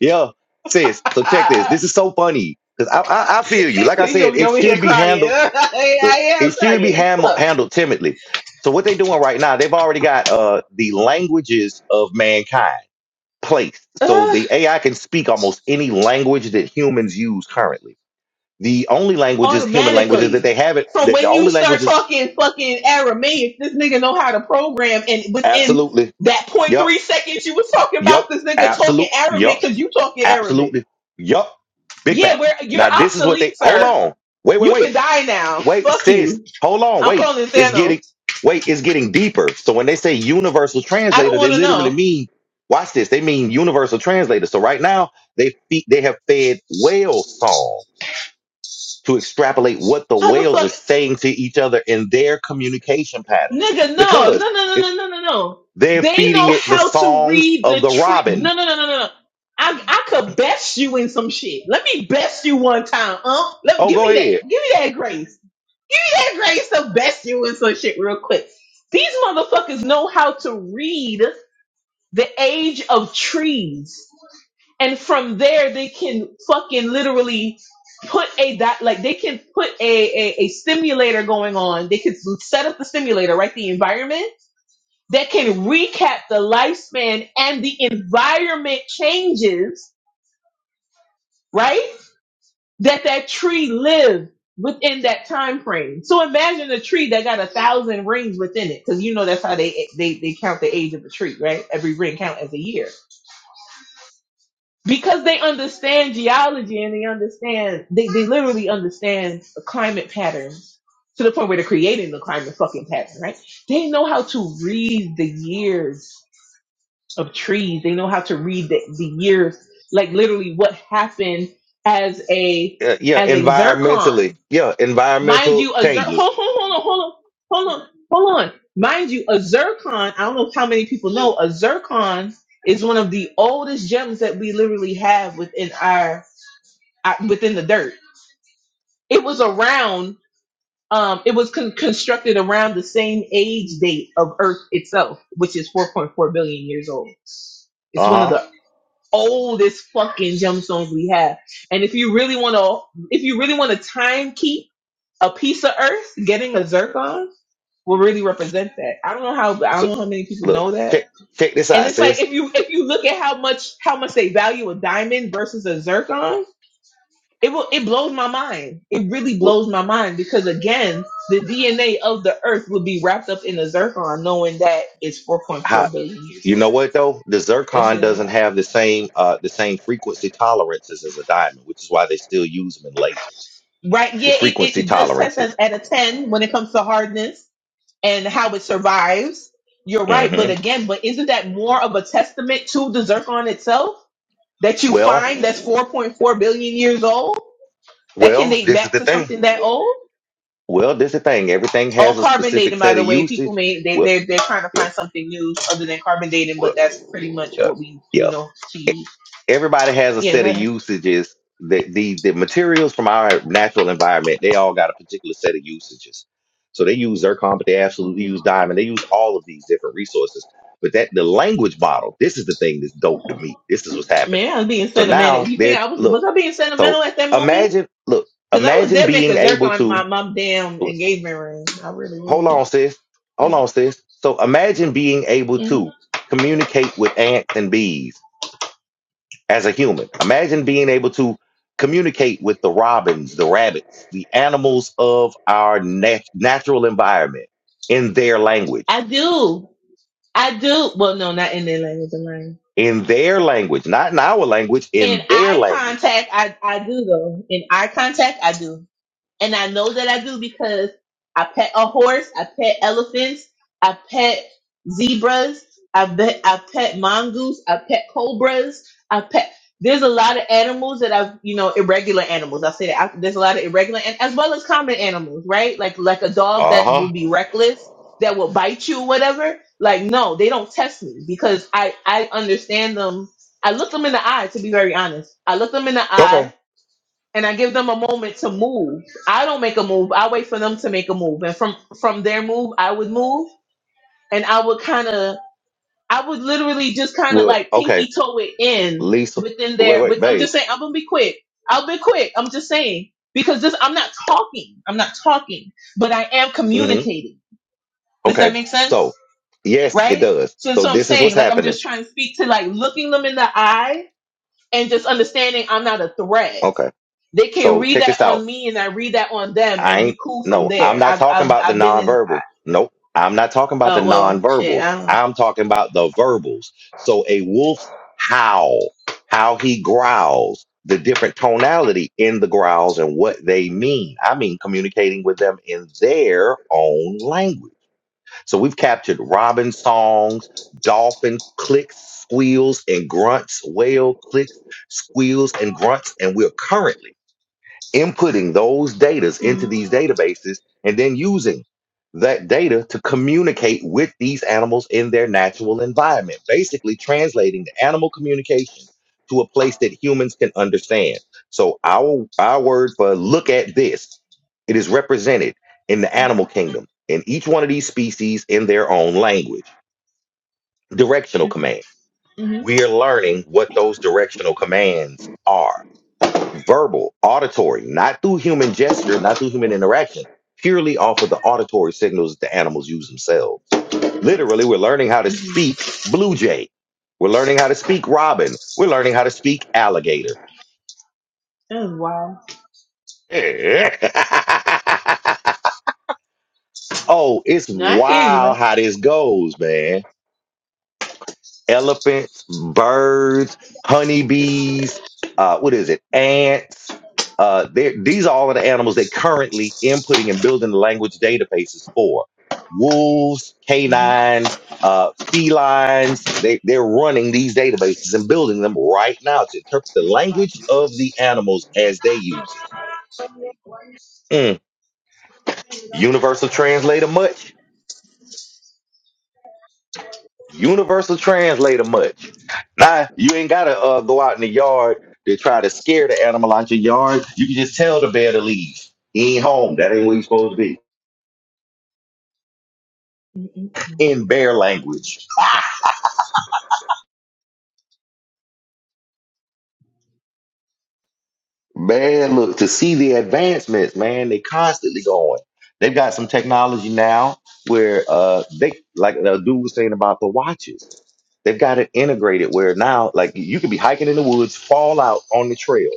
S1: Yeah, sis.
S9: am.
S1: So check this.
S9: Ah.
S1: This is so funny because I, I I feel you. Like I
S9: you
S1: said,
S9: gonna be
S1: it
S9: over here
S1: should be
S9: crying.
S1: handled.
S9: I, I
S1: Look, it
S9: am
S1: should be
S9: crying.
S1: ham-
S9: Fuck.
S1: handled timidly. So what they doing right now, they've already got uh the languages of mankind placed, so
S9: Ah.
S1: the AI can speak almost any language that humans use currently. the only languages, human languages
S9: automatically
S1: that they have it,
S9: from
S1: that the
S9: when you
S1: only
S9: start
S1: languages,
S9: talking fucking Aramaic, this nigga know how to program and within
S1: absolutely,
S9: that point
S1: yup,
S9: three seconds you was talking about
S1: yup,
S9: this nigga talking
S1: absolute,
S9: Arabic
S1: yup,
S9: because you talking Arabic.
S1: absolutely, yup, big
S9: Yeah,
S1: facts.
S9: we're you're
S1: Now this is what
S9: obsolete,
S1: they hold
S9: sir.
S1: on, wait, wait,
S9: You can
S1: wait,
S9: die now.
S1: wait,
S9: Fuck
S1: sis,
S9: you.
S1: hold on,
S9: I'm
S1: wait,
S9: calling
S1: it's getting,
S9: Thanos.
S1: wait, it's getting deeper. So when they say universal
S9: I don't
S1: translator, they
S9: wanna
S1: literally
S9: know.
S1: mean, watch this, they mean universal translator. So right now they feed, they have fed whale song. to extrapolate what the
S9: How the
S1: whales are
S9: fuck
S1: saying to each other in their communication patterns
S9: Nigga, no, no, no,
S1: because
S9: no,
S1: it,
S9: no, no, no, no.
S1: they're
S9: They
S1: feeding
S9: know
S1: it the
S9: how to
S1: songs
S9: read the
S1: of the
S9: tree.
S1: robin.
S9: No, no, no, no, no, no. I, I could best you in some shit. Let me best you one time, um. Let
S1: Oh,
S9: give
S1: go
S9: me that.
S1: ahead.
S9: Give me that grace. Give me that grace to best you in some shit real quick. These motherfuckers know how to read the age of trees, and from there they can fucking literally put a that like they can put a, a a stimulator going on. They can set up the stimulator, right? The environment that can recap the lifespan and the environment changes, right? That that tree lived within that time frame. So imagine a tree that got a thousand rings within it, because you know that's how they, they they count the age of a tree, right? Every ring count as a year. Because they understand geology and they understand they, they literally understand the climate patterns to the point where they're creating the climate fucking pattern, right? They know how to read the years of trees. They know how to read the, the years, like literally what happened as a
S1: Yeah, yeah
S9: as a
S1: environmentally.
S9: zircon.
S1: Yeah,
S9: Mind
S1: environmental
S9: you, a zir-
S1: changes.
S9: hold, hold, hold on, hold on, hold on, hold on. Mind you, a zircon. I don't know how many people know a zircon is one of the oldest gems that we literally have within our uh, within the dirt. It was around. Um, it was con- constructed around the same age date of Earth itself, which is 4.4 billion years old. It's one of
S1: Uh
S9: the
S1: huh.
S9: oldest fucking gemstones we have. And if you really want to, if you really want to time keep a piece of earth, getting a zircon will really represent that. I don't know how, I don't
S1: So
S9: know how many people
S1: look,
S9: know that.
S1: check check this
S9: And
S1: out,
S9: it's like,
S1: sis.
S9: if you, if you look at how much, how much they value a diamond versus a zircon, it will, it blows my mind. It really
S1: Well,
S9: blows my mind because again, the DNA of the earth will be wrapped up in a zircon knowing that it's
S1: how
S9: 4.4 billion years
S1: you
S9: old.
S1: know what though? The
S9: That
S1: zircon
S9: shit is
S1: doesn't
S9: wild.
S1: have the same uh the same frequency tolerances as a diamond, which is why they still use them in lasers.
S9: Right.
S1: The
S9: Yeah, it,
S1: frequency
S9: it, it does test us
S1: tolerances.
S9: at a 10 when it comes to hardness and how it survives. You're right. But
S1: hmm
S9: again, but isn't that more of a testament to the zircon itself that you find
S1: Well,
S9: that's 4.4 billion years old? That can
S1: well,
S9: date
S1: this is
S9: back
S1: the
S9: to
S1: thing.
S9: something that old?
S1: Well, this the thing. Everything
S9: All
S1: has a
S9: carbon
S1: specific
S9: dating, by
S1: set
S9: the
S1: of
S9: way. People
S1: usage.
S9: may, they,
S1: Well,
S9: they're, they're trying to
S1: yeah,
S9: find something new other than carbon dating, but
S1: well,
S9: that's pretty much
S1: yeah,
S9: what we do
S1: yeah.
S9: know to
S1: E-
S9: use.
S1: Everybody has a
S9: Yeah,
S1: set
S9: go
S1: of
S9: ahead.
S1: usages. The, the the materials from our natural environment, they all got a particular set of usages. So they use zircon, but they absolutely
S9: hmm
S1: use diamond. They use all of these different resources. But that the language model, this is the thing that's dope to me. This is what's happening.
S9: Man, I was being
S1: So
S9: sentimental.
S1: now
S9: You think
S1: they're
S9: I was, was
S1: look.
S9: I being sentimental
S1: So
S9: at that moment?
S1: imagine, look,
S9: Cause I would
S1: imagine
S9: dead make
S1: being
S9: a zerk
S1: able
S9: on
S1: to.
S9: my mom damn engagement ring. I really
S1: Hold
S9: would.
S1: on, sis. Hold
S9: It's,
S1: on, sis. So imagine being able
S9: mhm.
S1: to communicate with ants and bees as a human. Imagine being able to communicate with the robins, the rabbits, the animals of our nat- natural environment in their
S9: I
S1: language.
S9: do. I do. Well, no, not in their language, I'm
S1: In their language, not in our language,
S9: In
S1: in their
S9: eye
S1: language.
S9: contact, I, I do though. In eye contact, I do. And I know that I do because I pet a horse, I pet elephants, I pet zebras, I bet I pet mongoose, I pet cobras, I pet there's a lot of animals that I've, you know, irregular animals. I say that I, there's a lot of irregular and as well as common animals, right? Like like a dog
S1: Uh
S9: that
S1: huh.
S9: will be reckless, that will bite you, whatever. Like no, they don't test me because I I understand them. I look them in the eye. To be very honest, I look them in the eye
S1: Okay.
S9: and I give them a moment to move. I don't make a move. I wait for them to make a move. And from from their move, I would move and I would kind of I would literally just kind of
S1: Well,
S9: like
S1: okay.
S9: pinky toe it in
S1: Lisa.
S9: within
S1: Wait,
S9: their
S1: wait,
S9: with I'm
S1: babe.
S9: just saying I'm going to be quick. I'll be quick. I'm just saying because this I'm not talking. I'm not talking, but I am
S1: Mm hmm.
S9: communicating. Does that
S1: Okay.
S9: make sense?
S1: So, yes, it
S9: Right?
S1: does.
S9: So
S1: So,
S9: so I'm
S1: this is what's
S9: saying like I'm
S1: happening.
S9: just trying to speak to like looking them in the eye and just understanding I'm not a threat
S1: Okay.
S9: They can
S1: So,
S9: read
S1: check
S9: that
S1: this out
S9: on me and I read that on them
S1: I
S9: and we
S1: ain't
S9: cool from
S1: no, I'm
S9: there.
S1: not
S9: I've,
S1: talking
S9: I've,
S1: about the
S9: I've been in,
S1: nonverbal. Nope. I'm not talking about the
S9: uh, well, shit,
S1: nonverbals.
S9: I don't know.
S1: I'm talking about the verbals. So a wolf's howl, how he growls, the different tonality in the growls and what they mean. I mean communicating with them in their own language. So we've captured robin songs, dolphin clicks, squeals, and grunts, whale clicks, squeals, and grunts, and we're currently inputting those datas into
S9: Mm-hmm.
S1: these databases and then using that data to communicate with these animals in their natural environment, basically translating the animal communication to a place that humans can understand. So our our word for look at this, it is represented in the animal kingdom in each one of these species in their own language. Directional command.
S9: Mm-hmm.
S1: We're learning what those directional commands are verbal, auditory, not through human gesture, not through human interaction, purely off of the auditory signals that the animals use themselves. Literally, we're learning how to speak blue jay. We're learning how to speak robin. We're learning how to speak alligator.
S9: That is wild.
S1: oh, it's
S9: No, I hear you, bro.
S1: wild how this goes, man. elephants, birds, honeybees, uh, what is it, ants. Uh, they're- these are all of the animals they're currently inputting and building the language databases for. Wolves,
S9: Mm-hmm.
S1: canine, uh, felines, they, they're running these databases and building them right now to interpret the language of the animals as they use it. Mm. Universal translator much? Universal translator much. Now you ain't gotta uh, go out in the yard to try to scare the animal out your yard. You can just tell the bear to leave. He ain't home. That ain't where he's supposed to be.
S9: Mm-hmm.
S1: In bear language. Man, look to see the advancements, man. They constantly going. They've got some technology now where uh they like the dude was saying about the watches. They've got it integrated where now, like you could be hiking in the woods, fall out on the trail.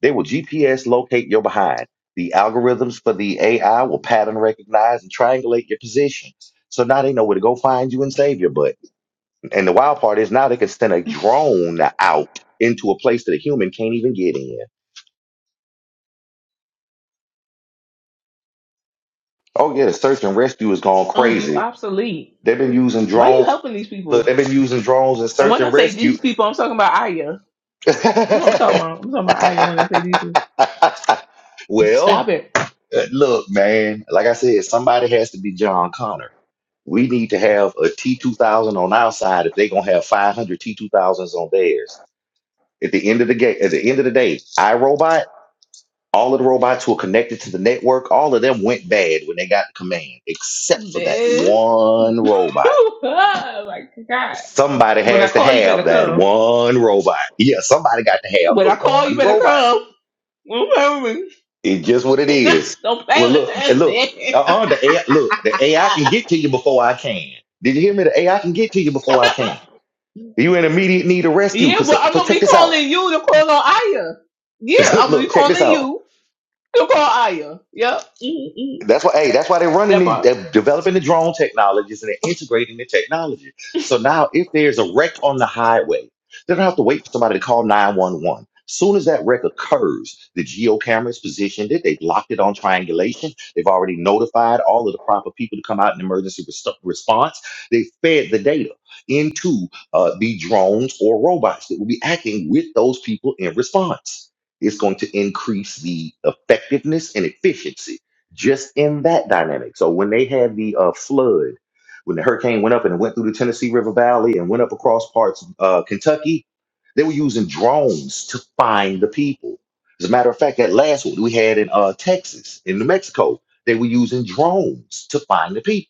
S1: They will GPS locate your behind. The algorithms for the AI will pattern recognize and triangulate your position. So now they know where to go find you and save your butt. And the wild part is now they can send a drone out into a place that a human can't even get in. Oh yeah, the search and rescue has gone
S9: Unk, you
S1: crazy.
S9: obsolete.
S1: They've been using
S9: Why are you
S1: drone
S9: helping these
S1: look,
S9: people?
S1: they've been using drones and
S9: And
S1: search
S9: when I
S1: and
S9: say
S1: rescue
S9: these people, I'm talking about Aya. That's what I'm talking about. I'm talking about Aya when I say these people. Stop
S1: well,
S9: it.
S1: uh, look, man, like I said, somebody has to be John Connor. We need to have a T2000 on our side if they're going to have 500 T2000s on theirs. At the end of the game, at the end of the day, iRobot, all of the robots who are connected to the network, all of them went bad when they got the command, except for that
S9: Biz.
S1: one robot.
S9: oh my God.
S1: Somebody
S9: When I
S1: has to
S9: call, you better
S1: have that
S9: come.
S1: one robot. Yeah, somebody got to have
S9: When
S1: the
S9: I call, you
S1: one
S9: better
S1: robot.
S9: come.
S1: It's just what it is.
S9: Don't
S1: Well,
S9: play with
S1: look, and
S9: that
S1: look,
S9: shit.
S1: uh-uh, the AI, look, the AI can get to you before I can. Did you hear me? The AI can get to you before I can. You in immediate need of rescue.
S9: yeah,
S1: Cause so,
S9: but I'm
S1: so
S9: gonna
S1: check
S9: be
S1: this out.
S9: calling you to call on Aya. Yeah, I'm gonna be
S1: look, check this
S9: calling
S1: out.
S9: you to call Aya. Yep. Mm-mm.
S1: That's why, hey, that's why they're running
S9: That
S1: these,
S9: part.
S1: they're developing the drone technologies and they're integrating the technology. So now, if there's a wreck on the highway, they don't have to wait for somebody to call 911. Soon as that wreck occurs, the geo camera is positioned it. They've locked it on triangulation. They've already notified all of the proper people to come out in emergency res- response. They fed the data into uh, the drones or robots that will be acting with those people in response. It's going to increase the effectiveness and efficiency just in that dynamic. So when they had the uh, flood, when the hurricane went up and it went through the Tennessee River Valley and went up across parts of uh, Kentucky, they were using drones to find the people. As a matter of fact, that last one we had in uh, Texas, in New Mexico, they were using drones to find the people.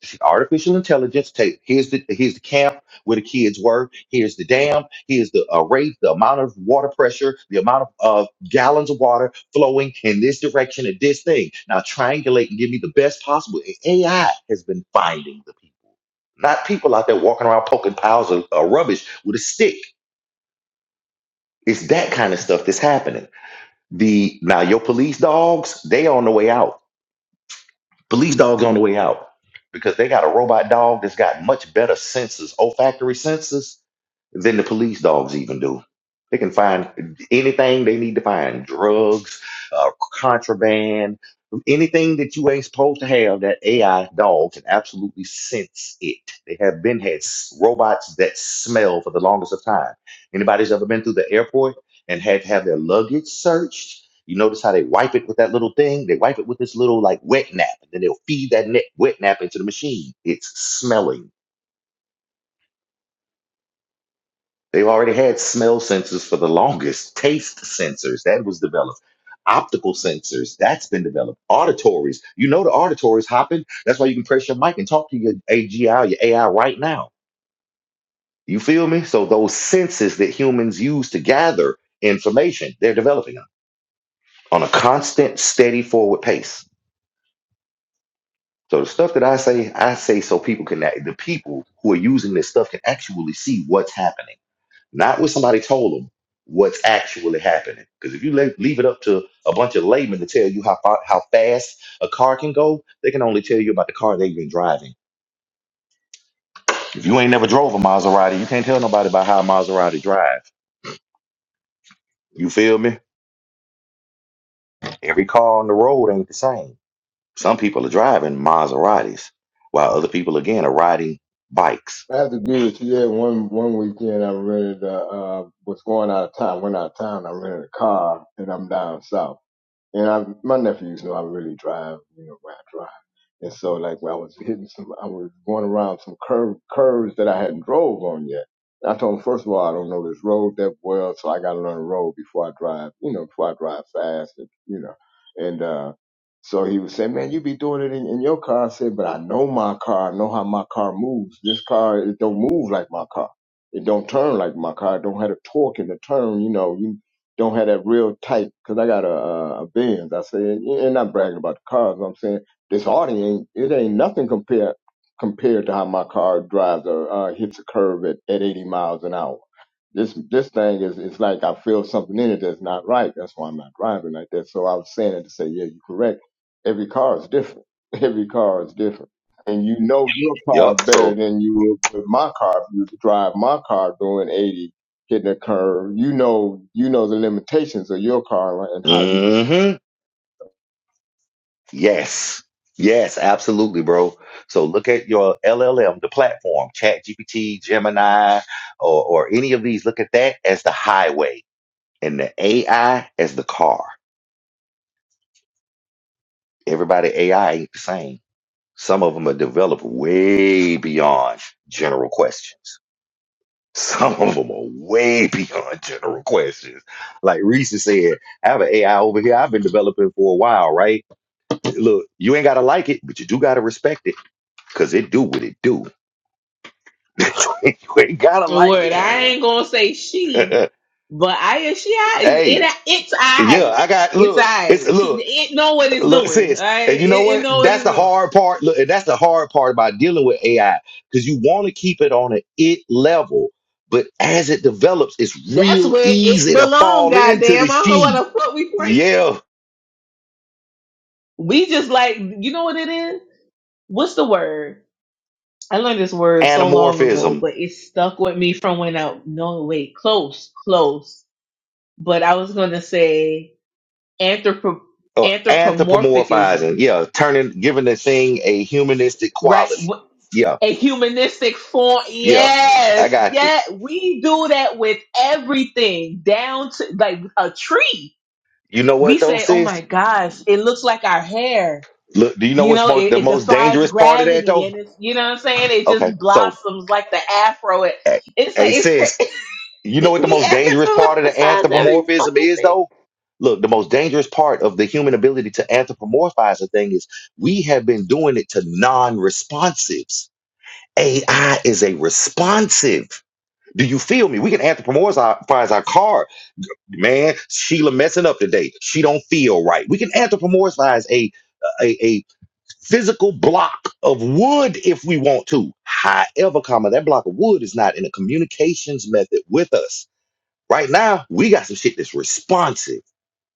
S1: She- artificial intelligence take here's the here's the camp where the kids were here's the dam here's the uh, rate the amount of water pressure the amount of uh, gallons of water flowing in this direction at this thing now triangulate and give me the best possible And ai has been finding the people not people out there walking around poking piles of uh, rubbish with a stick it's that kind of stuff that's happening the now your police dogs they on the way out Police dogs on the way out because they got a robot dog that's got much better senses, olfactory senses, than the police dogs even do. They can find anything they need to find drugs, uh, contraband, anything that you ain't supposed to have. That AI dog can absolutely sense it. They have been had s- robots that smell for the longest of time. Anybody's ever been through the airport and had to have their luggage searched? You notice how they wipe it with that little thing? They wipe it with this little like wet nap, and then they'll feed that net wet nap into the machine. It's smelling. They've already had smell sensors for the longest, taste sensors that was developed, optical sensors that's been developed, auditories. You know the auditories hopping. That's why you can press your mic and talk to your AGI, your AI right now. You feel me? So those senses that humans use to gather information, they're developing them on a constant, steady, forward pace. So the stuff that I say, I say so people can act- the people who are using this stuff can actually see what's happening, not what somebody told them. What's actually happening? Because if you leave, leave it up to a bunch of laymen to tell you how far, how fast a car can go, they can only tell you about the car they've been driving. If you ain't never drove a Maserati, you can't tell nobody about how a Maserati drive. You feel me? Every car on the road ain't the same. Some people are driving Maseratis, while other people again are riding bikes.
S13: I have to agree with you. Yeah, one one weekend I rented. Uh, uh, was going out of town. Went out of town. I rented a car, and I'm down south. And I, my nephews know I really drive. You know, where I drive. And so like when I was hitting some, I was going around some curve, curves that I hadn't drove on yet. And I told him, first of all, I don't know this road that well, so I got to learn the road before I drive, you know, before I drive fast, and, you know. And, uh, so he was saying, man, you be doing it in, in your car. I said, but I know my car. I know how my car moves. This car, it don't move like my car. It don't turn like my car. It don't have the torque in the turn, you know, you don't have that real tight, cause I got a, a, a Benz. I said, and and not bragging about the cars. I'm saying, this Audi ain't it ain't nothing compared compared to how my car drives or uh, hits a curve at, at 80 miles an hour. This this thing is it's like I feel something in it that's not right. That's why I'm not driving like that. So I was saying it to say, yeah, you're correct. Every car is different. Every car is different. And you know your car
S1: Yup.
S13: better
S1: So,
S13: than you would with my car if you was to drive my car doing 80 hitting a curve. You know, you know the limitations of your car and how you
S1: mm-hmm. Yes. Yes, absolutely, bro. So look at your LLM, the platform, Chat GPT, Gemini, or, or any of these. Look at that as the highway and the AI as the car. Everybody AI ain't the same. Some of them are developed way beyond general questions. Some of them are way beyond general questions. Like Reese said, I have an AI over here I've been developing for a while, right? Look, you ain't gotta like it, but you do gotta respect it because it do what it do. you ain't gotta
S9: The
S1: like
S9: Word. I
S1: it.
S9: ain't gonna say she, but Aya, she I
S1: hey,
S9: it it's
S1: yeah,
S9: I.
S1: I got
S9: It's
S1: look, it's
S9: I. She
S1: look,
S9: it know what it's
S1: look,
S9: doing.
S1: sis.
S9: Alright?
S1: And you know
S9: It, it
S1: what?
S9: know what
S1: That's
S9: it's
S1: the
S9: doing.
S1: hard part. Look, and that's the hard part about dealing with AI. Because you want to keep it on an it level, but as it develops, it's
S9: That's
S1: real
S9: where it
S1: easy to
S9: belong,
S1: fall into the
S9: goddamn. I don't know what
S1: she.
S9: the fuck we playing.
S1: Yeah.
S9: We just like you know what it is? What's the word? I learned this word so long ago,
S1: Anamorphism
S9: but it stuck with me from when I, no, wait, close, close. But I was going to say anthropo,
S1: or anthropomorphizing.
S9: anthropomorphicism,
S1: Yeah. Turning giving the thing a humanistic
S9: right?
S1: quality.
S9: Wh-
S1: Yeah.
S9: A humanistic form.
S1: Yeah. I
S9: Yes.
S1: got you.
S9: Yeah. We do that with everything down to like a tree.
S1: You know
S9: We
S1: what though,
S9: say, Oh
S1: sis?
S9: my gosh, it looks like our hair.
S1: Look, do you know
S9: You
S1: what's
S9: know,
S1: most,
S9: it,
S1: the
S9: it
S1: most
S9: defies
S1: dangerous part of that
S9: gravity
S1: though?
S9: and it's, you know what I'm saying? It
S1: Okay,
S9: just
S1: so
S9: blossoms like the afro. It,
S1: hey,
S9: it's like,
S1: hey
S9: it's crazy.
S1: sis, you know what the
S9: We
S1: most dangerous part of the
S9: emphasize every
S1: anthropomorphism
S9: fucking
S1: is
S9: thing.
S1: though? Look, the most dangerous part of the human ability to anthropomorphize a thing is we have been doing it to non-responsives. AI is a responsive. Do you feel me? We can anthropomorphize our car. Man, Sheila messing up today. She don't feel right. We can anthropomorphize a a, physical block of wood if we want to. However, comma, that block of wood is not in a communications method with us. Right now, we got some shit that's responsive.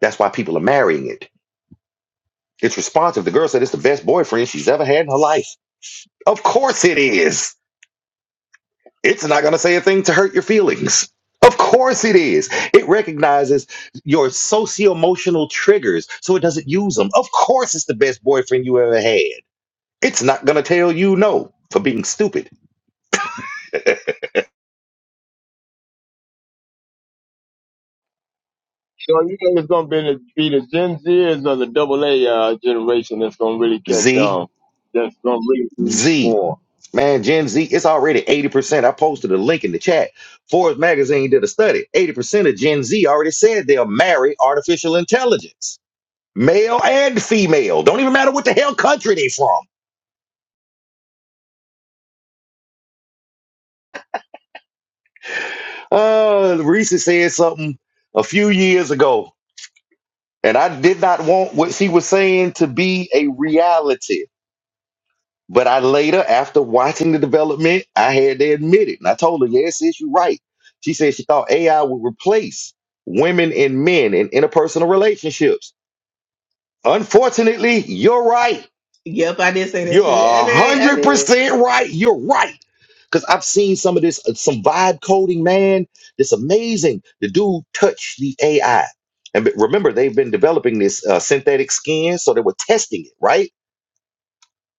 S1: That's why people are marrying it. It's responsive. The girl said it's the best boyfriend she's ever had in her life. Of course it is. It's not going to say a thing to hurt your feelings. Of course it is. It recognizes your socio emotional triggers, so it doesn't use them. Of course it's the best boyfriend you ever had. It's not going to tell you no for being stupid.
S13: So you know it's gonna be the, be the Gen Zers or the Double A uh, generation that's gonna really catch
S1: Z,
S13: on. That's gonna really be
S1: Z.
S13: more.
S1: Man, Gen Z, it's already 80%. I posted a link in the chat. Forbes magazine did a study. 80% of Gen Z already said they'll marry artificial intelligence. Male and female. Don't even matter what the hell country they from. Uh Reese said something a few years ago, and I did not want what she was saying to be a reality. But I later, after watching the development, I had to admit it. And I told her, yeah, sis, you're right. She said she thought AI would replace women and men in interpersonal relationships. Unfortunately, you're right.
S9: Yep, I did say that
S1: You're
S9: shit. I did. I did.
S1: 100% right. You're right. Because I've seen some of this, uh, some vibe coding, man. It's amazing. The dude touched the AI. And be- remember, they've been developing this uh, synthetic skin, so they were testing it, right?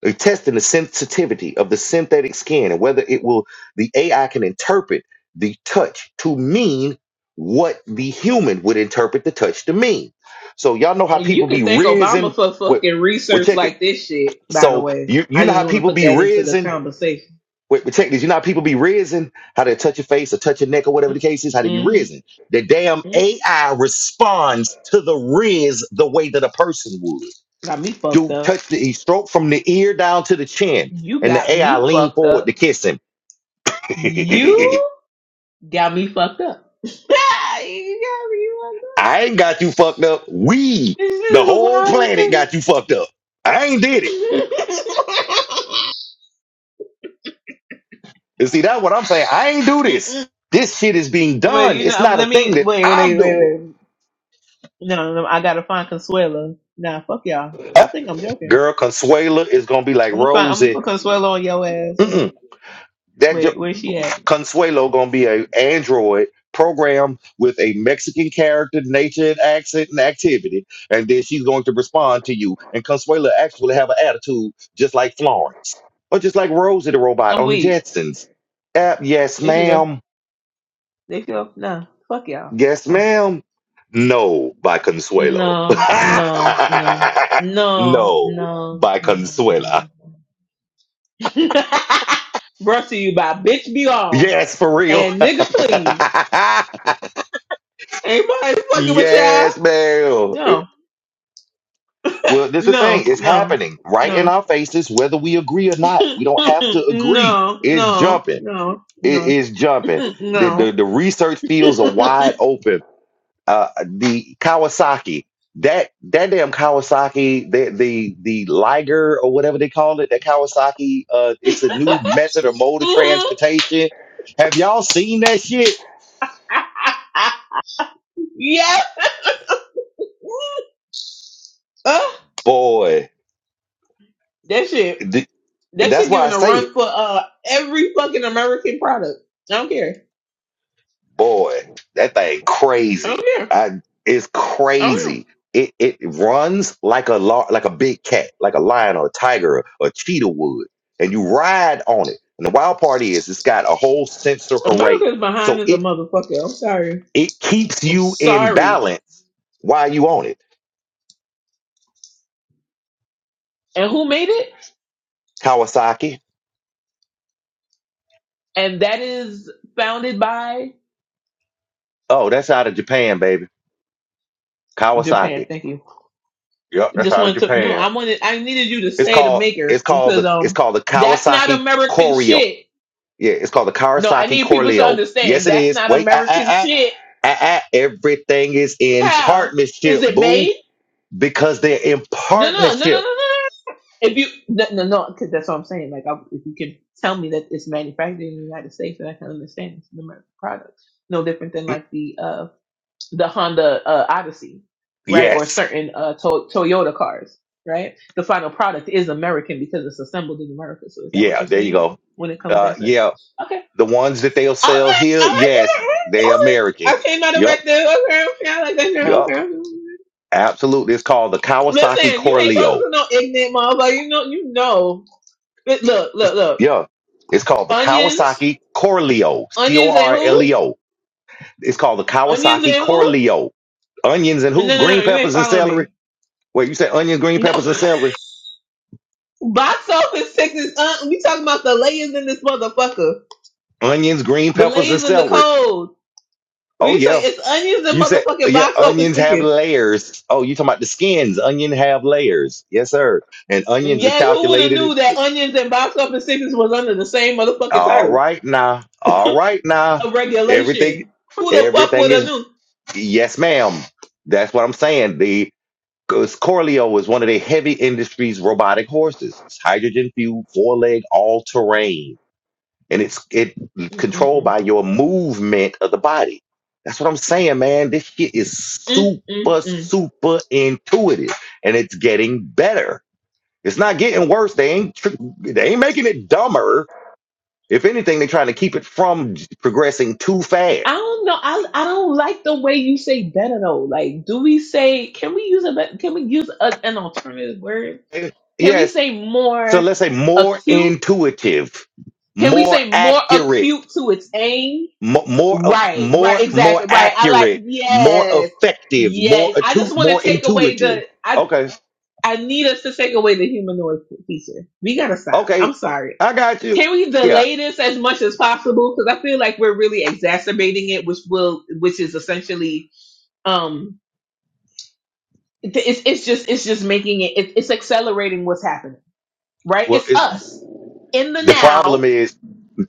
S1: They're testing the sensitivity of the synthetic skin and whether it will, the AI can interpret the touch to mean what the human would interpret the touch to mean. So y'all know how
S9: You
S1: people be
S9: could thank Obama
S1: rizzing.
S9: for
S1: Wait,
S9: fucking
S1: well,
S9: research
S1: check it.
S9: like this shit. By the
S1: So
S9: way,
S1: you you
S9: I
S1: know how
S9: just want to
S1: people
S9: put
S1: be
S9: that into the
S1: rizzing.
S9: conversation.
S1: Wait, but check this. You know how people be rizzing. how they touch your face or touch your neck or whatever the case is, how they be
S9: Mm-hmm.
S1: rizzing. The damn
S9: Mm-hmm.
S1: AI responds to the rizz the way that a person would.
S9: Got me fucked
S1: Dude
S9: up.
S1: touched the he stroked from the ear down to the chin,
S9: You
S1: and the
S9: got
S1: AI
S9: me
S1: leaned
S9: fucked
S1: forward
S9: up.
S1: to kiss him. I
S9: You got me fucked up. you got me fucked up.
S1: ain't got you fucked up. We,
S9: This
S1: the
S9: is
S1: whole
S9: wild and
S1: planet,
S9: crazy.
S1: got you fucked up. I ain't did it. You see, that's what I'm saying. I ain't do this. This shit is being
S9: Wait,
S1: done.
S9: you
S1: It's
S9: know, um,
S1: not a
S9: let
S1: thing
S9: me
S1: that
S9: wait, wait,
S1: I'm
S9: wait,
S1: doing.
S9: wait. No, no, no, I gotta find Consuelo. Nah, fuck y'all.
S1: Uh,
S9: Y'all think I'm joking.
S1: Girl, Consuela is gonna be like
S9: I'm gonna find, I'm gonna
S1: Rosie.
S9: put Consuelo on your ass.
S1: Mm-mm.
S9: Wait,
S1: That jo-
S9: wait, where's she at?
S1: Consuelo gonna be a android program with a Mexican character, nature, and accent and activity, and then she's going to respond to you. And Consuelo actually have an attitude just like Florence, or just like Rosie the robot
S9: I'm
S1: on the
S9: weak.
S1: Jetsons. Uh, yes,
S9: There she go.
S1: ma'am.
S9: There she go. Nah, fuck y'all.
S1: Yes,
S9: No.
S1: ma'am. No, by Consuelo.
S9: No, no, no. No,
S1: no,
S9: no,
S1: by
S9: no,
S1: Consuela.
S9: no. no. Brought to you by Bitch Be On
S1: Yes, for real.
S9: and Nigga Please. Ain't nobody fucking with y'all.
S1: yes, ma'am.
S9: No,
S1: Well, this is the thing.
S9: no,
S1: It's
S9: no,
S1: happening right in
S9: no.
S1: our faces, whether we agree or not. We don't have to agree.
S9: no,
S1: It's
S9: no,
S1: jumping.
S9: no,
S1: It
S9: no.
S1: is jumping. The, the
S9: No.
S1: the research fields are wide open. Uh, the Kawasaki, that that damn Kawasaki, the the the Liger or whatever they call it, that Kawasaki. Uh, it's a new method or mode of transportation. Have y'all seen that shit,
S9: yep. Uh,
S1: boy?
S9: that shit.
S1: th-
S9: That
S1: that's
S9: shit
S1: why I
S9: giving a
S1: say.
S9: run for uh every fucking American product. I don't care.
S1: boy, that thing
S9: I don't
S1: crazy.
S9: care.
S1: I it's
S9: I don't know.
S1: crazy. It it runs like a lar- like a big cat, like a lion or a tiger or a cheetah would, and you ride on it. And the wild part is, it's got a whole sensor array,
S9: America's behind
S1: so
S9: as a
S1: it
S9: motherfucker. I'm sorry.
S1: it keeps
S9: I'm
S1: you in
S9: sorry.
S1: balance while you on it.
S9: And who made it?
S1: Kawasaki.
S9: And that is founded by
S1: Oh, that's out of Japan, baby.
S9: Japan.
S1: Kawasaki.
S9: Thank you.
S1: Yep, that's
S9: Just
S1: out of
S9: wanted to no.
S1: Japan.
S9: I wanted. I needed you to
S1: It's
S9: say the
S1: called it's
S9: maker
S1: called
S9: because
S1: the it's
S9: um
S1: called the
S9: that's not
S1: Kawasaki
S9: American
S1: Corio.
S9: shit.
S1: Yeah, it's called the
S9: No, I
S1: Kawasaki
S9: need people to
S1: Corleo. Yes,
S9: understand
S1: it
S9: that's
S1: is.
S9: not
S1: Wait, ah, ah,
S9: American
S1: ah,
S9: shit.
S1: ah, ah. everything is in
S9: How is
S1: partnership,
S9: it
S1: boo,
S9: made?
S1: because they're in
S9: No, no, no, no, no, no.
S1: partnership.
S9: no. If you no, no, no, because that's what I'm saying. Like, I, if you can tell me that it's manufactured in the United States, then I can understand it's an American product. No different than like the uh the Honda uh, Odyssey, right? Or
S1: Yes.
S9: certain uh to- Toyota cars, right? The final product is American because it's assembled in America. So is that what
S1: Yeah,
S9: you're
S1: there you
S9: saying
S1: go.
S9: when it comes
S1: Uh,
S9: down to? Okay,
S1: yeah,
S9: okay,
S1: the ones that they'll
S9: all
S1: sell
S9: right,
S1: here,
S9: all right, all
S1: yes,
S9: right. all
S1: they're
S9: right.
S1: American.
S9: I came out of right
S1: Yup,
S9: there. Okay, okay, I like that girl.
S1: yup,
S9: Okay.
S1: absolutely. It's called the Kawasaki
S9: Listen, you ain't talking
S1: Corleo.
S9: to no ignorant motherfucker. You know, you know. Look, look,
S1: It's,
S9: look.
S1: yeah, it's called the
S9: Onions,
S1: Kawasaki Corleo, C O
S9: onions, and
S1: R L
S9: who?
S1: E O. It's called the
S9: Onions
S1: Kawasaki
S9: and who?
S1: Corleo. Onions and
S9: No, no,
S1: who?
S9: no. no,
S1: Green
S9: You ain't
S1: peppers and
S9: following
S1: celery.
S9: me.
S1: Wait, you said onions, green peppers, and
S9: No.
S1: celery?
S9: Box office sickness. Uh, we talking about the layers in this motherfucker.
S1: Onions, green
S9: The
S1: peppers, and
S9: layers in the
S1: celery.
S9: code. What
S1: Oh
S9: you saying?
S1: yeah.
S9: It's onions and
S1: You said
S9: motherfucking
S1: yeah,
S9: box office
S1: onions have
S9: tickets.
S1: layers. Oh, you talking about the skins. Onion have layers. Yes, sir. And onions are
S9: Yes, who would have
S1: calculated.
S9: knew that onions and box office tickets was under the same motherfucking
S1: All
S9: title
S1: right now. All right now.
S9: of
S1: Everything
S9: regulation? Who the fuck would
S1: everything
S9: have
S1: is
S9: knew?
S1: yes, ma'am. That's what I'm saying. The 'cause Corleo is one of the heavy industries robotic horses. It's hydrogen fueled, four leg, all terrain. and it's it controlled
S9: Mm-mm-mm.
S1: by your movement of the body. That's what I'm saying, man. This shit is super,
S9: Mm-mm-mm.
S1: super intuitive, and it's getting better. It's not getting worse. They ain't tr- they ain't making it dumber. If anything, they're trying to keep it from j- progressing too fast.
S9: I don't know. I I don't like the way you say better though. Like, do we say? Can we use a? bet- Can we use a, an alternative word?
S1: And
S9: Can we
S1: yes,
S9: say
S1: so
S9: more
S1: let's say more
S9: acute?
S1: intuitive,
S9: Can we
S1: more
S9: say more
S1: accurate,
S9: acute to its aim?
S1: mo- more uh,
S9: Right. Right.
S1: more more
S9: Exactly. Right. I like.
S1: accurate, more
S9: Yes.
S1: effective, more
S9: Yes. I
S1: attu-
S9: just want to
S1: more
S9: take away
S1: intuitive.
S9: the. I
S1: Okay.
S9: I need us to take away the humanoid feature. We gotta stop. I'm
S1: Okay,
S9: sorry.
S1: I got you.
S9: Can we
S1: Yeah.
S9: delay this as much as possible? Because I feel like we're really exacerbating it, which will, which is essentially um it- it's it's just it's just making it, it it's accelerating what's happening right
S1: Well,
S9: it's
S1: it's
S9: us in the
S1: the problem
S9: now
S1: is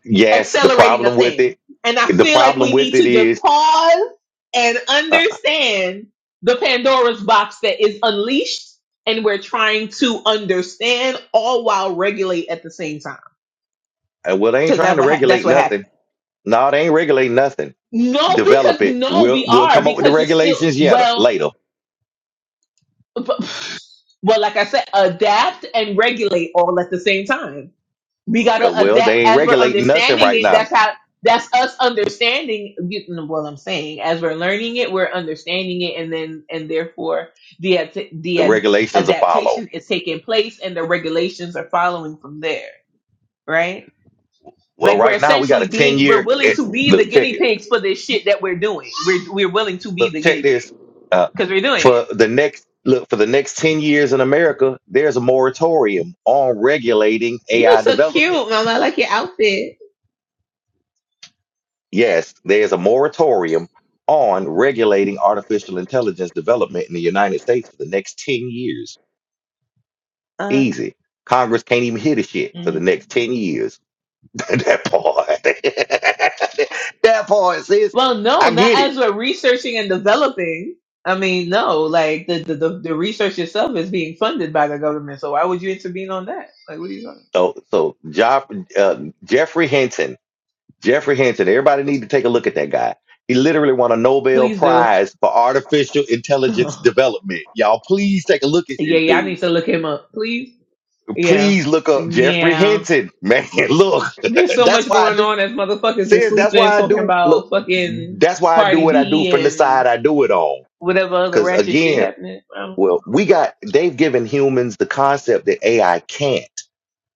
S1: yes, the
S9: accelerating a
S1: problem with
S9: thing
S1: it,
S9: and i
S1: the
S9: feel like
S1: problem
S9: we
S1: with
S9: need
S1: it
S9: to just
S1: is
S9: pause and
S1: uh,
S9: understand the pandora's box that is unleashed and we're trying to understand all while regulate at the same time
S1: uh, well, they ain't
S9: because
S1: trying
S9: that
S1: to
S9: what ha- that's
S1: regulate
S9: what
S1: nothing.
S9: happened
S1: No, they ain't regulating nothing.
S9: no because
S1: Develop it.
S9: no
S1: We'll
S9: we
S1: we'll
S9: are
S1: come up with the
S9: because it's still
S1: regulations yet
S9: well
S1: later.
S9: well, like I said, adapt and regulate all at the same time. We gotta
S1: Uh, well,
S9: adapt
S1: they ain't
S9: as we're
S1: regulating nothing
S9: understanding
S1: right
S9: it.
S1: now.
S9: That's how. That's us understanding. You know what I'm saying? As we're learning it, we're understanding it, and then and therefore the ad- the
S1: The
S9: ad-
S1: regulations will follow.
S9: adaptation is taking place, and the regulations are following from there. Right?
S1: Well,
S9: Like we're
S1: right now we got
S9: essentially
S1: a ten
S9: being we're
S1: year.
S9: willing
S1: It,
S9: to be the
S1: look, check it.
S9: guinea pigs for this shit that we're doing. We're we're willing to be
S1: Look,
S9: the
S1: check
S9: guinea pig
S1: this. Uh,
S9: because we're doing it.
S1: for the next look for the next ten years in America, there's a moratorium on regulating
S9: You look
S1: AI
S9: so cute,
S1: development.
S9: mama. I like your outfit.
S1: Yes, there's a moratorium on regulating artificial intelligence development in the United States for the next ten years.
S9: Uh,
S1: Easy. Congress can't even hit a shit for
S9: mm.
S1: the next ten years. that part. that part, sis.
S9: well, no,
S1: I
S9: not
S1: get it.
S9: as we're researching and developing. I mean, no, like the, the the the research itself is being funded by the government. So why would you intervene on that? Like, what are you talking?
S1: So, so Joff, uh, Jeffrey Hinton Jeffrey Hinton. Everybody need to take a look at that guy. He literally won a Nobel
S9: Please do.
S1: Prize for artificial
S9: yeah,
S1: intelligence development. Y'all, please take a look at this
S9: yeah, I
S1: dude.
S9: need to look him up, please. Yeah,
S1: Please look up Jeffrey
S9: yeah.
S1: Hinton, man. Look,
S9: There's so
S1: that's
S9: much
S1: why I
S9: going
S1: do.
S9: on as motherfuckers is
S1: Serious, that's
S9: sleeping,
S1: why I
S9: talking
S1: do. Look,
S9: about fucking
S1: that's why I do
S9: Cardi
S1: what I do
S9: B
S1: from the
S9: and
S1: side I do it on.
S9: whatever other
S1: Because
S9: ratchet shit
S1: again,
S9: happening. I don't know.
S1: well, we got they've given humans the concept that AI can't.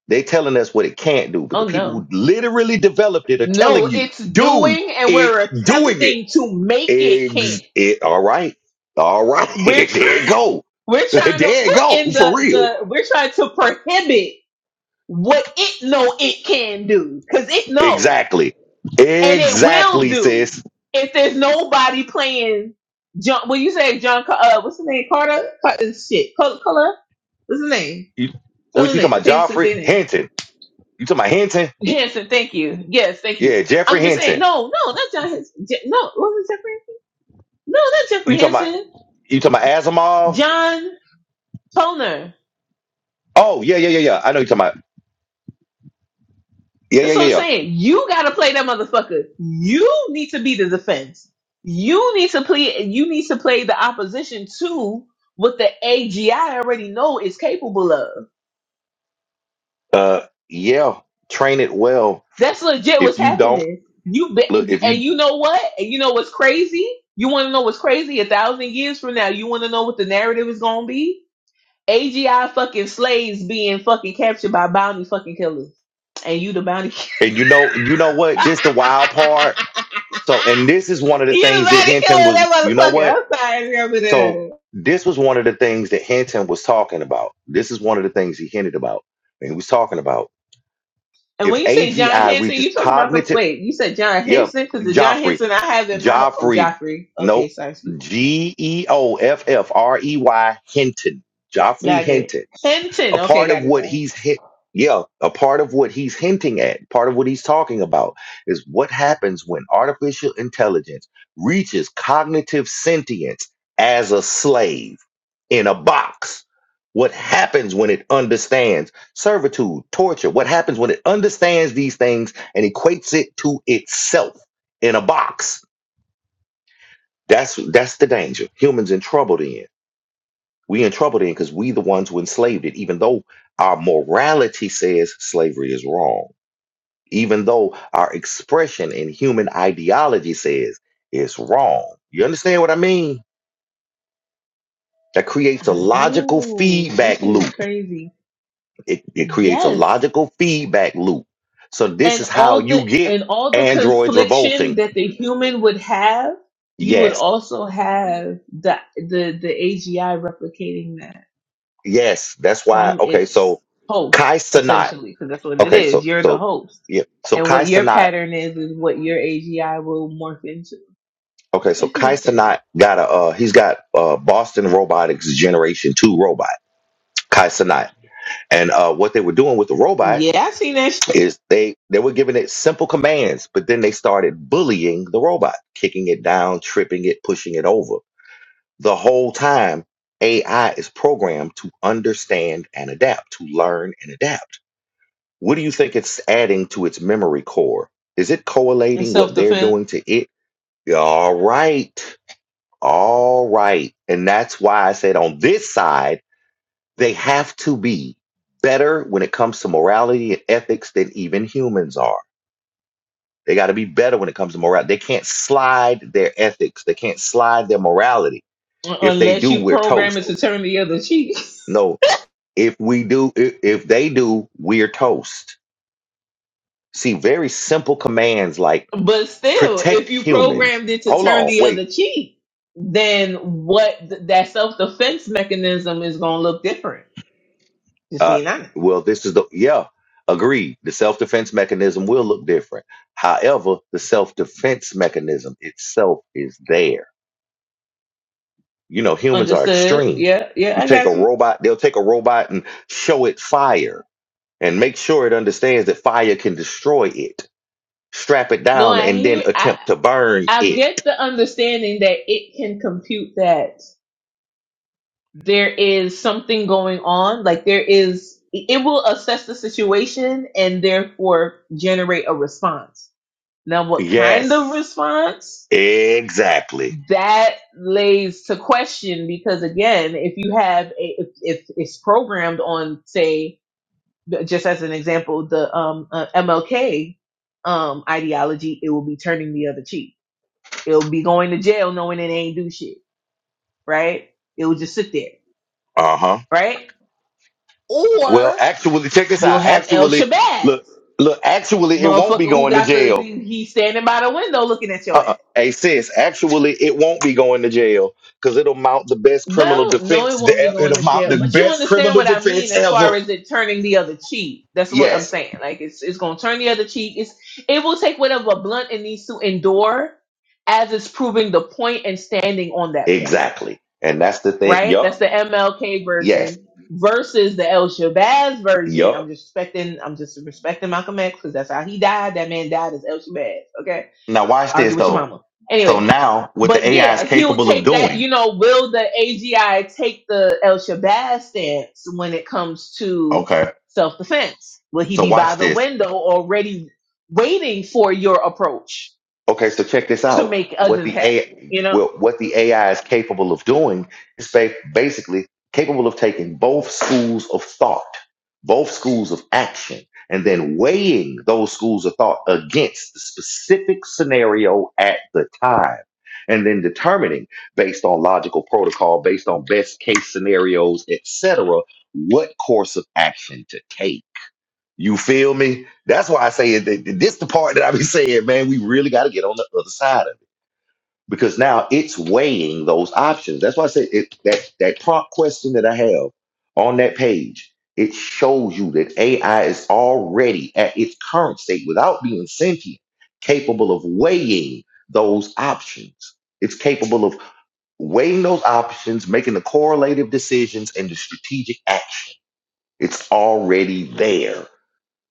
S1: They telling us what it can't do, but the
S9: Oh
S1: people
S9: no.
S1: who literally developed it are
S9: No,
S1: telling you,
S9: it's
S1: dude,
S9: doing and
S1: it
S9: we're
S1: doing it.
S9: attempting to make it, can.
S1: Ex- it, all right. All right.
S9: we're
S1: there it
S9: trying.
S1: go.
S9: we're
S1: there
S9: trying to
S1: it
S9: put
S1: go.
S9: in the
S1: For real.
S9: the we're trying to prohibit what it know it can do because it know
S1: Exactly.
S9: and it will
S1: Exactly,
S9: do
S1: sis.
S9: if there's nobody playing John. When you say John, Ca- uh, what's his name? Carter, Carter shit, color, color. What's his name?
S1: You,
S9: Tell
S1: what
S9: him
S1: you talking
S9: name.
S1: about?
S9: Change his
S1: Joffrey
S9: name.
S1: Hinton. You talking about Hinton?
S9: Hanson, thank you. Yes, thank you.
S1: Yeah, Jeffrey
S9: I'm just saying,
S1: Hinton.
S9: no, no, not John. Hans- Je- no, wasn't Jeffrey? No, not Jeffrey
S1: You talking about
S9: Hanson.
S1: you talking about Asimov?
S9: John Toner.
S1: Oh, yeah, yeah, yeah, yeah. I know you talking about. Yeah, yeah,
S9: That's
S1: yeah,
S9: what I'm
S1: yeah.
S9: saying. You gotta play that motherfucker. You need to be the defense. You need to play. You need to play the opposition to what the AGI already know is capable of.
S1: Uh yeah. Train it well.
S9: That's legit what's
S1: If you don't
S9: happening. You
S1: look,
S9: be,
S1: if
S9: and
S1: you
S9: you know what? And you know what's crazy? You want to know what's crazy? A thousand years from now, you want to know what the narrative is gonna be? AGI fucking slaves being fucking captured by bounty fucking killers, and you the bounty.
S1: and you know, you know what? This the wild part. So, and this is one of the
S9: You
S1: things that
S9: decided to kill
S1: Hinton was,
S9: that
S1: you know
S9: motherfucker.
S1: what?
S9: I'm sorry, it's gonna
S1: So this was one of the things that Hinton was talking about. This is one of the things he hinted about. And he was talking about
S9: And when
S1: if
S9: you say John
S1: AGI
S9: Henson,
S1: reaches
S9: you talking about them?
S1: cognitive,
S9: Wait, you said John
S1: yeah,
S9: Henson because the John
S1: Joffrey,
S9: Henson I have in my oh
S1: Joffrey,
S9: Joffrey. Okay,
S1: nope,
S9: sorry, excuse-
S1: G E O F F R E Y Hinton,
S9: me.
S1: Joffrey
S9: got
S1: Hinton
S9: it. Henson.
S1: a
S9: Okay,
S1: part
S9: got
S1: of
S9: it
S1: what
S9: now.
S1: he's hit yeah a part of what he's hinting at part of what he's talking about is what happens when artificial intelligence reaches cognitive sentience as a slave in a box what happens when it understands servitude torture what happens when it understands these things and equates it to itself in a box that's that's the danger humans in trouble then we in trouble then because we the ones who enslaved it, even though our morality says slavery is wrong, even though our expression in human ideology says it's wrong. You understand what I mean? That creates a
S9: I
S1: logical
S9: do. This
S1: feedback
S9: shit is
S1: loop.
S9: crazy.
S1: It, it creates a
S9: Yes,
S1: logical feedback loop. So this
S9: and
S1: is how
S9: all the
S1: you get
S9: and all the
S1: androids
S9: confliction
S1: revolting.
S9: that the human would have, you would
S1: Yes.
S9: also have the the the AGI replicating that.
S1: Yes. That's why.
S9: from
S1: Okay.
S9: its
S1: So
S9: host,
S1: Kai Sanat.
S9: essentially, because that's what it
S1: Okay.
S9: is.
S1: So,
S9: You're the
S1: so,
S9: host.
S1: yeah. So
S9: And
S1: Kai
S9: what your
S1: Sanat
S9: pattern is, is what your AGI will morph into.
S1: Okay,
S9: That
S1: so
S9: shit
S1: Kai
S9: is crazy.
S1: Sanat got a uh, he's got uh Boston Robotics Generation Two robot, Kai Sanat, and uh, what they were doing with the robot
S9: Yeah, I seen that shit
S1: is they they were giving it simple commands, but then they started bullying the robot, kicking it down, tripping it, pushing it over. The whole time, AI is programmed to understand and adapt, to learn and adapt. What do you think it's adding to its memory core? Is it
S9: in
S1: correlating
S9: self
S1: what they're
S9: defense,
S1: doing to it? All right. All right. And that's why I said on this side, they have to be better when it comes to morality and ethics than even humans are. They got to be better when it comes to morality. They can't slide their ethics, they can't slide their morality. If they
S9: unless
S1: do,
S9: you
S1: we're
S9: program it to
S1: toast.
S9: turn the other cheek.
S1: No, if we do, if, if they do, we're toast. See, very simple commands like
S9: but still,
S1: protect
S9: if you
S1: humans.
S9: programmed it to
S1: Hold
S9: turn
S1: on,
S9: the
S1: wait.
S9: other cheek, then what th- that self defense mechanism is going to look different. Just
S1: Uh,
S9: being honest.
S1: well, this is the yeah, agreed. The self defense mechanism will look different. However, the self defense mechanism itself is there. You know, humans are
S9: Understood?
S1: extreme.
S9: Yeah, yeah,
S1: You
S9: I
S1: take a
S9: got you.
S1: robot, they'll take a robot and show it fire and make sure it understands that fire can destroy it, strap it
S9: No,
S1: down,
S9: I
S1: and then
S9: hear. I
S1: attempt to burn
S9: I
S1: it.
S9: get the understanding that it can compute that there is something going on. Like there is, it will assess the situation and therefore generate a response. Now, what kind of
S1: Yes,
S9: response?
S1: exactly.
S9: That lays to question because again, if you have a, if, if it's programmed on, say, just as an example, the um, uh, MLK um, ideology, it will be turning the other cheek. It'll be going to jail knowing it ain't do shit right? It will just sit there,
S1: Uh huh.
S9: right?
S1: Well,
S9: Or
S1: actually, check this
S9: you'll
S1: out.
S9: have El
S1: Actually,
S9: Shabazz,
S1: look, look. Actually, it won't
S9: motherfucker
S1: be
S9: who
S1: going to
S9: got the,
S1: jail
S9: the he's standing by the window looking at your ass.
S1: Uh-uh. Hey, sis, actually, it won't be going to jail because it'll mount the best criminal
S9: Well, no, it
S1: defense.
S9: won't be going
S1: It'll
S9: to
S1: mount
S9: jail,
S1: the
S9: but you
S1: best
S9: understand
S1: criminal
S9: what I mean
S1: defense
S9: as
S1: ever.
S9: far as it turning the other cheek. That's what I'm
S1: Yes,
S9: saying. Like it's it's going to turn the other cheek. It's it will take whatever blunt it needs to endure as it's proving the point and standing on that point.
S1: exactly. And that's the thing.
S9: right? That's
S1: Yup.
S9: the MLK
S1: Yes.
S9: version versus the El Shabazz version. I'm
S1: Yup.
S9: just respecting, I'm just respecting Malcolm X because that's how he died. That man died as El Shabazz. Okay,
S1: Now, watch
S9: argue
S1: this,
S9: with your
S1: though.
S9: mama.
S1: So
S9: Anyway,
S1: now, what the
S9: but
S1: AI
S9: yeah,
S1: is
S9: he'll
S1: capable of
S9: take that.
S1: doing.
S9: You know, will the AGI take the El Shabazz stance when it comes to
S1: Okay.
S9: self defense? Will he
S1: So,
S9: be by
S1: watch
S9: the
S1: this.
S9: window already waiting for your approach
S1: Okay, so check this
S9: to
S1: out.
S9: make
S1: What
S9: other
S1: the
S9: happen?
S1: AI,
S9: You know?
S1: well, what the AI is capable of doing is ba- basically capable of taking both schools of thought, both schools of action, and then weighing those schools of thought against the specific scenario at the time, and then determining based on logical protocol, based on best case scenarios, etc., what course of action to take you feel me? That's why I say it- that this the part that I be saying, man, we really got to get on the other side of it because now it's weighing those options. That's why I say it, that that prompt question that I have on that page, it shows you that AI is already at its current state without being sentient, capable of weighing those options. It's capable of weighing those options, making the correlative decisions and the strategic action. It's already there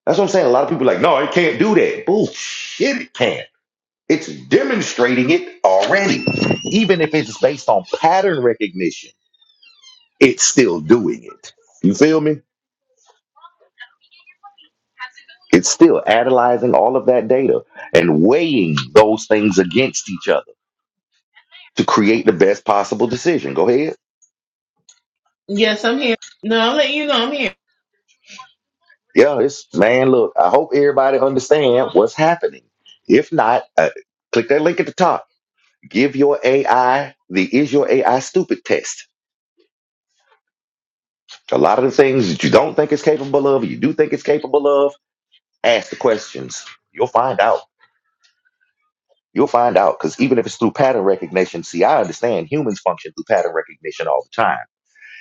S1: that's what I'm saying. A lot of people are like, no, it can't do that. Bullshit, it can. It's demonstrating it already. Even if it's based on pattern recognition, it's still doing it. You feel me? It's still analyzing all of that data and weighing those things against each other to create the best possible decision. Go ahead.
S9: Yes, I'm here. No, I'm letting you know I'm here.
S1: Yeah, it's man. Look, I hope everybody understand what's happening. If not, uh, click that link at the top. Give your AI the "Is Your AI Stupid?" test A lot of the things that you don't think it's capable of, you do think it's capable of, ask the questions. You'll find out. You'll find out. Because even if it's through pattern recognition, see, I understand humans function through pattern recognition all the time.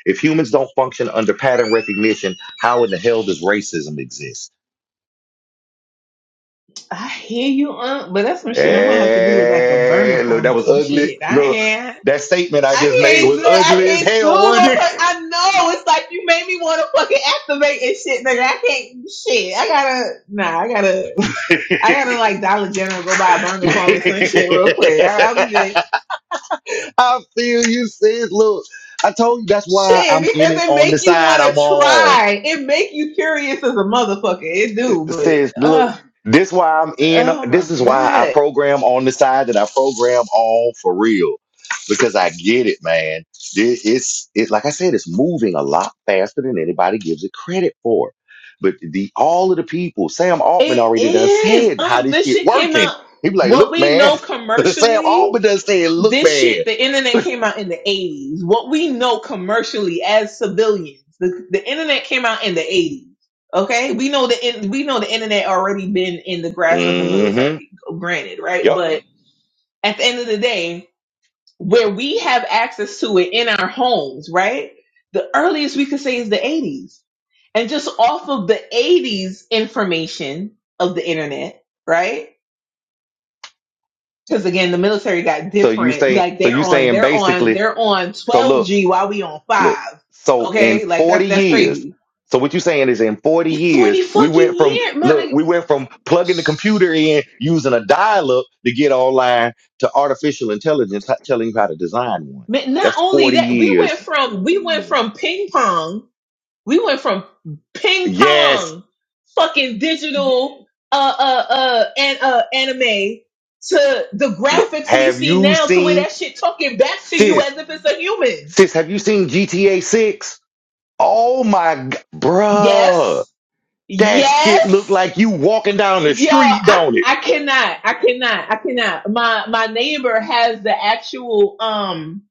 S1: If humans don't function under pattern recognition, how in the hell does racism exist?
S9: I hear you, Aunt, but that's some shit I might have to do with like a burner
S1: Hey, look,
S9: phone
S1: that
S9: or
S1: was
S9: some
S1: ugly.
S9: shit. I
S1: Look,
S9: ain't.
S1: that statement I just
S9: I
S1: made
S9: can't do
S1: was
S9: it. I
S1: ugly as
S9: can't do
S1: hell,
S9: it. My
S1: wasn't
S9: per- I know. It's like you made me want to fucking activate and shit, nigga. I can't. Shit. I gotta. Nah, I gotta. I
S1: it?
S9: gotta like Dollar General, go buy a burner phone or some shit real quick. I, I'll be there.
S1: I feel you, sis. Look, I told you that's why
S9: Shit,
S1: I'm in it
S9: because it
S1: on the
S9: make you
S1: side
S9: want
S1: I'm
S9: to
S1: on.
S9: try. It make you curious as a motherfucker. It do, but
S1: Sis, look,
S9: uh,
S1: this why I'm in.
S9: oh my
S1: This is why I
S9: god.
S1: program on the side that I program on for real. Because I get it, man. It- It's it like I said, it's moving a lot faster than anybody gives it credit for. But the all of the people, Sam Altman
S9: It
S1: already done
S9: is.
S1: said how
S9: Um,
S1: this
S9: this
S1: shit
S9: shit came
S1: working.
S9: out.
S1: He be like,
S9: What
S1: look,
S9: we
S1: man.
S9: know
S1: Sam
S9: commercially,
S1: Altman done said, look,
S9: this
S1: man.
S9: shit, the internet came out in the eighties. What we know commercially as civilians, the, the internet came out in the eighties. Okay, we know the in- we know the internet already been in the grasp of the
S1: Mm-hmm.
S9: military. Granted, right?
S1: Yep.
S9: But at the end of the day where we have access to it in our homes, right? The earliest we could say is the 80s. And just off of the 80s information of the internet, right? Because again, the military got
S1: So you
S9: different.
S1: say,
S9: Like
S1: so
S9: they're
S1: you
S9: on,
S1: saying
S9: they're on,
S1: basically,
S9: they're on
S1: so look,
S9: 12G while we on
S1: look,
S9: five.
S1: so
S9: Okay,
S1: in
S9: like that's
S1: 40
S9: that's
S1: years,
S9: crazy.
S1: so what you saying is in 40
S9: Forty
S1: years, we went
S9: fucking
S1: from,
S9: years,
S1: look,
S9: mother.
S1: we went from plugging the computer in using a dial up to get online to artificial intelligence h- telling you how to design one.
S9: Man, Not
S1: That's
S9: only
S1: 40
S9: that, we went
S1: years.
S9: from we went from ping pong We went from ping
S1: Yes.
S9: pong, fucking digital, uh, uh, uh, and, uh, anime to the
S1: Look,
S9: graphics we
S1: have
S9: see
S1: you
S9: now to where
S1: seen,
S9: that shit talking back to you
S1: sis,
S9: as if it's a human.
S1: sis, have you seen GTA 6? Oh my, g- bruh.
S9: Yes.
S1: That shit look
S9: Yes.
S1: like you walking down the
S9: Yo,
S1: street,
S9: I,
S1: don't it?
S9: I cannot. I cannot. I cannot. My, my neighbor has the actual, um,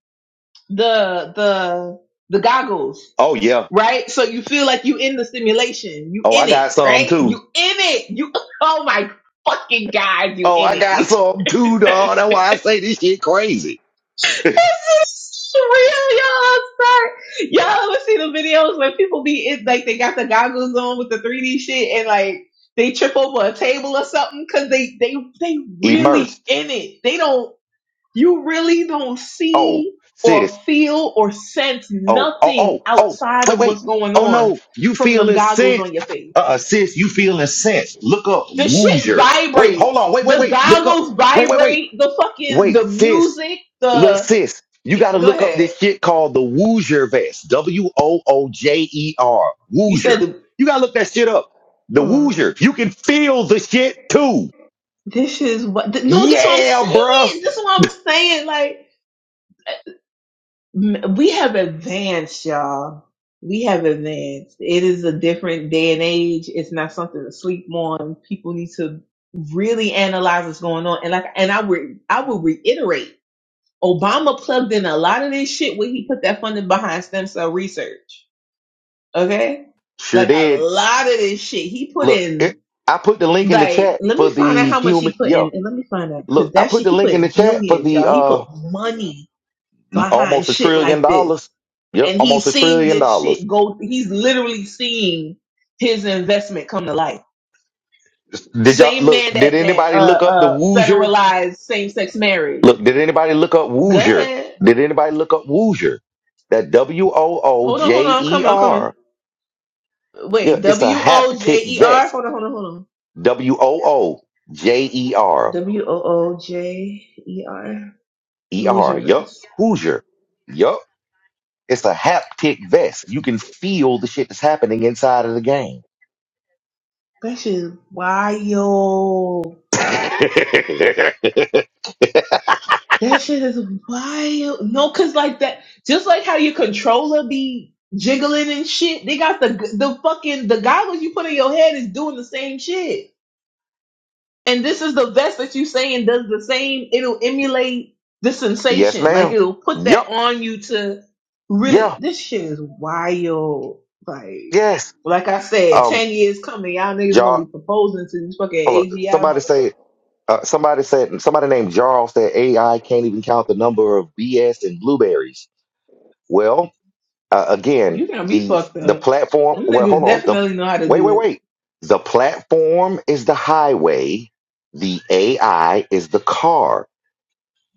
S9: the, the, the goggles
S1: Oh yeah.
S9: right? So you feel like you in the simulation, you
S1: Oh, I
S9: in
S1: got
S9: it,
S1: some
S9: right?
S1: too.
S9: You in it, you. Oh my fucking god, you
S1: Oh,
S9: in
S1: I got
S9: it.
S1: some too, dog. That's why I say this shit crazy.
S9: This is real, y'all. Start y'all ever see the videos when people be in like they got the goggles on with the 3D shit and like they trip over a table or something because they they they really
S1: Immersed.
S9: in it. They don't. You really don't
S1: Oh,
S9: see or
S1: sis.
S9: feel or sense
S1: Oh, oh,
S9: nothing
S1: oh, oh.
S9: outside
S1: Wait,
S9: of
S1: wait.
S9: what's going
S1: Oh
S9: on
S1: no, you
S9: from them
S1: feeling
S9: goggles on
S1: sense?
S9: your face
S1: Uh, sis, you feeling sense? Look up
S9: The shit
S1: Woozer. Wait, hold
S9: vibrates.
S1: on. Wait, wait,
S9: The
S1: wait. Look up.
S9: goggles
S1: Wait, wait, wait.
S9: vibrate. The fucking
S1: Wait,
S9: the
S1: sis.
S9: music.
S1: Look,
S9: The
S1: sis. You
S9: g-
S1: got to
S9: go
S1: look up
S9: ahead.
S1: this shit called the Woozer vest. W o o j e r. Woozer.
S9: You said the.
S1: You got to look that shit up. The
S9: Ugh.
S1: Woozer. You can feel the shit too.
S9: this is what. th- no, this is what I'm
S1: Yeah, bruh.
S9: saying. This is what I'm saying. Like m- we have advanced, y'all. We have advanced. It is a different day and age. It's not something to sleep on. People need to really analyze what's going on. And like, and I would, I would reiterate. Obama plugged in a lot of this shit when he put that funding behind stem cell research. Okay?
S1: Sure
S9: Like a
S1: did.
S9: lot of this shit. He put
S1: Look,
S9: in
S1: it, I put the link in the
S9: like
S1: chat
S9: let me
S1: for
S9: find out
S1: the
S9: how much he
S1: human.
S9: put
S1: Yo,
S9: in and let me find out because
S1: look, I
S9: that
S1: put
S9: shit
S1: the
S9: he put
S1: link in the
S9: in
S1: chat for
S9: billions,
S1: the
S9: y'all. He
S1: uh
S9: put money behind
S1: almost a
S9: shit
S1: trillion
S9: like
S1: dollars.
S9: this.
S1: Yep,
S9: And he's
S1: almost a
S9: seeing
S1: trillion
S9: this
S1: dollars.
S9: shit go he's literally seeing his investment come to life.
S1: Did y'all
S9: Same
S1: look?
S9: man
S1: Did
S9: that that uh
S1: anybody look up the
S9: uh
S1: Woozer?
S9: federalized same sex marriage.
S1: Look, did anybody look up
S9: Go
S1: Woozer?
S9: ahead.
S1: Did anybody look up Woozer? That W O O
S9: Hold on, hold
S1: J
S9: on, I'm
S1: E
S9: coming, I'm coming.
S1: R. Yeah,
S9: Wait,
S1: it's a
S9: W O J
S1: haptic
S9: E R.
S1: vest.
S9: Hold on, hold on, hold on.
S1: W O O J E R
S9: W O O J E R.
S1: E
S9: Lose
S1: R.
S9: your
S1: Yup,
S9: rest.
S1: Woozer. Yup. It's a haptic vest. You can feel the shit that's happening inside of the game.
S9: That shit is wild. That shit is wild. No, cause like that, just like how your controller be jiggling and shit. They got the the fucking the goggles you put in your head is doing the same shit. And this is the vest that you saying does the same. It'll emulate the
S1: yes,
S9: sensation. Like
S1: ma'am.
S9: it'll put that
S1: Yup.
S9: on you to really.
S1: Yeah.
S9: This shit is wild. Like,
S1: Yes.
S9: like I said,
S1: Um.
S9: ten years coming, y'all niggas gonna
S1: Jar.
S9: be proposing to these fucking
S1: Hold on.
S9: AGI
S1: Somebody
S9: motherfuckers.
S1: say. Uh, somebody said. Somebody named Jarl said AI can't even count the number of BS and blueberries. Well, uh, again,
S9: You gonna be
S1: the
S9: fucked
S1: the
S9: up.
S1: platform.
S9: Them
S1: Well,
S9: niggas
S1: hold on. The
S9: definitely know how to
S1: wait,
S9: do
S1: wait,
S9: it.
S1: wait. The platform is the highway. The AI is the car.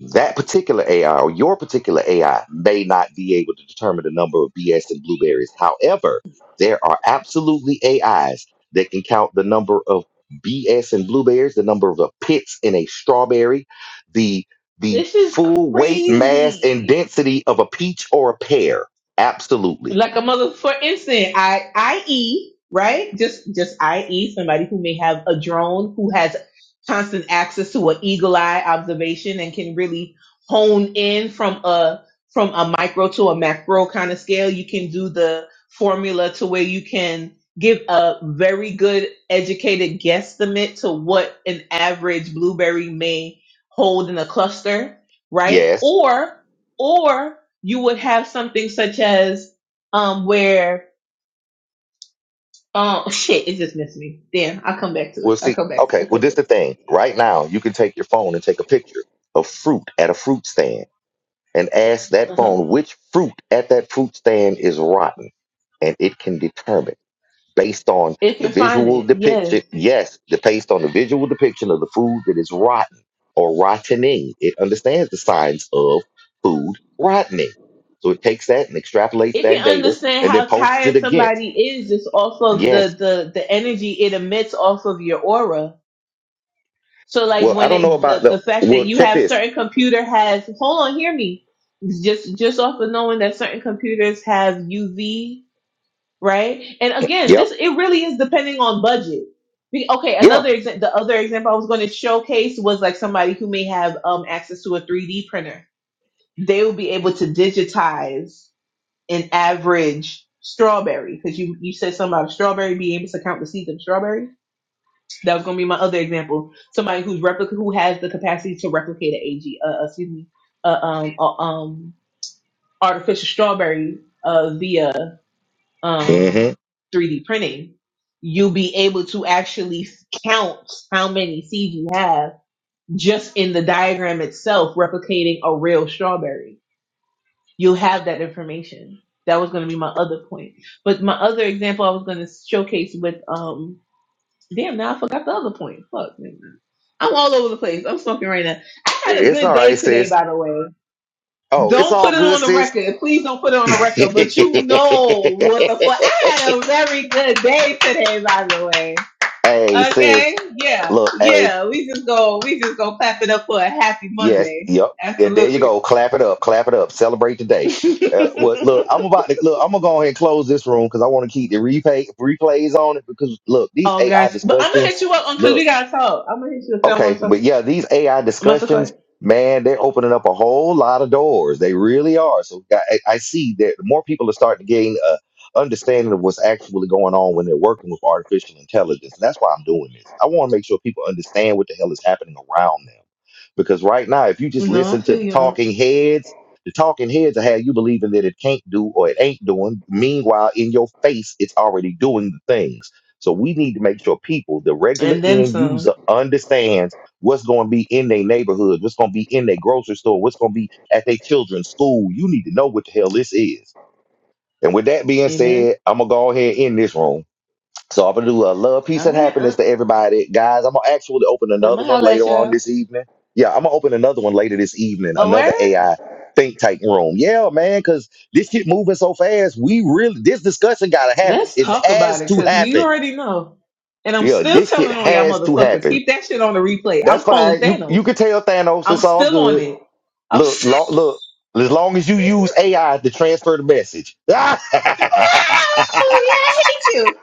S1: that particular AI or your particular AI may not be able to determine the number of BS and blueberries. However, there are absolutely AIs that can count the number of BS and blueberries, the number of the pits in a strawberry, the the
S9: This is
S1: full weight, mass, and
S9: crazy.
S1: density of a peach or a pear. Absolutely.
S9: like a mother for instance I I E right just just i.e somebody who may have a drone who has constant access to an eagle eye observation and can really hone in from a from a micro to a macro kind of scale you can do the formula to where you can give a very good educated guesstimate to what an average blueberry may hold in a cluster right
S1: Yes.
S9: or or you would have something such as um, where um, shit, it just missed me. Damn, I'll come back to it.
S1: We'll
S9: I'll
S1: see.
S9: come back to it.
S1: Okay.
S9: I'll come
S1: Well,
S9: back to
S1: this the
S9: it.
S1: thing. Right now, you can take your phone and take a picture of fruit at a fruit stand and ask that
S9: Uh-huh.
S1: phone which fruit at that fruit stand is rotten, and it can determine based on
S9: If
S1: the
S9: you find
S1: visual
S9: it,
S1: depiction.
S9: yes.
S1: Yes, the based on the visual depiction of the food that is rotten or rottening, it understands the signs of food rottening. So it takes that and extrapolates
S9: If you
S1: that data
S9: understand
S1: and then
S9: how
S1: posts
S9: tired
S1: it against.
S9: somebody is it's off of the
S1: Yes.
S9: the the energy it emits off of your aura. So like
S1: Well, I
S9: when
S1: don't know
S9: it
S1: about
S9: the the
S1: the.
S9: fact that
S1: Well,
S9: you
S1: check
S9: have
S1: this.
S9: certain computer has hold on, hear me. Just just off of knowing that certain computers have UV right? And again,
S1: Yep.
S9: this it really is depending on budget. Be- Okay,
S1: Yeah.
S9: another example. The other example I was going to showcase was like somebody who may have um, access to a 3D printer. They will be able to digitize an average strawberry because you you said something about a strawberry being able to count the seeds of a strawberry. That was going to be my other example. Somebody who's replica who has the capacity to replicate an AG, uh, uh, excuse me, uh, um, uh, um, artificial strawberry uh, via um,
S1: Mm-hmm.
S9: 3D printing, you'll be able to actually count how many seeds you have just in the diagram itself, replicating a real strawberry. You'll have that information. That was going to be my other point. But my other example I was going to showcase with, um, damn, now I forgot the other point. Fuck, man. I'm all over the place. I'm smoking right now. I had a
S1: It's
S9: good
S1: all right,
S9: day today,
S1: sis.
S9: by the way.
S1: Oh, it's
S9: Don't
S1: all
S9: put it
S1: good,
S9: on the
S1: sis.
S9: record. Please don't put it on the record. But you know what the fuck. I had a very good day today, by the way.
S1: Hey,
S9: Okay?
S1: sis,
S9: Yeah.
S1: look, hey,
S9: Yeah. We just go we just go clap it up for a happy
S1: yes,
S9: Monday.
S1: yep. Yeah, there you
S9: Absolutely.
S1: go. Clap it up, clap it up. Celebrate the day. Uh, well, look, I'm about to look. I'm gonna go ahead and close this room because I want to keep the replay replays on it. Because look, these
S9: oh
S1: AI
S9: gosh. But I'm gonna
S1: discussions.
S9: hit you up on cause
S1: Look.
S9: we gotta talk. I'm gonna hit you if I want
S1: Okay,
S9: to
S1: but yeah, these AI discussions,
S9: MasterCard.
S1: man, they're opening up a whole lot of doors. They really are. So I, I see that more people are starting to gain a understanding of what's actually going on when they're working with artificial intelligence. And that's why I'm doing this. I want to make sure people understand what the hell is happening around them. Because right now, if you just
S9: No, I
S1: listen to
S9: feel
S1: the
S9: you, Aunt.
S1: talking heads, the talking heads are how you believing that it can't do or it ain't doing. Meanwhile, in your face, it's already doing the things. So we need to make sure people, the regular
S9: And then
S1: end
S9: some.
S1: user, understands what's going to be in their neighborhood, what's going to be in their grocery store, what's going to be at their children's school. You need to know what the hell this is. And with that being
S9: Amen.
S1: said, I'm gonna go ahead in this room. So I'm gonna do a love, peace,
S9: All
S1: and
S9: right,
S1: happiness
S9: Aunt.
S1: to everybody, guys. I'm gonna actually open
S9: I'm
S1: another
S9: gonna
S1: one
S9: holler at
S1: later on
S9: y'all.
S1: this evening. Yeah, I'm gonna open another one later this evening, another
S9: Aware?
S1: AI think tank room. Yeah, man, because this shit moving so fast. We really this discussion gotta happen.
S9: Let's
S1: It
S9: talk about
S1: has
S9: it,
S1: to
S9: cause
S1: happen
S9: you already know. And I'm
S1: yeah,
S9: still
S1: this shit
S9: telling on y'all
S1: has to
S9: motherfuckers.
S1: happen.
S9: Keep that shit on the replay.
S1: That's
S9: I'm calling
S1: fine. You you
S9: Thanos.
S1: can tell Thanos
S9: I'm
S1: it's all
S9: still on
S1: good.
S9: it. I'm
S1: Look,
S9: still
S1: lo- look. As long as you use AI to transfer the message. all
S9: I hate you.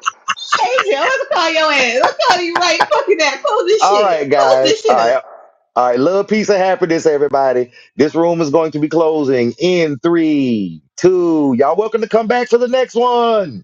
S9: I hate you. I'm gonna call your ass. i am calling you right fucking that. Close this shit.
S1: right,
S9: Close
S1: guys.
S9: this shit
S1: All
S9: up.
S1: right. All right. Love, peace, and happiness, everybody. This room is going to be closing in three, two. Y'all welcome to come back for the next one.